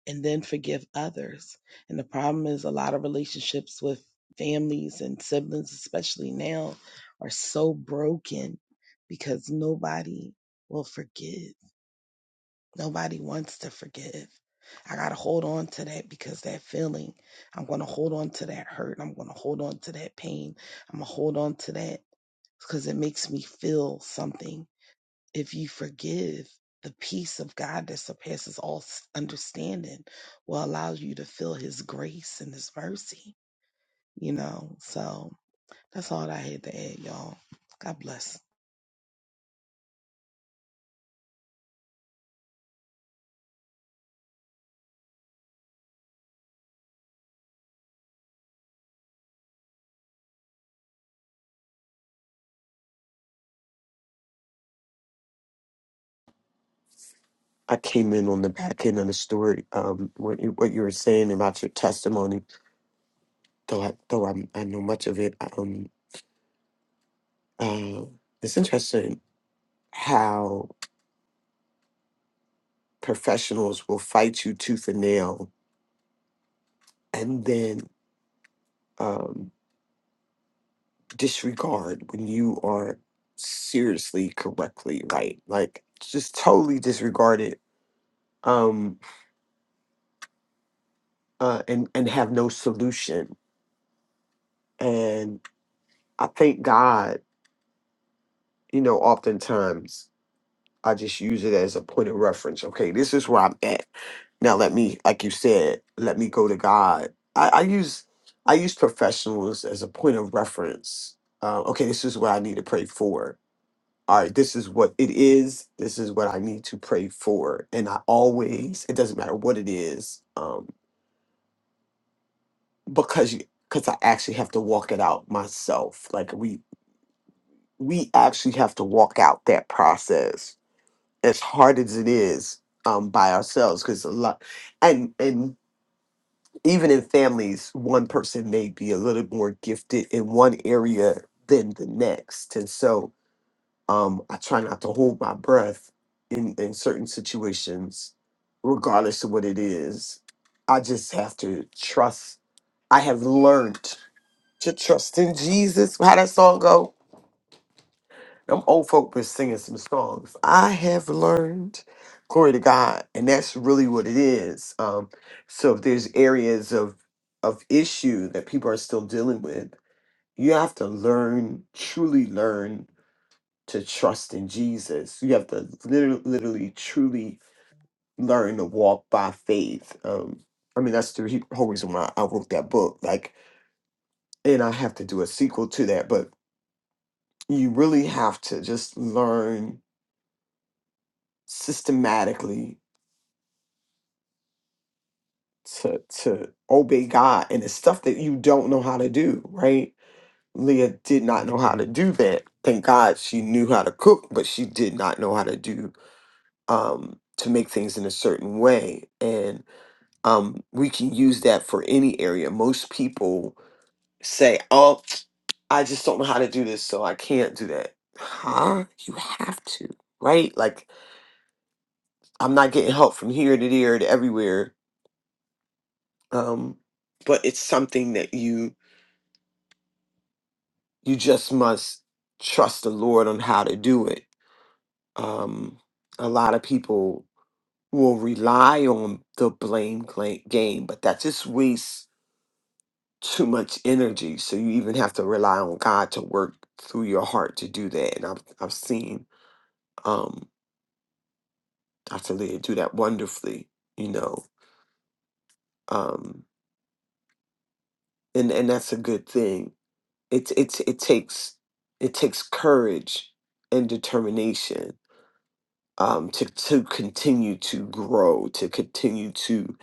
and then forgive others. And the problem is a lot of relationships with families and siblings, especially now, are so broken because nobody will forgive. Nobody wants to forgive. I got to hold on to that because that feeling, I'm going to hold on to that hurt. I'm going to hold on to that pain. I'm going to hold on to that because it makes me feel something if you forgive, the peace of God that surpasses all s- understanding will allow you to feel His grace and His mercy, you know? So that's all I had to add, y'all. God bless. I came in on the back end of the story. Um, what you, what you were saying about your testimony, though I though I, I know much of it. Um, uh, it's interesting how professionals will fight you tooth and nail, and then um disregard when you are seriously correctly right like just totally disregard it um uh and and have no solution and i thank god you know oftentimes i just use it as a point of reference okay this is where i'm at now let me like you said let me go to god i, I use i use professionals as a point of reference uh, okay this is what i need to pray for all right, this is what it is. This is what I need to pray for. And I always, it doesn't matter what it is, um, because you, because I actually have to walk it out myself. Like we, we actually have to walk out that process as hard as it is um, by ourselves. Because a lot, and and even in families, one person may be a little more gifted in one area than the next, and so Um, I try not to hold my breath in, in certain situations, regardless of what it is. I just have to trust. I have learned to trust in Jesus. How that song go? Them old folk been singing some songs. I have learned, glory to God, and that's really what it is. Um, so if there's areas of of issue that people are still dealing with, you have to learn, truly learn to trust in Jesus. You have to literally, literally truly learn to walk by faith. Um, I mean, that's the re- whole reason why I wrote that book. Like, and I have to do a sequel to that, but you really have to just learn systematically to to obey God and it's stuff that you don't know how to do, right? Leah did not know how to do that. Thank God she knew how to cook, but she did not know how to do um to make things in a certain way. um, we can use that for any area. Most people say, "Oh, I just don't know how to do this, so I can't do that." Huh? You have to, right? Like I'm not getting help from here to there to everywhere, um, but it's something that you you just must trust the Lord on how to do it. Um, a lot of people will rely on the blame gla- game, but that just wastes too much energy. So you even have to rely on God to work through your heart to do that. And I've I've seen um Dr. Leah do that wonderfully, you know. Um and, and that's a good thing. It's it's it takes it takes courage and determination um to, to continue to grow, to continue to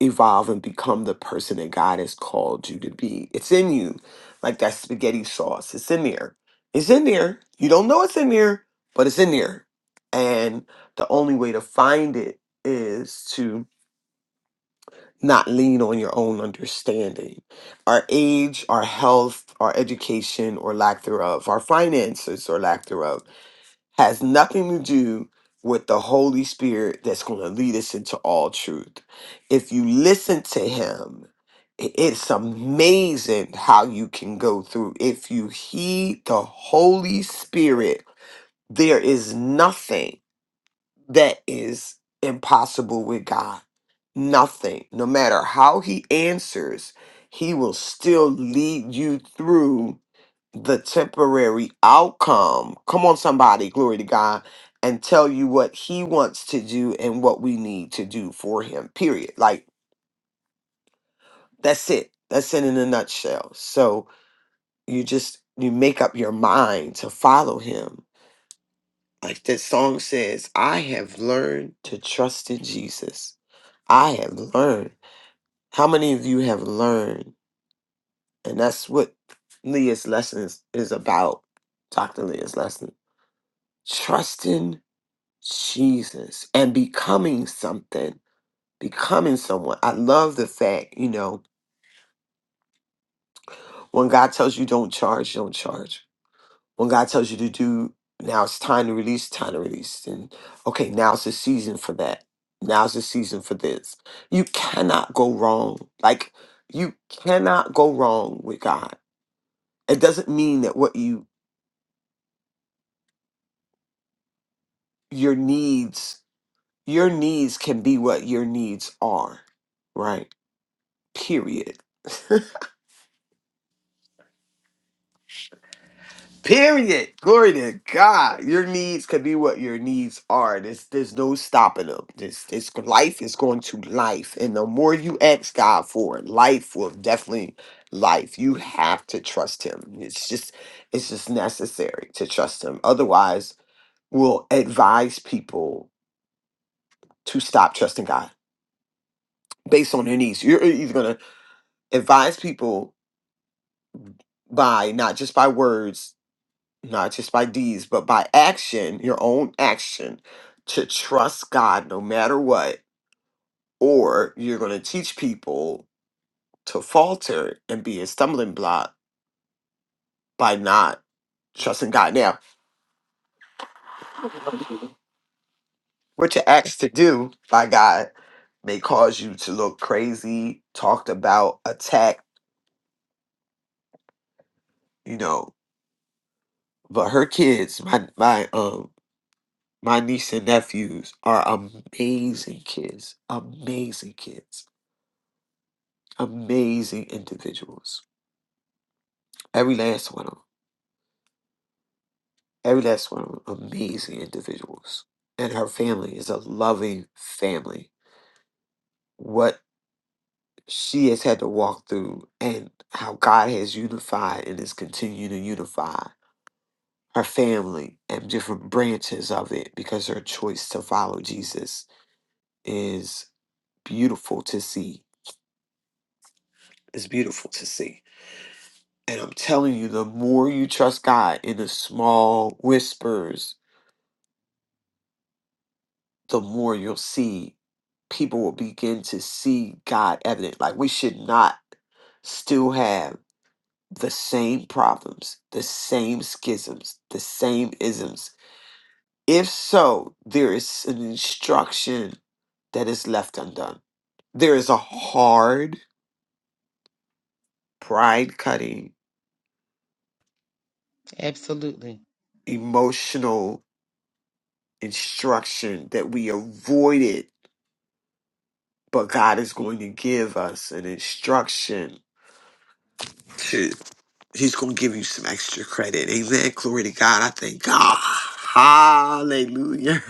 evolve and become the person that God has called you to be. It's in you, like that spaghetti sauce. It's in there. It's in there. You don't know it's in there, but it's in there. And the only way to find it is to not lean on your own understanding. Our age, our health, our education, or lack thereof, our finances, or lack thereof has nothing to do with the Holy Spirit that's going to lead us into all truth. If you listen to Him, i- it's amazing how you can go through. If you heed the Holy Spirit, there is nothing that is impossible with God. Nothing. No matter how He answers, He will still lead you through the temporary outcome. Come on, somebody, glory to God, and tell you what He wants to do and what we need to do for Him, period. Like, that's it. That's it in a nutshell. So you just, you make up your mind to follow Him. Like that song says, I have learned to trust in Jesus. I have learned. How many of you have learned? And that's what Leah's lesson is, is about, Dr. Leah's lesson. Trusting Jesus and becoming something, becoming someone. I love the fact, you know, when God tells you don't charge, don't charge. When God tells you to do, now it's time to release, time to release. And okay, now's the season for that. Now's the season for this. You cannot go wrong. Like you cannot go wrong with God. It doesn't mean that what you your needs, your needs can be what your needs are, right? Period. *laughs* Period. Glory to God. Your needs could be what your needs are. There's there's no stopping them. This this life is going to life. And the more you ask God for it, life will definitely life. You have to trust him. It's just it's just necessary to trust him. Otherwise, we'll advise people to stop trusting God based on their needs. You're either gonna advise people by not just by words not just by deeds, but by action, your own action, to trust God no matter what, or you're going to teach people to falter and be a stumbling block by not trusting God. Now, what you're asked to do by God may cause you to look crazy, talked about, attacked, you know. But her kids, my my um my niece and nephews are amazing kids, amazing kids, amazing individuals Every last one of them. Every last one of them. Amazing individuals. And her family is a loving family. What she has had to walk through and how God has unified and is continuing to unify her family and different branches of it because her choice to follow Jesus is beautiful to see. It's beautiful to see. And I'm telling you, the more you trust God in the small whispers the more you'll see people will begin to see God evident. Like we should not still have the same problems, the same schisms, the same isms. If so, there is an instruction that is left undone. There is a hard, pride cutting, Absolutely. emotional instruction that we avoided, but God is going to give us an instruction He's going to give you some extra credit. Amen. Glory to God. I thank God. Hallelujah.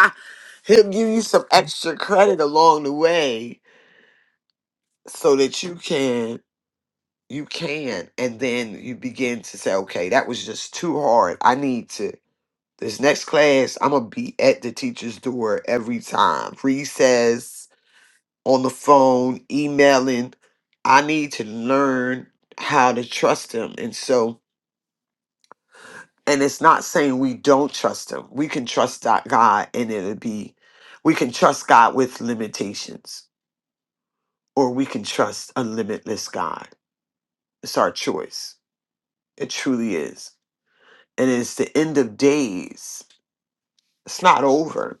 *laughs* He'll give you some extra credit along the way so that you can, you can. And then you begin to say, okay, that was just too hard. I need to. This next class, I'm going to be at the teacher's door every time. Recess, on the phone, emailing. I need to learn how to trust him. And so, And it's not saying we don't trust him. We can trust that God and it'll be, we can trust God with limitations or we can trust a limitless God. It's our choice. It truly is. And it's the end of days. It's not over.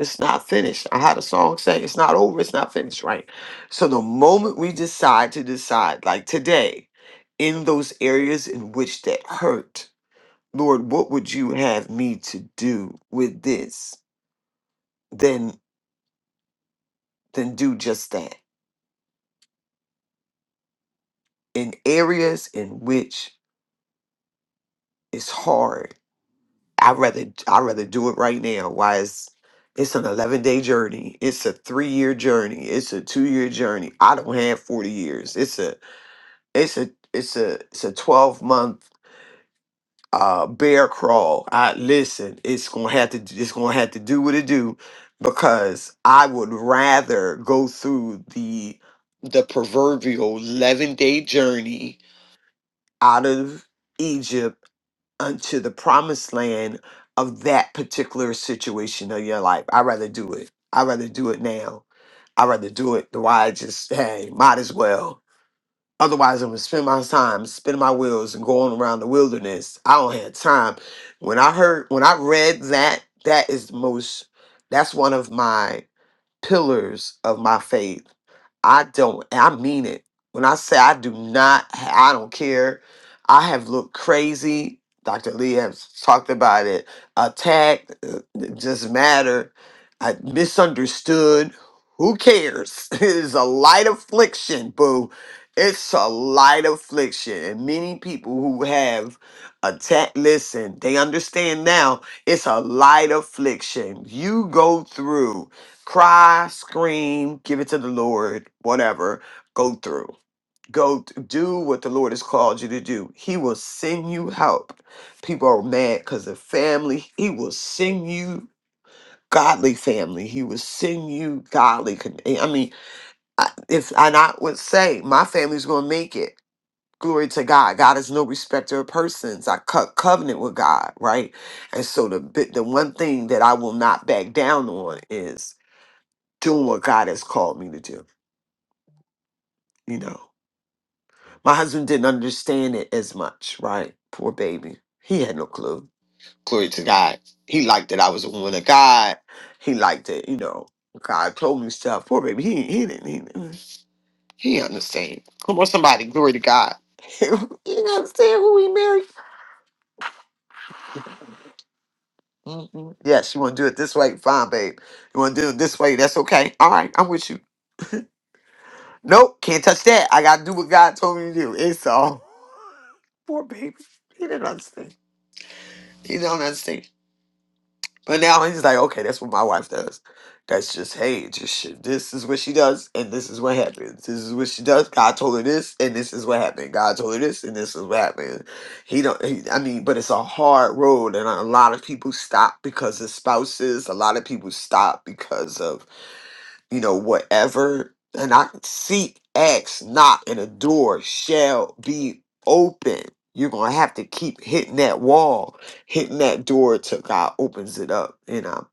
It's not finished. I had a song saying it's not over. It's not finished, right? So the moment we decide to decide, like today, in those areas in which that hurt, Lord, what would you have me to do with this? then then do just that in areas in which it's hard i rather i rather do it right now why it's it's an 11 day journey it's a three year journey it's a two year journey i don't have 40 years it's a it's a it's a it's a 12 month uh bear crawl i listen it's gonna have to it's gonna have to do what it do because i would rather go through the the proverbial 11 day journey out of Egypt unto the promised land of that particular situation of your life. I'd rather do it. I'd rather do it now. I'd rather do it the way I just, hey, might as well. Otherwise, I'm going to spend my time spinning my wheels and going around the wilderness. I don't have time. When I heard, when I read that, that is the most, that's one of my pillars of my faith. I don't, I mean it. When I say I do not, I don't care. I have looked crazy. Dr. Lee has talked about it. Attacked, uh, it doesn't matter. I misunderstood. Who cares? *laughs* It is a light affliction, boo. It's a light affliction. And many people who have attacked, listen, they understand now it's a light affliction. You go through cry, scream, give it to the Lord, whatever, go through. Go th- do what the Lord has called you to do. He will send you help. People are mad because of family. He will send you godly family. He will send you godly. con- eh, I mean, I- if and I would say my family's going to make it. Glory to God. God is no respecter of persons. I cut covenant with God, right? And so the bit, the one thing that I will not back down on is doing what God has called me to do. You know, my husband didn't understand it as much, right? Poor baby. He had no clue. Glory to God. He liked that I was a woman of God. He liked it, you know. God told me stuff. Poor baby. He he didn't he didn't, he didn't understand. Come on, somebody. Glory to God. *laughs* you understand who he married? Mhm. Yes, you want to do it this way? Fine, babe. You want to do it this way? That's okay. All right, I'm with you. Nope, can't touch that. I gotta do what God told me to do. It's all *laughs* poor baby. He didn't understand. He don't understand. But now he's like, okay, that's what my wife does. That's just hey, just shit. This is what she does, and this is what happens. This is what she does. God told her this, and this is what happened. God told her this, and this is what happened. He don't. He, I mean, but it's a hard road, and a lot of people stop because of spouses. A lot of people stop because of you know, whatever. And I seek, ask, knock, and the door shall be open. You're gonna have to keep hitting that wall, hitting that door till God opens it up, you know.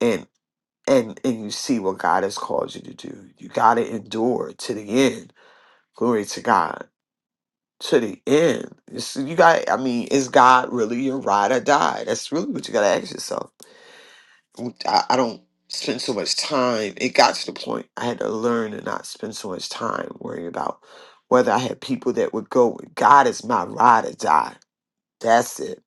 And and and you see what God has called you to do. You gotta endure to the end. Glory to God. To the end. It's- you got I mean, is God really your ride or die? That's really what you gotta ask yourself I, I don't spend so much time. It got to the point I had to learn to not spend so much time worrying about whether I had people that would go with God is my ride or die. That's it.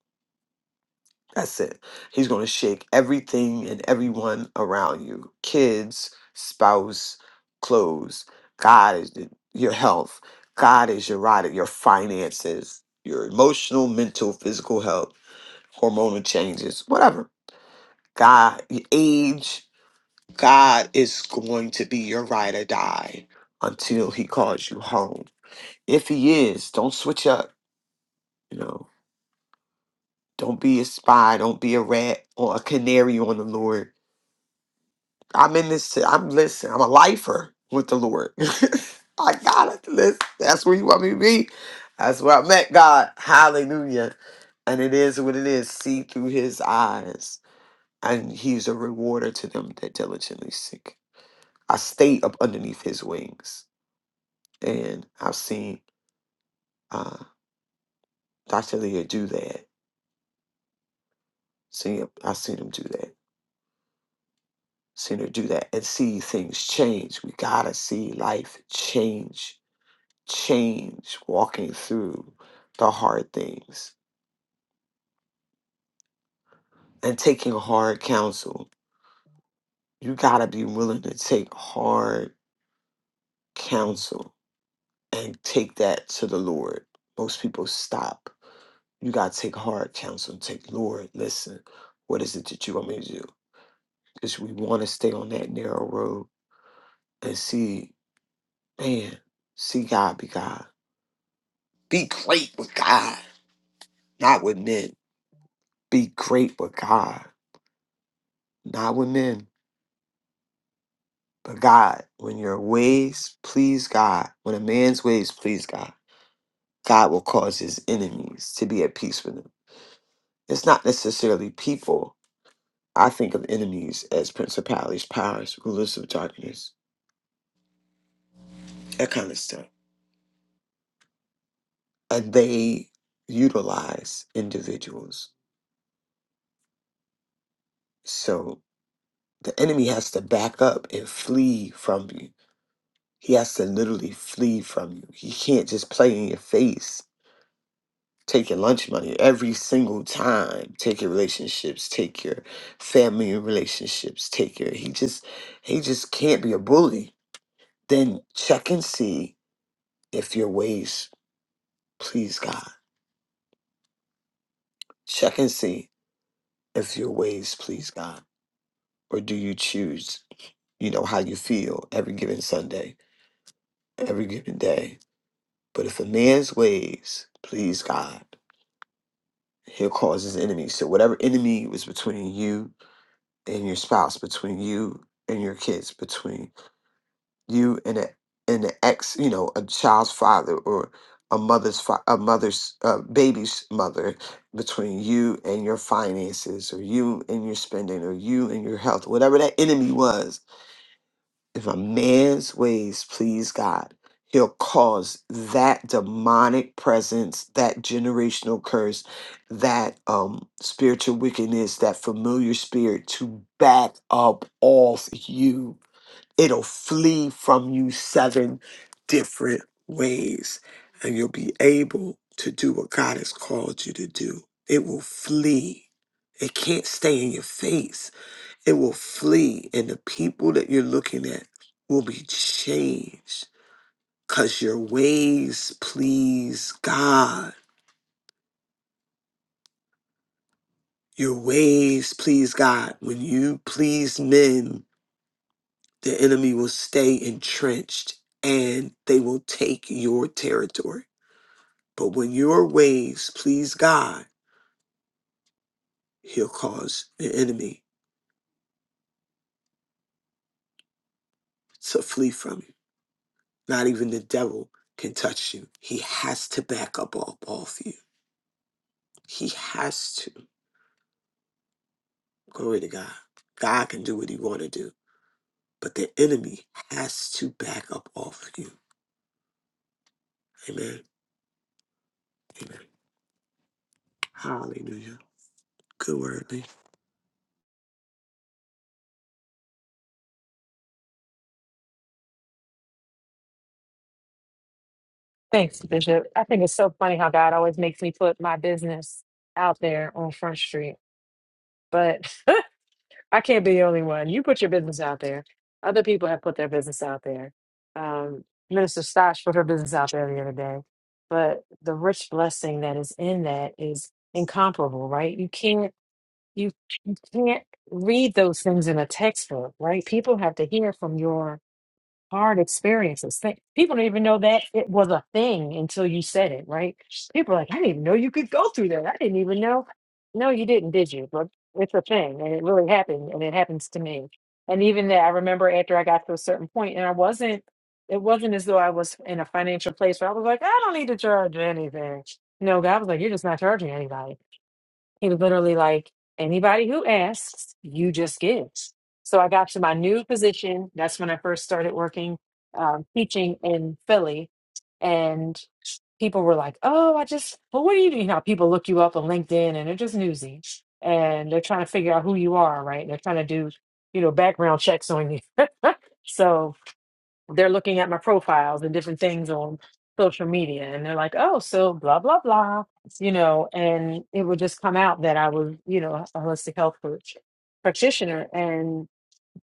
That's it. He's going to shake everything and everyone around you kids, spouse, clothes. God is the- your health. God is your ride, your finances, your emotional, mental, physical health, hormonal changes, whatever. God, your age, God is going to be your ride or die until he calls you home. If he is, don't switch up, you know. Don't be a spy, don't be a rat or a canary on the Lord. I'm in this to, I'm listen, I'm a lifer with the Lord. *laughs* I gotta listen. That's where you want me to be. That's where I met God. Hallelujah. And it is what it is. See through his eyes. And he's a rewarder to them that diligently seek. I stay up underneath his wings. and I've seen uh, Dr. Leah do that. See, I've seen him do that. Seen her do that, and see things change. We gotta see life change, change. Walking through the hard things and taking hard counsel. You gotta be willing to take hard counsel and take that to the Lord. Most people stop. You gotta take hard counsel and take Lord. Listen, what is it that you want me to do? Because we want to stay on that narrow road and see, man, see God be God. Be great with God, not with men. Be great with God, not with men, but God. When your ways please God, when a man's ways please God, God will cause his enemies to be at peace with him. It's not necessarily people. I think of enemies as principalities, powers, rulers of darkness, that kind of stuff. And they utilize individuals. So The enemy has to back up and flee from you. He has to literally flee from you. He can't just play in your face, take your lunch money every single time, take your relationships, take your family relationships, take your he just he just can't be a bully. Then check and see if your ways please God. Check and see if your ways please God. Or do you choose, you know, how you feel every given Sunday, every given day? But if a man's ways please God, he'll cause his enemies. So whatever enemy was between you and your spouse, between you and your kids, between you and a and the ex, you know, a child's father or a mother's fa- a mother's uh, baby's mother, between you and your finances, or you and your spending, or you and your health, whatever that enemy was, If a man's ways please God, he'll cause that demonic presence, that generational curse, that um, spiritual wickedness, that familiar spirit to back up off you. It'll flee from you seven different ways, and you'll be able to do what God has called you to do. It will flee. It can't stay in your face it will flee, and the people that you're looking at will be changed because your ways please God. Your ways please God. When you please men, the enemy will stay entrenched and they will take your territory. But when your ways please God, he'll cause the enemy to flee from you. Not even the devil can touch you. He has to back up off off you. He has to. Glory to God. God can do what he want to do, but the enemy has to back up off of you. Amen. Amen. Hallelujah. Good word, man. Thanks, Bishop. I think it's so funny how God always makes me put my business out there on Front Street, but *laughs* I can't be the only one. You put your business out there. Other people have put their business out there. Um, Minister Stosh put her business out there the other day, but the rich blessing that is in that is incomparable, right? You can't you you can't read those things in a textbook, right? People have to hear from your hard experiences. Th- people don't even know that it was a thing until you said it, right? People are like, I didn't even know you could go through that. I didn't even know. No, you didn't, did you? But it's a thing, and it really happened, and it happens to me. And even that, I remember after I got to a certain point, and I wasn't. It wasn't as though I was in a financial place where I was like, I don't need to charge anything. No, God was like, you're just not charging anybody. He was literally like, anybody who asks, you just give. So I got to my new position. That's when I first started working, um, teaching in Philly. And people were like, oh, I just, well, what do you do? You know, how people look you up on LinkedIn and they're just newsy and they're trying to figure out who you are, right? And they're trying to do, you know, background checks on you. *laughs* so they're looking at my profiles and different things on social media and they're like oh so blah blah blah you know and it would just come out that i was you know a holistic health coach practitioner and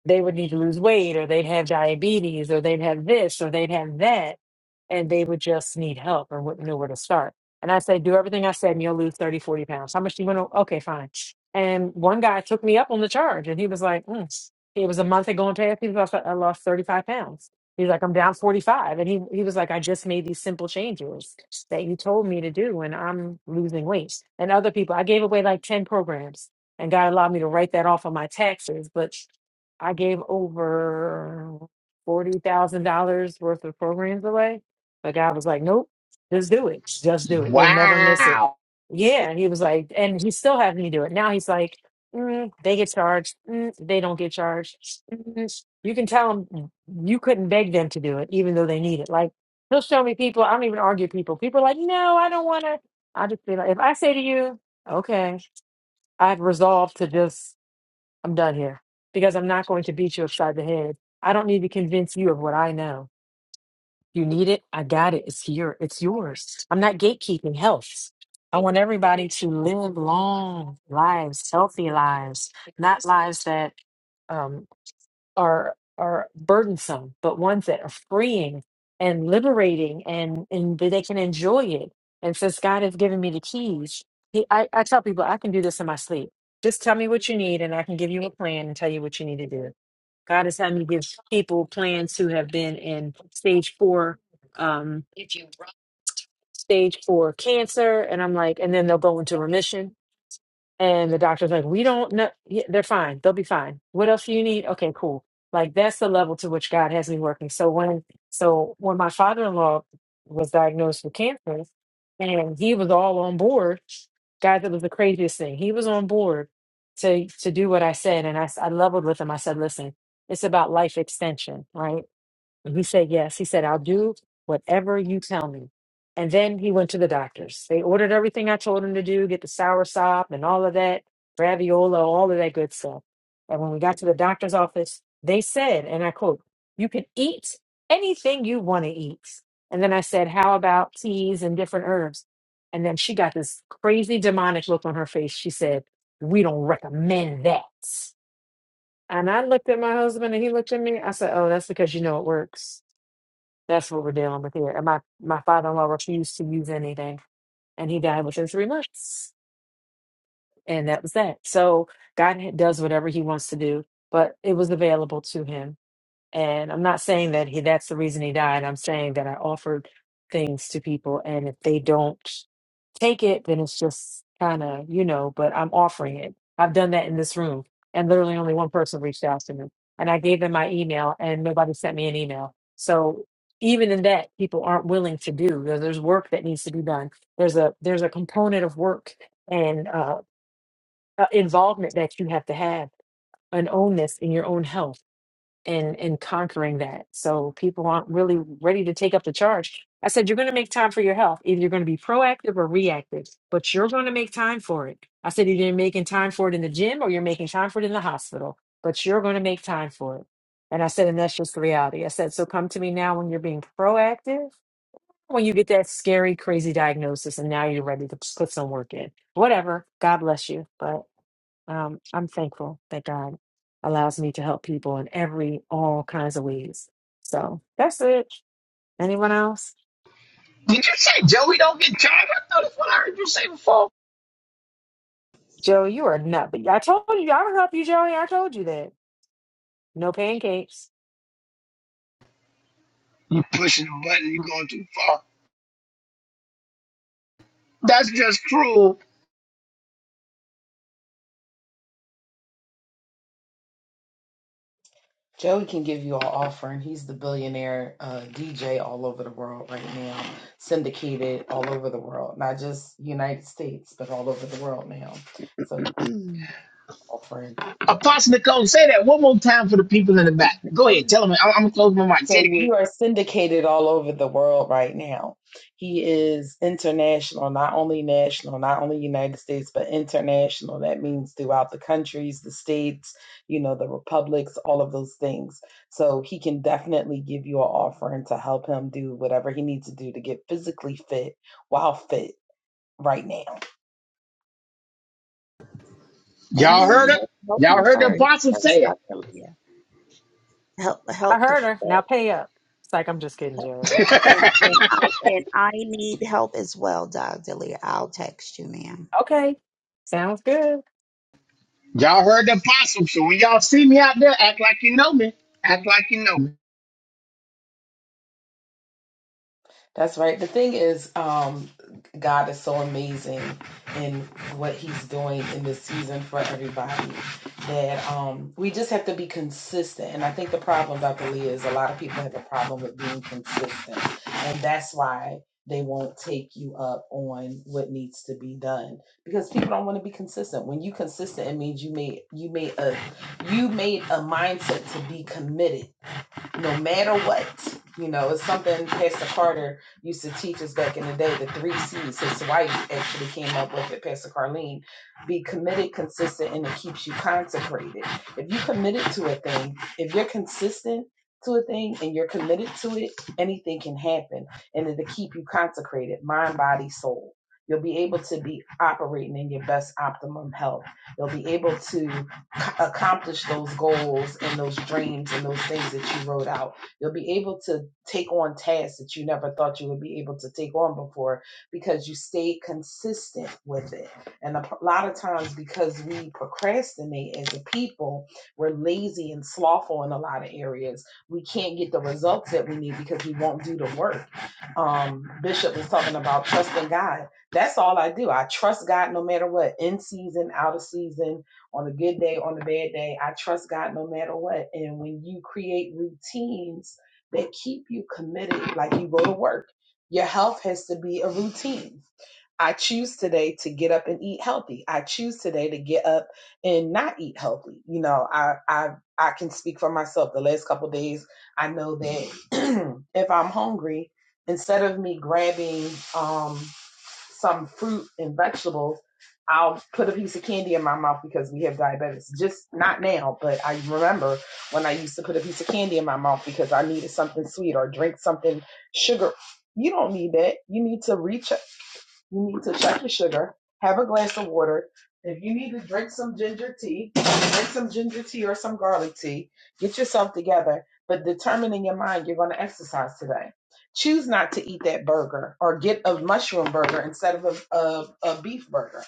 they would need to lose weight or they'd have diabetes or they'd have this or they'd have that and they would just need help or wouldn't know where to start and i said do everything i said and you'll lose 30, 40 pounds how much do you want to okay fine and one guy took me up on the charge and he was like mm. it was a month had gone past he was like, i lost 35 pounds he's like i'm down 45 and he, he was like i just made these simple changes that you told me to do and i'm losing weight and other people i gave away like 10 programs and god allowed me to write that off on my taxes but I gave over forty thousand dollars worth of programs away. But God was like, Nope, just do it. Just do it. You'll never miss it. Wow. Yeah. He was like, and he still having me do it. Now he's like, mm, they get charged. Mm, they don't get charged. Mm, you can tell them you couldn't beg them to do it, even though they need it. Like he'll show me people. I don't even argue people. People are like, no, I don't want to. I just be like, if I say to you, okay, I've resolved to just I'm done here because I'm not going to beat you upside the head. I don't need to convince you of what I know. You need it. I got it. It's here. It's yours. I'm not gatekeeping health. I want everybody to live long lives, healthy lives, not lives that um, are are burdensome, but ones that are freeing and liberating and and that they can enjoy it. And since God has given me the keys, he, I, I tell people I can do this in my sleep. Just tell me what you need and I can give you a plan and tell you what you need to do. God has had me give people plans who have been in stage four, um, stage four cancer, and I'm like, and then they'll go into remission and the doctor's like, we don't know. Yeah, They're fine. They'll be fine. What else do you need? Okay, cool. Like that's the level to which God has me working. So when so when my father-in-law was diagnosed with cancer and he was all on board, guys, it was the craziest thing. He was on board to to do what I said. And I, s- I leveled with him. I said, listen, it's about life extension, right? And he said, Yes. He said, I'll do whatever you tell me. And then he went to the doctors. They ordered everything I told him to do get the soursop and all of that, raviola, all of that good stuff. And when we got to the doctor's office, they said, and I quote, You can eat anything you want to eat. And then I said, How about teas and different herbs? And then she got this crazy demonic look on her face. She said, We don't recommend that. And I looked at my husband and he looked at me. I said, Oh, that's because you know it works. That's what we're dealing with here. And my, my father in law refused to use anything, and he died within three months. And that was that. So God ha- does whatever he wants to do, but it was available to him. And I'm not saying that he that's the reason he died. I'm saying that I offered things to people and if they don't take it, then it's just kind of, you know, but I'm offering it. I've done that in this room and literally only one person reached out to me and I gave them my email and nobody sent me an email. So even in that, people aren't willing to do. There- There's work that needs to be done. There's a there's a component of work and uh, uh, involvement that you have to have an ownness in your own health and and conquering that. So people aren't really ready to take up the charge. I said you're going to make time for your health. Either you're going to be proactive or reactive, but you're going to make time for it. I said either you're making time for it in the gym or you're making time for it in the hospital, but you're going to make time for it. And I said, and that's just the reality. I said, so come to me now when you're being proactive, when you get that scary, crazy diagnosis, and now you're ready to put some work in. Whatever. God bless you. But um, I'm thankful that God allows me to help people in every all kinds of ways. So that's it. Anyone else? Did you say Joey don't get charged? I thought that's what I heard you say before. Joey, you are nut. But I told you I would help you, Joey. I told you that. No pancakes. You pushing the button, you going too far. That's just cruel. Joey can give you all offering. He's the billionaire uh, DJ all over the world right now, syndicated all over the world, not just United States, but all over the world now. So he's offering. Apostle Nicole, say that one more time for the people in the back. Go ahead, tell them. I'm, I'm gonna close my mic. Say it So again. you are syndicated all over the world right now. He is international, not only national, not only United States, but international. That means throughout the countries, the states, you know, the republics, all of those things. So he can definitely give you an offering to help him do whatever he needs to do to get physically fit while fit right now. Y'all Amen. heard it. Help, help Y'all them heard the first, apostle first say it. Dr. Leah. Help, I help the heard her. Now pay up. It's like I'm just kidding, Joey. And and *laughs* I and I need help as well, Dr. Lear. I'll text you, ma'am. Okay. Sounds good. y'all heard the apostle. So when y'all see me out there, act like you know me. Act like you know me. That's right. The thing is, um, God is so amazing in what He's doing in this season for everybody that um, we just have to be consistent. And I think the problem, Dr. Leah, is a lot of people have a problem with being consistent, and that's why they won't take you up on what needs to be done because people don't want to be consistent. When you consistent, it means you made you made a you made a mindset to be committed no matter what. You know, it's something Pastor Carter used to teach us back in the day, the three C's. His wife actually came up with it, Pastor Carlene. Be committed, consistent, and it keeps you consecrated. If you're committed to a thing, if you're consistent to a thing and you're committed to it, anything can happen. And it'll keep you consecrated, mind, body, soul. You'll be able to be operating in your best optimum health. You'll be able to accomplish those goals and those dreams and those things that you wrote out. You'll be able to take on tasks that you never thought you would be able to take on before because you stayed consistent with it. And a p- lot of times, because we procrastinate as a people, we're lazy and slothful in a lot of areas. We can't get the results that we need because we won't do the work. Um, Bishop was talking about trusting God. That's all I do. I trust God no matter what, in season, out of season on a good day, on a bad day. I trust God no matter what. And when you create routines that keep you committed, like you go to work, your health has to be a routine. I choose today to get up and eat healthy. I choose today to get up and not eat healthy. You know, I I I can speak for myself. The last couple of days, I know that *clears throat* if I'm hungry, instead of me grabbing um some fruit and vegetables, I'll put a piece of candy in my mouth because we have diabetics. Just not now, but I remember when I used to put a piece of candy in my mouth because I needed something sweet or drink something sugar. You don't need that. You need to reach you need to check your sugar, have a glass of water. If you need to drink some ginger tea, drink some ginger tea or some garlic tea. Get yourself together, but determine in your mind you're going to exercise today. Choose not to eat that burger or get a mushroom burger instead of a, a, a beef burger.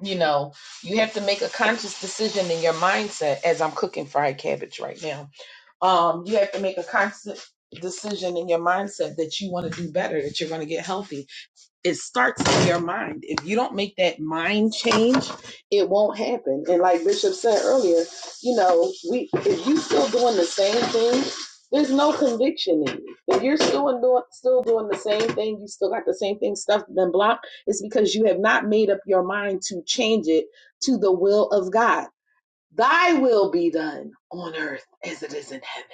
You know, you have to make a conscious decision in your mindset as I'm cooking fried cabbage right now um, you have to make a conscious decision in your mindset that you want to do better, that you're going to get healthy, it starts in your mind. If you don't make that mind change, it won't happen. And like Bishop said earlier, you know, we if you still doing the same thing, there's no conviction in you. If you're still in doing still doing the same thing, you still got the same thing stuffed and blocked, it's because you have not made up your mind to change it to the will of God. Thy will be done on earth as it is in heaven.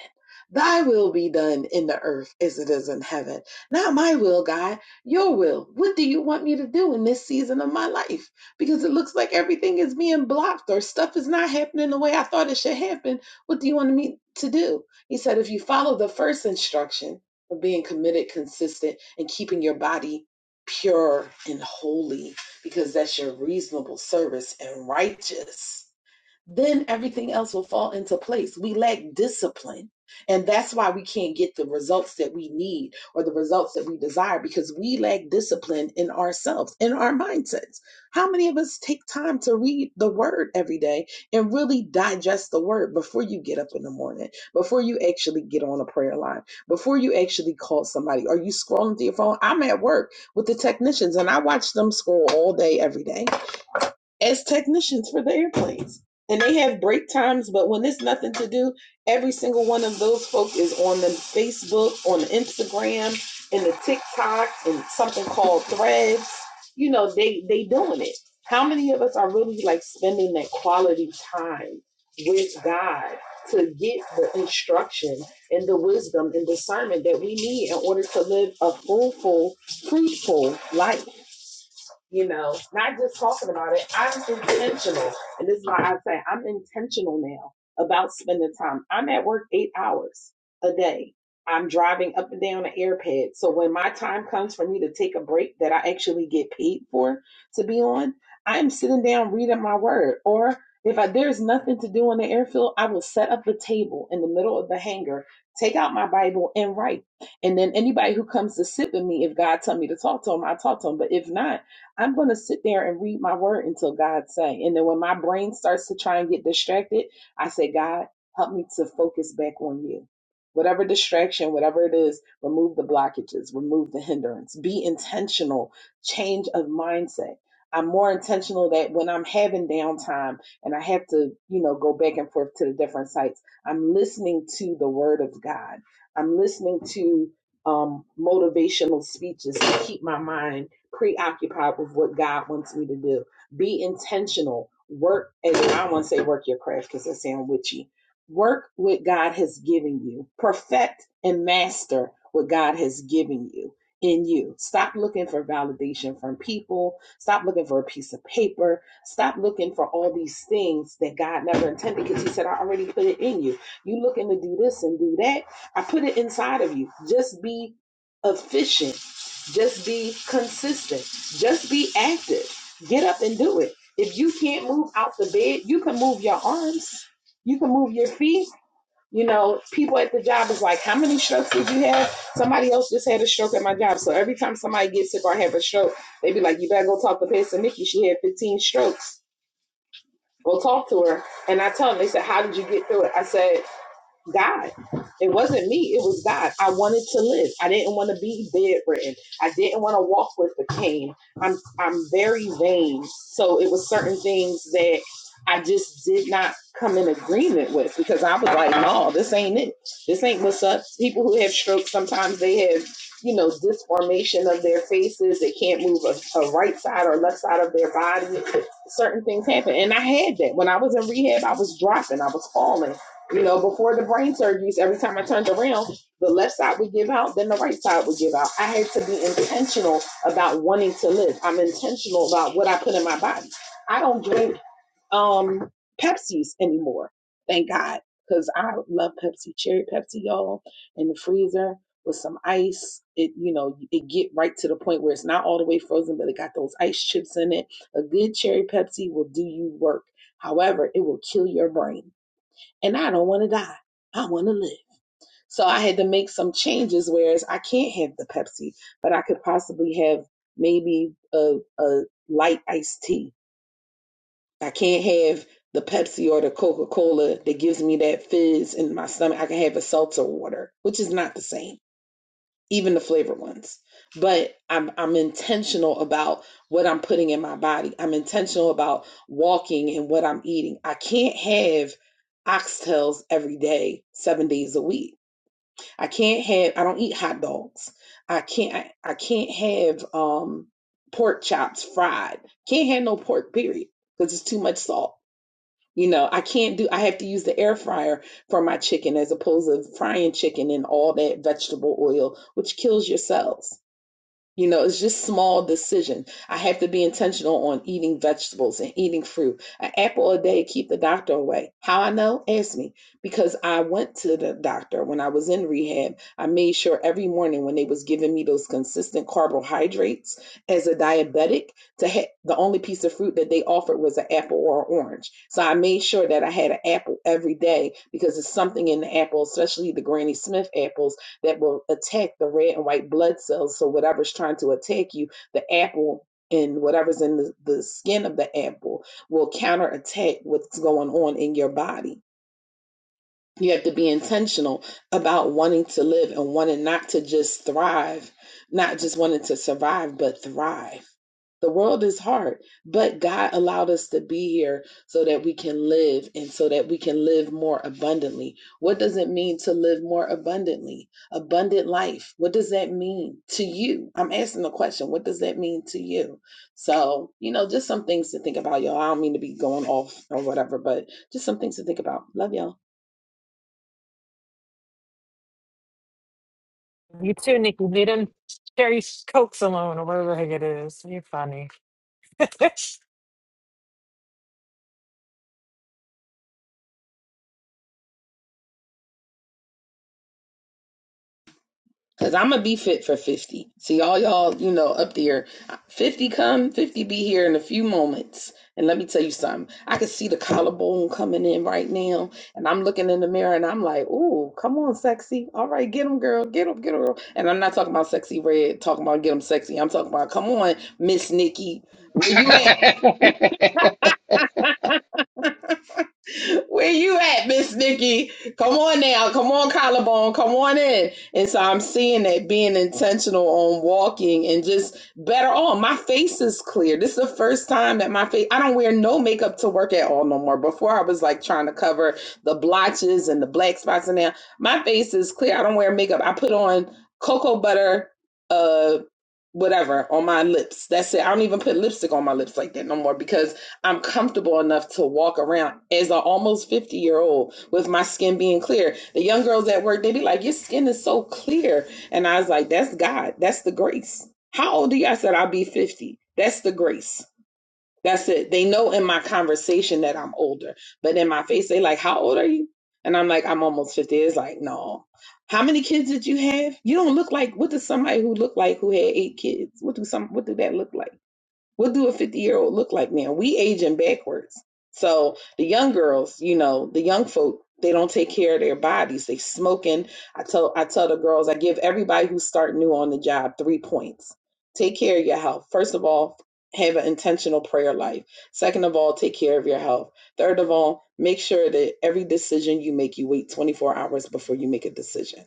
Thy will be done in the earth as it is in heaven. Not my will, God, your will. What do you want me to do in this season of my life? Because it looks like everything is being blocked or stuff is not happening the way I thought it should happen. What do you want me to do? He said, if you follow the first instruction of being committed, consistent, and keeping your body pure and holy, because that's your reasonable service and righteous then everything else will fall into place. We lack discipline. And that's why we can't get the results that we need or the results that we desire because we lack discipline in ourselves, in our mindsets. How many of us take time to read the word every day and really digest the word before you get up in the morning, before you actually get on a prayer line, before you actually call somebody? Are you scrolling through your phone? I'm at work with the technicians and I watch them scroll all day, every day as technicians for the airplanes. And they have break times, but when there's nothing to do, every single one of those folk is on the Facebook, on the Instagram, and the TikTok, and something called Threads. You know, they they doing it. How many of us are really like spending that quality time with God to get the instruction and the wisdom and discernment that we need in order to live a fruitful, fruitful life? you know, not just talking about it. I'm intentional. And this is why I say I'm intentional now about spending time. I'm at work eight hours a day. I'm driving up and down the airpad. So when my time comes for me to take a break that I actually get paid for to be on, I'm sitting down reading my word. Or if I, there's nothing to do on the airfield, I will set up a table in the middle of the hangar, take out my Bible and write. And then anybody who comes to sit with me, if God tell me to talk to them, I talk to them. But if not, I'm going to sit there and read my word until God say. And then when my brain starts to try and get distracted, I say, God, help me to focus back on you. Whatever distraction, whatever it is, remove the blockages, remove the hindrance. Be intentional, change of mindset. I'm more intentional that when I'm having downtime and I have to, you know, go back and forth to the different sites, I'm listening to the word of God. I'm listening to um, motivational speeches to keep my mind preoccupied with what God wants me to do. Be intentional. Work, and I don't want to say work your craft because that sounds witchy. Work what God has given you. Perfect and master what God has given you in you. Stop looking for validation from people. Stop looking for a piece of paper. Stop looking for all these things that God never intended because He said, I already put it in you. You looking to do this and do that. I put it inside of you. Just be efficient just be consistent. Just be active. Get up and do it. If you can't move out the bed, you can move your arms. You can move your feet. You know, people at the job is like, how many strokes did you have? Somebody else just had a stroke at my job. So every time somebody gets sick or have a stroke, they be like, you better go talk to Pastor Nikki. She had 15 strokes. Go talk to her. And I tell them, they said, how did you get through it? I said, God. It wasn't me. It was God. I wanted to live. I didn't want to be bedridden. I didn't want to walk with the cane. I'm I'm very vain. So it was certain things that I just did not come in agreement with because I was like, no, this ain't it. This ain't what's up. People who have strokes sometimes they have, you know, disformation of their faces. They can't move a, a right side or left side of their body. Certain things happen. And I had that. When I was in rehab, I was dropping, I was falling. You know, before the brain surgeries, every time I turned around, the left side would give out, then the right side would give out. I had to be intentional about wanting to live. I'm intentional about what I put in my body. I don't drink um Pepsis anymore. Thank God. Because I love Pepsi, cherry Pepsi, y'all, in the freezer with some ice. It, you know, it get right to the point where it's not all the way frozen, but it got those ice chips in it. A good cherry Pepsi will do you work. However, it will kill your brain and I don't want to die. I want to live. So I had to make some changes. Whereas I can't have the Pepsi, but I could possibly have maybe a, a light iced tea. I can't have the Pepsi or the Coca Cola that gives me that fizz in my stomach. I can have a seltzer water, which is not the same even the flavored ones. But I'm I'm intentional about what I'm putting in my body. I'm intentional about walking and what I'm eating. I can't have oxtails every day, seven days a week. I can't have I don't eat hot dogs. I can't I, I can't have um pork chops fried. Can't have no pork, period. Because it's too much salt. You know, I can't do, I have to use the air fryer for my chicken as opposed to frying chicken in all that vegetable oil, which kills your cells. You know, it's just small decision. I have to be intentional on eating vegetables and eating fruit. An apple a day keep the doctor away. How I know? Ask me. Because I went to the doctor when I was in rehab. I made sure every morning when they was giving me those consistent carbohydrates as a diabetic, to ha- the only piece of fruit that they offered was an apple or an orange. So I made sure that I had an apple every day because it's something in the apple, especially the Granny Smith apples that will attack the red and white blood cells. So whatever's trying to attack you, the apple and whatever's in the, the skin of the apple will counterattack what's going on in your body. You have to be intentional about wanting to live and wanting not to just thrive, not just wanting to survive, but thrive. The world is hard, but God allowed us to be here so that we can live and so that we can live more abundantly. What does it mean to live more abundantly? Abundant life. What does that mean to you? I'm asking the question, what does that mean to you? So, you know, just some things to think about, y'all. I don't mean to be going off or whatever, but just some things to think about. Love y'all. You too, Nikki. Leave them cherry cokes alone or whatever the heck it is. You're funny. *laughs* Cause I'm gonna be fit for 50. See all y'all, you know, up there. 50 come, 50 be here in a few moments. And let me tell you something. I can see the collarbone coming in right now. And I'm looking in the mirror and I'm like, ooh, come on, sexy. All right, get him, girl. Get him, get him, girl. And I'm not talking about sexy red, talking about get him sexy. I'm talking about, come on, Miss Nikki. Where *laughs* you at? *laughs* Where you at, Miss Nikki? Come on now. Come on, collarbone. Come on in. And so I'm seeing that being intentional on walking and just better on. My face is clear. This is the first time that my face, I don't wear no makeup to work at all no more. Before I was like trying to cover the blotches and the black spots And now My face is clear. I don't wear makeup. I put on cocoa butter, uh, whatever on my lips. That's it. I don't even put lipstick on my lips like that no more because I'm comfortable enough to walk around as an almost 50 year old with my skin being clear. The young girls at work, they be like, Your skin is so clear. And I was like, That's God. That's the grace. How old are you? I said, I'll be 50. That's the grace. That's it. They know in my conversation that I'm older, but in my face, they like, How old are you? And I'm like, I'm almost 50. It's like, No. How many kids did you have? You don't look like what does somebody who look like who had eight kids? What do some what do that look like? What do a 50 year old look like now? We aging backwards. So the young girls, you know, the young folk, they don't take care of their bodies. They smoking. I tell I tell the girls, I give everybody who start new on the job three points. Take care of your health. First of all, have an intentional prayer life. Second of all, take care of your health. Third of all, make sure that every decision you make, you wait 24 hours before you make a decision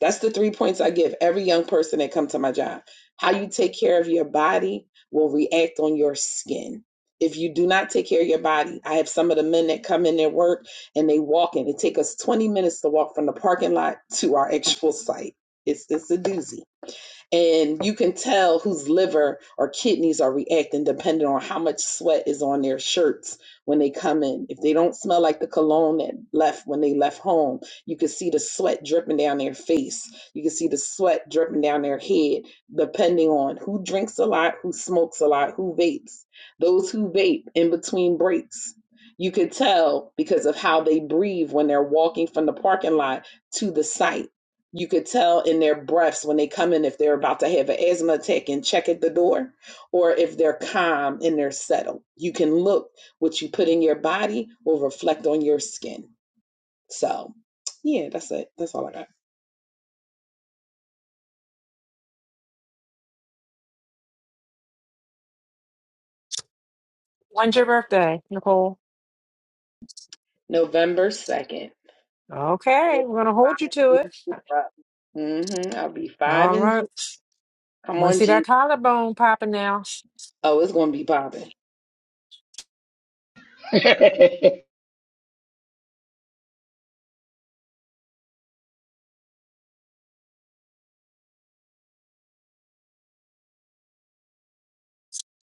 that's the three points I give every young person that come to my job. How you take care of your body will react on your skin. If you do not take care of your body, I have some of the men that come in their work and they walk in. It takes us 20 minutes to walk from the parking lot to our actual site. It's it's a doozy and you can tell whose liver or kidneys are reacting depending on how much sweat is on their shirts when they come in. If they don't smell like the cologne that left when they left home, you can see the sweat dripping down their face. You can see the sweat dripping down their head, depending on who drinks a lot, who smokes a lot, who vapes. Those who vape in between breaks. You could tell because of how they breathe when they're walking from the parking lot to the site you could tell in their breaths when they come in if they're about to have an asthma attack and check at the door or if they're calm and they're settled you can look what you put in your body will reflect on your skin so yeah that's it that's all i got When's your birthday, Nicole? november 2nd I Okay, will we're gonna hold you to it. be five and 0. Mhm, i'll be five All and right. 0. come Want to on see that g collarbone popping now? oh it's gonna be popping.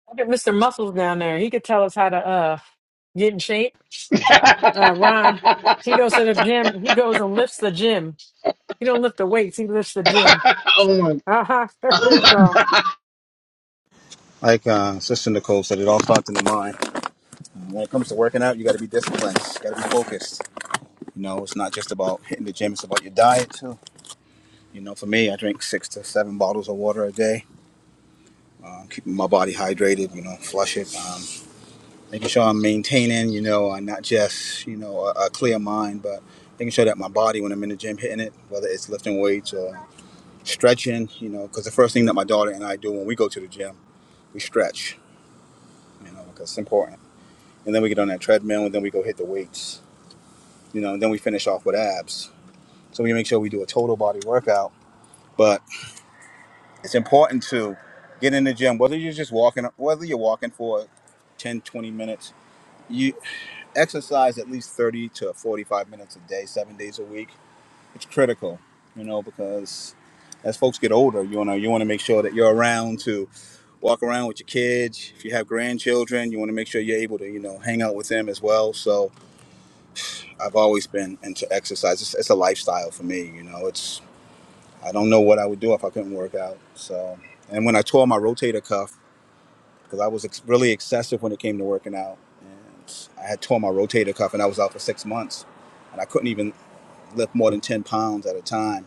Look at Mr. Muscles down there. He could tell us how to uh get in shape. Uh, Ron, he goes to the gym. He goes and lifts the gym. He don't lift the weights. He lifts the gym. oh my. Uh huh. *laughs* There you go. Like uh, Sister Nicole said, it all starts in the mind. When it comes to working out, you got to be disciplined. You got to be focused. You know, it's not just about hitting the gym; it's about your diet too. You know, for me, I drink six to seven bottles of water a day, uh, keeping my body hydrated. You know, flush it, um, making sure I'm maintaining. You know, uh, not just you know a, a clear mind, but making sure that my body, when I'm in the gym, hitting it, whether it's lifting weights or stretching. You know, because the first thing that my daughter and I do when we go to the gym, we stretch. You know, because it's important and then we get on that treadmill, and then we go hit the weights. You know, and then we finish off with abs. So we make sure we do a total body workout. But it's important to get in the gym, whether you're just walking, whether you're walking for 10, 20 minutes. You exercise at least 30 to 45 minutes a day, seven days a week. It's critical, you know, because as folks get older, you wanna you wanna make sure that you're around to walk around with your kids. If you have grandchildren, you wanna make sure you're able to, you know, hang out with them as well. So I've always been into exercise. It's, it's a lifestyle for me, you know. It's I don't know what I would do if I couldn't work out. So, and when I tore my rotator cuff, because I was ex- really excessive when it came to working out, and I had tore my rotator cuff, and I was out for six months, and I couldn't even lift more than ten pounds at a time.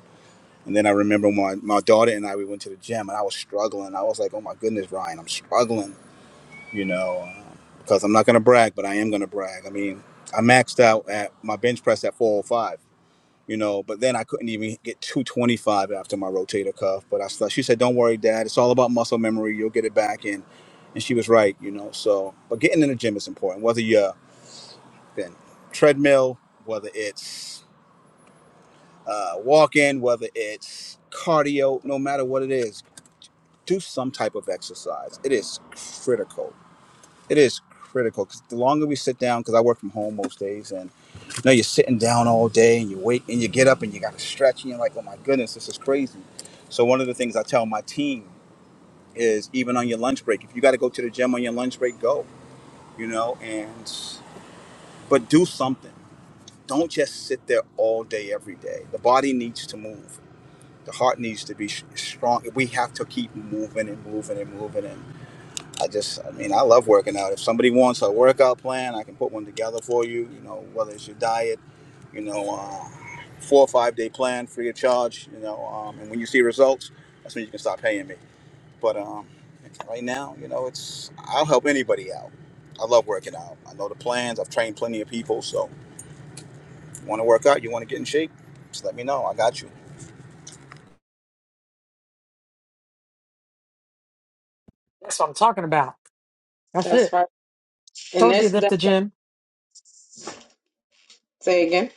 And then I remember my my daughter and I we went to the gym, and I was struggling. I was like, oh my goodness, Ryan, I'm struggling, you know, uh, because I'm not gonna brag, but I am gonna brag. I mean, I maxed out at my bench press at 405 you know. But then I couldn't even get 225 after my rotator cuff. But I slept. She said, "Don't worry, Dad. It's all about muscle memory. You'll get it back." And and she was right, you know. So, but getting in the gym is important. Whether you're in treadmill, whether it's uh, walking, whether it's cardio, no matter what it is, do some type of exercise. It is critical. It is critical because the longer we sit down, because I work from home most days No, you're sitting down all day and you wake and you get up and you got to stretch and you're like, oh my goodness, this is crazy. So one of the things I tell my team is even on your lunch break, if you got to go to the gym on your lunch break, go. You know, and but do something. Don't just sit there all day every day. The body needs to move. The heart needs to be s- strong. We have to keep moving and moving and moving. And I just, I mean, I love working out. If somebody wants a workout plan, I can put one together for you. You know, whether it's your diet, you know. uh, four or five day plan free of charge, you know, um, and when you see results, that's when you can start paying me. But um, right now, you know, it's I'll help anybody out. I love working out. I know the plans. I've trained plenty of people. So, if you want to work out, you want to get in shape, just let me know. I got you. That's what I'm talking about. That's that's it. right and Told you he that's lift that the gym. say again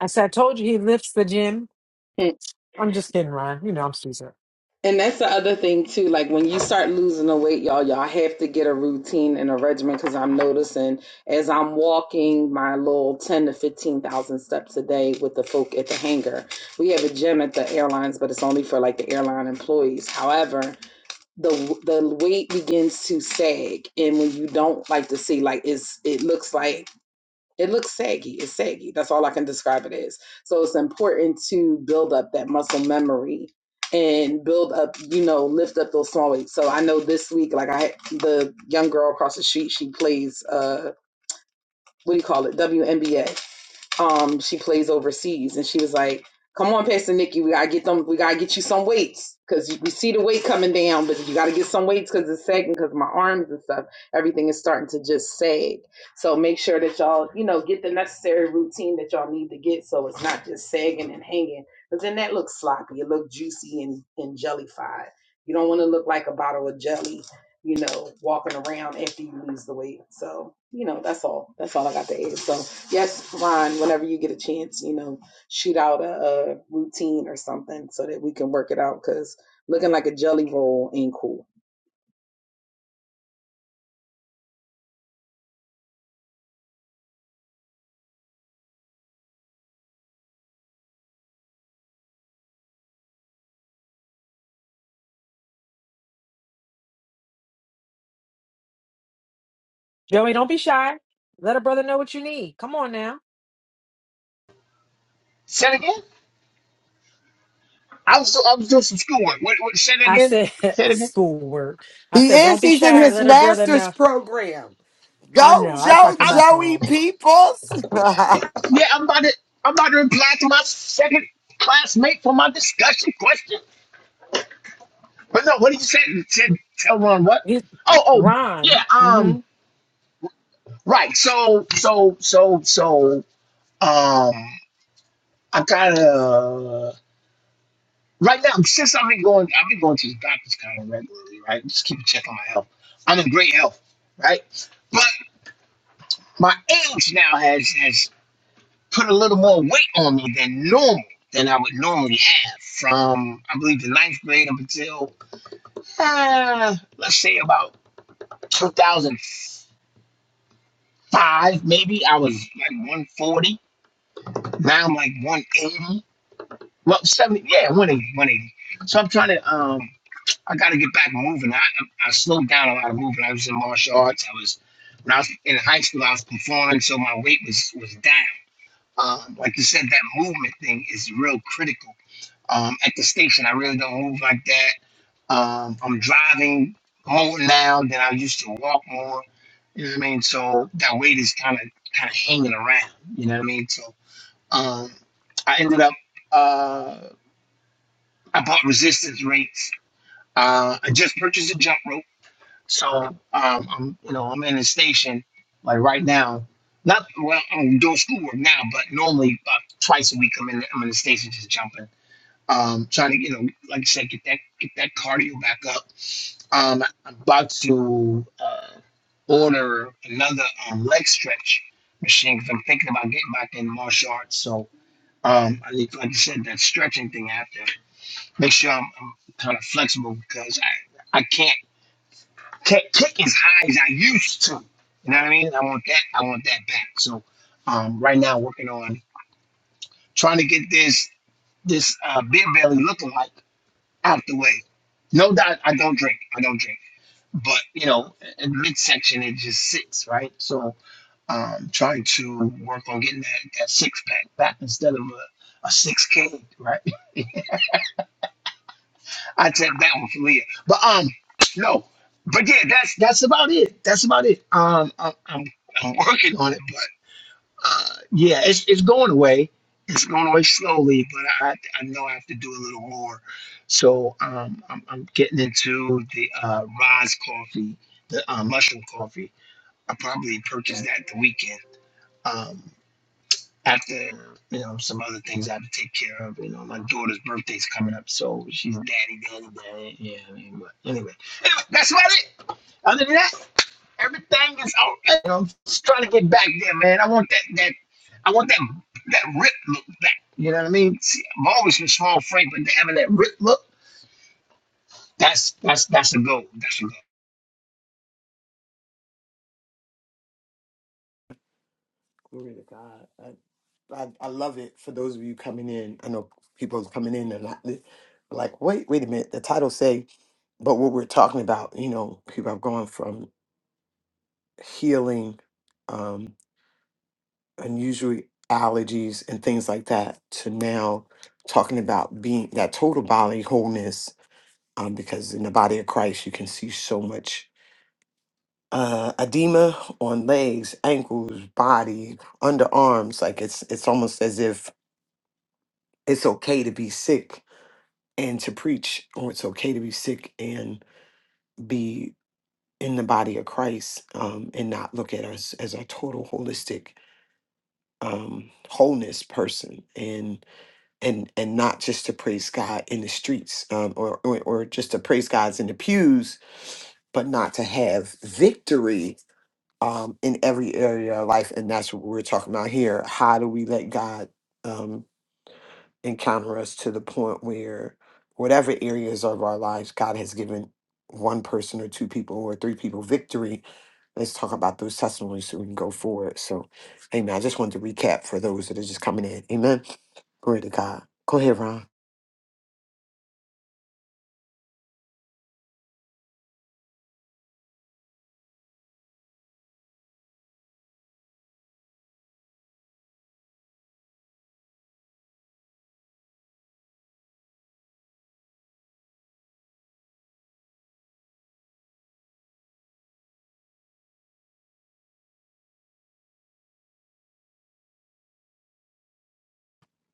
I said, I told you he lifts the gym. Hmm. I'm just kidding, Ron. You know I'm stupid. And that's the other thing too. Like when you start losing the weight, y'all, y'all have to get a routine and a regimen. Because I'm noticing as I'm walking my little ten to fifteen thousand steps a day with the folk at the hangar. We have a gym at the airlines, but it's only for like the airline employees. However, the the weight begins to sag, and when you don't like to see, like it's it looks like it looks saggy. It's saggy. That's all I can describe it as. So it's important to build up that muscle memory and build up, you know, lift up those small weights. So I know this week, like I had the young girl across the street, she plays uh what do you call it? WNBA um she plays overseas and she was like come on pastor nikki we gotta get them we gotta get you some weights because we see the weight coming down but you gotta get some weights because it's sagging because my arms and stuff everything is starting to just sag so make sure that y'all you know get the necessary routine that y'all need to get so it's not just sagging and hanging because then that looks sloppy it looks juicy and, and jellified you don't want to look like a bottle of jelly you know walking around after you lose the weight so you know that's all that's all i got to add so Yes, Ron, whenever you get a chance, you know, shoot out a, a routine or something so that we can work it out because looking like a jelly roll ain't cool. Joey, don't be shy. Let a brother know what you need. Come on now. Say it again. I was I was doing some schoolwork. What, what, say it I again. said *laughs* Say it again. schoolwork. I He said, don't is. be He's in shy. his Let a brother master's know. program. I Go, know. I would Joe, probably I'm my phone. Joey Peoples. *laughs* Glory yeah. I'm about to I'm about to reply to my second classmate for my discussion question. But no, what did you say? You said tell Ron what? You, Oh oh Ron. yeah. um, hmm Right. So so so so um I kinda right now since I've been going I've been going to the doctors kinda regularly, right? Just keep checking my health. I'm in great health, right? But my age now has has put a little more weight on me than normal than I would normally have from I believe the ninth grade up until uh, let's say about two thousand five maybe I was like one forty. Now I'm like 180. Well, seventy. Yeah, one eighty, one eighty. So I'm trying to. Um, I got to get back moving. I, I slowed down a lot of moving. I was in martial arts. I was when I was in high school. I was performing, so my weight was was down. Um, like you said, that movement thing is real critical. Um, at the station, I really don't move like that. Um, I'm driving more now than I used to walk more. You know what I mean? So that weight is kind of kind of hanging around. You know what I mean? So um, I ended up. Uh, I bought resistance rates. Uh, I just purchased a jump rope, so um, I'm you know I'm in the station like right now. Not well, I'm doing schoolwork now, but normally about twice a week I'm in the, I'm in the station just jumping. Um, trying to you know like I said get that get that cardio back up. Um, I'm about to uh, order another um, leg stretch machine because I'm thinking about getting back in martial arts. So um, I need like I said that stretching thing after make sure I'm, I'm kind of flexible because I, I can't can't kick as high as I used to. You know what I mean? I want that I want that back. So um, right now working on trying to get this this uh, beer belly looking like out the way. No doubt I don't drink. I don't drink. But you know, in midsection it just sits right. So um, trying to work on getting that, that six pack back instead of a, a six K right. *laughs* I take that one from here. But um, no. But yeah, that's that's about it. That's about it. Um, I'm, I'm, I'm working on it, but uh, yeah, it's it's going away. It's going away slowly, but I I know I have to do a little more. So um, I'm I'm getting into the uh Roz coffee, the uh, mushroom coffee. I probably purchased that the weekend. Um after you know some other things I have to take care of. You know, my daughter's birthday's coming up, so she's daddy, daddy, daddy. Yeah, I mean, but anyway, anyway, that's about it. Other than that, everything is all right. You know, I'm just trying to get back there, man. I want that that I want that that rip look back. You know what I mean? See, I'm always with small Frank, but having that rip look, that's that's that's a goal. That's a to God. I, I, I love it for those of you coming in. I know people coming in and I- like, wait, wait a minute. The title say, but what we're talking about, you know, people are going from healing. um, unusual allergies and things like that to now talking about being that total body wholeness um, because in the body of christ you can see so much uh, edema on legs ankles body underarms like it's it's almost as if it's okay to be sick and to preach or it's okay to be sick and be in the body of christ um, and not look at us as a total holistic um, wholeness person and and not just to praise God in the streets um, or, or or just to praise God's in the pews, but not to have victory um, in every area of life. And that's what we're talking about here. How do we let God um, encounter us to the point where whatever areas of our lives God has given one person or two people or three people victory let's talk about those testimonies so we can go forward. So, amen. I just wanted to recap for those that are just coming in. Amen. Glory to God. Go ahead, Ron.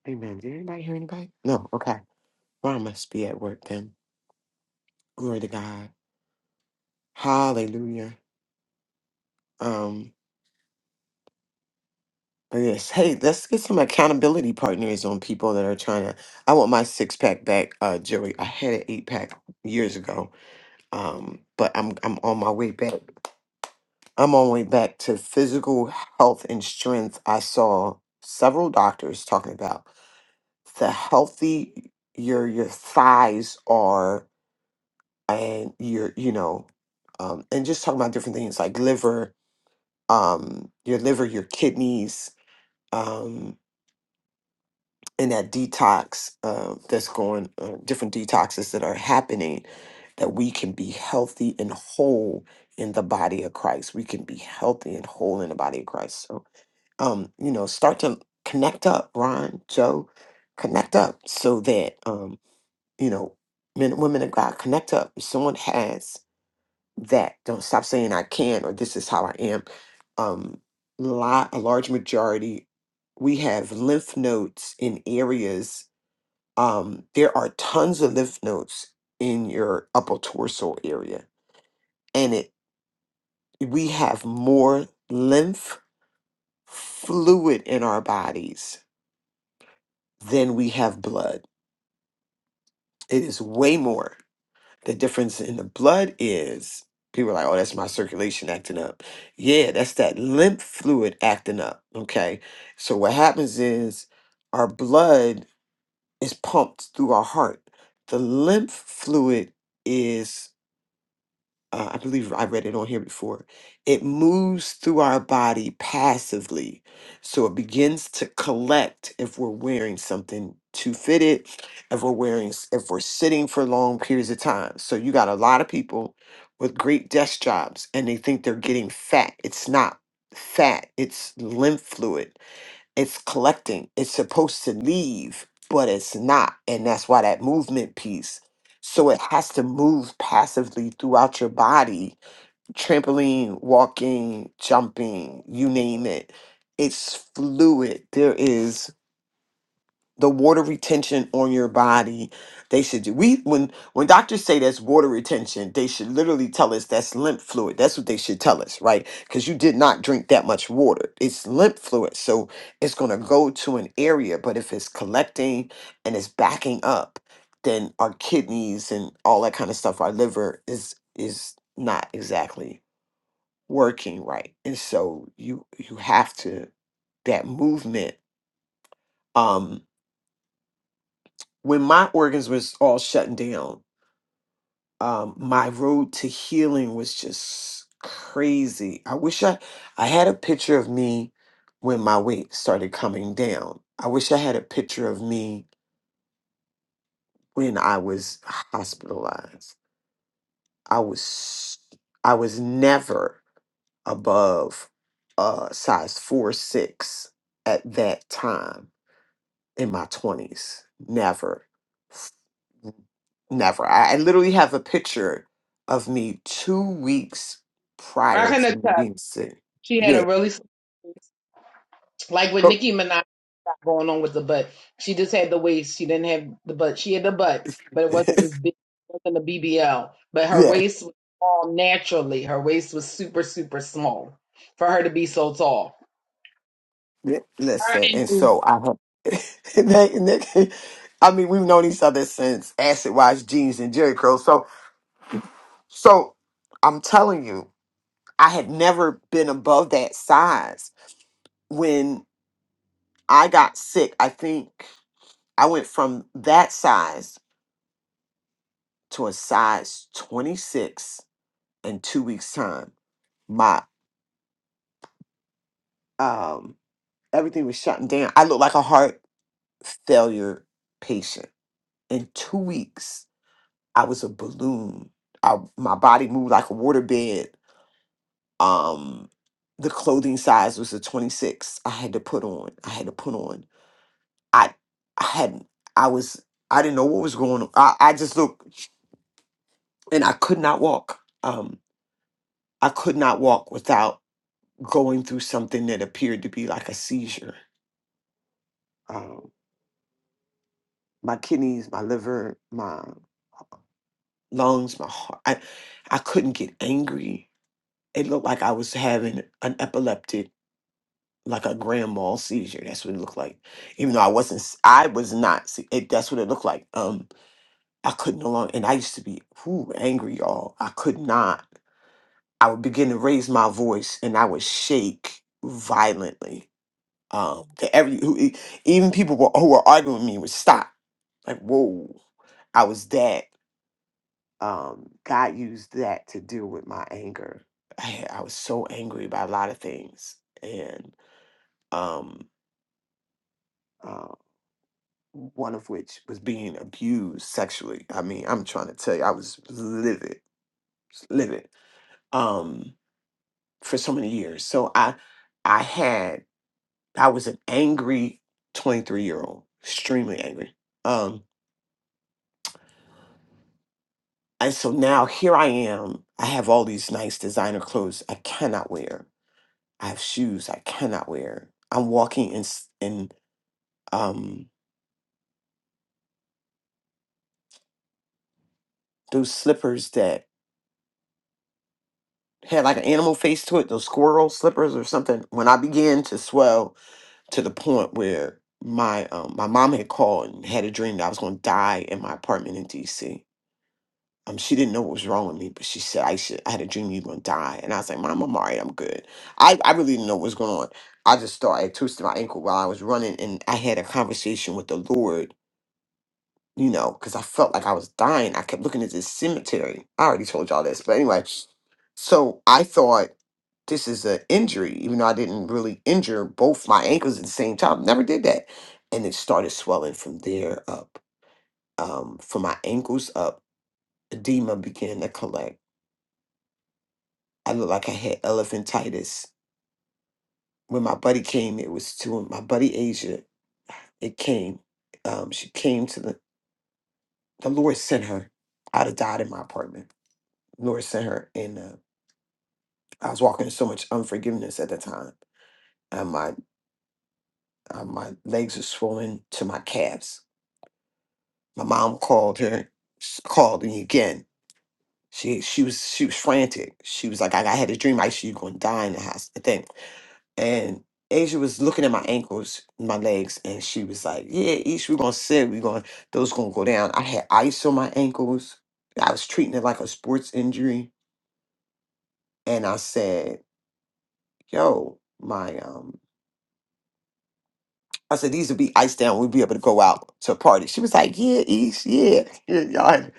Amen. Did anybody hear anybody? No. Okay. Well, I must be at work then. Glory to God. Hallelujah. Um. But yes. Hey, let's get some accountability partners on people that are trying to. I want my six pack back, uh, Joey. I had an eight pack years ago. Um. But I'm I'm on my way back. I'm on my way back to physical health and strength. I saw several doctors talking about the healthy your your thighs are and your you know um and just talking about different things like liver um your liver your kidneys um and that detox uh, that's going uh, different detoxes that are happening that we can be healthy and whole in the body of christ we can be healthy and whole in the body of christ so um you know start to connect up ron joe connect up so that um you know men and women of god connect up if someone has that. Don't stop saying I can or this is how I am. Um, lot, a large majority, we have lymph nodes in areas. Um, there are tons of lymph nodes in your upper torso area, and it we have more lymph fluid in our bodies than we have blood. It is way more. The difference in the blood is people are like, oh, that's my circulation acting up. Yeah, that's that lymph fluid acting up. Okay. So what happens is our blood is pumped through our heart. The lymph fluid is uh, I believe I read it on here before. It moves through our body passively. So it begins to collect if we're wearing something too fitted, if we're wearing, s- if we're sitting for long periods of time. So you got a lot of people with great desk jobs and they think they're getting fat. It's not fat, it's lymph fluid it's collecting. It's supposed to leave, but it's not. And that's why that movement piece. So it has to move passively throughout your body trampoline, walking, jumping, you name it. It's fluid. There is the water retention on your body they should do we when when doctors say that's water retention they should literally tell us that's lymph fluid that's what they should tell us right because you did not drink that much water it's lymph fluid so it's going to go to an area but if it's collecting and it's backing up then our kidneys and all that kind of stuff our liver is is not exactly working right and so you you have to that movement um, when my organs was all shutting down um my road to healing was just crazy i wish i i had a picture of me when my weight started coming down i wish i had a picture of me when i was hospitalized i was i was never above uh size four six at that time in my 20s never Never. I, I literally have a picture of me two weeks prior to me being sick. She had a Yeah. really. Like with Go. Nicki Minaj got going on with the butt. She just had the waist. She didn't have the butt. She had the butt, but *laughs* it wasn't as big. It wasn't a BBL. But her yeah. waist was all naturally. Her waist was super, super small for her to be so tall. yeah, Her Listen. And and so I have. *laughs* and they- and they- *laughs* I mean, we've known each other since Acid Wash Jeans and Jerry Curl. So, so I'm telling you, I had never been above that size. When I got sick, I think I went from that size to a size 26 in two weeks' time. My um everything was shutting down. I looked like a heart failure patient. In two weeks, I was a balloon. I my body moved like a water bed. Um the clothing size was a 26 I had to put on. I had to put on. I I hadn't I was I didn't know what was going on. I, I just looked and I could not walk. Um I could not walk without going through something that appeared to be like a seizure Um, my kidneys, my liver, my lungs, my heart. I, I couldn't get angry. It looked like I was having an epileptic, like a grand mal seizure. That's what it looked like. Even though I wasn't, s- I was not. se- It, that's what it looked like. Um, I couldn't no longer, and I used to be whew, angry, y'all. I could not. I would begin to raise my voice, and I would shake violently. Um, to every who, e- even people were, who were arguing with me would stop. Like, whoa, I was that. um, God used that to deal with my anger. I, had- I was so angry about a lot of things, and um, uh, one of which was being abused sexually. I mean, I'm trying to tell you, I was livid, s- livid um, for so many years. So I, I had, I was an angry 23 year old, extremely angry. Um, and so now here I am. I have all these nice designer clothes I cannot wear I have shoes I cannot wear. I'm walking in s- in um those slippers that had like an animal face to it, those squirrel slippers or something. When I began to swell to the point where my um, my mom had called and had a dream that I was going to die in my apartment in D.C. Um, she didn't know what was wrong with me, but she said I should. I had a dream you were going to die, and I was like, "Mom, I'm all right. I'm good." I I really didn't know what was going on. I just thought I had twisted my ankle while I was running, and I had a conversation with the Lord you know, because I felt like I was dying. I kept looking at this cemetery. I already told y'all this, but anyway, so I thought this is an injury, even though I didn't really injure both my ankles at the same time. Never did that, and it started swelling from there up, um, from my ankles up. Edema began to collect. I looked like I had elephantitis. When my buddy came, it was to my buddy Asia. It came. Um, she came to the. The Lord sent her. I'd have died in my apartment. Lord sent her, and. uh, I was walking in so much unforgiveness at the time. And my uh, my legs were swollen to my calves. My mom called her, s- called me again. She she was she was frantic. She was like, I, I had a dream. I see you going to die in the house. I think. And Asia was looking at my ankles, my legs, and she was like, Yeah, Ish, we're gonna sit. We're gonna those gonna go down. I had ice on my ankles. I was treating it like a sports injury. And I said, Yo, my um I said, these would be iced down. We'd be able to go out to a party. She was like, yeah, East, yeah, yeah, y'all.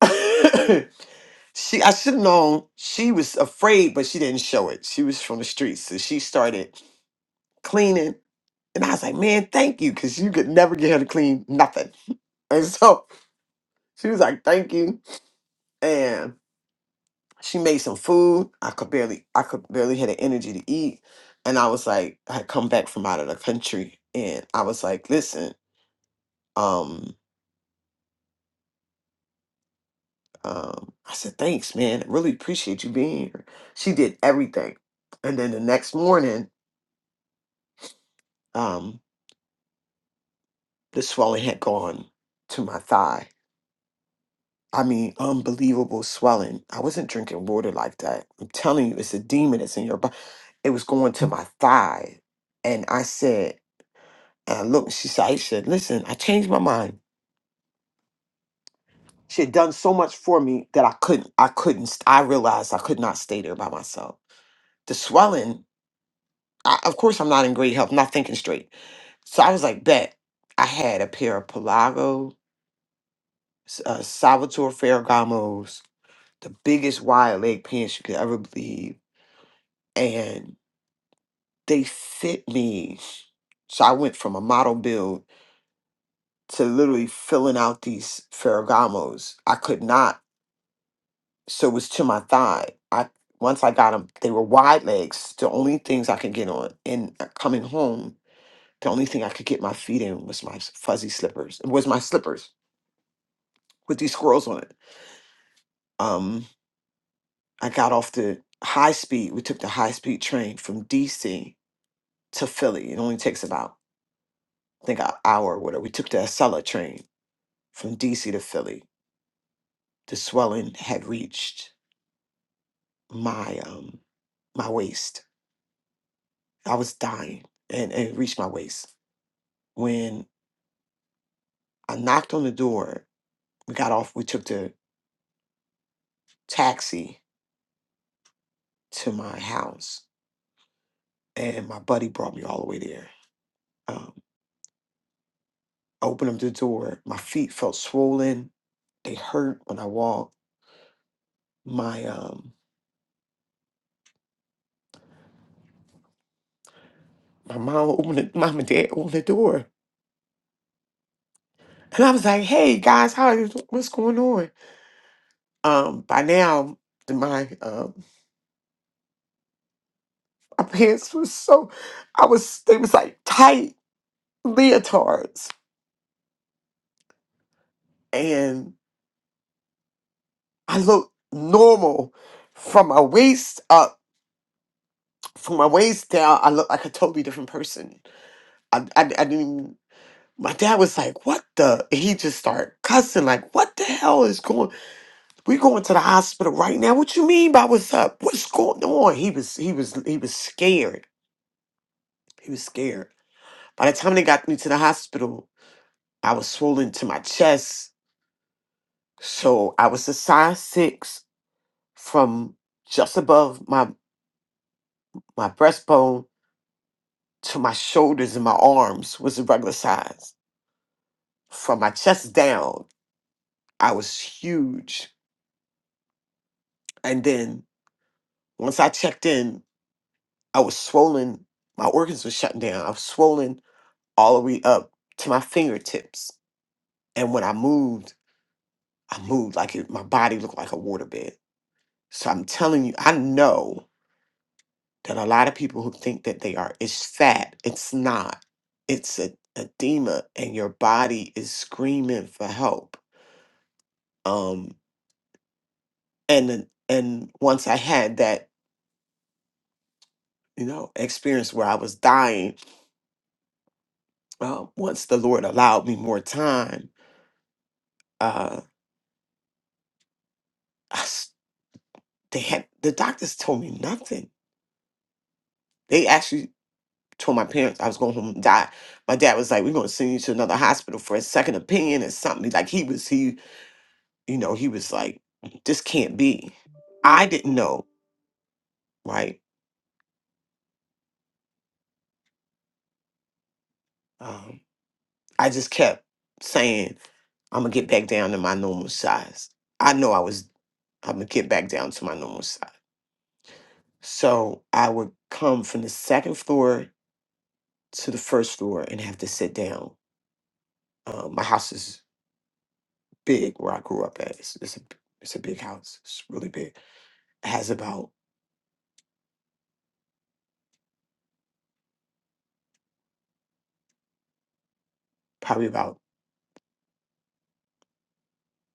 *laughs* *coughs* she, I should have known she was afraid, but she didn't show it. She was from the streets. So she started cleaning. And I was like, man, thank you. Cause you could never get her to clean nothing. *laughs* And so she was like, thank you. And she made some food. I could barely, I could barely had the energy to eat. And I was like, I had come back from out of the country. And I was like, listen, um, um, I said, thanks, man. I really appreciate you being here. She did everything. And then the next morning, um, the swelling had gone to my thigh. I mean, unbelievable swelling. I wasn't drinking water like that. I'm telling you, it's a demon that's in your body. It was going to my thigh. And I said, and I looked, she said, I said, listen, I changed my mind. She had done so much for me that I couldn't, I couldn't, st- I realized I could not stay there by myself. The swelling, I, of course, I'm not in great health, not thinking straight So I was like, bet. I had a pair of Pelago, uh, Salvatore Ferragamo's, the biggest wide leg pants you could ever believe. And they fit me. So I went from a model build to literally filling out these Ferragamos. I could not, so it was to my thigh. I Once I got them, they were wide legs, the only things I could get on. And uh, coming home, the only thing I could get my feet in was my s- fuzzy slippers, was my slippers with these squirrels on it. um, I got off the high speed. We took the high speed train from DC to Philly. It only takes about, I think, an hour or whatever. We took the Acela train from DC to Philly. The swelling had reached my um, my waist. I was dying, and, and it reached my waist. When I knocked on the door, we got off. We took the taxi to my house, and my buddy brought me all the way there. Um, I opened up the door. My feet felt swollen They hurt when I walked. My um my mom *laughs* opened the, mom and dad opened the door. And I was like, hey guys, how is what's going on? Um by now my um *laughs* my pants was so I was they was like tight leotards. And I looked normal from my waist up, from my waist down, I looked like a totally different person. I I, I didn't even my dad was like, "What the?" and he just started cussing, like, "What the hell is going?" We going to the hospital right now. What you mean by what's up? What's going on? He was he was he was scared. He was scared. By the time they got me to the hospital, I was swollen to my chest. So I was a size six from just above my my breastbone to my shoulders and my arms was a regular size. From my chest down, I was huge. And then once I checked in, I was swollen. My organs were shutting down. I was swollen all the way up to my fingertips. And when I moved, I moved like it, my body looked like a waterbed. So I'm telling you, I know that a lot of people who think that they are, it's fat. It's not. It's a edema, and your body is screaming for help. Um, and then- and once I had that, you know, experience where I was dying, uh, once the Lord allowed me more time, uh, I s they had the doctors told me nothing. They actually told my parents I was going home and die. My dad was like, "We're going to send you to another hospital for a second opinion or something." Like he was, he, you know, he was like, "This can't be." I didn't know, right? Um, I just kept saying, "I'm gonna get back down to my normal size." I know I was. I'm gonna get back down to my normal size. So I would come from the second floor to the first floor and have to sit down. Um, my house is big where I grew up at. It's, it's a it's a big house. It's really big. It has about probably about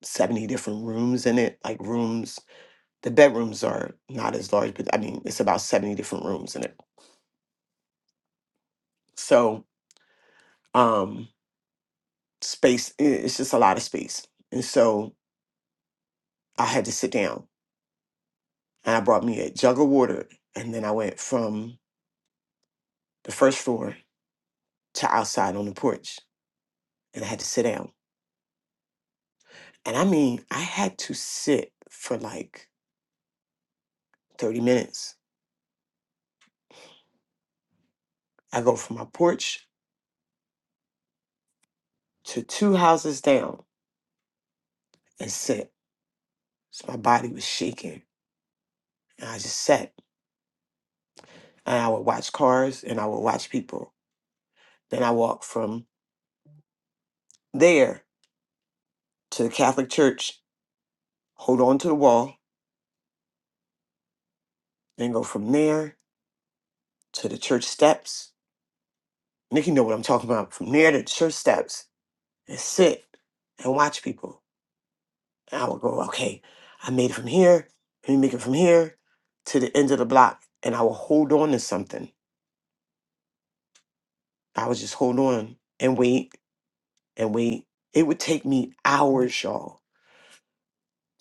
70 different rooms in it. Like rooms, the bedrooms are not as large, but I mean, it's about 70 different rooms in it. So, um, space, i- it's just a lot of space. And so I had to sit down and I brought me a jug of water. And then I went from the first floor to outside on the porch and I had to sit down. And I mean, I had to sit for like 30 minutes. I go from my porch to two houses down and sit. So my body was shaking And I just sat and I would watch cars and I would watch people. Then I walked from there to the Catholic church, hold on to the wall, then go from there to the church steps. Nikki know what I'm talking about. From there to the church steps and sit and watch people. And I would go, okay, I made it from here. Let me make it from here to the end of the block. And I would hold on to something. I would just hold on and wait and wait. It would take me hours, y'all,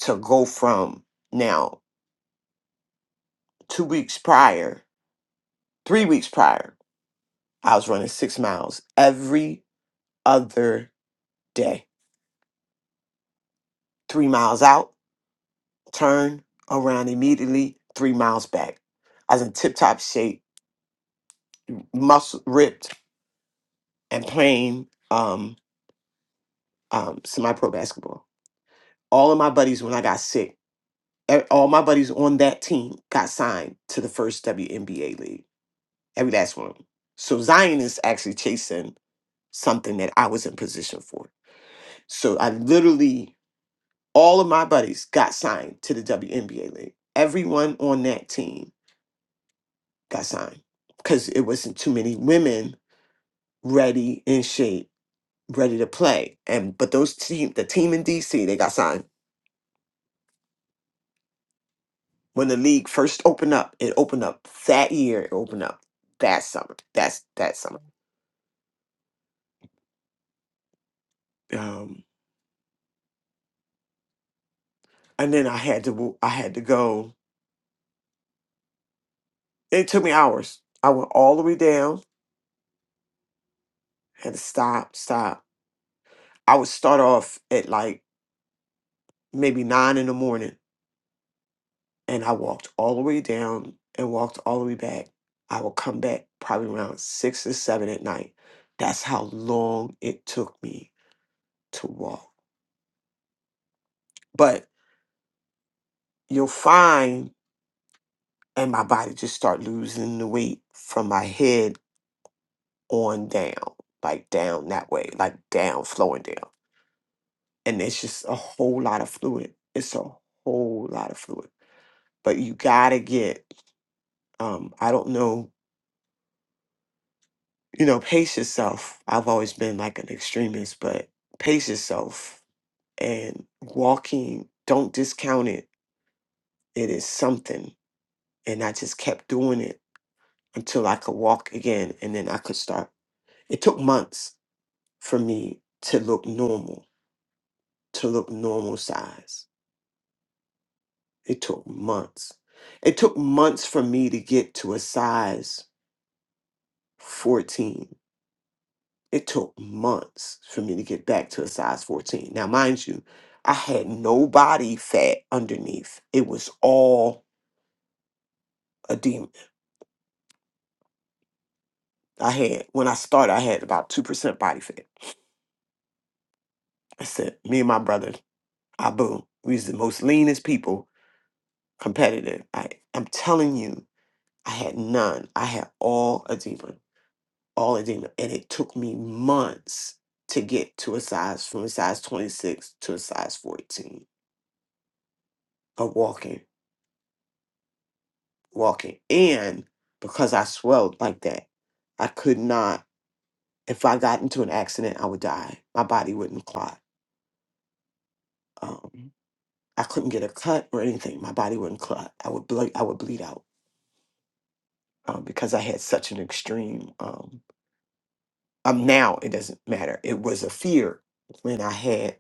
to go from now. two weeks prior, three weeks prior, I was running six miles every other day. Three miles out, turn around immediately, three miles back. I was in tip top shape, muscle ripped, and playing um, um, semi pro basketball. All of my buddies, when I got sick, e- all my buddies on that team got signed to the first WNBA league, every last one. of 'em. So Zion is actually chasing something that I was in position for. So I literally All of my buddies got signed to the WNBA league. Everyone on that team got signed because it wasn't too many women ready in shape, ready to play. And but those team, the team in DC, they got signed when the league first opened up. It opened up that year. It opened up that summer. That's that summer. Um, and then I had to w- I had to go. It took me hours. I went all the way down. Had to stop, stop. I would start off at like maybe nine in the morning and I walked all the way down and walked all the way back. I would come back probably around six or seven at night. That's how long it took me to walk. But you'll find, and my body just start losing the weight from my head on down, like down that way, like down, flowing down. And it's just a whole lot of fluid. It's a whole lot of fluid. But you gotta get, um, I don't know you know, pace yourself. I've always been like an extremist, but pace yourself and walking, don't discount it. It is something. And I just kept doing it until I could walk again and then I could start. It took months for me to look normal, to look normal size. It took months. It took months for me to get to a size 14 It took months for me to get back to a size 14. Now, mind you, I had no body fat underneath. It was all edema. I had, when I started, I had about 2% body fat. I said, me and my brother, Abu, we was the most leanest people competitive. I, I'm telling you, I had none. I had all edema, all edema. And it took me months to get to a size, from a size 26 to a size 14 of walking. walking. And because I swelled like that, I could not, if I got into an accident, I would die. My body wouldn't clot. Um, I couldn't get a cut or anything. My body wouldn't clot. I would bleed, I would bleed out um, because I had such an extreme, um, um, now it doesn't matter. It was a fear when I had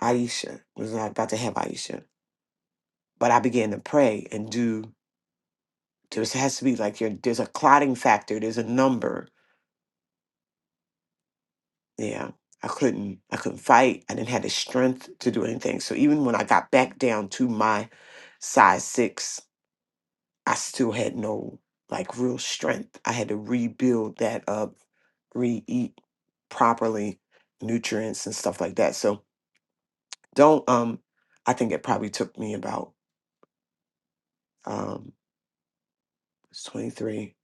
Aisha, was I about to have Aisha, but I began to pray and do, There has to be like, your, there's a clotting factor, there's a number Yeah. I couldn't I couldn't fight. I didn't have the strength to do anything. So even when I got back down to my size six, I still had no like real strength. I had to rebuild that up, re eat properly, nutrients and stuff like that. So don't um I think it probably took me about um it's 23.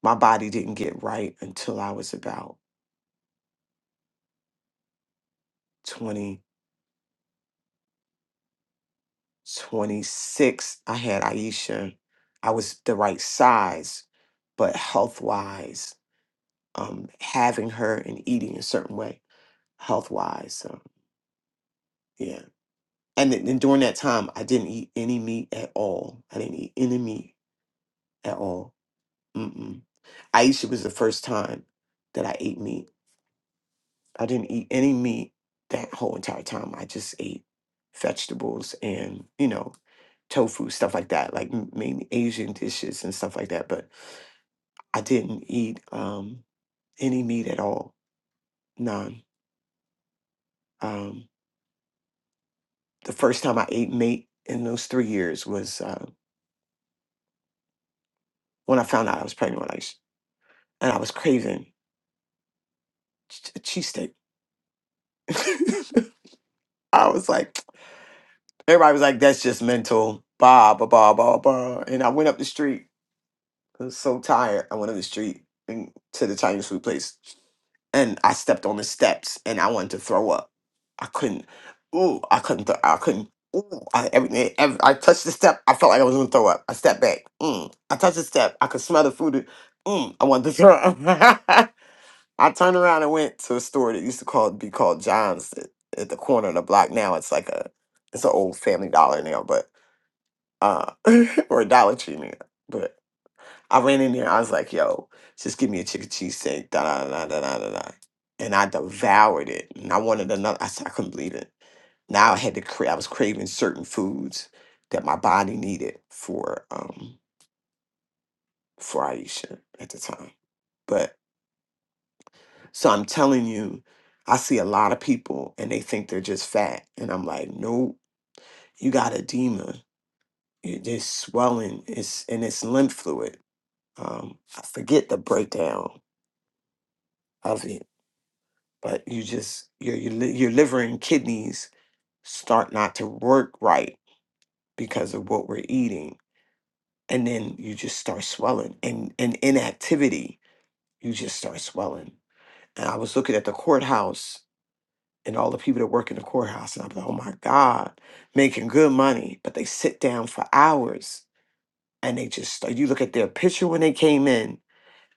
My body didn't get right until I was about 26, I had Aisha. I was the right size, but health wise, um, having her and eating a certain way, health wise. Um, yeah. And then and during that time, I didn't eat any meat at all. I didn't eat any meat at all. Mm-mm. Aisha was the first time that I ate meat. I didn't eat any meat that whole entire time. I just ate vegetables and, you know, tofu, stuff like that, like m- mainly Asian dishes and stuff like that. But I didn't eat um, any meat at all, none. Um, the first time I ate meat in those three years was uh, when I found out I was pregnant, when I s- and I was craving ch- a cheesesteak. *laughs* I was like, *tsk* everybody was like, "That's just mental." Blah blah blah blah blah. And I went up the street. I was so tired. I went up the street and to the Chinese food place. and I stepped on the steps and I wanted to throw up. I couldn't. Ooh, I couldn't. Th- I couldn't. Ooh, I, every, eh, every, I touched the step. I felt like I was gonna throw up. I stepped back. Mm, I touched the step. I could smell the food. Mm, I wanted to throw up. *laughs* I turned around and went to a store that used to call be called John's at, at the corner of the block. Now it's like a it's an old Family Dollar now, but uh, *laughs* or a Dollar Tree now. but. I ran in there. I was like, "Yo, just give me a chicken cheesesteak." Da da da da da da da. And I devoured it, and I wanted another. I, said, I couldn't believe it. Now I had to. Cra- I was craving certain foods that my body needed for um for Aisha at the time. But so I'm telling you, I see a lot of people, and they think they're just fat, and I'm like, "Nope, you got edema. You- There's swelling. It's and it's lymph fluid." Um, I forget the breakdown of it but you just your your, li- your liver and kidneys start not to work right because of what we're eating and then you just start swelling and and inactivity you just start swelling and i was looking at the courthouse and all the people that work in the courthouse and i'm like oh my god making good money but they sit down for hours and they just start, you look at their picture when they came in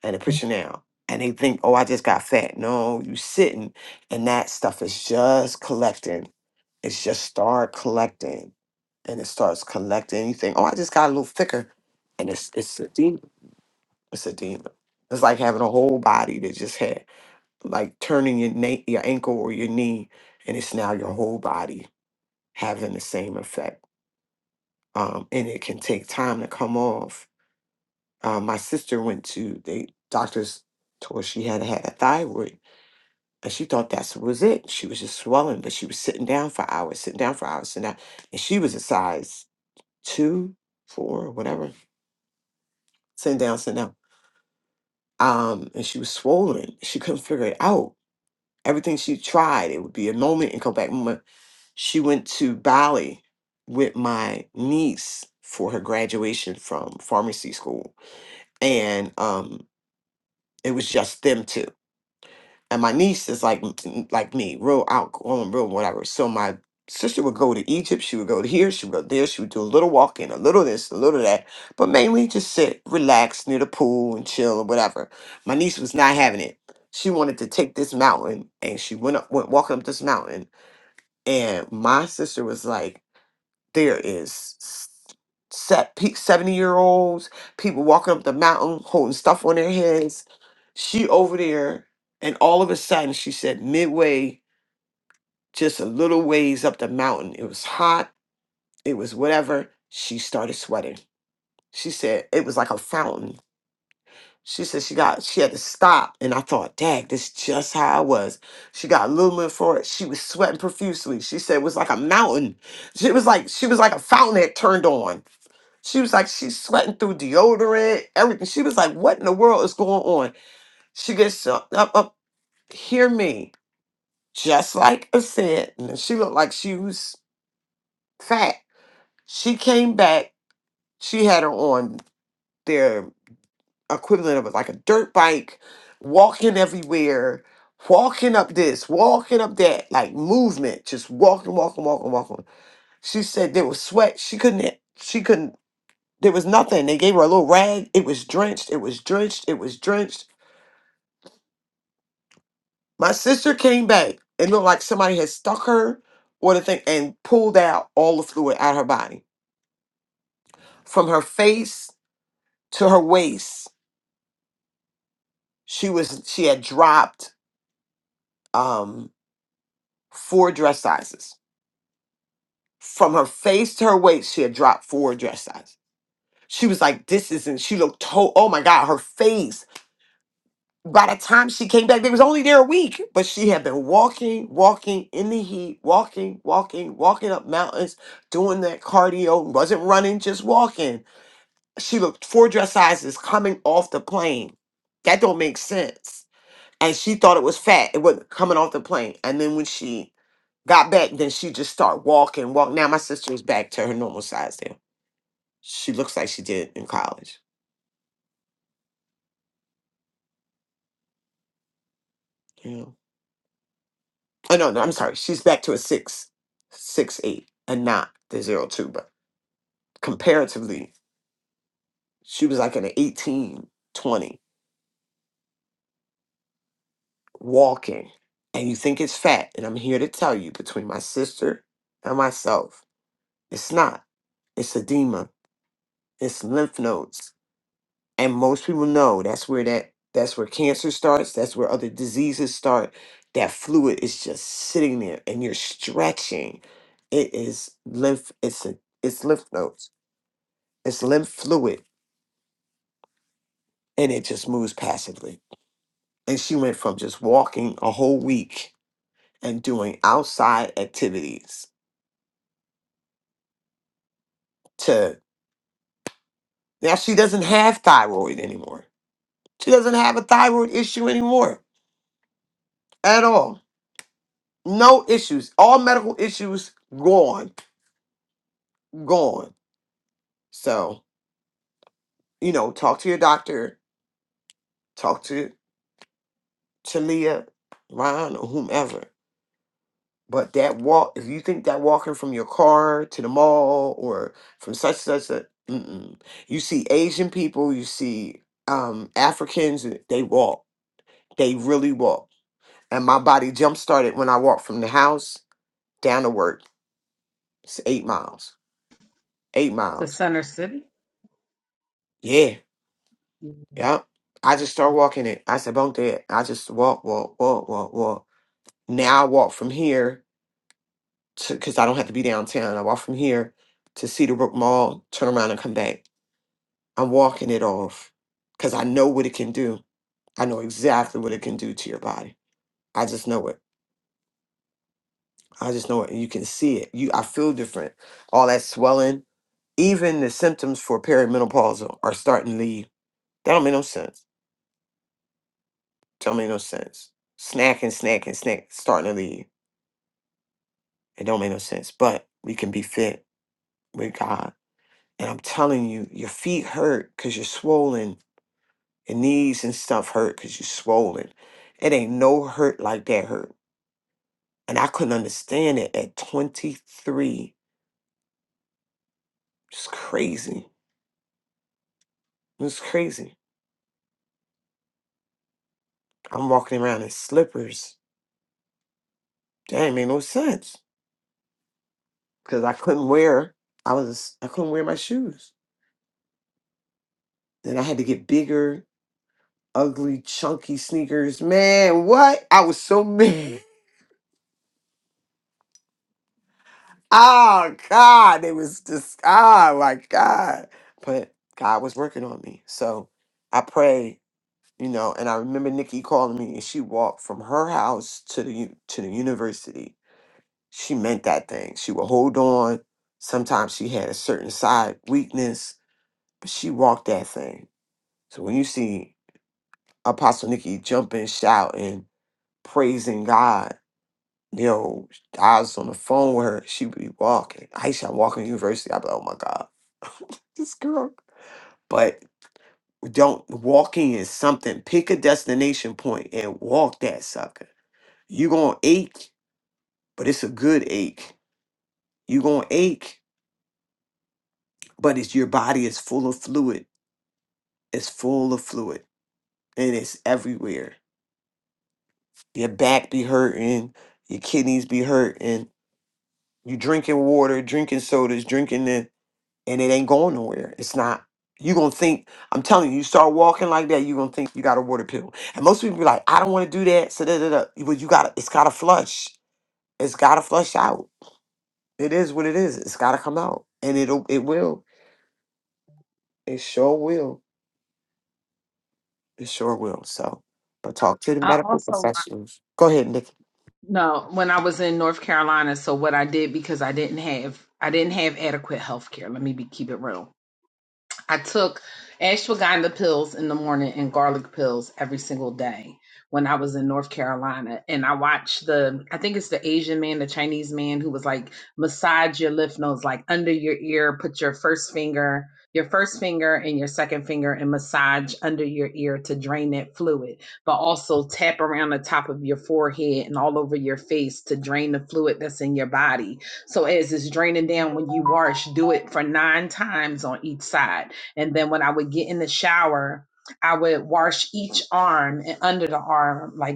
and the picture now and they think oh i just got fat no you sitting and that stuff is just collecting It's just start collecting, and it starts collecting. You think, oh, I just got a little thicker, and it's it's a demon. It's a demon. It's like having a whole body that just had like turning your na- your ankle or your knee, and it's now your whole body having the same effect. Um, and it can take time to come off. Uh, my sister went to the doctors told her she had had a thyroid, and she thought that was it. She was just swelling, but she was sitting down for hours, sitting down for hours, sitting down, and she was a size. two, four, whatever, sitting down, sitting down. Um, and she was swollen. She couldn't figure it out. Everything she tried, it would be a moment and come back. moment. She went to Bali with my niece for her graduation from pharmacy school, and um, it was just them two. and my niece is like like me, real outgoing, real whatever. So my sister would go to Egypt, she would go to here, she would go there, she would do a little walking, a little this, a little that, but mainly just sit, relax near the pool and chill or whatever. My niece was not having it. She wanted to take this mountain, and she went up, went walking up this mountain, and my sister was like there is set 70 year olds people walking up the mountain holding stuff on their heads she over there and all of a sudden she said midway just a little ways up the mountain it was hot it was whatever she started sweating she said it was like a fountain she said she got she had to stop and i thought dang this just how i was she got a little bit for it she was sweating profusely she said it was like a mountain she was like she was like a fountain had turned on She was like, she's sweating through deodorant, everything. She was like, what in the world is going on? She gets up, up, up hear me, just like I said. And she looked like she was fat. She came back, she had her on their equivalent of like a dirt bike, walking everywhere, walking up this, walking up that, like movement, just walking, walking, walking, walking. She said there was sweat. She couldn't, she couldn't There was nothing. They gave her a little rag. It was drenched. It was drenched. It was drenched. My sister came back. It looked like somebody had stuck her or the thing and pulled out all the fluid out of her body. From her face to her waist, she was she had dropped um four dress sizes. From her face to her waist, she had dropped four dress sizes. She was like, this isn't, she looked to oh my God, her face. by the time she came back, they was only there a week, but she had been walking, walking in the heat, walking, walking, walking up mountains, doing that cardio, wasn't running, just walking. She looked four dress sizes coming off the plane. That don't make sense. And she thought it was fat. It wasn't coming off the plane. And then when she got back, then she just started walking, walk. Now my sister is back to her normal size now. She looks like she did in college. You know? Oh no, no, I'm sorry. She's back to a six, six eight, and not the zero two. But comparatively, she was like in an 18, 20 walking. And you think it's fat, and I'm here to tell you, between my sister and myself, it's not. It's edema. It's lymph nodes, and most people know that's where that that's where cancer starts. That's where other diseases start. That fluid is just sitting there, and you're stretching. It is lymph. It's a, it's lymph nodes It's lymph fluid and it just moves passively. And she went from just walking a whole week and doing outside activities to now she doesn't have thyroid anymore. She doesn't have a thyroid issue anymore at all. No issues. All medical issues gone, gone. So, you know, talk to your doctor, talk to Talia, Ron, or whomever But that walk, if you think that walking from your car to the mall or from such such a, mm-mm. you see Asian people, you see um, Africans, uh, they walk. They really walk. And my body jump started when I walked from the house down to work. It's eight miles. Eight to miles. Center City. Yeah. Yep. I just start walking it. I said, "Bunk that." I just walk, walk, walk, walk, walk. Now I walk from here to because I don't have to be downtown. I walk from here to Cedarbrook Mall, turn around and come back I'm walking it off because I know what it can do. I know exactly what it can do to your body. I just know it. I just know it. And you can see it. You I feel different. All that swelling, even the symptoms for perimenopausal are starting to leave. That don't make no sense. Don't make no sense. Snacking, snacking, snack starting to leave. It don't make no sense. But we can be fit with God. And I'm telling you, your feet hurt because you're swollen. Your knees and stuff hurt because you're swollen. It ain't no hurt like that hurt. And I couldn't understand it at 23. It's crazy. It's crazy. I'm walking around in slippers. That ain't made no sense. Cause I couldn't wear I was I couldn't wear my shoes. Then I had to get bigger, ugly, chunky sneakers. Man, what? I was so mad. *laughs* Oh God. It was just oh my God. But God was working on me. So I pray you know and i remember nikki calling me and she walked from her house to the u- to the university she meant that thing she would hold on sometimes she had a certain side weakness but she walked that thing so when you see apostle nikki jumping shouting praising god you know i was on the phone with her she would be walking aisha i'm walking to university i'd be like oh my god *laughs* this girl but don't walking is something pick a destination point and walk that sucker You're gonna ache, but it's a good ache. You're gonna ache, but it's your body is full of fluid. It's full of fluid and it's everywhere. Your back be hurting, your kidneys be hurting, you drinking water, drinking sodas, drinking it, and it ain't going nowhere. It's not. You're gonna think, I'm telling you, you start walking like that, you're gonna think you got a water pill. And most people be like, I don't wanna do that. So da da da. But you gotta it's gotta flush. It's gotta flush out. It is what it is. It's gotta come out. And it'll it will. It sure will. It sure will. So, but talk to the I medical also professionals. Go ahead, Nikki. no when I was in North Carolina. So what I did because I didn't have I didn't have adequate health care. Let me be keep it real. I took ashwagandha pills in the morning and garlic pills every single day when I was in North Carolina. And I watched the, I think it's the Asian man, the Chinese man who was like, massage your lymph nodes, like under your ear, put your first finger, your first finger and your second finger and massage under your ear to drain that fluid, but also tap around the top of your forehead and all over your face to drain the fluid that's in your body. So as it's draining down when you wash, do it for nine times on each side and then when I would get in the shower, I would wash each arm and under the arm, like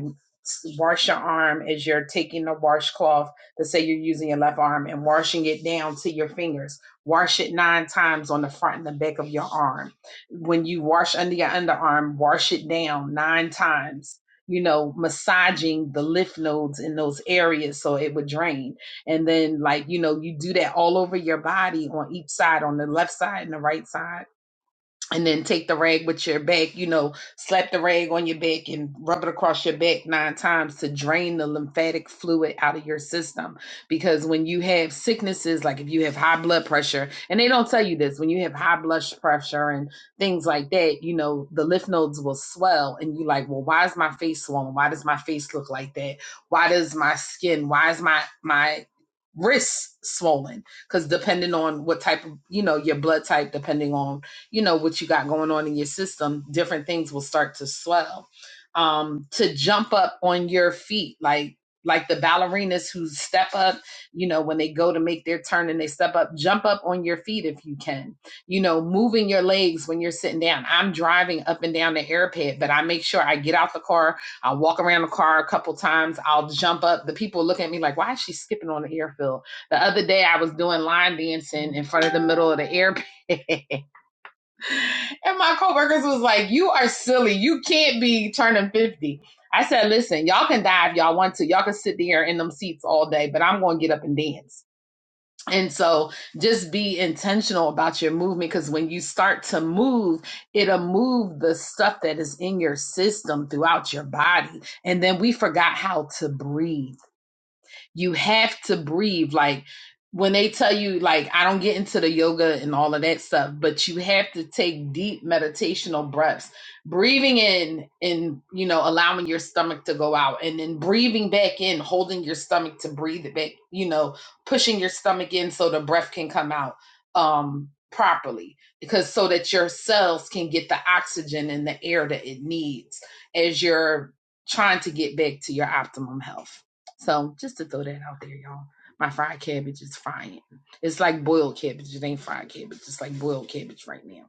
wash your arm as you're taking the washcloth Let's say you're using your left arm and washing it down to your fingers. Wash it nine times on the front and the back of your arm. When you wash under your underarm, wash it down nine times. You know, massaging the lymph nodes in those areas so it would drain. And then, like, you know, you do that all over your body on each side, on the left side and the right side and then take the rag with your back, you know, slap the rag on your back and rub it across your back nine times to drain the lymphatic fluid out of your system. Because when you have sicknesses, like if you have high blood pressure, and they don't tell you this, when you have high blood pressure and things like that, you know, the lymph nodes will swell and you like, well, why is my face swollen? Why does my face look like that? Why does my skin, why is my, my, wrists swollen because depending on what type of you know your blood type depending on you know what you got going on in your system different things will start to swell um to jump up on your feet like like the ballerinas who step up you know when they go to make their turn and they step up jump up on your feet if you can you know moving your legs when you're sitting down i'm driving up and down the airpad but i make sure i get out the car i'll walk around the car a couple times i'll jump up the people look at me like why is she skipping on the airfield the other day i was doing line dancing in front of the middle of the airpad *laughs* And my coworkers was like, "You are silly. You can't be turning 50." I said, "Listen, y'all can die if y'all want to. Y'all can sit there in them seats all day, but I'm going to get up and dance." And so, just be intentional about your movement because when you start to move, it'll move the stuff that is in your system throughout your body. And then we forgot how to breathe. You have to breathe. Like when they tell you, like, I don't get into the yoga and all of that stuff, but you have to take deep meditational breaths, breathing in and, you know, allowing your stomach to go out and then breathing back in, holding your stomach to breathe it back, you know, pushing your stomach in so the breath can come out um, properly because so that your cells can get the oxygen and the air that it needs as you're trying to get back to your optimum health. So just to throw that out there, y'all. My fried cabbage is frying. It's like boiled cabbage. It ain't fried cabbage. It's like boiled cabbage right now.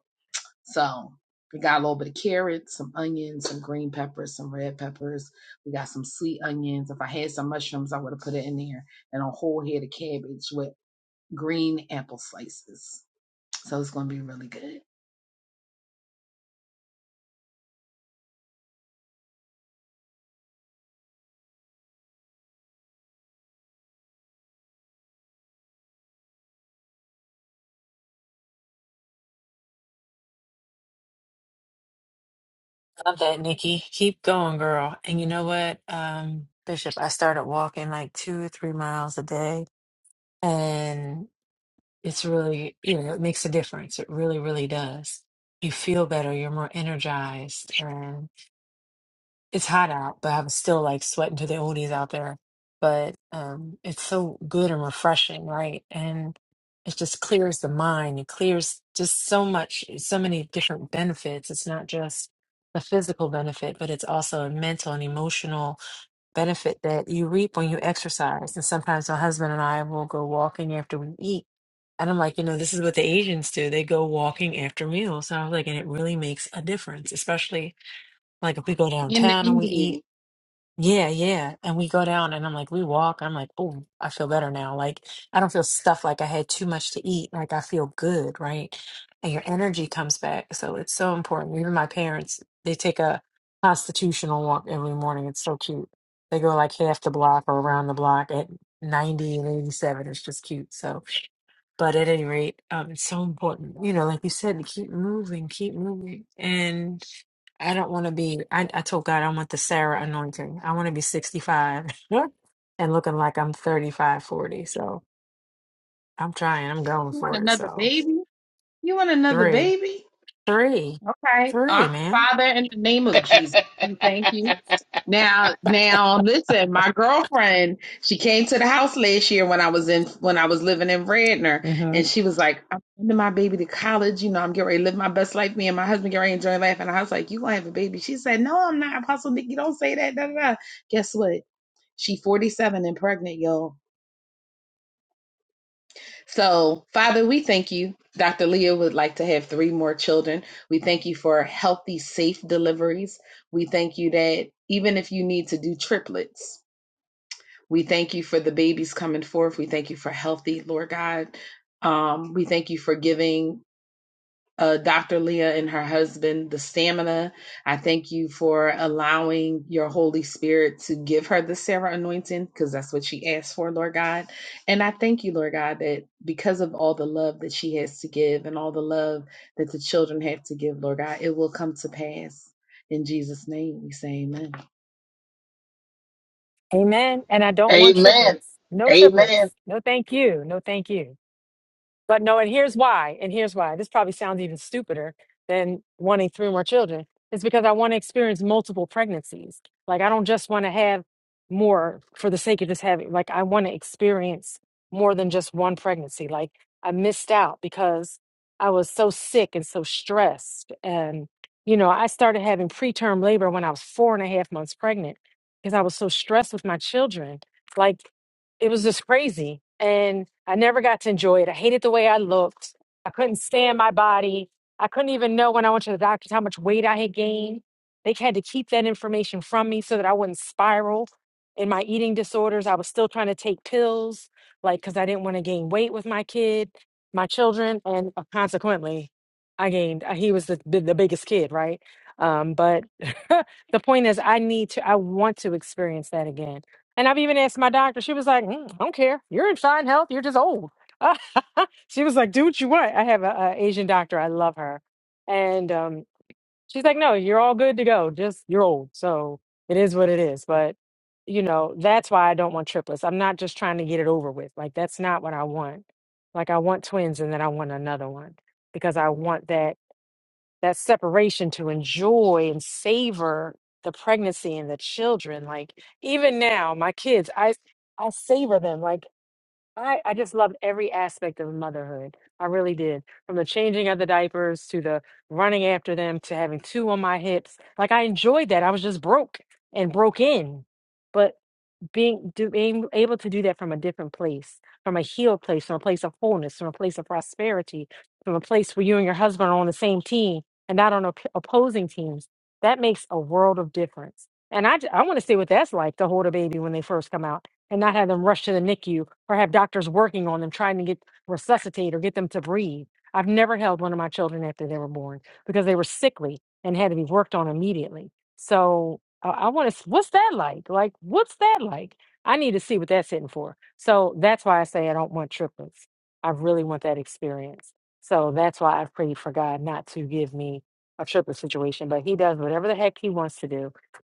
So we got a little bit of carrots, some onions, some green peppers, some red peppers. We got some sweet onions. If I had some mushrooms, I would have put it in there. And a whole head of cabbage with green apple slices. So it's gonna be really good. Love that, Nikki. Keep going, girl. And you know what, um, Bishop, I started walking like two or three miles a day, and it's really, you know, it makes a difference. It really, really does. You feel better, you're more energized, it's hot out, but I'm still like sweating to the oldies out there. But um, it's so good and refreshing, right? And it just clears the mind. It clears just so much, so many different benefits. It's not just the physical benefit, but it's also a mental and emotional benefit that you reap when you exercise. And sometimes my husband and I will go walking after we eat. And I'm like, you know, this is what the Asians do. They go walking after meals. And I was like, and it really makes a difference, especially like if we go In the downtown and we eat Indian, yeah, yeah. And we go down and I'm like, we walk. I'm like, oh, I feel better now. Like, I don't feel stuffed like I had too much to eat. Like, I feel good, right? And your energy comes back. So it's so important. Even my parents, they take a constitutional walk every morning. It's so cute. They go like half the block or around the block at 90 and 87. It's just cute. So, but at any rate, um, it's so important, you know, like you said, to keep moving, keep moving. And I don't want to be, I, I told God I want the Sarah anointing. I want to be 65 *laughs* and looking like I'm thirty-five, forty. So I'm trying, I'm going you want for it. another So baby? You want another three, baby? three, Okay. three, Our man. Father, in the name of Jesus, goal. we thank you. Now, now, listen. My girlfriend, she came to the house last year when I was in when I was living in Radnor, hmm and she was like, "I'm sending my baby to college. You know, I'm getting ready to live my best life. Me and my husband get ready to enjoy life." And I was like, "You gonna have a baby?" She said, "No, I'm not." Apostle Nikki, don't say that. Da, da, da. Guess what? She 47 and pregnant, y'all. So, Father, we thank you. Dr. Leah would like to have three more children. We thank you for healthy, safe deliveries. We thank you that even if you need to do triplets, we thank you for the babies coming forth. We thank you for healthy, Lord God. Um, we thank you for giving uh, Dr. Leah and her husband, the stamina. I thank you for allowing your Holy Spirit to give her the Sarah anointing because that's what she asked for, Lord God. And I thank you, Lord God, that because of all the love that she has to give and all the love that the children have to give, Lord God, it will come to pass. In Jesus' name, we say amen. Amen. And I *laughs* don't want Amen. triplets. No Amen. triplets. No, thank you. No, thank you. But no, and here's why, and here's why. This probably sounds even stupider than wanting three more children. It's because I want to experience multiple pregnancies. Like I don't just want to have more for the sake of just having, like I want to experience more than just one pregnancy. Like I missed out because I was so sick and so stressed. And, you know, I started having preterm labor when I was four and a half months pregnant because I was so stressed with my children. Like it was just crazy. And I never got to enjoy it. I hated the way I looked. I couldn't stand my body. I couldn't even know when I went to the doctor how much weight I had gained. They had to keep that information from me so that I wouldn't spiral in my eating disorders. I was still trying to take pills, like, because I didn't want to gain weight with my kid, my children. And uh, consequently, I gained, uh, he was the, the the biggest kid, right? Um, but *laughs* the point is, I need to, I want to experience that again and I've even asked my doctor. She was like, "Mm, I don't care. You're in fine health. You're just old. *laughs* she was like, do what you want. I have a, a Asian doctor. I love her. And um, she's like, no, you're all good to go. Just you're old. So it is what it is. But, you know, that's why I don't want triplets. I'm not just trying to get it over with. Like, that's not what I want. Like, I want twins and then I want another one because I want that that separation to enjoy and savor the pregnancy and the children like even now my kids i i savor them like i i just loved every aspect of motherhood i really did from the changing of the diapers to the running after them to having two on my hips like i enjoyed that i was just broke and broke in but being, do, being able to do that from a different place, from a healed place, from a place of wholeness, from a place of prosperity, from a place where you and your husband are on the same team and not on op- opposing teams, that makes a world of difference. And I, j- I want to see what that's like to hold a baby when they first come out and not have them rush to the NICU or have doctors working on them trying to get resuscitate or get them to breathe. I've never held one of my children after they were born because they were sickly and had to be worked on immediately. So I, I want to. What's that like? Like, what's that like? I need to see what that's hitting for. So that's why I say I don't want triplets. I really want that experience. So that's why I've prayed for God not to give me a triplet situation. But He does whatever the heck He wants to do.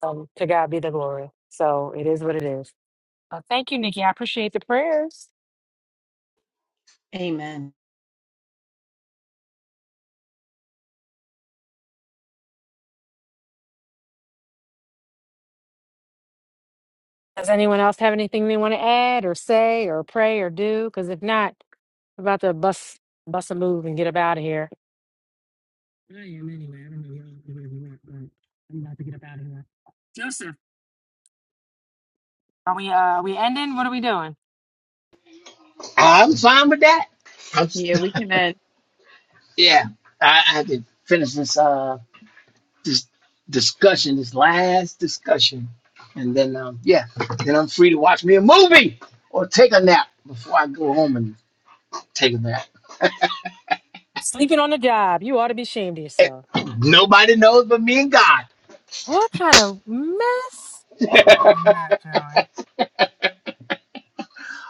Um, to God be the glory. So it is what it is. Uh, thank you, Nikki. I appreciate the prayers. Amen. Does anyone else have anything they want to add or say or pray or do? Because if not, we're about to bust bust a move and get up out of here. I am anyway. I don't know where where we went, but I'm about to get up out of here. Joseph, Are we uh are we ending? What are we doing? I'm fine with that. I'm. Yeah, we *laughs* can. end. Yeah, I, I had to finish this uh this discussion, this last discussion, and then um yeah, then I'm free to watch me a movie or take a nap before I go home and take a nap. *laughs* Sleeping on the job. You ought to be ashamed of Eh, yourself. Nobody knows but me and God. What kind of mess? You're *laughs* a nut, Joey.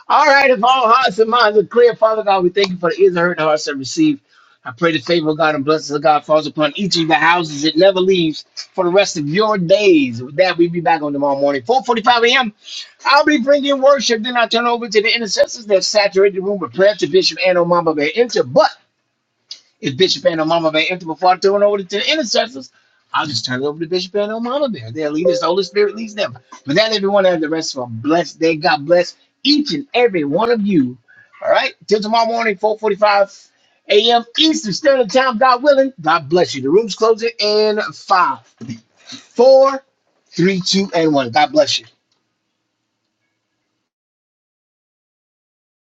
All right, if all hearts and minds are clear, Father God, we thank you for the ears that heard, the hearts that received. I pray the favor of God and blessings of God falls upon each of the houses. It never leaves for the rest of your days. With that, we'll be back on tomorrow morning, 4.45 a.m. I'll be bringing worship. Then I'll turn over to the intercessors that saturate the room with prayer to Bishop and Omama Bear Enter. But it's Bishop and Mama Bear empty before I turn it over to the intercessors. I'll just turn it over to Bishop and Mama Bear. They'll lead us. The Holy Spirit leads them. But that everyone has the rest of a blessed day. God bless each and every one of you. All right. Till tomorrow morning, 4:45 a.m. Eastern Standard Time. God willing. God bless you. The room's closing in five, four, three, two, and one. God bless you.